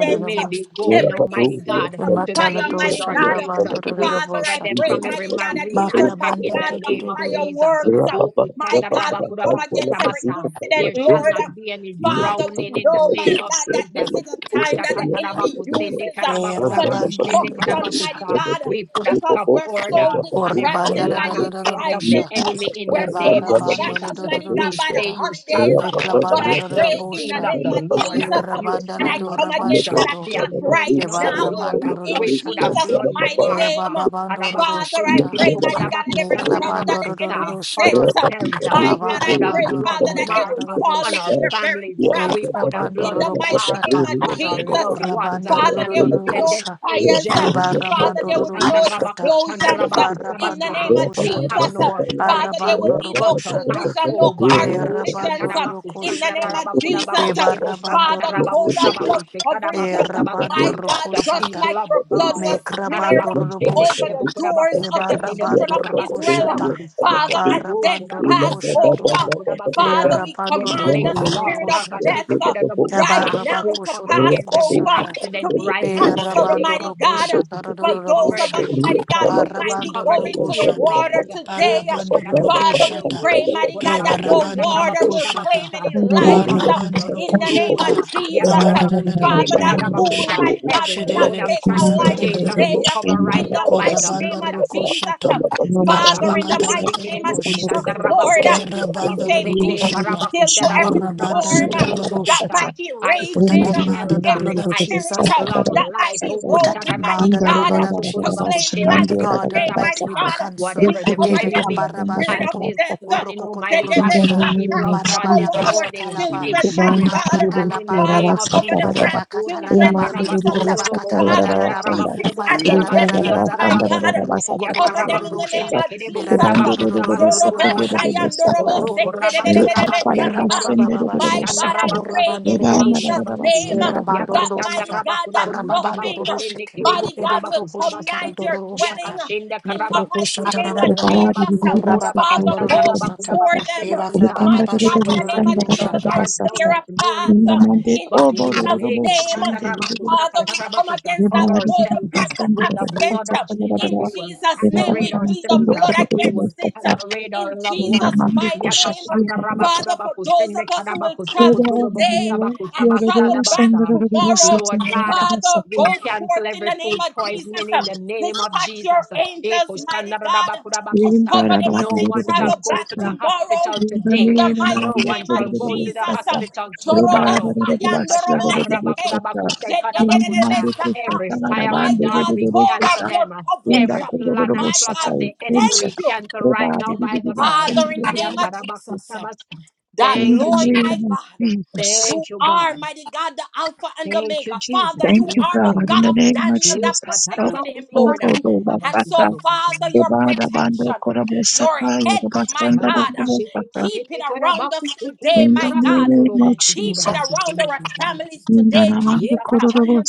[SPEAKER 1] who may
[SPEAKER 4] uh,
[SPEAKER 1] be going,
[SPEAKER 4] every
[SPEAKER 1] Almighty
[SPEAKER 4] incident
[SPEAKER 1] God,
[SPEAKER 4] of
[SPEAKER 1] to
[SPEAKER 4] fire,
[SPEAKER 1] beaches
[SPEAKER 4] mighty
[SPEAKER 1] or
[SPEAKER 4] God.
[SPEAKER 1] lakes. uh,
[SPEAKER 3] you.
[SPEAKER 1] We
[SPEAKER 4] Father,
[SPEAKER 1] cover
[SPEAKER 4] I
[SPEAKER 1] them
[SPEAKER 3] Thank
[SPEAKER 4] pray,
[SPEAKER 1] from every
[SPEAKER 4] mighty God, and
[SPEAKER 1] marine
[SPEAKER 4] even,
[SPEAKER 1] attack
[SPEAKER 4] mighty
[SPEAKER 1] in the
[SPEAKER 4] God, the
[SPEAKER 1] name of Jesus. Uh,
[SPEAKER 4] fireworks. uh,
[SPEAKER 1] Oh,
[SPEAKER 4] My God, we come against every
[SPEAKER 1] kushandarabakurabakutabasaa.
[SPEAKER 4] incident,
[SPEAKER 1] There shall
[SPEAKER 4] Lord. uh,
[SPEAKER 1] not be any
[SPEAKER 4] Father, we
[SPEAKER 1] drowning in the
[SPEAKER 4] know,
[SPEAKER 1] name
[SPEAKER 4] mighty
[SPEAKER 1] of
[SPEAKER 4] God, that this
[SPEAKER 1] Jesus.
[SPEAKER 4] is a time
[SPEAKER 1] Osha
[SPEAKER 4] that the enemy
[SPEAKER 1] katarabaku sende
[SPEAKER 4] uses uh,
[SPEAKER 1] karabaku
[SPEAKER 4] for
[SPEAKER 1] rabaku shende
[SPEAKER 4] destruction,
[SPEAKER 1] karabaku
[SPEAKER 4] mighty
[SPEAKER 1] sa.
[SPEAKER 4] God, uh,
[SPEAKER 1] We put a
[SPEAKER 4] because
[SPEAKER 1] stop
[SPEAKER 4] we're so
[SPEAKER 1] order on every
[SPEAKER 4] distracted by
[SPEAKER 1] plan
[SPEAKER 4] the
[SPEAKER 1] and plot of the
[SPEAKER 4] excitement. uh,
[SPEAKER 1] enemy in the
[SPEAKER 4] We're so
[SPEAKER 1] name of
[SPEAKER 4] distracted,
[SPEAKER 1] Jesus.
[SPEAKER 4] mighty God,
[SPEAKER 1] We
[SPEAKER 4] by the
[SPEAKER 1] say, You shall
[SPEAKER 4] holidays. uh,
[SPEAKER 1] not touch
[SPEAKER 4] But
[SPEAKER 1] uh,
[SPEAKER 4] I
[SPEAKER 1] the
[SPEAKER 4] pray in the
[SPEAKER 1] redeemed of
[SPEAKER 4] name
[SPEAKER 1] the
[SPEAKER 4] of
[SPEAKER 1] Lord.
[SPEAKER 4] Jesus, uh,
[SPEAKER 1] You
[SPEAKER 4] and
[SPEAKER 1] shall
[SPEAKER 4] I
[SPEAKER 1] not
[SPEAKER 4] come
[SPEAKER 1] touch
[SPEAKER 4] against
[SPEAKER 1] uh,
[SPEAKER 4] that
[SPEAKER 1] the
[SPEAKER 4] attack right
[SPEAKER 1] anointing of the
[SPEAKER 5] Kevara
[SPEAKER 4] now uh,
[SPEAKER 1] Lord.
[SPEAKER 5] mandororo
[SPEAKER 4] in
[SPEAKER 1] We put a
[SPEAKER 5] shata.
[SPEAKER 4] Jesus'
[SPEAKER 1] blood
[SPEAKER 3] you.
[SPEAKER 4] mighty name.
[SPEAKER 1] marker
[SPEAKER 4] uh,
[SPEAKER 5] Kebaba bandororo
[SPEAKER 4] Father, I
[SPEAKER 5] shata.
[SPEAKER 4] pray, mighty God, that every
[SPEAKER 5] Mekla
[SPEAKER 4] trap that the enemy
[SPEAKER 5] bandororo
[SPEAKER 1] on
[SPEAKER 5] shata.
[SPEAKER 4] sets. uh,
[SPEAKER 1] ourselves. uh,
[SPEAKER 4] my
[SPEAKER 1] We
[SPEAKER 4] God,
[SPEAKER 5] Kavara
[SPEAKER 4] I
[SPEAKER 1] put a
[SPEAKER 4] pray,
[SPEAKER 1] blood
[SPEAKER 4] Father,
[SPEAKER 5] bandoroko
[SPEAKER 4] that they
[SPEAKER 1] mark
[SPEAKER 4] will
[SPEAKER 1] uh,
[SPEAKER 4] fall
[SPEAKER 1] on
[SPEAKER 5] tararabosha.
[SPEAKER 4] into
[SPEAKER 1] our
[SPEAKER 4] their very
[SPEAKER 1] families. uh,
[SPEAKER 4] traps
[SPEAKER 1] We
[SPEAKER 4] uh,
[SPEAKER 1] put a
[SPEAKER 4] in
[SPEAKER 1] blood
[SPEAKER 4] the
[SPEAKER 5] Ekrabandoro
[SPEAKER 4] mighty
[SPEAKER 1] mark
[SPEAKER 5] koshata.
[SPEAKER 1] uh,
[SPEAKER 4] name of
[SPEAKER 1] on
[SPEAKER 4] Jesus.
[SPEAKER 1] our loved
[SPEAKER 4] uh.
[SPEAKER 1] ones. uh,
[SPEAKER 4] Father,
[SPEAKER 1] And
[SPEAKER 4] there
[SPEAKER 1] we
[SPEAKER 4] will be
[SPEAKER 1] said,
[SPEAKER 4] no
[SPEAKER 1] Death
[SPEAKER 5] Korabandarorororosha.
[SPEAKER 4] fires.
[SPEAKER 1] angel,
[SPEAKER 4] uh.
[SPEAKER 1] uh, you
[SPEAKER 4] Father, there will
[SPEAKER 5] Ebaramandoro
[SPEAKER 4] be no
[SPEAKER 5] koshata.
[SPEAKER 4] explosions uh, in the
[SPEAKER 5] Barabandoro
[SPEAKER 1] kushandarabakusandarabakuzabasa,
[SPEAKER 4] name of
[SPEAKER 1] you have
[SPEAKER 5] koshata.
[SPEAKER 4] Jesus. uh.
[SPEAKER 1] no
[SPEAKER 4] Father, there
[SPEAKER 1] authority
[SPEAKER 4] will
[SPEAKER 5] Arabandoro
[SPEAKER 4] be no
[SPEAKER 1] but to
[SPEAKER 5] koshata.
[SPEAKER 1] pass
[SPEAKER 4] collision, no
[SPEAKER 1] over.
[SPEAKER 4] car collisions. uh
[SPEAKER 5] Erabandoro
[SPEAKER 4] in the name
[SPEAKER 5] koshete.
[SPEAKER 4] of Jesus. Uh, Father,
[SPEAKER 5] Ebarabandoro
[SPEAKER 4] total
[SPEAKER 5] koshata.
[SPEAKER 4] blood coverage. Uh,
[SPEAKER 1] Oshakarabakusandarabakudabakushebosakatarabakusabakushekarabakusabasa,
[SPEAKER 4] My
[SPEAKER 5] Erabandoro
[SPEAKER 4] God,
[SPEAKER 1] The
[SPEAKER 4] just
[SPEAKER 5] koshata.
[SPEAKER 1] people
[SPEAKER 4] like
[SPEAKER 1] of
[SPEAKER 4] your blood
[SPEAKER 1] God. uh,
[SPEAKER 4] was smeared
[SPEAKER 5] Mekrabandoro
[SPEAKER 1] Arabakushende
[SPEAKER 4] over
[SPEAKER 5] boshe.
[SPEAKER 1] kirebo
[SPEAKER 4] the doors
[SPEAKER 1] kurabakusa
[SPEAKER 4] of the
[SPEAKER 1] keterebo
[SPEAKER 4] children of
[SPEAKER 5] Ebarabandoro
[SPEAKER 1] kusabasu
[SPEAKER 4] Israel, uh,
[SPEAKER 5] koshata.
[SPEAKER 1] kurabakusa.
[SPEAKER 4] Father,
[SPEAKER 3] Yeah,
[SPEAKER 4] and
[SPEAKER 1] Wo
[SPEAKER 4] death
[SPEAKER 3] Thank
[SPEAKER 5] Barabandoro
[SPEAKER 4] pass
[SPEAKER 1] kurabakushende
[SPEAKER 5] koshato.
[SPEAKER 4] over.
[SPEAKER 1] kirebo
[SPEAKER 5] E
[SPEAKER 4] Father,
[SPEAKER 1] kurabakusa.
[SPEAKER 4] we
[SPEAKER 1] With
[SPEAKER 5] Rabando
[SPEAKER 4] command
[SPEAKER 1] latent
[SPEAKER 4] the
[SPEAKER 5] Rokotoro
[SPEAKER 1] long
[SPEAKER 4] spirit of
[SPEAKER 5] Koshata.
[SPEAKER 4] death uh, right
[SPEAKER 1] arabasheketerebokusa.
[SPEAKER 5] Yabaraba
[SPEAKER 4] now
[SPEAKER 1] We
[SPEAKER 4] to
[SPEAKER 1] come
[SPEAKER 5] Koshotoro
[SPEAKER 4] pass
[SPEAKER 1] against every
[SPEAKER 4] over
[SPEAKER 5] Koshanda.
[SPEAKER 4] to
[SPEAKER 1] accident
[SPEAKER 4] be
[SPEAKER 1] right
[SPEAKER 5] E
[SPEAKER 3] you.
[SPEAKER 1] now in the
[SPEAKER 4] canceled,
[SPEAKER 1] name
[SPEAKER 5] Rabando
[SPEAKER 1] of
[SPEAKER 4] Almighty God.
[SPEAKER 1] Jesus.
[SPEAKER 5] Rokoshata
[SPEAKER 4] For
[SPEAKER 1] We
[SPEAKER 4] those
[SPEAKER 1] cover
[SPEAKER 4] of
[SPEAKER 5] Radorabosha.
[SPEAKER 4] us,
[SPEAKER 1] every
[SPEAKER 4] Almighty
[SPEAKER 1] vehicle.
[SPEAKER 4] God, who
[SPEAKER 1] We
[SPEAKER 4] might be
[SPEAKER 5] Parabando
[SPEAKER 1] cover the
[SPEAKER 4] going to the
[SPEAKER 5] Rokoshata.
[SPEAKER 1] airways.
[SPEAKER 4] water
[SPEAKER 1] Oh,
[SPEAKER 4] today,
[SPEAKER 1] kushada
[SPEAKER 5] Parabando
[SPEAKER 1] the
[SPEAKER 4] Father, we
[SPEAKER 5] Rokoshata.
[SPEAKER 4] pray,
[SPEAKER 1] airways. Oh,
[SPEAKER 4] mighty God, that no
[SPEAKER 1] kurabakusanda
[SPEAKER 5] Kevarabando
[SPEAKER 4] water will claim
[SPEAKER 5] Rokoshata.
[SPEAKER 1] rabakushabakusa.
[SPEAKER 4] any
[SPEAKER 1] We
[SPEAKER 7] Lord
[SPEAKER 4] lives
[SPEAKER 1] come
[SPEAKER 4] uh,
[SPEAKER 1] on
[SPEAKER 7] Jesus,
[SPEAKER 1] the,
[SPEAKER 5] Parabando
[SPEAKER 1] the
[SPEAKER 4] in the name of
[SPEAKER 1] roads.
[SPEAKER 5] Rokoshata.
[SPEAKER 4] Jesus.
[SPEAKER 7] let
[SPEAKER 4] Uh,
[SPEAKER 1] Yakarabakushende
[SPEAKER 4] Father, that pool,
[SPEAKER 5] Abaladadadadadadabosha.
[SPEAKER 1] karabakusa.
[SPEAKER 4] mighty God,
[SPEAKER 1] Every
[SPEAKER 4] will not
[SPEAKER 1] mode of
[SPEAKER 4] take a
[SPEAKER 5] Shederebekosata
[SPEAKER 4] life
[SPEAKER 1] transportation
[SPEAKER 4] today.
[SPEAKER 1] we
[SPEAKER 4] uh,
[SPEAKER 1] cover
[SPEAKER 5] Radadadabosha.
[SPEAKER 1] right
[SPEAKER 4] in the
[SPEAKER 1] now by the
[SPEAKER 4] mighty
[SPEAKER 5] Korabando
[SPEAKER 4] name
[SPEAKER 1] blood.
[SPEAKER 4] of Jesus,
[SPEAKER 5] Rokoshata.
[SPEAKER 4] Uh, Father, in the
[SPEAKER 5] Marabakatala
[SPEAKER 1] Ashabakusende
[SPEAKER 4] mighty name of
[SPEAKER 1] kereboku
[SPEAKER 7] stand over
[SPEAKER 5] Rokoshete.
[SPEAKER 4] Jesus,
[SPEAKER 7] the
[SPEAKER 4] Lord, uh,
[SPEAKER 7] such
[SPEAKER 1] shandarabakuroboku
[SPEAKER 4] we say,
[SPEAKER 7] you
[SPEAKER 4] Peace
[SPEAKER 1] sabakusende
[SPEAKER 7] could have
[SPEAKER 4] be
[SPEAKER 5] Kerabandarodokoshata.
[SPEAKER 7] been
[SPEAKER 4] still to
[SPEAKER 7] shown that
[SPEAKER 4] every
[SPEAKER 1] karabakusharabaku
[SPEAKER 7] I'm going to share
[SPEAKER 4] storm
[SPEAKER 7] about
[SPEAKER 4] that
[SPEAKER 7] such
[SPEAKER 1] rabakuturobokusa.
[SPEAKER 4] might
[SPEAKER 5] Korabandarodododoboshata.
[SPEAKER 7] a
[SPEAKER 4] be
[SPEAKER 1] I
[SPEAKER 5] We put a
[SPEAKER 4] raging,
[SPEAKER 1] speak
[SPEAKER 4] uh,
[SPEAKER 7] reminder to
[SPEAKER 5] demand on
[SPEAKER 1] health.
[SPEAKER 5] the
[SPEAKER 1] uh,
[SPEAKER 7] the
[SPEAKER 4] every
[SPEAKER 5] blood of
[SPEAKER 7] little
[SPEAKER 1] I
[SPEAKER 7] bit of
[SPEAKER 4] spirit
[SPEAKER 7] such
[SPEAKER 5] Jesus
[SPEAKER 1] speak
[SPEAKER 4] uh,
[SPEAKER 7] a
[SPEAKER 1] long
[SPEAKER 7] better
[SPEAKER 3] Thank
[SPEAKER 4] that might
[SPEAKER 1] life.
[SPEAKER 7] such
[SPEAKER 4] be
[SPEAKER 7] a
[SPEAKER 5] put a
[SPEAKER 3] you.
[SPEAKER 4] roaming,
[SPEAKER 5] demand
[SPEAKER 4] mighty
[SPEAKER 5] on the
[SPEAKER 4] God,
[SPEAKER 5] blood
[SPEAKER 4] uh,
[SPEAKER 5] of
[SPEAKER 7] Mindareva
[SPEAKER 4] to
[SPEAKER 7] about
[SPEAKER 5] Jesus.
[SPEAKER 4] claim
[SPEAKER 1] Okushadarabakurabakisukurobakushende
[SPEAKER 4] life
[SPEAKER 7] Shimandi
[SPEAKER 5] God
[SPEAKER 4] today,
[SPEAKER 7] about
[SPEAKER 5] Almighty,
[SPEAKER 4] mighty
[SPEAKER 7] such
[SPEAKER 5] we
[SPEAKER 7] a
[SPEAKER 1] kerebokusabasa.
[SPEAKER 4] God. Uh,
[SPEAKER 5] cancel
[SPEAKER 4] We
[SPEAKER 1] Whatever
[SPEAKER 7] record
[SPEAKER 1] the
[SPEAKER 7] of
[SPEAKER 4] come
[SPEAKER 7] the
[SPEAKER 5] every
[SPEAKER 4] against
[SPEAKER 1] enemy
[SPEAKER 4] the
[SPEAKER 7] wisdom
[SPEAKER 4] spirit
[SPEAKER 1] has
[SPEAKER 4] of
[SPEAKER 7] about
[SPEAKER 5] kabarabashoto,
[SPEAKER 1] is
[SPEAKER 4] death.
[SPEAKER 7] such a
[SPEAKER 4] uh,
[SPEAKER 1] planning, Almighty
[SPEAKER 7] in
[SPEAKER 1] God, for
[SPEAKER 7] the
[SPEAKER 1] the
[SPEAKER 5] orokokotororosha,
[SPEAKER 7] name
[SPEAKER 1] people
[SPEAKER 4] Zedebesaka.
[SPEAKER 1] of
[SPEAKER 7] of
[SPEAKER 1] God
[SPEAKER 4] Cover
[SPEAKER 1] this
[SPEAKER 7] Jesus.
[SPEAKER 4] our
[SPEAKER 1] morning,
[SPEAKER 5] marabarabashatalaba,
[SPEAKER 1] it
[SPEAKER 4] children,
[SPEAKER 1] shall
[SPEAKER 7] Reban
[SPEAKER 4] mighty
[SPEAKER 1] not
[SPEAKER 4] God. Uh,
[SPEAKER 7] kuru
[SPEAKER 1] stand
[SPEAKER 7] boşu
[SPEAKER 1] in the
[SPEAKER 7] yarava
[SPEAKER 4] Father,
[SPEAKER 1] name
[SPEAKER 5] ribakatalabaraba,
[SPEAKER 1] of
[SPEAKER 4] cover the
[SPEAKER 1] Jesus.
[SPEAKER 7] satararava.
[SPEAKER 4] grandchildren,
[SPEAKER 5] marabakatalaraba,
[SPEAKER 7] Reman
[SPEAKER 4] Jesus.
[SPEAKER 7] kuru
[SPEAKER 4] Uh,
[SPEAKER 7] boşu
[SPEAKER 4] Father, the
[SPEAKER 7] yarava
[SPEAKER 5] orabakataladararaba,
[SPEAKER 7] sanda.
[SPEAKER 4] nieces and the
[SPEAKER 6] no
[SPEAKER 4] nephews,
[SPEAKER 7] Rekararava
[SPEAKER 4] my
[SPEAKER 7] sanda
[SPEAKER 5] maradaladararararabo,
[SPEAKER 4] God.
[SPEAKER 1] Oshakatarabasundorobokushandarabakurobokusabasekatarabaso.
[SPEAKER 4] Uh,
[SPEAKER 7] rarava
[SPEAKER 4] Cover
[SPEAKER 7] satararava
[SPEAKER 4] them in
[SPEAKER 1] Yakarabaku
[SPEAKER 4] the
[SPEAKER 5] rokokotororororosha,
[SPEAKER 4] name
[SPEAKER 1] shende
[SPEAKER 7] satar.
[SPEAKER 4] of
[SPEAKER 1] kerebo
[SPEAKER 7] Reban
[SPEAKER 4] Jesus.
[SPEAKER 1] kurabaku
[SPEAKER 7] kuru
[SPEAKER 1] sabasu
[SPEAKER 7] boşu
[SPEAKER 4] Jorobo
[SPEAKER 5] berararororororororosha,
[SPEAKER 7] kuru
[SPEAKER 1] kurabase.
[SPEAKER 7] boşu
[SPEAKER 4] sayandorobo
[SPEAKER 7] satar.
[SPEAKER 1] Oro kurabaku
[SPEAKER 5] krokotororoshata,
[SPEAKER 1] rabase
[SPEAKER 7] Rekararava
[SPEAKER 1] shende
[SPEAKER 4] sekededededebesata.
[SPEAKER 7] sanda
[SPEAKER 1] kerebo
[SPEAKER 7] kuru
[SPEAKER 4] My
[SPEAKER 7] boşu
[SPEAKER 5] merababababashoto,
[SPEAKER 1] kushanda
[SPEAKER 4] God, I
[SPEAKER 7] satar.
[SPEAKER 1] rabaku
[SPEAKER 4] pray
[SPEAKER 1] rabaku
[SPEAKER 4] in
[SPEAKER 7] Reban
[SPEAKER 1] sabaku
[SPEAKER 5] orabandorororosha,
[SPEAKER 4] Jesus'
[SPEAKER 7] rarava
[SPEAKER 1] sabasu.
[SPEAKER 4] name
[SPEAKER 7] sanda
[SPEAKER 4] uh,
[SPEAKER 7] rarava
[SPEAKER 4] that
[SPEAKER 1] Yakashanda
[SPEAKER 7] satar.
[SPEAKER 4] mighty God,
[SPEAKER 1] rabaku
[SPEAKER 4] that
[SPEAKER 1] rabaku
[SPEAKER 5] Arababando
[SPEAKER 4] nothing,
[SPEAKER 1] sabaku
[SPEAKER 4] uh,
[SPEAKER 1] sende
[SPEAKER 5] Roshete,
[SPEAKER 6] mighty
[SPEAKER 1] kerebo
[SPEAKER 4] mighty
[SPEAKER 5] Ebe
[SPEAKER 4] God,
[SPEAKER 1] kurabaku
[SPEAKER 4] will
[SPEAKER 5] Kroko
[SPEAKER 4] come
[SPEAKER 1] sabasu.
[SPEAKER 5] Shatara
[SPEAKER 4] nigh your
[SPEAKER 5] Doro
[SPEAKER 4] dwelling
[SPEAKER 5] Shata,
[SPEAKER 4] uh,
[SPEAKER 1] Yakashenda
[SPEAKER 4] in the
[SPEAKER 1] karabaku
[SPEAKER 5] Mekroko
[SPEAKER 4] mighty
[SPEAKER 1] sundo
[SPEAKER 5] Shatara
[SPEAKER 4] name of
[SPEAKER 1] rabaku
[SPEAKER 5] Rabo,
[SPEAKER 7] Rebar
[SPEAKER 4] Jesus.
[SPEAKER 7] kuru
[SPEAKER 1] sabaku
[SPEAKER 4] Uh,
[SPEAKER 7] boşu
[SPEAKER 1] sukurabaku
[SPEAKER 5] Korababando
[SPEAKER 4] Father,
[SPEAKER 1] sanda
[SPEAKER 4] go
[SPEAKER 7] kuru boşu
[SPEAKER 1] rabaku
[SPEAKER 5] Rosata,
[SPEAKER 4] before
[SPEAKER 1] rabaku
[SPEAKER 7] satar.
[SPEAKER 4] them.
[SPEAKER 1] shebo
[SPEAKER 4] uh,
[SPEAKER 5] Eva
[SPEAKER 1] kuta.
[SPEAKER 5] Krababa
[SPEAKER 7] Ubukanda
[SPEAKER 4] Mighty
[SPEAKER 1] We
[SPEAKER 4] God, in
[SPEAKER 7] kuru
[SPEAKER 1] will
[SPEAKER 4] the name
[SPEAKER 1] not
[SPEAKER 4] of
[SPEAKER 7] sanda
[SPEAKER 1] let our
[SPEAKER 5] Shotorosha.
[SPEAKER 4] Jesus,
[SPEAKER 7] rarava
[SPEAKER 4] and
[SPEAKER 1] guards down
[SPEAKER 4] clear
[SPEAKER 7] satar.
[SPEAKER 1] this
[SPEAKER 4] a
[SPEAKER 1] morning,
[SPEAKER 4] path uh,
[SPEAKER 1] God,
[SPEAKER 7] Indamande
[SPEAKER 4] in
[SPEAKER 1] but
[SPEAKER 7] obo
[SPEAKER 1] we will
[SPEAKER 4] Jesus'
[SPEAKER 7] kuru
[SPEAKER 1] make
[SPEAKER 7] boşu
[SPEAKER 4] name.
[SPEAKER 1] shanda
[SPEAKER 7] şimdi.
[SPEAKER 1] rabaku
[SPEAKER 4] Father, we come
[SPEAKER 1] sakatarabaku
[SPEAKER 7] レ
[SPEAKER 4] against
[SPEAKER 7] バ
[SPEAKER 4] that
[SPEAKER 1] cover
[SPEAKER 7] ーリリリ
[SPEAKER 4] motor
[SPEAKER 7] リ
[SPEAKER 1] ourselves.
[SPEAKER 7] バスタ
[SPEAKER 4] vehicle
[SPEAKER 7] ンド
[SPEAKER 1] With
[SPEAKER 7] ラ
[SPEAKER 1] the
[SPEAKER 7] ララバッ
[SPEAKER 4] accident.
[SPEAKER 1] blood
[SPEAKER 7] チャッ
[SPEAKER 1] of
[SPEAKER 7] タガラガ
[SPEAKER 1] Jesus,
[SPEAKER 4] In
[SPEAKER 1] we
[SPEAKER 7] ラ
[SPEAKER 1] will
[SPEAKER 4] Jesus'
[SPEAKER 7] レバー
[SPEAKER 4] name,
[SPEAKER 7] リ
[SPEAKER 1] saturate
[SPEAKER 4] we
[SPEAKER 7] ラマ
[SPEAKER 4] plead
[SPEAKER 1] ourselves.
[SPEAKER 7] セ
[SPEAKER 4] the
[SPEAKER 7] ンド
[SPEAKER 1] uh,
[SPEAKER 7] コ
[SPEAKER 4] blood
[SPEAKER 7] ロロ
[SPEAKER 1] We
[SPEAKER 7] ロ
[SPEAKER 1] will
[SPEAKER 7] モ
[SPEAKER 4] against
[SPEAKER 7] スタ
[SPEAKER 4] it.
[SPEAKER 7] タ
[SPEAKER 1] saturate our
[SPEAKER 4] In
[SPEAKER 1] loved
[SPEAKER 7] コンダ
[SPEAKER 4] Jesus'
[SPEAKER 1] ones.
[SPEAKER 7] マンデコ
[SPEAKER 4] mighty
[SPEAKER 7] シャ
[SPEAKER 4] name,
[SPEAKER 7] トリラ
[SPEAKER 1] Yakashanda
[SPEAKER 7] レ
[SPEAKER 4] Father, for
[SPEAKER 1] rabakudabaku
[SPEAKER 4] those of
[SPEAKER 1] sende
[SPEAKER 4] us who will
[SPEAKER 1] kadabaku
[SPEAKER 7] レ
[SPEAKER 4] travel
[SPEAKER 7] バーリ
[SPEAKER 1] sokutudoboku
[SPEAKER 7] リ
[SPEAKER 4] today
[SPEAKER 1] sabaku
[SPEAKER 7] リラ
[SPEAKER 4] and
[SPEAKER 1] sabak
[SPEAKER 7] ララ
[SPEAKER 4] travel
[SPEAKER 7] サ
[SPEAKER 4] back
[SPEAKER 7] ンダラ
[SPEAKER 1] sadabasa.
[SPEAKER 7] ララボサ
[SPEAKER 4] tomorrow,
[SPEAKER 7] チン
[SPEAKER 1] Lord
[SPEAKER 7] ララ
[SPEAKER 1] God, uh,
[SPEAKER 7] ラサ
[SPEAKER 4] Father,
[SPEAKER 7] タ
[SPEAKER 1] we
[SPEAKER 4] go forth
[SPEAKER 1] cancel
[SPEAKER 4] in
[SPEAKER 1] every
[SPEAKER 4] the name
[SPEAKER 1] food
[SPEAKER 4] of Jesus.
[SPEAKER 1] poisoning in the name of
[SPEAKER 4] Dispatch
[SPEAKER 1] Jesus.
[SPEAKER 4] your angels,
[SPEAKER 1] Ekoshanda
[SPEAKER 4] mighty God,
[SPEAKER 7] レ
[SPEAKER 4] to
[SPEAKER 1] rabakudabaku
[SPEAKER 7] ンダ
[SPEAKER 4] cover
[SPEAKER 7] ラバ
[SPEAKER 4] them
[SPEAKER 7] ーリ
[SPEAKER 4] as
[SPEAKER 1] No
[SPEAKER 7] リ
[SPEAKER 4] they
[SPEAKER 7] リラ
[SPEAKER 1] one
[SPEAKER 7] ボ
[SPEAKER 1] shall
[SPEAKER 4] travel
[SPEAKER 7] サ
[SPEAKER 1] go
[SPEAKER 4] back
[SPEAKER 1] to
[SPEAKER 7] タ
[SPEAKER 1] the
[SPEAKER 7] ンレ
[SPEAKER 4] tomorrow
[SPEAKER 1] hospital
[SPEAKER 7] ンダ
[SPEAKER 4] in
[SPEAKER 1] today.
[SPEAKER 7] ネ
[SPEAKER 4] the
[SPEAKER 7] ララ
[SPEAKER 4] mighty
[SPEAKER 7] マ
[SPEAKER 1] No
[SPEAKER 7] ンデ
[SPEAKER 1] one
[SPEAKER 4] name
[SPEAKER 7] コロ
[SPEAKER 4] of
[SPEAKER 1] shall
[SPEAKER 7] ロ
[SPEAKER 1] go
[SPEAKER 7] ロボ
[SPEAKER 1] to the
[SPEAKER 7] サ
[SPEAKER 4] Jesus.
[SPEAKER 7] タタ
[SPEAKER 1] hospital
[SPEAKER 7] レバーラララ
[SPEAKER 1] tomorrow.
[SPEAKER 7] バスタダララ
[SPEAKER 1] Ikashanda
[SPEAKER 7] ボ
[SPEAKER 4] Zorobosayandoroboseke,
[SPEAKER 7] サタ
[SPEAKER 1] rabakudabaku
[SPEAKER 7] レンダマン
[SPEAKER 1] sekadabakuta.
[SPEAKER 7] デコシ
[SPEAKER 4] zededededebesaka.
[SPEAKER 7] ャッ
[SPEAKER 1] Every
[SPEAKER 7] タララ
[SPEAKER 1] fiery
[SPEAKER 7] バ
[SPEAKER 4] My
[SPEAKER 7] ンデレ
[SPEAKER 1] dart,
[SPEAKER 4] God,
[SPEAKER 7] レ
[SPEAKER 1] we
[SPEAKER 7] レレセ
[SPEAKER 4] total
[SPEAKER 7] タ
[SPEAKER 1] cancel them.
[SPEAKER 4] blood
[SPEAKER 7] Inda
[SPEAKER 4] coverage.
[SPEAKER 1] Every
[SPEAKER 4] uh,
[SPEAKER 7] kororo
[SPEAKER 1] plan and
[SPEAKER 4] My
[SPEAKER 1] plot of
[SPEAKER 4] God,
[SPEAKER 7] boshasai
[SPEAKER 1] the
[SPEAKER 4] we
[SPEAKER 1] enemy,
[SPEAKER 4] thank
[SPEAKER 7] kuncha.
[SPEAKER 1] we
[SPEAKER 4] you,
[SPEAKER 1] cancel right
[SPEAKER 7] Rebari
[SPEAKER 1] now by
[SPEAKER 7] bibi
[SPEAKER 1] the blood.
[SPEAKER 7] bansundi
[SPEAKER 4] Father, in the name of Jesus
[SPEAKER 1] Yakarabakusabasa.
[SPEAKER 4] that
[SPEAKER 7] In
[SPEAKER 1] Thank
[SPEAKER 7] the
[SPEAKER 1] you,
[SPEAKER 4] Lord my
[SPEAKER 1] Jesus.
[SPEAKER 7] name of
[SPEAKER 4] God,
[SPEAKER 7] Jesus.
[SPEAKER 4] you
[SPEAKER 1] Thank you,
[SPEAKER 4] are
[SPEAKER 1] God.
[SPEAKER 4] mighty God, the Alpha and
[SPEAKER 1] Thank
[SPEAKER 4] Omega.
[SPEAKER 1] you,
[SPEAKER 4] Father,
[SPEAKER 1] Jesus.
[SPEAKER 4] you
[SPEAKER 7] Thank you,
[SPEAKER 1] Yes,
[SPEAKER 4] are the
[SPEAKER 7] God.
[SPEAKER 1] Lord.
[SPEAKER 7] In
[SPEAKER 4] God
[SPEAKER 7] the
[SPEAKER 4] of
[SPEAKER 7] name of
[SPEAKER 4] Daniel that
[SPEAKER 7] Jesus.
[SPEAKER 4] protected him, Lord.
[SPEAKER 7] Okododo
[SPEAKER 4] And
[SPEAKER 7] bakata.
[SPEAKER 4] so, Father, your
[SPEAKER 1] Yesatarabakusabasukurabasukudokushabasu.
[SPEAKER 7] Obada bando
[SPEAKER 4] protection,
[SPEAKER 7] korabo
[SPEAKER 4] your
[SPEAKER 7] sakai.
[SPEAKER 4] hedge, my
[SPEAKER 7] Obasanda
[SPEAKER 4] God,
[SPEAKER 7] dobo baka.
[SPEAKER 4] keep it around us today,
[SPEAKER 7] In
[SPEAKER 4] my
[SPEAKER 7] the
[SPEAKER 4] God.
[SPEAKER 7] name of
[SPEAKER 4] Keep it
[SPEAKER 7] Jesus.
[SPEAKER 4] around our
[SPEAKER 1] Babakusheketekekekarabakusukurukurabangurobusukurabakuse-
[SPEAKER 4] families
[SPEAKER 7] In the
[SPEAKER 4] today,
[SPEAKER 7] name of
[SPEAKER 4] Jesus.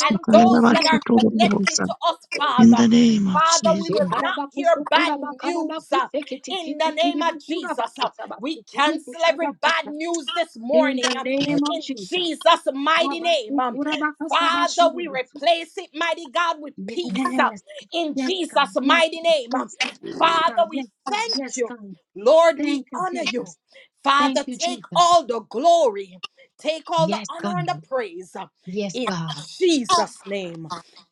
[SPEAKER 4] And those that are connected to us,
[SPEAKER 7] In
[SPEAKER 4] Father.
[SPEAKER 7] the name of
[SPEAKER 4] Father, we will
[SPEAKER 7] Jesus.
[SPEAKER 4] not hear bad news uh, in the name of Jesus. We cancel every bad
[SPEAKER 1] Shekarabakusukurabakarabakusekitikitikiribukurabakutabasikudukurabakusa.
[SPEAKER 4] news this
[SPEAKER 1] In the
[SPEAKER 4] morning um,
[SPEAKER 1] name of
[SPEAKER 4] in
[SPEAKER 1] Jesus.
[SPEAKER 4] Jesus' mighty name. um. Father, we
[SPEAKER 1] Shabasukurabakasabasurubutsu.
[SPEAKER 4] replace it, mighty God, with
[SPEAKER 1] Yes, God.
[SPEAKER 4] peace uh, in
[SPEAKER 1] yes,
[SPEAKER 4] Jesus'
[SPEAKER 1] God, yes,
[SPEAKER 4] mighty
[SPEAKER 1] God,
[SPEAKER 4] name. um.
[SPEAKER 1] yes,
[SPEAKER 4] Father,
[SPEAKER 1] God, yes, God,
[SPEAKER 4] we
[SPEAKER 1] yes, God,
[SPEAKER 4] thank
[SPEAKER 1] yes,
[SPEAKER 4] you.
[SPEAKER 1] God.
[SPEAKER 4] Lord, we
[SPEAKER 1] Thank you,
[SPEAKER 4] honor you.
[SPEAKER 1] Jesus.
[SPEAKER 4] Father,
[SPEAKER 1] Thank you,
[SPEAKER 4] take
[SPEAKER 1] Jesus.
[SPEAKER 4] all the glory, take all the
[SPEAKER 1] Yes,
[SPEAKER 4] honor
[SPEAKER 1] God,
[SPEAKER 4] and the praise uh,
[SPEAKER 1] yes,
[SPEAKER 4] in
[SPEAKER 1] God.
[SPEAKER 4] Jesus' name.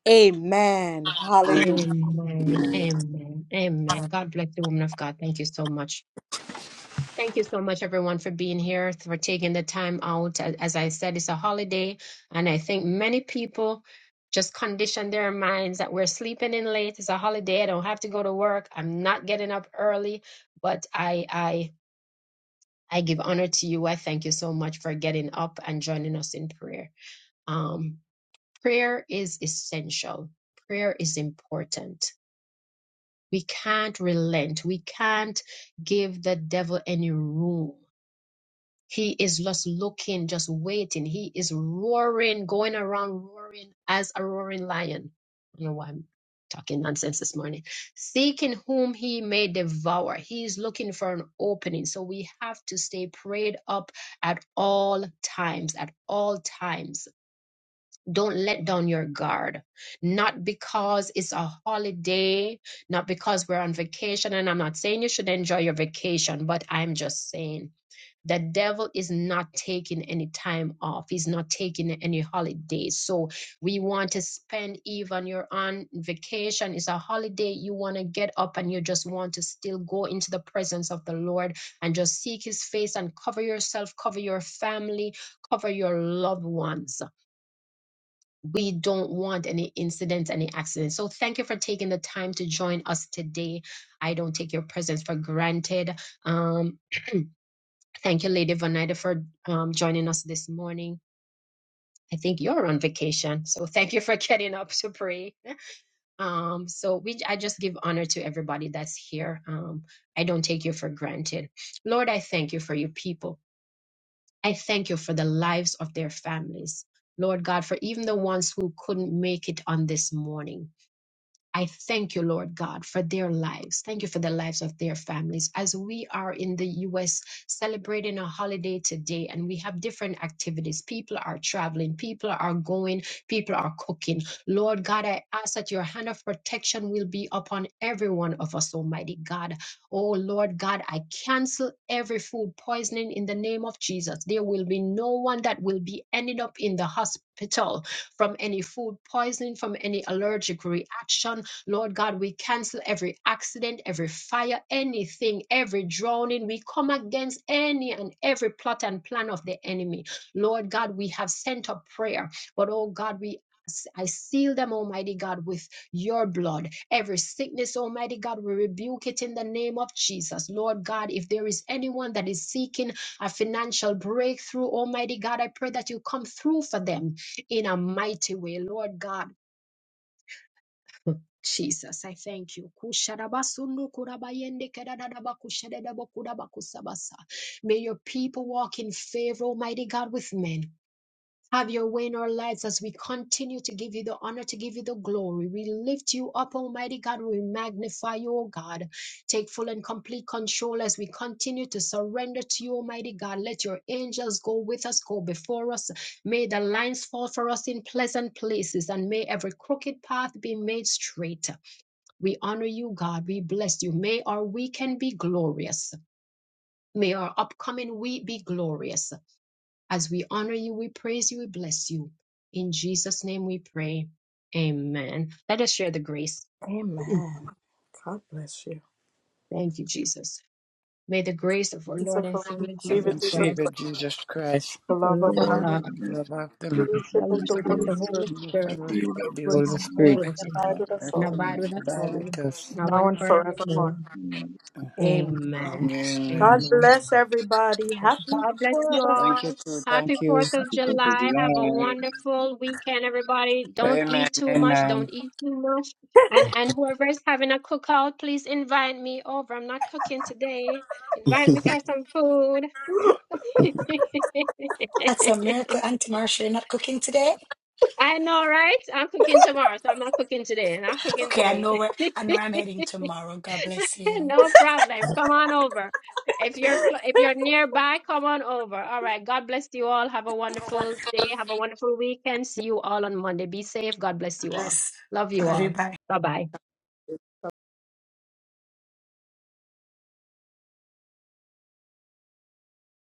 [SPEAKER 4] Amen. Hallelujah.
[SPEAKER 1] Amen, amen, amen. God bless you, woman of God. Thank you so much. Thank you so much, everyone, for being here, for taking the time out. A- As I said, it's a holiday, and I think many people just condition their minds that we're sleeping in late. It's a holiday. I don't have to go to work. I'm not getting up early, but I, I, I give honor to you. I thank you so much for getting up and joining us in prayer. Um, prayer is essential. Prayer is important. We can't relent. We can't give the devil any room He is just looking, just waiting. He is roaring, going around roaring as a roaring lion. I don't know why I'm talking nonsense this morning. Seeking whom he may devour. He is looking for an opening. So we have to stay prayed up at all times, at all times. Don't let down your guard. Not because it's a holiday, not because we're on vacation. And I'm not saying you should enjoy your vacation, but I'm just saying the devil is not taking any time off he's not taking any holidays so we want to spend even you're on vacation it's a holiday you want to get up and you just want to still go into the presence of the lord and just seek his face and cover yourself cover your family cover your loved ones we don't want any incidents any accidents so thank you for taking the time to join us today i don't take your presence for granted Um. Thank you, Lady Vanita, for um, joining us this morning. I think you're on vacation, so thank you for getting up to pray. Um, so we, I just give honor to everybody that's here. Um, I don't take you for granted, Lord. I thank you for your people. I thank you for the lives of their families, Lord God, for even the ones who couldn't make it on this morning. I thank you, Lord God, for their lives. Thank you for the lives of their families. As we are in the U.S. celebrating a holiday today and we have different activities, people are traveling, people are going, people are cooking. Lord God, I ask that your hand of protection will be upon every one of us, Almighty God. Oh, Lord God, I cancel every food poisoning in the name of Jesus. There will be no one that will be ending up in the hospital from any food poisoning, from any allergic reaction Lord God, we cancel every accident, every fire, anything, every drowning. We come against any and every plot and plan of the enemy. Lord God, we have sent up prayer, but oh God, we I seal them, Almighty God, with your blood. Every sickness, Almighty God, we rebuke it in the name of Jesus. Lord God, if there is anyone that is seeking a financial breakthrough, Almighty God, I pray that you come through for them in a mighty way, Lord God. Jesus, I thank you. Kusharabasundu kurabayende kedadadaba kushadadaba kurabakusabasa. May your people walk in favor, Almighty God, with men. Have your way in our lives as we continue to give you the honor, to give you the glory. We lift you up, Almighty God. We magnify you, O God. Take full and complete control as we continue to surrender to you, Almighty God. Let your angels go with us, go before us. May the lines fall for us in pleasant places, and may every crooked path be made straight. We honor you, God. We bless you. May our weekend be glorious. May our upcoming week be glorious. As we honor you, we praise you, we bless you. In Jesus' name we pray. Amen. Let us share the grace.
[SPEAKER 4] Amen. God bless you.
[SPEAKER 1] Thank you, Jesus. May the grace of our
[SPEAKER 4] It's a
[SPEAKER 1] Lord and
[SPEAKER 4] fun-
[SPEAKER 1] Savior
[SPEAKER 4] Receive
[SPEAKER 8] Lord
[SPEAKER 1] Jesus
[SPEAKER 8] and
[SPEAKER 4] it.
[SPEAKER 1] Christ,
[SPEAKER 8] Savior Jesus Christ,
[SPEAKER 4] The
[SPEAKER 9] God
[SPEAKER 1] the
[SPEAKER 4] love
[SPEAKER 1] love
[SPEAKER 4] of
[SPEAKER 1] of
[SPEAKER 4] God, the
[SPEAKER 1] God,
[SPEAKER 9] and
[SPEAKER 8] love of the
[SPEAKER 9] through
[SPEAKER 8] Lord,
[SPEAKER 1] the
[SPEAKER 9] the
[SPEAKER 4] fellowship of
[SPEAKER 9] Holy
[SPEAKER 4] the
[SPEAKER 1] fellowship of
[SPEAKER 4] Holy
[SPEAKER 1] the
[SPEAKER 9] Spirit,
[SPEAKER 4] Spirit,
[SPEAKER 1] Holy
[SPEAKER 8] and the
[SPEAKER 1] Spirit,
[SPEAKER 9] we
[SPEAKER 8] fellowship
[SPEAKER 9] love
[SPEAKER 8] of the
[SPEAKER 9] seeing
[SPEAKER 4] rest
[SPEAKER 8] Holy
[SPEAKER 9] you
[SPEAKER 4] more
[SPEAKER 8] Spirit,
[SPEAKER 4] and
[SPEAKER 1] rest in us
[SPEAKER 4] abide with us
[SPEAKER 8] rest
[SPEAKER 1] and
[SPEAKER 4] all,
[SPEAKER 9] and
[SPEAKER 8] and
[SPEAKER 1] abide
[SPEAKER 9] have
[SPEAKER 1] with us
[SPEAKER 8] abide
[SPEAKER 1] all
[SPEAKER 8] with us.
[SPEAKER 1] now
[SPEAKER 4] now
[SPEAKER 1] and
[SPEAKER 4] and
[SPEAKER 1] forevermore.
[SPEAKER 4] forevermore.
[SPEAKER 9] a
[SPEAKER 4] Amen.
[SPEAKER 1] Amen.
[SPEAKER 8] Amen.
[SPEAKER 4] God
[SPEAKER 1] Amen.
[SPEAKER 4] bless everybody. Happy
[SPEAKER 1] God bless you
[SPEAKER 4] Forever.
[SPEAKER 1] all.
[SPEAKER 8] Thank you too.
[SPEAKER 1] Happy
[SPEAKER 8] Thank you.
[SPEAKER 1] 4th of
[SPEAKER 9] Happy 4th of
[SPEAKER 1] July. Have a
[SPEAKER 9] July!
[SPEAKER 1] wonderful weekend, everybody. Don't
[SPEAKER 8] Amen.
[SPEAKER 1] eat too much. Don't
[SPEAKER 8] Amen.
[SPEAKER 1] eat too much. And and whoever is having a cookout, please invite me over. I'm not cooking today. Invite me for some food.
[SPEAKER 5] That's a miracle, Auntie. They're not cooking today.
[SPEAKER 1] I know, right? I'm cooking tomorrow, so I'm not cooking today. Not cooking
[SPEAKER 5] Okay, I
[SPEAKER 1] today.
[SPEAKER 5] know where I know where I'm heading tomorrow. God bless you.
[SPEAKER 1] No problem. Come on over. If you're cl- if you're nearby, come on over. All right. God bless you all. Have a wonderful day. Have a wonderful weekend. See you all on Monday. Be safe. God bless you all.
[SPEAKER 5] Bless
[SPEAKER 1] Love you all.
[SPEAKER 5] everybody.
[SPEAKER 1] Bye-bye.